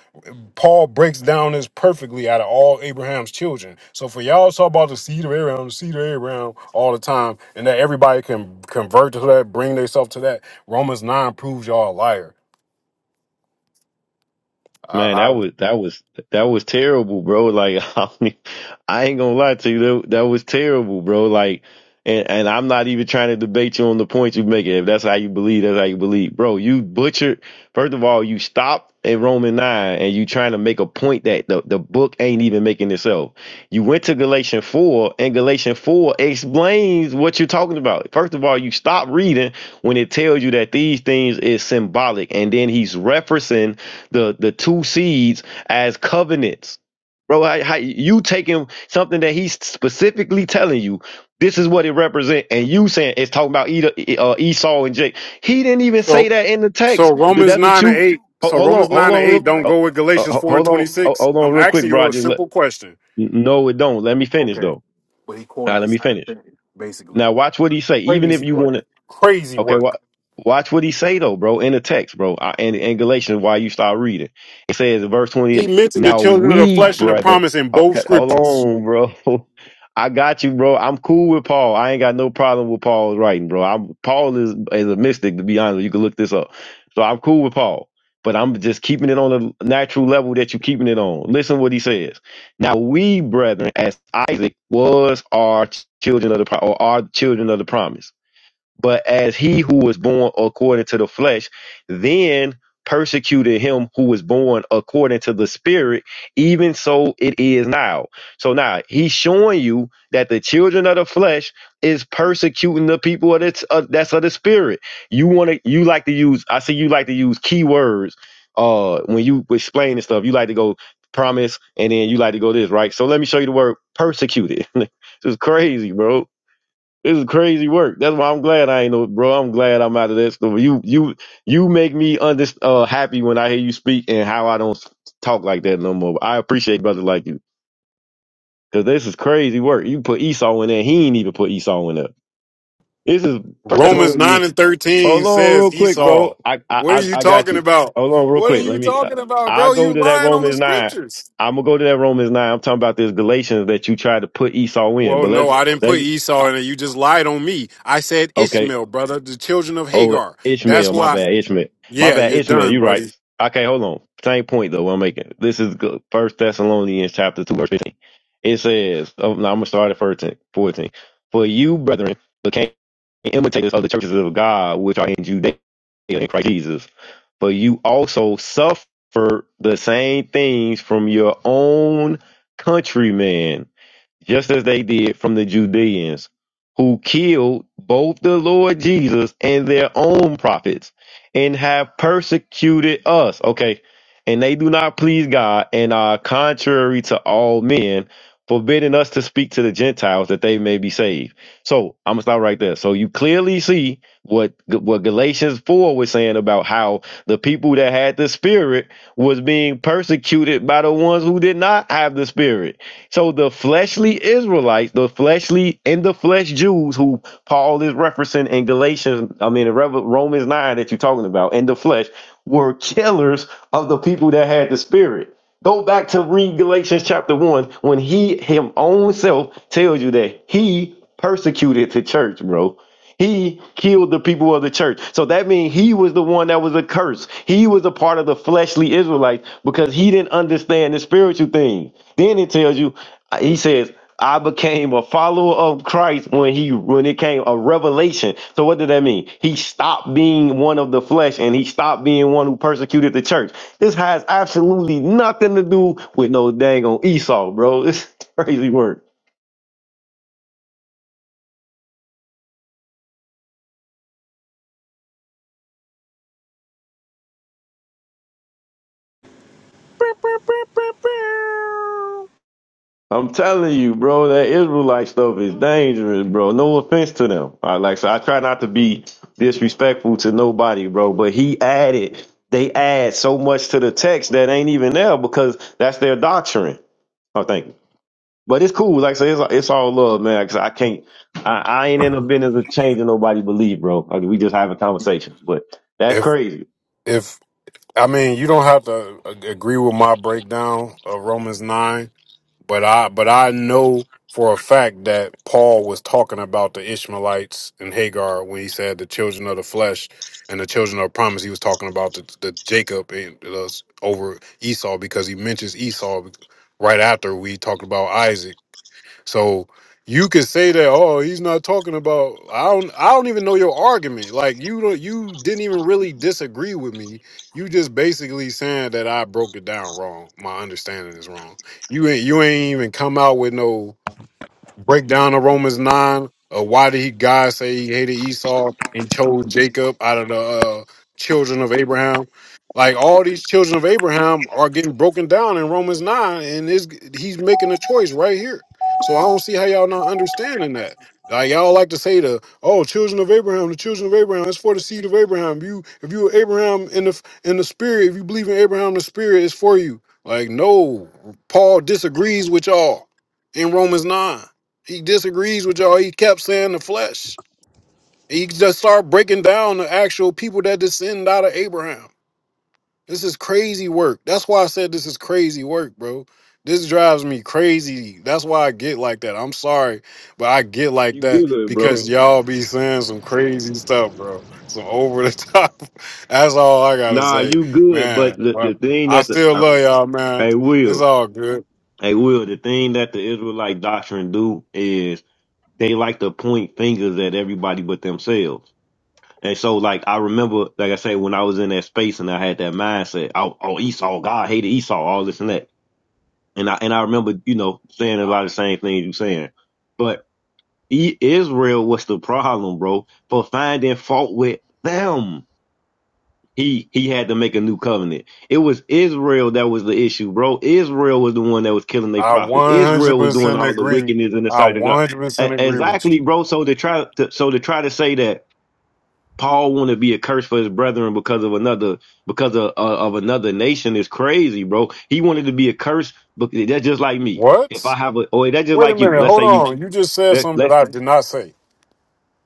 Speaker 6: Paul breaks down this perfectly out of all Abraham's children. So for y'all to talk about the seed of Abraham, the seed of Abraham all the time, and that everybody can convert to that, bring themselves to that. Romans 9 proves y'all a liar. I,
Speaker 3: Man, that
Speaker 6: I-
Speaker 3: was that was that was terrible, bro. Like I, mean, I ain't gonna lie to you, that, that was terrible, bro. Like, and and I'm not even trying to debate you on the points you make. If that's how you believe, that's how you believe, bro. You butchered. First of all, you stopped at Roman nine, and you trying to make a point that the the book ain't even making itself. You went to Galatians four, and Galatians four explains what you're talking about. First of all, you stop reading when it tells you that these things is symbolic, and then he's referencing the the two seeds as covenants. Bro, how, how you taking something that he's specifically telling you this is what it represents, and you saying it's talking about either uh, Esau and Jake. He didn't even
Speaker 6: so
Speaker 3: say that in the
Speaker 6: So
Speaker 3: text. But
Speaker 6: Romans
Speaker 3: that's what
Speaker 6: nine and
Speaker 3: you.
Speaker 6: eight.
Speaker 3: ho-
Speaker 6: So
Speaker 3: Hold on,
Speaker 6: Romans
Speaker 3: hold
Speaker 6: nine and
Speaker 3: on, real,
Speaker 6: eight don't
Speaker 3: uh,
Speaker 6: go with
Speaker 3: uh,
Speaker 6: Galatians
Speaker 3: ho-
Speaker 6: four and
Speaker 3: hold on,
Speaker 6: twenty
Speaker 3: ho-
Speaker 6: six.
Speaker 3: hold on,
Speaker 6: I'm
Speaker 3: real quick,
Speaker 6: asking
Speaker 3: bro. I
Speaker 6: you a
Speaker 3: just let,
Speaker 6: simple question.
Speaker 3: no, it don't. Let me finish
Speaker 6: Okay,
Speaker 3: though.
Speaker 6: but he
Speaker 3: All right,
Speaker 6: quoted the
Speaker 3: let me
Speaker 6: same
Speaker 3: finish.
Speaker 6: thing basically.
Speaker 3: Now watch what he say. Even if
Speaker 6: Crazy
Speaker 3: you want to.
Speaker 6: work. Crazy
Speaker 3: Okay, wa
Speaker 6: work.
Speaker 3: watch what he say though, bro, in the text, bro. I, and in Galatians, why you start reading? It says, in verse
Speaker 6: He
Speaker 3: twenty-eight.
Speaker 6: mentioned the
Speaker 3: Now
Speaker 6: children of the
Speaker 3: we,
Speaker 6: flesh and the
Speaker 3: brethren,
Speaker 6: promise in both
Speaker 3: okay, hold
Speaker 6: scriptures.
Speaker 3: on, bro. I got you, bro. I'm cool with Paul. I ain't got no problem with Paul's writing, bro. I'm Paul is is a mystic, to be honest. You can look this up. So I'm cool with Paul, but I'm just keeping it on the natural level that you're keeping it on. Listen what he says. Now we, brethren, as Isaac was our children of the pro- or our children of the promise. But as he who was born according to the flesh, then persecuted him who was born according to the spirit, even so it is now. So now he's showing you that the children of the flesh is persecuting the people of the, uh, that's of the spirit. You want to, you like to use, I see you like to use keywords uh, when you explain this stuff. You like to go promise and then you like to go this, right? So let me show you the word persecuted. this is crazy, bro. This is crazy work. That's why I'm glad I ain't no bro. I'm glad I'm out of that stuff. You you you make me under uh happy when I hear you speak and how I don't talk like that no more. I appreciate brothers like you because this is crazy work. You put Esau in there. He ain't even put Esau in there. This is first that's
Speaker 6: Romans
Speaker 3: one we
Speaker 6: nine
Speaker 3: did.
Speaker 6: and thirteen
Speaker 3: Hold on, real
Speaker 6: says
Speaker 3: quick, bro.
Speaker 6: Esau.
Speaker 3: I I
Speaker 6: What are
Speaker 3: I
Speaker 6: you
Speaker 3: I got
Speaker 6: talking
Speaker 3: you.
Speaker 6: about?
Speaker 3: Hold on, real
Speaker 6: What are
Speaker 3: quick.
Speaker 6: you
Speaker 3: Let me. Uh,
Speaker 6: talking about,
Speaker 3: I
Speaker 6: bro?
Speaker 3: go
Speaker 6: You
Speaker 3: to that
Speaker 6: lying on the
Speaker 3: Romans nine.
Speaker 6: scriptures.
Speaker 3: I'm gonna go to that Romans nine. I'm talking about this Galatians that you tried to put Esau in,
Speaker 6: Well,
Speaker 3: but
Speaker 6: no,
Speaker 3: let's
Speaker 6: I didn't
Speaker 3: let
Speaker 6: put
Speaker 3: you.
Speaker 6: Esau in it. You just lied on me. I said
Speaker 3: Okay,
Speaker 6: Ishmael, brother, the children of
Speaker 3: Oh,
Speaker 6: Hagar. That's
Speaker 3: Ishmael, my
Speaker 6: why.
Speaker 3: bad, Ishmael, my
Speaker 6: Yeah,
Speaker 3: bad,
Speaker 6: you're
Speaker 3: Ishmael.
Speaker 6: done,
Speaker 3: You right.
Speaker 6: buddy.
Speaker 3: Okay, hold on. Same point though. I'm making. This is good. First Thessalonians chapter two verse fifteen. It says, oh, no, "I'm gonna start at 14, 14. For you, brethren, became imitators of the churches of God which are in Judea in Christ Jesus. For you also suffer the same things from your own countrymen." just as they did from the Judeans, who killed both the Lord Jesus and their own prophets, and have persecuted us. Okay. And they do not please God and are contrary to all men, forbidding us to speak to the Gentiles that they may be saved. So I'm gonna stop right there. So you clearly see what what Galatians 4 was saying about how the people that had the spirit was being persecuted by the ones who did not have the spirit. So the fleshly Israelites, the fleshly and the flesh Jews who Paul is referencing in Galatians, I mean in Rev- Romans 9 that you're talking about, and the flesh were killers of the people that had the spirit. Go back to read Galatians chapter 1 when he him own self tells you that he persecuted the church, bro. He killed the people of the church. So that means he was the one that was a curse. He was a part of the fleshly Israelites because he didn't understand the spiritual thing. Then it tells you, uh, he says, I became a follower of Christ when he when it came a revelation. So what did that mean? He stopped being one of the flesh and he stopped being one who persecuted the church. This has absolutely nothing to do with no dang on Esau, bro. It's crazy work.
Speaker 7: Bow, bow, bow, bow, bow.
Speaker 3: I'm telling you, bro, that Israelite stuff is dangerous, bro. No offense to them. I like so I try not to be disrespectful to nobody, bro. But he added, they add so much to the text that ain't even there because that's their doctrine. I think. But it's cool. Like I say, it's, it's all love, man. Cause I can't, I, I ain't in the business of changing nobody belief, bro. Like, we just having conversation, but that's
Speaker 6: If
Speaker 3: crazy.
Speaker 6: if I mean, you don't have to a- agree with my breakdown of Romans nine, but I but I know for a fact that Paul was talking about the Ishmaelites and Hagar when he said the children of the flesh and the children of promise. He was talking about the, the Jacob and uh, over Esau because he mentions Esau right after we talked about Isaac. So you could say that, oh, he's not talking about I don't I don't even know your argument. Like you don't you didn't even really disagree with me. You just basically saying that I broke it down wrong. My understanding is wrong. You ain't you ain't even come out with no break down the Romans nine of why did he God say he hated Esau and chose Jacob out of the uh, children of Abraham. Like all these children of Abraham are getting broken down in Romans nine, and is he's making a choice right here. So I don't see how y'all not understanding that. Like y'all like to say the oh children of Abraham, the children of Abraham, it's for the seed of Abraham. You if you were Abraham in the in the spirit, if you believe in Abraham, the spirit is for you. Like no, Paul disagrees with y'all in Romans nine. He disagrees with y'all. He kept saying the flesh. He just started breaking down the actual people that descend out of Abraham. This is crazy work. That's why I said this is crazy work, bro. This drives me crazy. That's why I get like that. I'm sorry, but I get like
Speaker 3: You
Speaker 6: that
Speaker 3: good, bro?
Speaker 6: because y'all be saying some crazy stuff, bro. Some over the top. That's all I gotta
Speaker 3: Nah,
Speaker 6: say,
Speaker 3: you good. But
Speaker 6: man.
Speaker 3: the, the
Speaker 6: But
Speaker 3: thing
Speaker 6: I
Speaker 3: that the,
Speaker 6: still
Speaker 3: I,
Speaker 6: love y'all, man.
Speaker 3: I will.
Speaker 6: It's all good.
Speaker 3: Hey, Will, the thing that the Israelite doctrine do is they like to point fingers at everybody but themselves. And so, like, I remember, like I say, when I was in that space and I had that mindset, oh, oh Esau, God hated Esau, all this and that. And I, and I remember, you know, saying a lot of the same things you saying. But E- Israel was the problem, bro, for finding fault with them he he had to make a new covenant. It was Israel that was the issue, bro. Israel was the one that was killing their
Speaker 6: I
Speaker 3: prophets. Israel was doing
Speaker 6: 100%
Speaker 3: all the
Speaker 6: agree.
Speaker 3: wickedness in the
Speaker 6: I
Speaker 3: sight of God. E-
Speaker 6: 100% agree with you.
Speaker 3: exactly, bro. So to try to so to try to say that Paul want to be a curse for his brethren because of another because of uh, of another nation is crazy, bro. He wanted to be a curse, but that's just like me. If I
Speaker 6: What?
Speaker 3: have a or that's just
Speaker 6: Wait a
Speaker 3: like you.
Speaker 6: minute.
Speaker 3: Let's say
Speaker 6: Hold
Speaker 3: you
Speaker 6: on. You just said
Speaker 3: let
Speaker 6: something that
Speaker 3: let
Speaker 6: I did not say.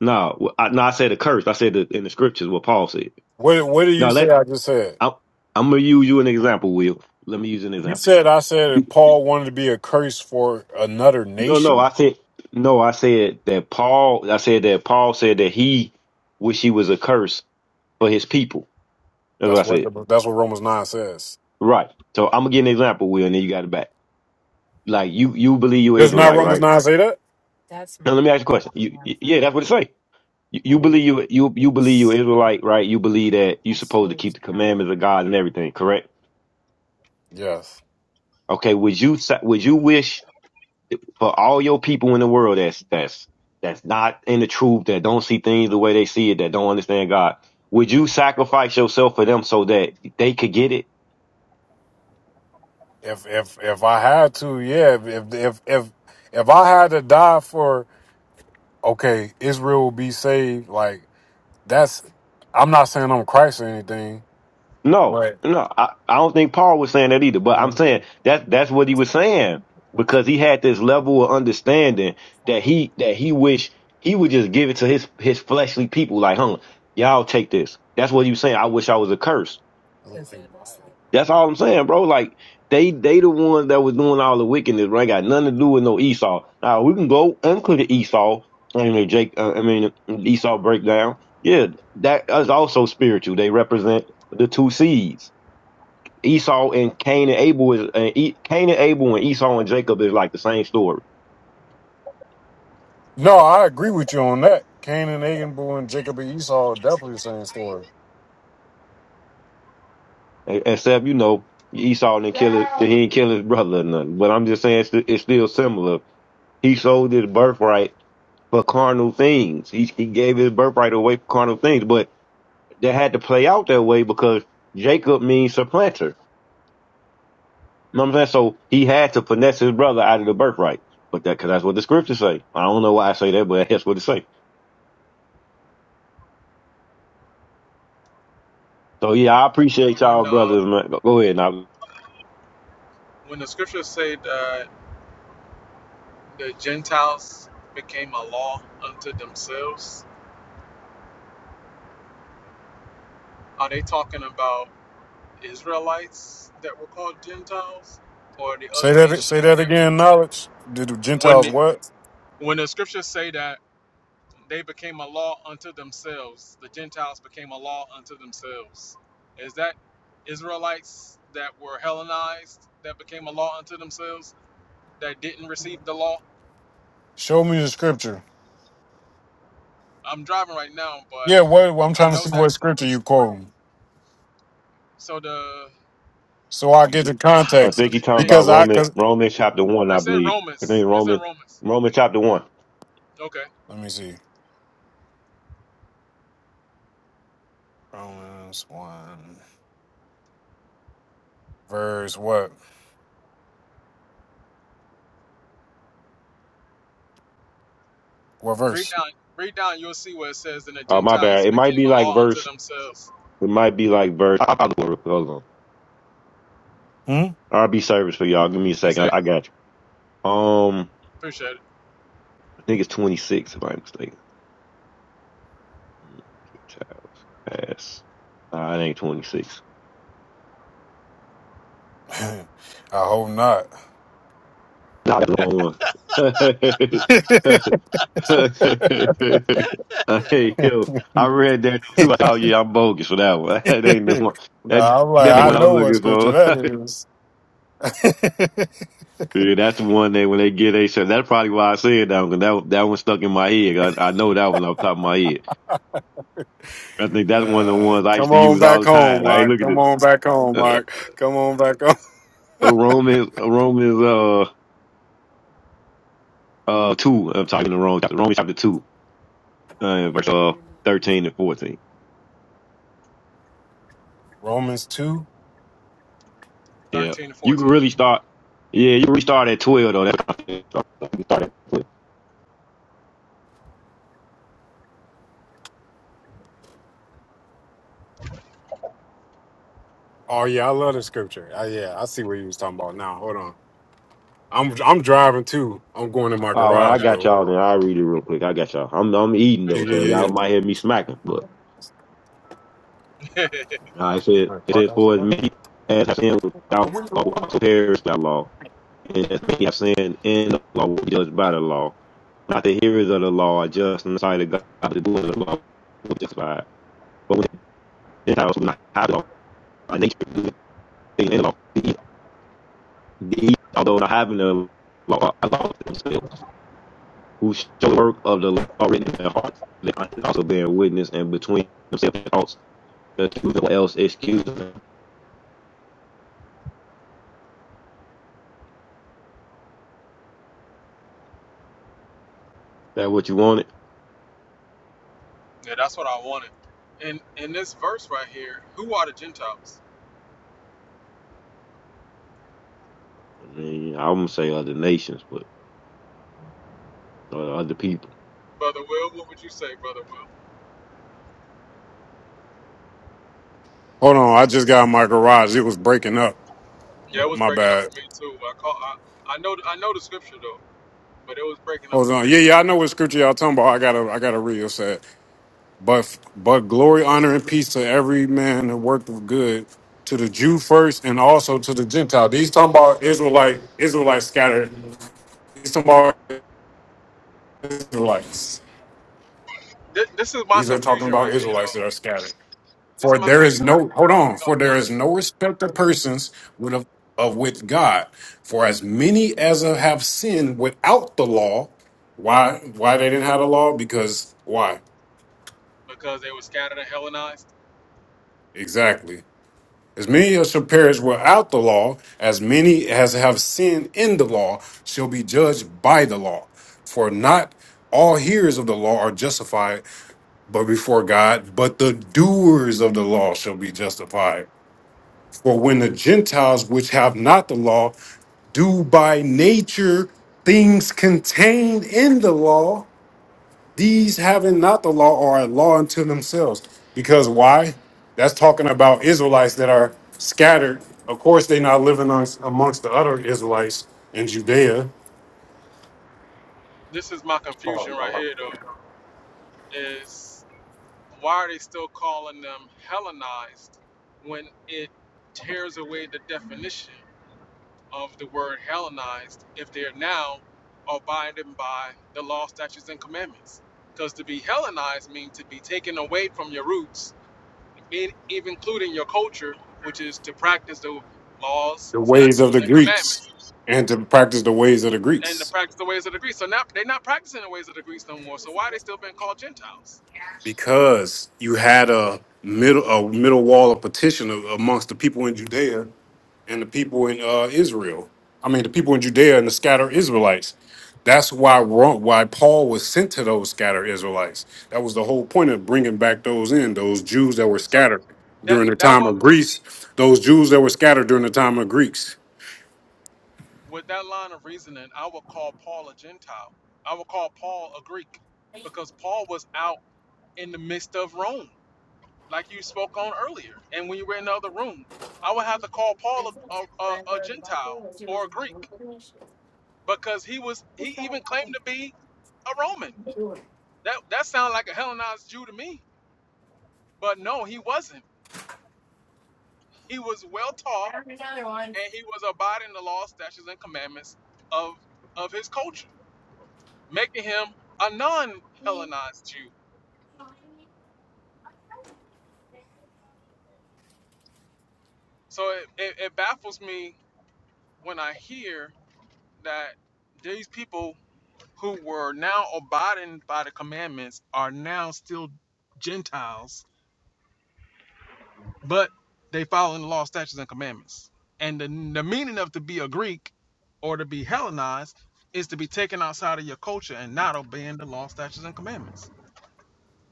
Speaker 3: no, I, no, I said a curse. I said the, in the scriptures what Paul said.
Speaker 6: What What did you
Speaker 3: No,
Speaker 6: say? I just said.
Speaker 3: I'm, I'm gonna use you an example, Will. Let me use an
Speaker 6: You
Speaker 3: example.
Speaker 6: said I said that
Speaker 3: You-
Speaker 6: Paul wanted to be a curse for another
Speaker 3: No, no,
Speaker 6: nation.
Speaker 3: I said no. I said that Paul. I said that Paul said that he wish he was a curse for his people. That's what I
Speaker 6: That's what
Speaker 3: said.
Speaker 6: the, that's what Romans nine says.
Speaker 3: Right. So I'm gonna give an example, Will, and then you got it back. Like you, you believe you
Speaker 6: Does not
Speaker 3: Israelite,
Speaker 6: Romans
Speaker 3: right?
Speaker 6: nine say that?
Speaker 3: Now let me ask you a question. You, y- yeah, that's what it say. You, you believe
Speaker 6: Mhm.
Speaker 3: you, you, you believe you Israelite, right? You believe that you supposed to keep the commandments of God and everything, correct?
Speaker 6: Yes.
Speaker 3: Okay. Would you, sa- would you wish for all your people in the world that's that's that's not in the truth, that don't see things the way they see it, that don't understand God, would you sacrifice yourself for them so that they could get it?
Speaker 6: If if if I had to, yeah. If if if if, if I had to die for okay, Israel will be saved. Like that's. I'm not saying I'm Christ or anything,
Speaker 3: No,
Speaker 6: but
Speaker 3: no, I, I don't think Paul was saying that either. But
Speaker 6: you
Speaker 3: I'm
Speaker 6: want
Speaker 3: saying that that's what he was saying because he had this level of understanding that he that he wished he would just give it to his his fleshly people, like, huh, y'all take this. That's what he was saying. I wish I was a curse
Speaker 6: to
Speaker 3: That's
Speaker 6: see.
Speaker 3: all I'm saying, bro. Like they they the ones that was doing all the wickedness, bro. Ain't got nothing to do with no Esau. Now we can go and clear the Esau. I mean, Jake. Uh, I mean, Esau breakdown. Yeah, that is also spiritual. They represent the two seeds. Esau and Cain and Abel is and e, Cain and Abel and Esau and Jacob is like the same story,
Speaker 6: No, I agree with you on that. Cain and Abel and Jacob and Esau are definitely the same story.
Speaker 3: E- except you know Esau didn't kill his, he didn't kill his brother or nothing. But I'm just saying it's, st- it's still similar. He sold his birthright for carnal things. He, he gave his birthright away for carnal things, but that had to play out that way because Jacob means supplanter. You know what I'm saying? So he had to finesse his brother out of the birthright. But that, cause that's what the scriptures say. I don't know why I say that, but that's what it say. So yeah, I appreciate y'all brothers. Man. Go go ahead. Now,
Speaker 6: Say that. Say that again. Knowledge. Did the Gentiles what? Show me the scripture. Yeah, what? I'm trying to see what scripture you quoting, so I get the
Speaker 3: I
Speaker 6: context.
Speaker 3: think he talking about
Speaker 6: Because I,
Speaker 3: Roman,
Speaker 6: cause
Speaker 3: Romans chapter one, I believe. I think Roman, Roman chapter one.
Speaker 6: let me see. Romans one verse what? What verse?
Speaker 3: Uh, my bad. It might be like verse, it might be like verse. I'll, I'll go real quick. Hold
Speaker 6: Hmm.
Speaker 3: on. RB service for y'all. Give me a second. I, I got you. Um, I think it's 26 if I'm mistaken. Child pass. Nah, it ain't 26.
Speaker 6: I hope not.
Speaker 3: Nah, that's the wrong one. hey, yo, I read that too. I thought, yeah, I'm bogus for that one. That ain't the one.
Speaker 6: no,
Speaker 3: That,
Speaker 6: I'm like
Speaker 3: that ain't
Speaker 6: I
Speaker 3: what I was
Speaker 6: know what
Speaker 3: looking
Speaker 6: scripture that
Speaker 3: for.
Speaker 6: is.
Speaker 3: yeah, that's the one that when they get a shot. That's probably why I said that one. 'cause That, that one stuck in my head. I, I know that one off the top of my head. I think that's one of the
Speaker 6: Uh,
Speaker 3: ones I used
Speaker 6: come
Speaker 3: to
Speaker 6: on
Speaker 3: use all
Speaker 6: back
Speaker 3: the
Speaker 6: home,
Speaker 3: time. Like, hey,
Speaker 6: Mark.
Speaker 3: look at
Speaker 6: Come
Speaker 3: this.
Speaker 6: on back home,
Speaker 3: Uh,
Speaker 6: Mark. Come on back home.
Speaker 3: a Roman, a Roman's, uh, uh two. I'm talking the wrong chapter. Romans chapter two, uh, verse uh thirteen and fourteen.
Speaker 6: Romans two.
Speaker 3: Yeah, you can really start. Yeah, you can really start at twelve though. That's how you start at twelve.
Speaker 6: Oh yeah, I love the scripture. Uh, yeah, I see what you was talking about now. Hold on. I'm I'm driving too. I'm going in my
Speaker 3: Oh, well, I
Speaker 6: garage
Speaker 3: got
Speaker 6: though. Hold
Speaker 3: y'all. Then
Speaker 6: on.
Speaker 3: I will read it real quick. I got y'all. I'm I'm eating
Speaker 6: Yeah,
Speaker 3: though,
Speaker 6: yeah,
Speaker 3: so
Speaker 6: yeah,
Speaker 3: y'all
Speaker 6: yeah.
Speaker 3: might hear me smacking. But I said
Speaker 6: All right,
Speaker 3: it
Speaker 6: park
Speaker 3: says
Speaker 6: house.
Speaker 3: for as
Speaker 6: park.
Speaker 3: many as have sinned without law will also perish by law, and as many have sinned in the law will be judged by the law. Not the hearers of the law are just in the sight of God, but the doers of the law will be justified. But when the Gentiles who do not have the law, by nature do in the law. The, the, although not having the law, are lost themselves, who show the work of the law written in their hearts, they are also bearing witness and between themselves and thoughts, the truth or else excuse them. Is that what you wanted? I mean, I'm gonna say other nations, but uh, other people.
Speaker 6: Hold on. I just got in my garage. It was breaking up. My bad. Hold on. Yeah, yeah. I know what scripture y'all talking about. I gotta I gotta read. it. said, But but glory, honor, and peace to every man who worked of good, to the Jew first, and also to the Gentile. These talking about Israelite Israelites scattered. These talking about Israelites. These are talking about Israelites that are scattered. For there is no hold on. For there is no respect of persons with of, of with God. For as many as have sinned without the law, why why they didn't have the law? Because why exactly? As many as shall perish without the law, as many as have sinned in the law, shall be judged by the law. For not all hearers of the law are justified, but before God, but the doers of the law shall be justified. For when the Gentiles which have not the law do by nature things contained in the law, these having not the law are a law unto themselves. Because why? That's talking about Israelites that are scattered. Of course, they're not living on, amongst the other Israelites in Judea, the ways of the Greeks, and to practice the ways of the Greeks. Because you had a middle a middle wall of petition amongst the people in Judea and the people in uh, Israel. I mean, the people in Judea and the scattered Israelites. That's why Ro- why Paul was sent to those scattered Israelites. That was the whole point of bringing back those in those Jews that were scattered during the time of Greece. Those Jews that were scattered during the time of Greeks.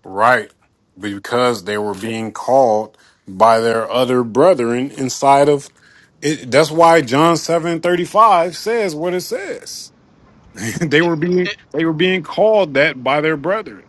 Speaker 6: Right, because they were being called by their other brethren inside of. It, that's why John seven thirty five says what it says. they were being they were being called that by their brethren.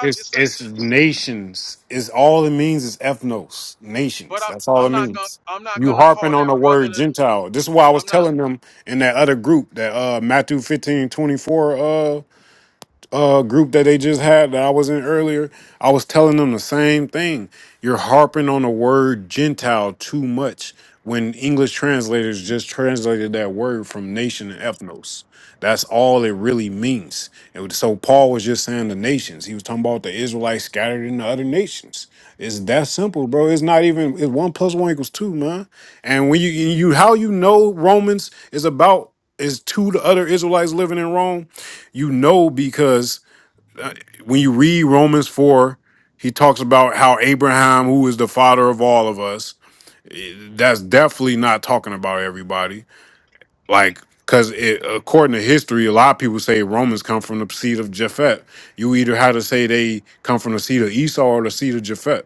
Speaker 6: It's it's nations. It's all it means is ethnos, nations. That's all it means. You harping on the word Gentile. This is why I was telling them in that other group that uh Matthew 15 24 uh, group that they just had that I was in earlier, I was telling them the same thing. You're harping on the word Gentile too much when English translators just translated that word from nation and ethnos. That's all it really means. It was, so Paul was just saying the nations. He was talking about the Israelites scattered in the other nations. It's that simple, bro. It's not even it's one plus one equals two, man. And when you you how you know Romans is about is two the other Israelites living in Rome, you know because uh, when you read Romans 4, he talks about how Abraham, who is the father of all of us, eh, that's definitely not talking about everybody like because according to history a lot of people say romans come from the seed of japhet you either had to say they come from the seed of esau or the seed of japhet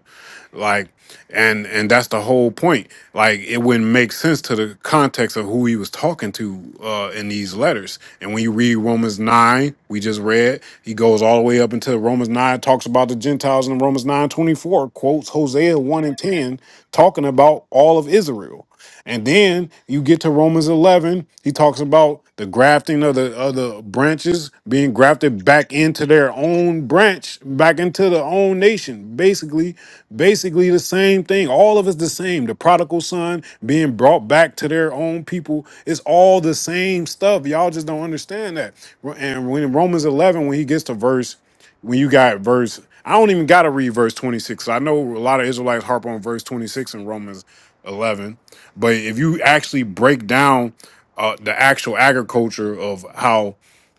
Speaker 6: like and and that's the whole point like it wouldn't make sense to the context of who he was talking to uh in these letters and when you read romans 9 we just read he goes all the way up until romans 9 talks about the gentiles in romans 9 24 quotes hosea 1 and 10 talking about all of israel and then you get to Romans 11, he talks about the grafting of the of the branches being grafted back into their own branch, back into their own nation. Basically, basically the same thing. All of it's the same. The prodigal son being brought back to their own people. It's all the same stuff. Y'all just don't understand that. And when in Romans 11, when he gets to verse when you got verse, I don't even got to read verse 26. I know a lot of Israelites harp on verse 26 in Romans 11 but if you actually break down uh, the actual agriculture of how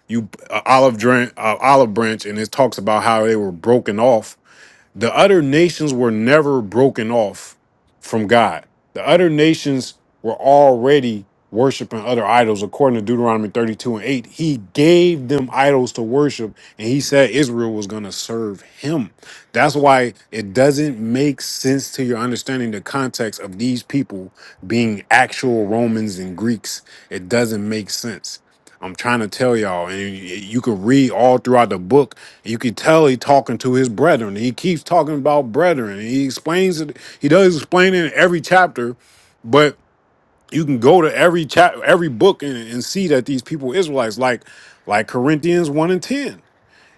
Speaker 6: you uh, olive branch, uh, olive branch, and it talks about how they were broken off the other nations were never broken off from God. The other nations were already worshiping other idols. According to Deuteronomy 32 and 8, he gave them idols to worship, and he said Israel was going to serve him. That's why it doesn't make sense to your understanding the context of these people being actual Romans and Greeks. It doesn't make sense. I'm trying to tell y'all, and you you can read all throughout the book you can tell he talking to his brethren. He keeps talking about brethren. He explains it. He does explain it in every chapter, but you can go to every chap, every book, and, and see that these people were Israelites, like like Corinthians one and ten.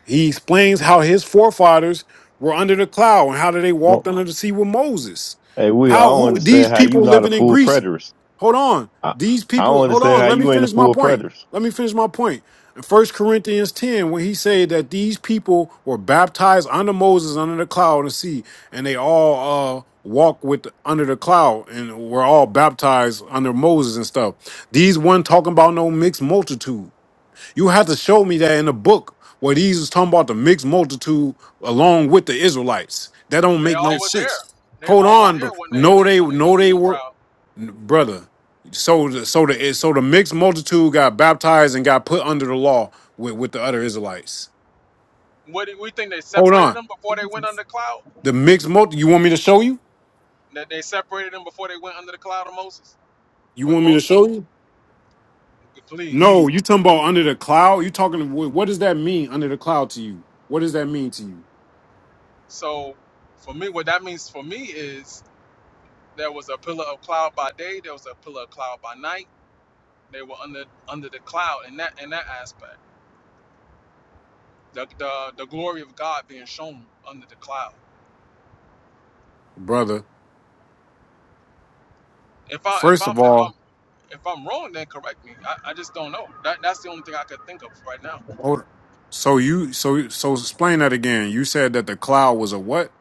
Speaker 6: He explains how his forefathers were under the cloud and how did they walked
Speaker 3: Well,
Speaker 6: under the sea with Moses.
Speaker 3: hey, Will, I
Speaker 6: How
Speaker 3: don't
Speaker 6: who, these
Speaker 3: understand how you
Speaker 6: people
Speaker 3: not a
Speaker 6: living in
Speaker 3: full
Speaker 6: Greece
Speaker 3: preterist.
Speaker 6: Hold on.
Speaker 3: I,
Speaker 6: These
Speaker 3: I don't
Speaker 6: people, hold
Speaker 3: understand
Speaker 6: on.
Speaker 3: how
Speaker 6: Let me
Speaker 3: you ain't a
Speaker 6: finish my
Speaker 3: full
Speaker 6: point.
Speaker 3: preterist.
Speaker 6: Let me finish my point. In First Corinthians 10, when he said that these people were baptized under Moses, under the cloud and the sea, and they all uh walk with under the cloud and were all baptized under Moses and stuff. These one talking about no mixed multitude. You have to show me that in the book where these is talking about the mixed multitude along with the Israelites. That don't make no sense. Hold on, bro. No, they no, they were brother. So the so the so the mixed multitude got baptized and got put under the law with, with the other Israelites. Hold on, the mixed multi. You want me to show you? You want me to show you? No, you talking about under the cloud? You talking? wh- What does that mean under the cloud to you? What does that mean to you, brother? First of all, Hold So you so so explain that again. You said that the cloud was a what?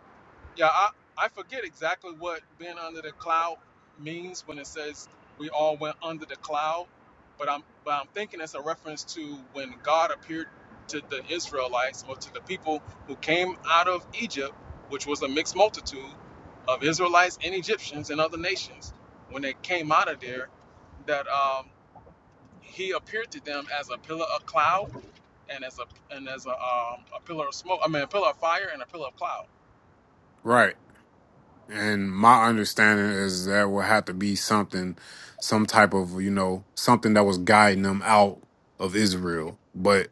Speaker 6: Right. And my understanding is that would have to be something, some type of, you know, something that was guiding them out of Israel. But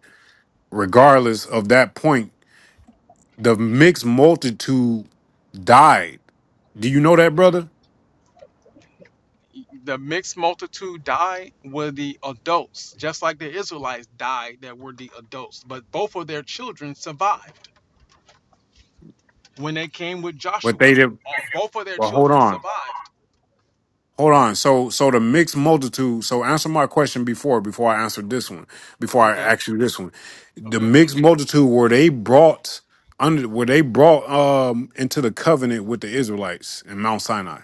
Speaker 6: regardless of that point, The mixed multitude died. Do you know that, brother? But they did. Well, hold on, hold on. So, so the mixed multitude. So, answer my question before before I answer this one. Before I ask you this one, the mixed multitude were they brought under? Were they brought um into the covenant with the Israelites in Mount Sinai?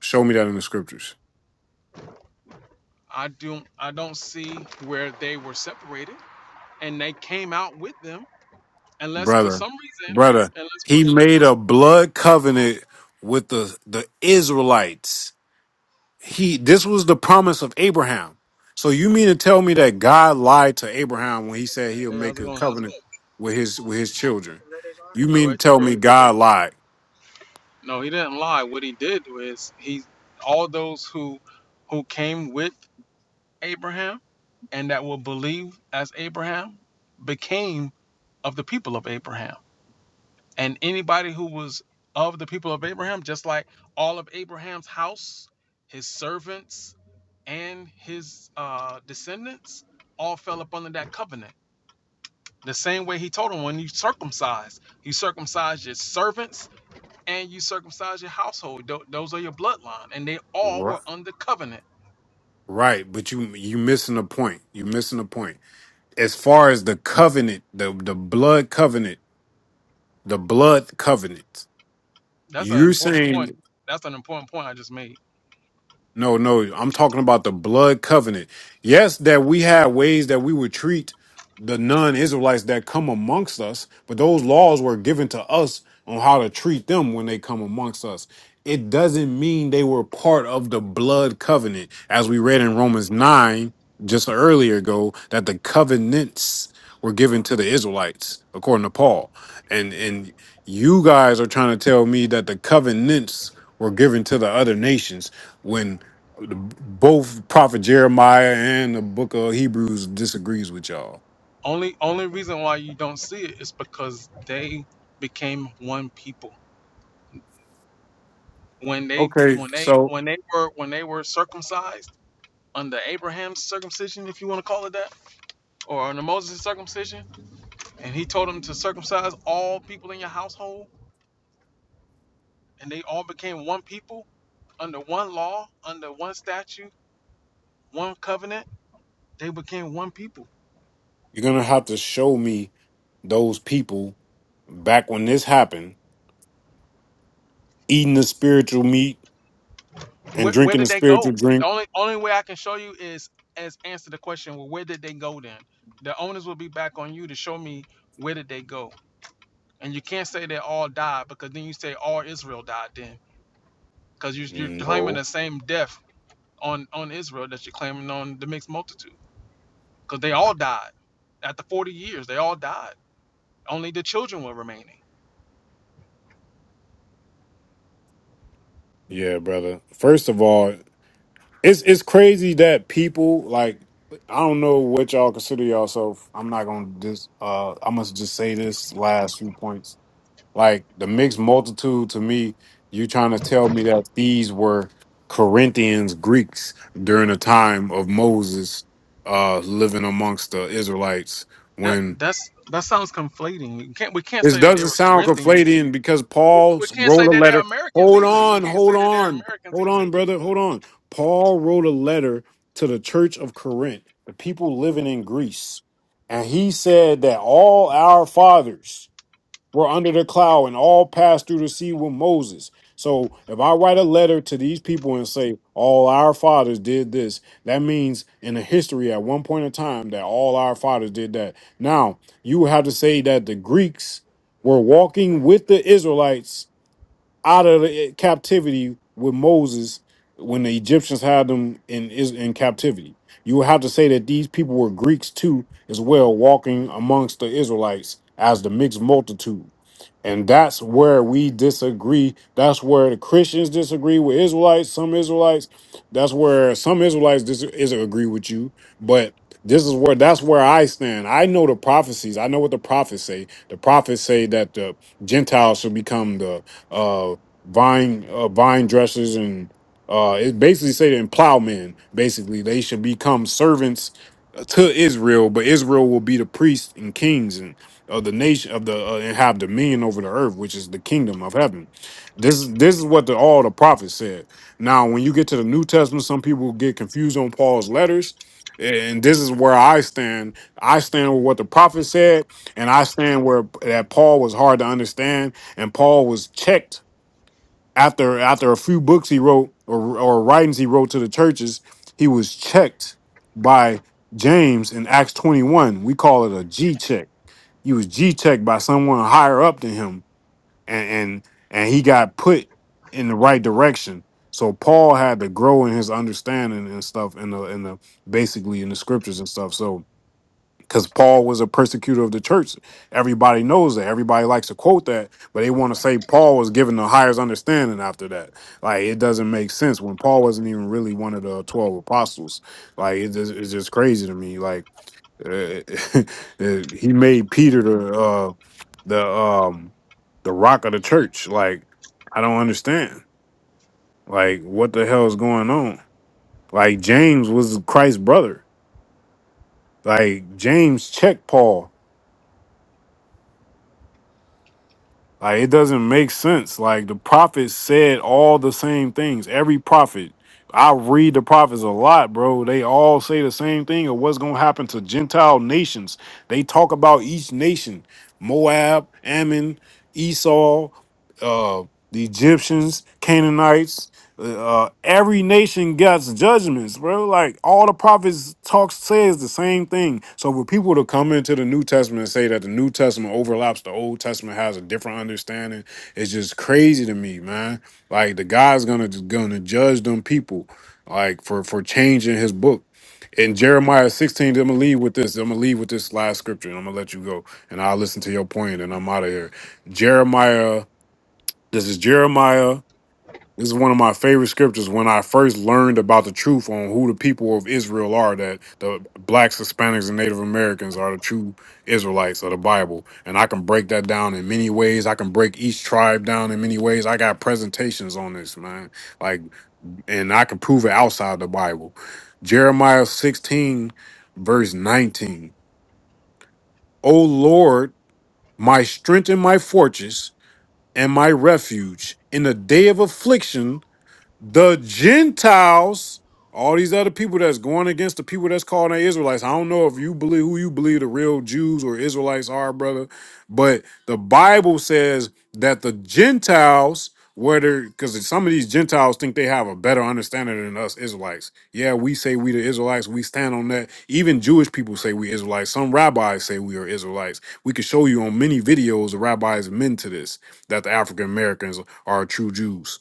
Speaker 6: Show me that in the scriptures. brother, brother. He made a blood covenant with the the Israelites. He this was the promise of Abraham. So you mean to tell me that God lied to Abraham when he said he'll make a covenant with his with his children? You mean to tell me God lied? Ri- Right, but you you missing the point. You missing the point. As far as the covenant, the the blood covenant, the blood covenant. You're saying No, no, I'm talking about the blood covenant. Yes, that we had ways that we would treat the non Israelites that come amongst us, but those laws were given to us on how to treat them when they come amongst us. It doesn't mean they were part of the blood covenant, as we read in Romans 9 just earlier ago, that the covenants were given to the Israelites, according to Paul. And and you guys are trying to tell me that the covenants were given to the other nations when the- Both Prophet Jeremiah and the Book of Hebrews disagrees with y'all. Okay, so you're gonna have to show me those people back when this happened, eating the spiritual meat and drinking the spiritual drink. No. Yeah, brother. First of all, it's it's crazy that people like I don't know what y'all consider yourself. I'm not gonna just uh I must just say this last few points. Like the mixed multitude to me, you trying to tell me that these were Corinthians Greeks during the time of Moses uh living amongst the Israelites when this doesn't sound conflating because Paul wrote a letter. Hold on, hold on, hold on, brother, hold on. Paul wrote a letter to the church of Corinth, the people living in Greece, and he said that all our fathers were under the cloud and all passed through the sea with Moses. So if I write a letter to these people and say all our fathers did this, that means in the history at one point in time that all our fathers did that. Now you would have to say that the Greeks were walking with the Israelites out of the eh, captivity with Moses when the Egyptians had them in Is- in captivity. You would have to say that these people were Greeks too, as well, walking amongst the Israelites as the mixed multitude. And that's where we disagree. That's where the Christians disagree with Israelites, some Israelites. That's where some Israelites dis- is agree with you. But this is where that's where I stand. I know the prophecies. I know what the prophets say. The prophets say that the Gentiles should become the uh, vine uh, vine dressers and uh, it basically say that in plowmen. Basically, they should become servants to Israel, but Israel will be the priests and kings of the nation of the uh, and have dominion over the earth, which is the kingdom of heaven. This is this is what the, all the prophets said. Now, when you get to the New Testament, some people get confused on Paul's letters, and this is where I stand. I stand with what the prophet said, and I stand where that Paul was hard to understand, and Paul was checked after after a few books he wrote or or writings he wrote to the churches. He was checked by James in Acts twenty one. We call it a G check he was G checked by someone higher up than him, and and and he got put in the right direction. So Paul had to grow in his understanding and stuff in the in the basically in the scriptures and stuff. So because Paul was a persecutor of the church, everybody knows that. Everybody likes to quote that, but they want to say Paul was given the highest understanding after that. Like it doesn't make sense when Paul wasn't even really one of the twelve apostles. Like it just, it's just crazy to me. Like uh, uh, he made Peter the uh, the um the rock of the church. Like I don't understand. Like what the hell is going on? Like James was Christ's brother. Like James checked Paul. Like it doesn't make sense. Like the prophets said all the same things. Every prophet, I read the prophets a lot, bro. They all say the same thing of what's gonna happen to Gentile nations. They talk about each nation: Moab, Ammon, Esau, uh, the Egyptians, Canaanites uh, every nation gets judgments, bro. Like all the prophets talk says the same thing. So for people to come into the New Testament and say that the New Testament overlaps the Old Testament has a different understanding, it's just crazy to me, man. Like the God's gonna gonna judge them people, like for for changing His book. In Jeremiah 16, I'm gonna leave with this. I'm gonna leave with this last scripture, and I'm gonna let you go, and I'll listen to your point, and I'm out of here. Jeremiah. This is Jeremiah this is one of my favorite scriptures when I first learned about the truth on who the people of Israel are that the blacks, Hispanics, and Native Americans are the true Israelites of the Bible. And I can break that down in many ways. I can break each tribe down in many ways. I got presentations on this, man. Like, and I can prove it outside the Bible. Jeremiah 16, verse 19. O Lord, my strength and my fortress and my refuge in the day of affliction the Gentiles, all these other people that's going against the people that's calling they Israelites. I don't know if you believe who you believe the real Jews or Israelites are, brother, but the Bible says that the Gentiles, whether because some of these Gentiles think they have a better understanding than us Israelites. Yeah, we say we the Israelites, we stand on that. Even Jewish people say we Israelites. Some rabbis say we are Israelites. We could show you on many videos the rabbis men to this that the African Americans are true Jews.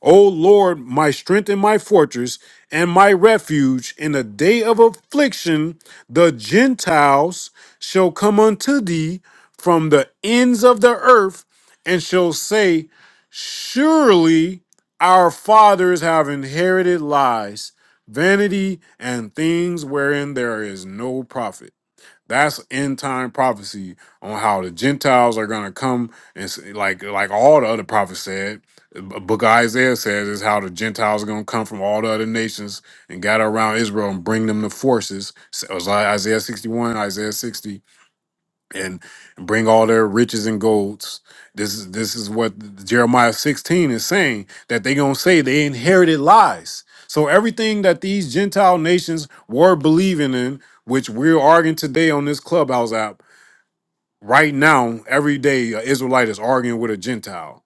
Speaker 6: O Lord, my strength and my fortress and my refuge, in the day of affliction, the Gentiles shall come unto thee from the ends of the earth and shall say, Surely our fathers have inherited lies, vanity, and things wherein there is no profit. That's end time prophecy on how the Gentiles are gonna come and s- like like all the other prophets said. B- Book of Isaiah says is how the Gentiles are gonna come from all the other nations and gather around Israel and bring them the forces. So it was like Isaiah sixty one, Isaiah sixty and bring all their riches and golds. This is this is what Jeremiah 16 is saying that they're gonna say they inherited lies. So everything that these Gentile nations were believing in, which we're arguing today on this clubhouse app, right now, every day an Israelite is arguing with a Gentile.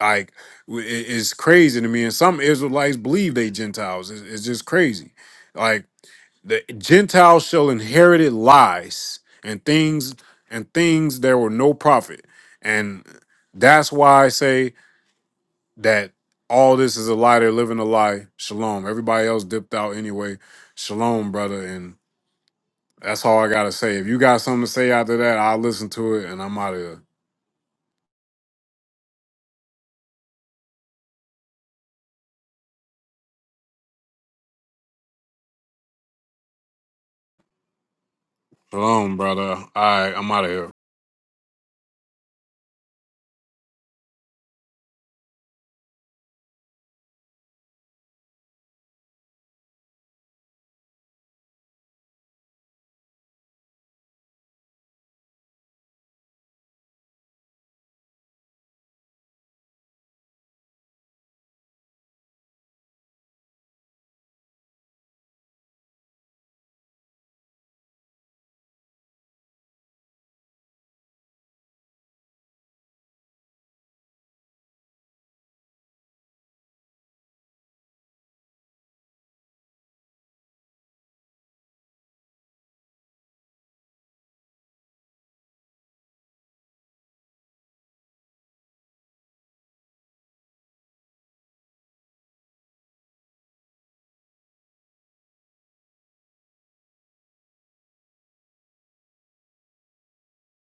Speaker 6: Like w- it- it's crazy to me. And some Israelites believe they Gentiles. It's, it's just crazy. Like the Gentiles shall inherit it lies and things and things there were no profit. And that's why I say that all this is a lie. They're living a lie. Shalom. Everybody else dipped out anyway. Shalom, brother. And that's all I gotta say. If you got something to say after that, I'll listen to it and I'm out of here. Shalom, brother. All right, I'm out of here.